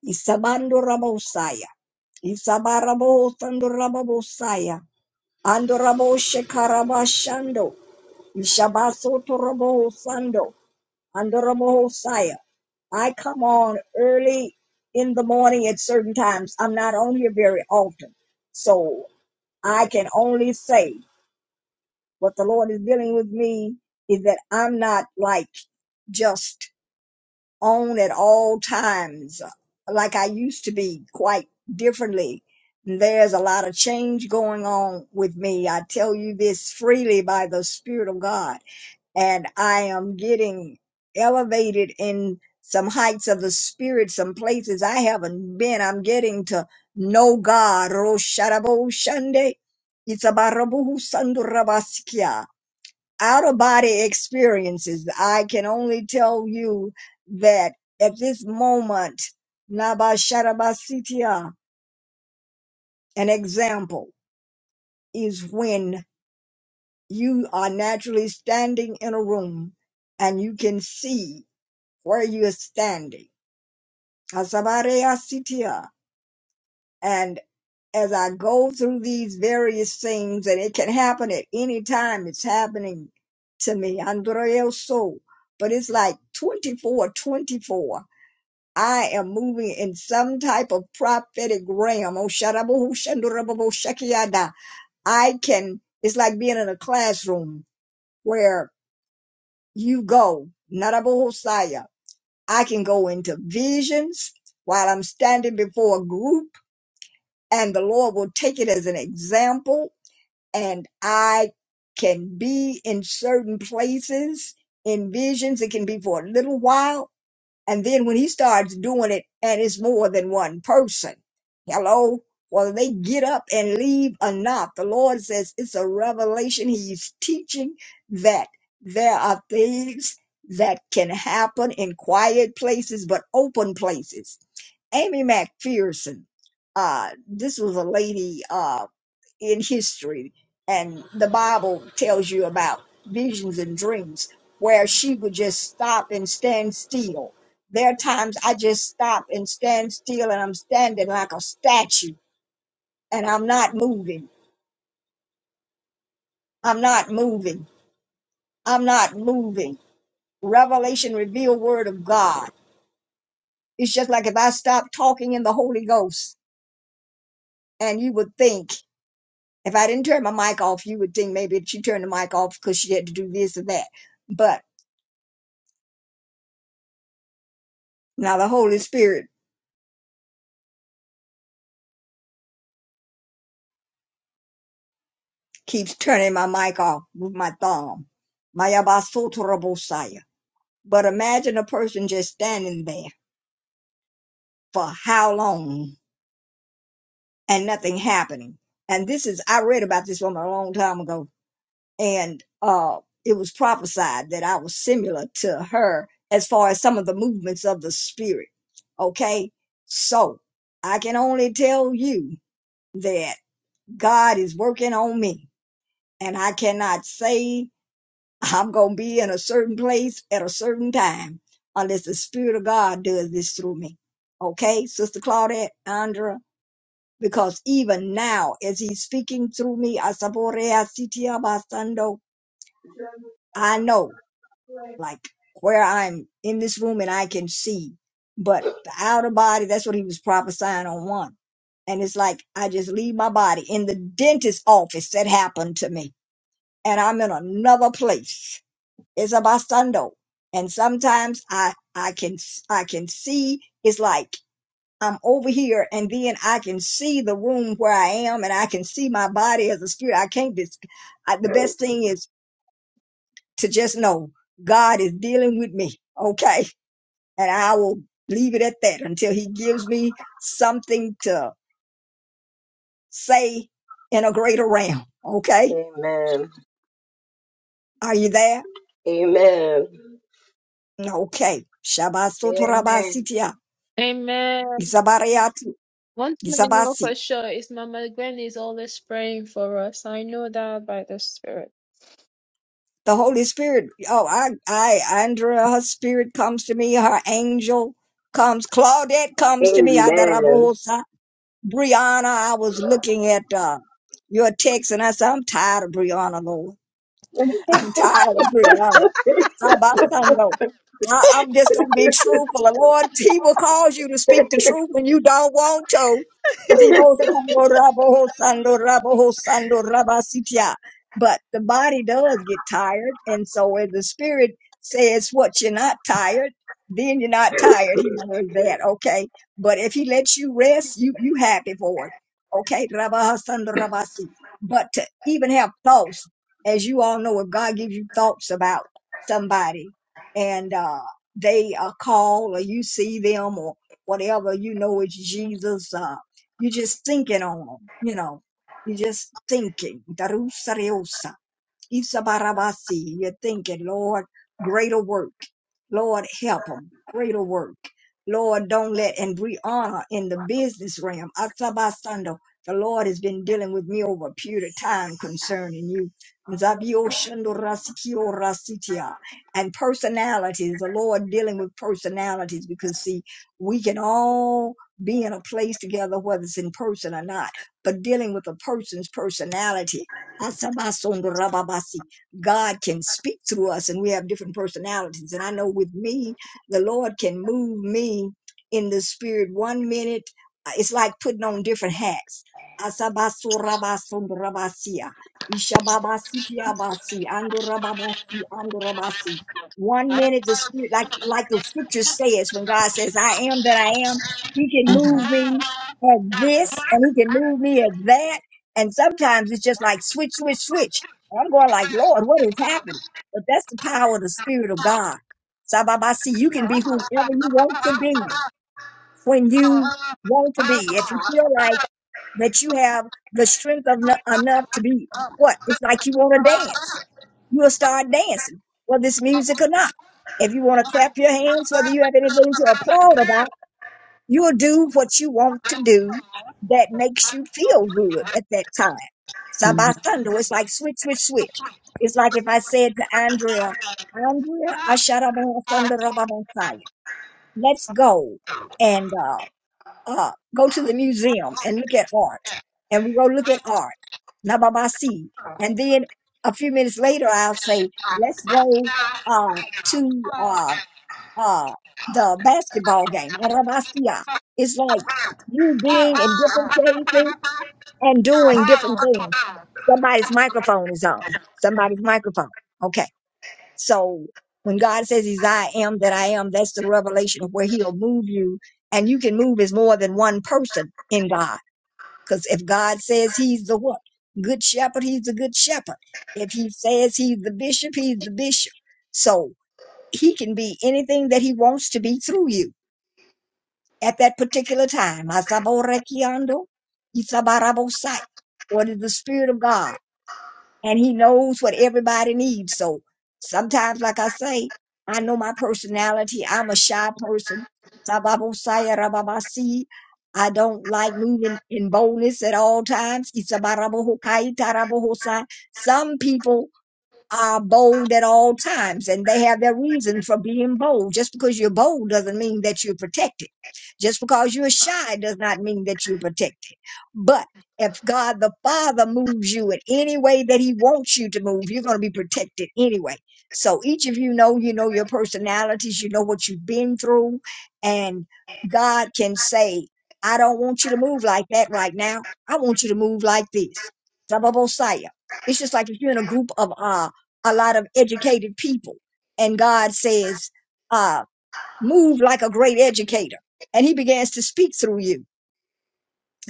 Speaker 1: Isabandorabosaya. Isabarabosandorababosaya. Andoraboshekarabashando. Ishabasotorabosando. Andoromosaya. I come on early in the morning at certain times. I'm not on here very often. So I can only say what the Lord is dealing with me is that I'm not like just on at all times like I used to be quite differently. There's a lot of change going on with me. I tell you this freely by the Spirit of God and I am getting elevated in some heights of the spirit, some places I haven't been. I'm getting to know God. Rosharabo Shande, Itzabarabuhu Sandurabaskia. Out of body experiences. I can only tell you that at this moment, Nabasharabasitia, an example is when you are naturally standing in a room and you can see where you're standing. Asabariasitia. And as I go through these various things, and it can happen at any time, it's happening to me. Andreo so. But it's like 24, 24. I am moving in some type of prophetic realm. Oh, sharabahu, shandurabahu, shakiada. I can, it's like being in a classroom where you go. Narabahosaya. I can go into visions while I'm standing before a group, and the Lord will take it as an example. And I can be in certain places in visions. It can be for a little while, and then when he starts doing it, and it's more than one person, hello, whether they get up and leave or not, the Lord says it's a revelation. He's teaching that there are things that can happen in quiet places, but open places. Amy MacPherson, uh, this was a lady. Uh, in history and the Bible tells you about visions and dreams where she would just stop and stand still. There are times I just stop and stand still and I'm standing like a statue and I'm not moving. I'm not moving. I'm not moving. Revelation reveal word of God. It's just like if I stopped talking in the Holy Ghost and you would think if I didn't turn my mic off, you would think maybe she turned the mic off because she had to do this or that. But now the Holy Spirit keeps turning my mic off with my thumb. Mayabasotorobosaya. But imagine a person just standing there for how long and nothing happening. And this is, I read about this woman a long time ago, and uh, it was prophesied that I was similar to her as far as some of the movements of the spirit. Okay? So I can only tell you that God is working on me, and I cannot say I'm going to be in a certain place at a certain time unless the Spirit of God does this through me. Okay, Sister Claudette, Andra, because even now, as He's speaking through me, Asaborea Sitia Basando, I know, like, where I'm in this room and I can see. But the outer body, that's what He was prophesying on one. And it's like, I just leave my body in the dentist's office that happened to me, and I'm in another place It's abasando. And sometimes I I can I can see it's like I'm over here and then I can see the room where I am and I can see my body as a spirit. I can't dis- I, the best thing is to just know God is dealing with me. Okay. And I will leave it at that until he gives me something to say in a greater realm. Okay.
Speaker 6: Amen.
Speaker 1: Are you there?
Speaker 6: Amen.
Speaker 1: Okay.
Speaker 2: Amen.
Speaker 1: Shabasotorabasitia.
Speaker 5: Amen.
Speaker 1: Isabariatu.
Speaker 5: One thing I know
Speaker 1: Isabasi.
Speaker 5: for sure is Mama Gwen is always praying for us. I know that by the Spirit.
Speaker 1: The Holy Spirit. Oh, I, I, Andrea, her spirit comes to me. Her angel comes. Claudette comes to me.
Speaker 6: Amen.
Speaker 1: Adarabosa. Brianna, I was looking at uh, your text and I said, I'm tired of Brianna, Lord. I'm tired of being honest. How about Sunday? I, I'm just gonna be truthful. The Lord, He will cause you to speak the truth when you don't want to. Sibo sando rabo ho sando rabo ho sando raba sitia. But the body does get tired, and so if the spirit says what you're not tired, then you're not tired. He does that, okay? But if he lets you rest, you you happy for it, okay? Raba ha sando raba si. But to even have thoughts as you all know, if God gives you thoughts about somebody and uh, they uh, call or you see them or whatever, you know it's Jesus. Uh, you're just thinking on them, you know. You're just thinking. Isabarabasi, you're thinking, Lord, greater work. Lord, help them, greater work. Lord, don't let, and we honor in the business realm. Asabasando, the Lord has been dealing with me over a period of time concerning you. Nzabio shando rasikio rasitia. And personalities, the Lord dealing with personalities because see, we can all be in a place together, whether it's in person or not, but dealing with a person's personality Asabasondorababasi. God can speak through us, and we have different personalities. And I know with me, the Lord can move me in the spirit one minute. uh, It's like putting on different hats. Asabasorabasondorabasia. Ishababasitiabasi. Andorababasi. Andorabasi. One minute the spirit, like like the scripture says, when God says, I am that I am, he can move me at this and he can move me at that and sometimes it's just like switch, switch, switch. And I'm going like, Lord, what is happening? But that's the power of the Spirit of God. Sababasi, you can be whomever you want to be when you want to be. If you feel like that you have the strength of no- enough to be what? It's like you want to dance. You'll start dancing, whether it's music or not. If you want to clap your hands, whether you have anything to applaud about, You'll do what you want to do that makes you feel good at that time. So
Speaker 3: Mhm.
Speaker 1: by thunder, it's like switch, switch, switch. It's like if I said to Andrea, Andrea, Asharabon Sundarababonsaya, let's go and uh, uh, go to the museum
Speaker 3: Mhm.
Speaker 1: and look at art. And we go look at art. Nababasi. And then a few minutes later, I'll say, let's go uh, to uh uh, the basketball game, Arabastia. It's like you being in different places and doing different things. Somebody's microphone is on. Somebody's microphone. Okay. So when God says he's I am that I am, that's the revelation of where he'll move you. And you can move as more than one person in God. Because if God says he's the what? Good shepherd, he's the good shepherd. If he says he's the bishop, he's the bishop. So he can be anything that he wants to be through you at that particular time. Asaborekiando, isabarabosai, Or it is the Spirit of God, and He knows what everybody needs. So sometimes, like I say, I know my personality. I'm a shy person. Sababosai, rababasi. I don't like moving in boldness at all times. Isabarabohokai, tarabohosai. Some people are bold at all times and they have their reason for being bold. Just because you're bold doesn't mean that you're protected. Just because you're shy does not mean that you're protected. But if God the Father moves you in any way that He wants you to move, you're going to be protected anyway. So each of you know, you know your personalities, you know what you've been through, and God can say, I don't want you to move like that right now. I want you to move like this. Blah, blah, blah, Saya. It's just like if you're in a group of uh a lot of educated people. And God says, uh, move like a great educator. And he begins to speak through you.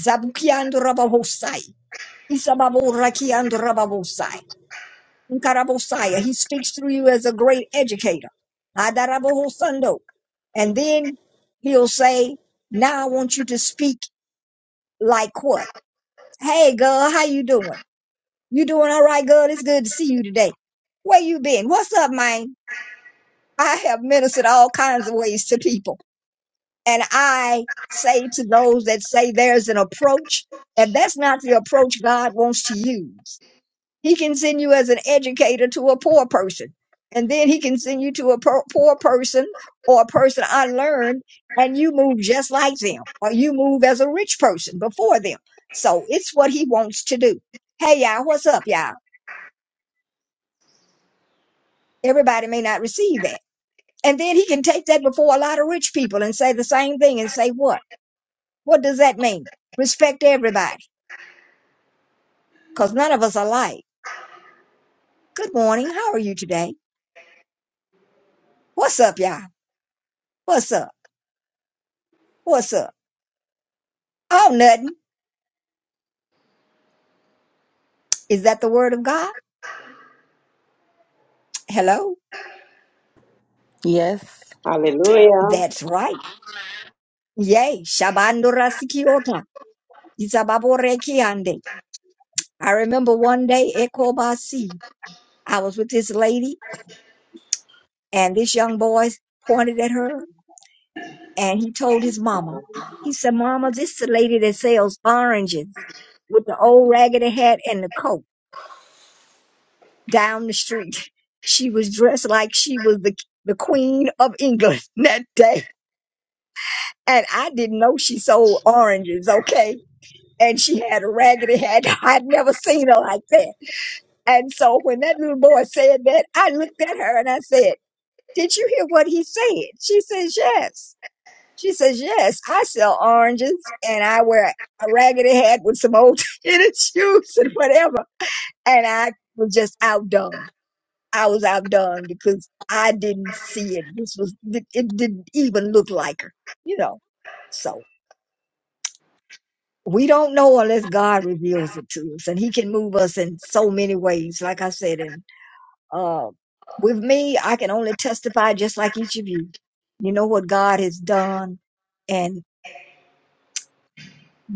Speaker 1: Zabukiandorabahosai. Isababorakiandorabahosai. Nkarabosai. He speaks through you as a great educator. Adarabohosando. And then he'll say, now I want you to speak like what? Hey, girl, how you doing? You doing all right, girl? It's good to see you today. Where you been? What's up, man? I have ministered all kinds of ways to people. And I say to those that say there's an approach, if that's not the approach God wants to use, He can send you as an educator to a poor person. And then He can send you to a po- poor person or a person unlearned, and you move just like them, or you move as a rich person before them. So it's what He wants to do. Hey, y'all, what's up, y'all? Everybody may not receive that And then he can take that before a lot of rich people and say the same thing and say, what? What does that mean? Respect everybody because none of us are alike. Good morning. How are you today? What's up, y'all? What's up? What's up? Oh, nothing. Is that the word of God? Hello?
Speaker 3: Yes.
Speaker 6: Hallelujah.
Speaker 1: That's right. Yay. Shabando rasikiota. Isababore kiande. I remember one day, Ekobasi, I was with this lady and this young boy pointed at her and he told his mama. He said, "Mama, this is the lady that sells oranges with the old raggedy hat and the coat down the street. She was dressed like she was the the queen of England that day, and I didn't know she sold oranges. Okay." And she had a raggedy hat. I'd never seen her like that. And so when that little boy said that, I looked at her and I said, Did you hear what he said? She says, Yes. She says, Yes, I sell oranges and I wear a raggedy hat with some old tennis shoes and whatever. And I was just outdone. I was outdone because I didn't see it. This was, it it didn't even look like her, you know. So we don't know unless God reveals it to us and he can move us in so many ways. Like I said, and, uh, with me, I can only testify just like each of you. You know what God has done and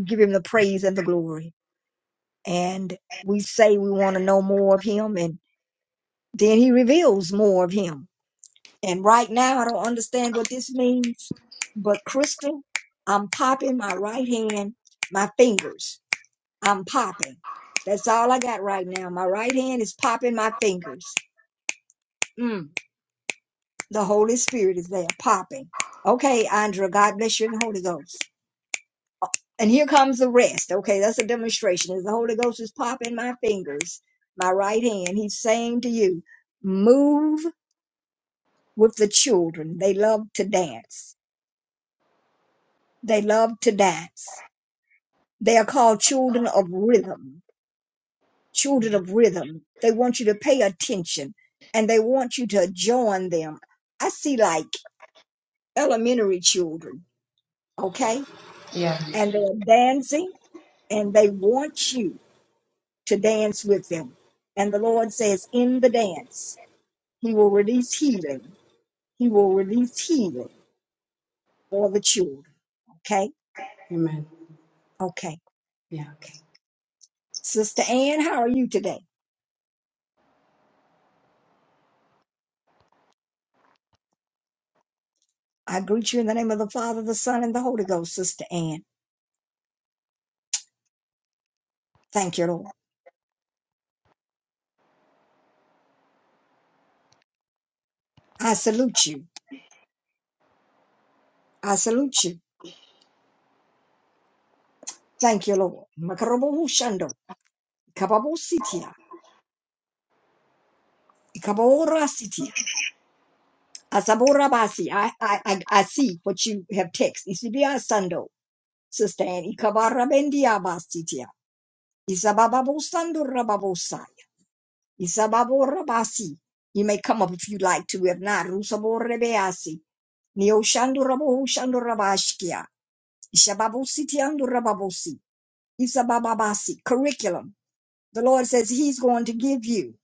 Speaker 1: give him the praise and the glory. and we say we want to know more of him and then he reveals more of him and right now i don't understand what this means but crystal i'm popping my right hand my fingers i'm popping that's all i got right now my right hand is popping my fingers mm, the holy spirit is there popping okay andra god bless you in the holy ghost And here comes the rest. Okay, that's a demonstration. As the Holy Ghost is popping my fingers, my right hand, he's saying to you, move with the children. They love to dance. They love to dance. They are called children of rhythm, children of rhythm. They want you to pay attention and they want you to join them. I see like elementary children, okay?
Speaker 7: Yeah.
Speaker 1: And they're dancing and they want you. to dance with them. And the Lord says, in the dance, He will release healing. He will release healing for the children. Okay?
Speaker 7: Amen.
Speaker 1: Okay.
Speaker 7: Yeah.
Speaker 1: Okay. Sister Ann, how are you today? I greet you in the name of the Father, the Son, and the Holy Ghost, Sister Ann. Thank you, Lord. I salute you. I salute you. Thank you, Lord. Makarobohushando, ikababositia, ikaborasitia, asaborabasi. I, I, I I see what you have text. Isibiasando. Sustani kabarra bendia bastitia. Isabababosando rababosaya. Isababora basi. You may come up if you like to. If not, rusaborre beasi. Neoshando rabohushando rabashkia. Isababositiando rababosi. Isabababasi. Curriculum. The Lord says He's going to give you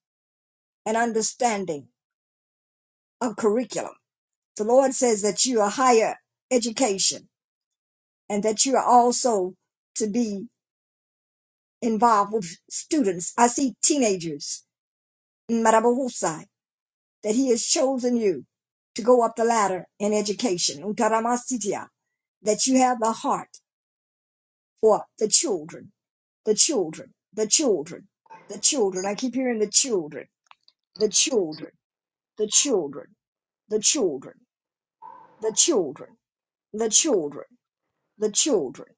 Speaker 1: an understanding of curriculum. The Lord says that you are higher education and that you are also to be involved with students. I see teenagers Marabahusai, that he has chosen you to go up the ladder in education. Utaramasitia, that you have the heart for the children, the children, the children, the children. I keep hearing the children, the children, the children, the children, the children, the children, the children,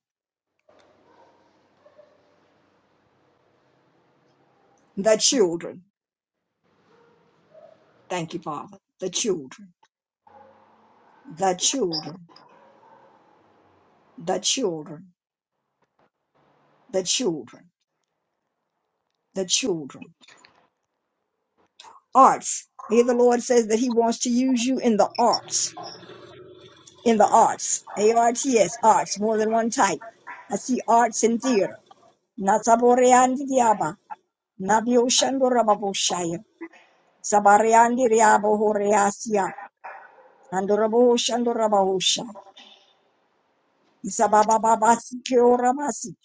Speaker 1: the children. Thank you, Father. The children, the children, the children, the children, the children arts. Here the Lord says that He wants to use you in the arts, in the arts, A R T S, arts, more than one type. I see arts in theater. Nasaboreandi diaba, nabioshandorababoshaya, sabareandi riabohoreasia, andoraboshandorabaosha, isababababasi keoramasi,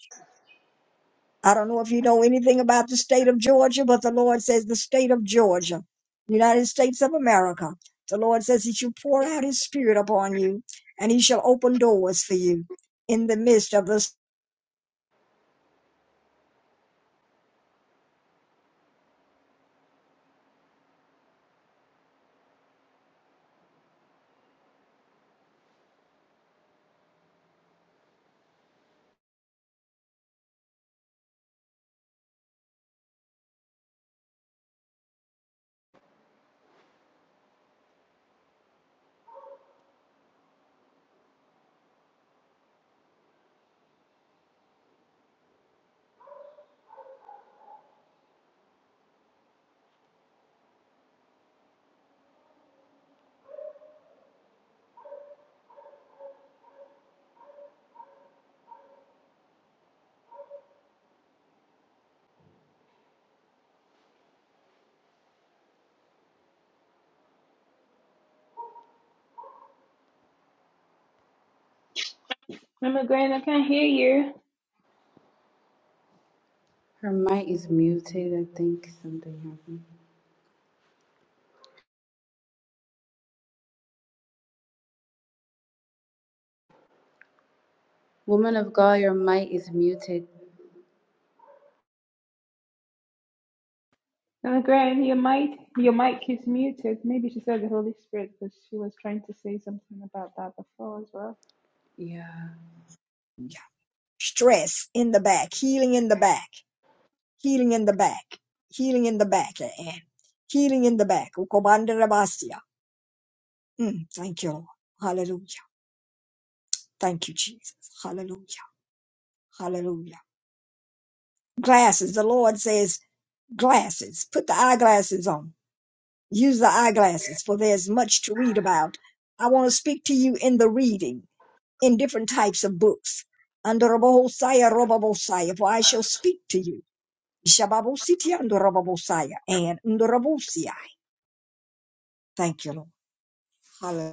Speaker 1: I don't know if you know anything about the state of Georgia, but the Lord says the state of Georgia, United States of America, the Lord says he shall pour out his spirit upon you and he shall open doors for you in the midst of the
Speaker 5: Mama Gwen, I can't hear you.
Speaker 7: Her mic is muted. I think something happened. Woman of God, your mic is muted.
Speaker 5: Uh, Graham, your mic, your mic is muted. Maybe she said the Holy Spirit because she was trying to say something about that before as well.
Speaker 7: Yeah.
Speaker 1: stress in the back, healing in the back, healing in the back, healing in the back, and healing in the back. Ukobandarabasia. Mm, thank you, Lord. Hallelujah. Thank you, Jesus. Hallelujah. Hallelujah. Glasses, the Lord says. glasses. Put the eyeglasses on. Use the eyeglasses, for there's much to read about. I want to speak to you in the reading, in different types of books. Andorobosaya, robobosaya, for I shall speak to you. Shababositi, andorobosaya, and andorobosia. Thank you, Lord. Hallelujah.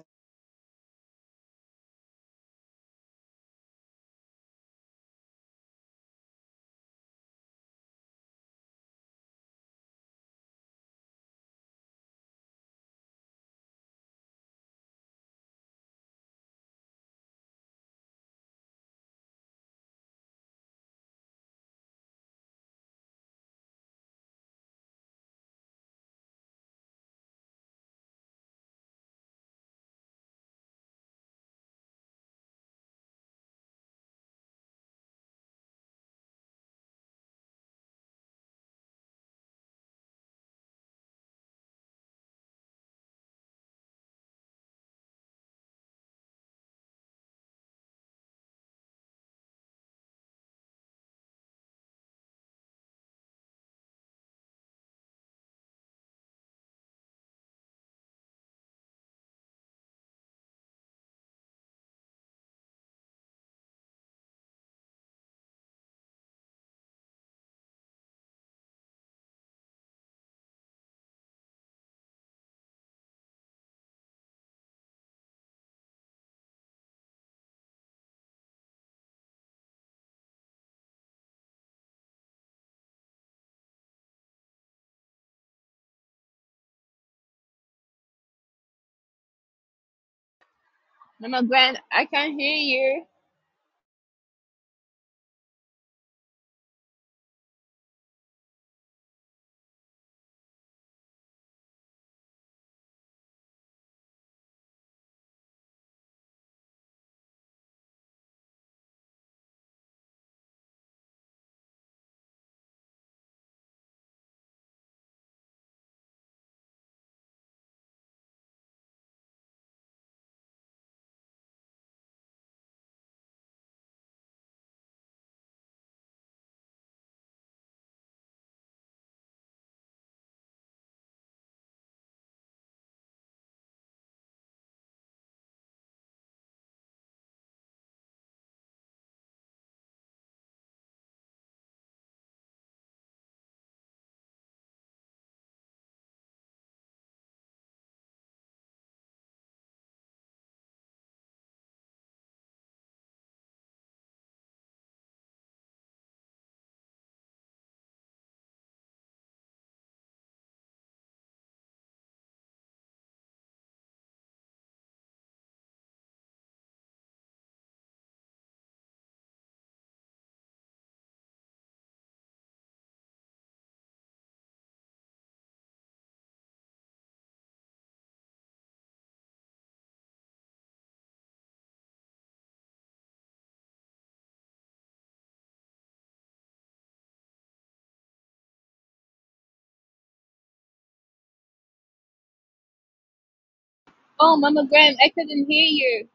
Speaker 5: Mama Grant, I can't hear you. Oh, Mama Grant, I couldn't hear you.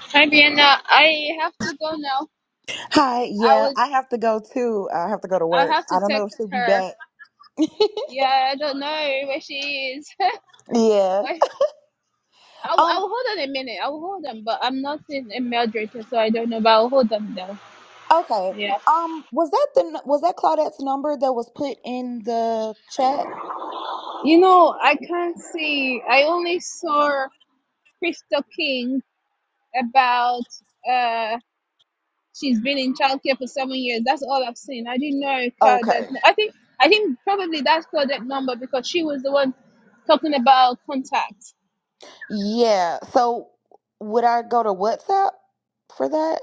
Speaker 5: Hi, Brianna. I have to go now.
Speaker 3: Hi.
Speaker 5: I
Speaker 3: Yeah,
Speaker 5: would.
Speaker 3: I have to go too. I have to go to
Speaker 5: I
Speaker 3: work.
Speaker 5: have
Speaker 3: I
Speaker 5: to
Speaker 3: don't know if she'll
Speaker 5: text
Speaker 3: be
Speaker 5: her.
Speaker 3: back.
Speaker 5: Yeah, I don't know where she is.
Speaker 3: Yeah.
Speaker 5: Wait, I'll,
Speaker 3: Um.
Speaker 5: I'll hold on a minute. I'll hold on, but I'm not in a moderator, so I don't know. But I'll hold on though.
Speaker 3: Okay.
Speaker 5: Yeah.
Speaker 3: Um. Was that the was that Claudette's number that was put in the chat?
Speaker 5: You know, I can't see. I only saw Crystal King about uh she's been in childcare for seven years. That's all I've seen. I didn't know Claudette.
Speaker 3: Okay.
Speaker 5: I think I think probably that's Claudette number because she was the one talking about contact.
Speaker 3: Yeah. So would I go to WhatsApp for that?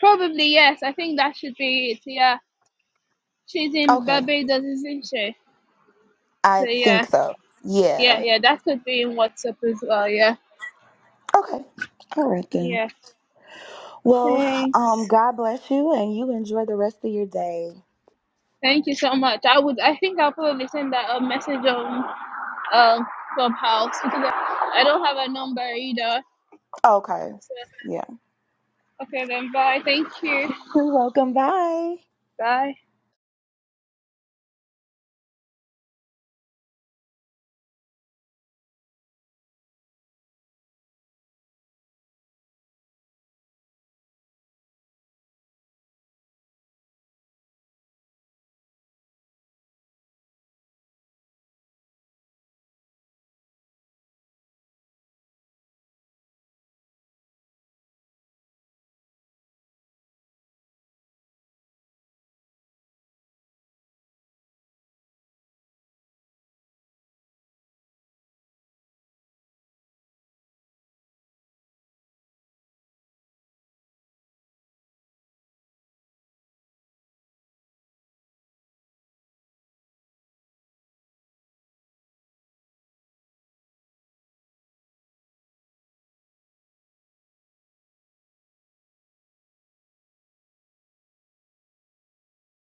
Speaker 5: Probably yes. I think that should be it. Yeah, she's in
Speaker 3: Okay.
Speaker 5: Barbados, isn't she?
Speaker 3: I
Speaker 5: So
Speaker 3: think
Speaker 5: yeah,
Speaker 3: so.
Speaker 5: yeah,
Speaker 3: Yeah.
Speaker 5: yeah. That could be in WhatsApp as well. Yeah,
Speaker 3: Okay. All right then.
Speaker 5: yeah.
Speaker 3: Well, um,
Speaker 5: Thanks.
Speaker 3: God bless you and you enjoy the rest of your day.
Speaker 5: Thank you so much. I would. I think I'll probably send that a message on um Clubhouse because I I don't have a number either.
Speaker 3: Okay.
Speaker 5: So
Speaker 3: Yeah.
Speaker 5: Okay then, bye. Thank you.
Speaker 3: You're welcome. Bye.
Speaker 5: Bye.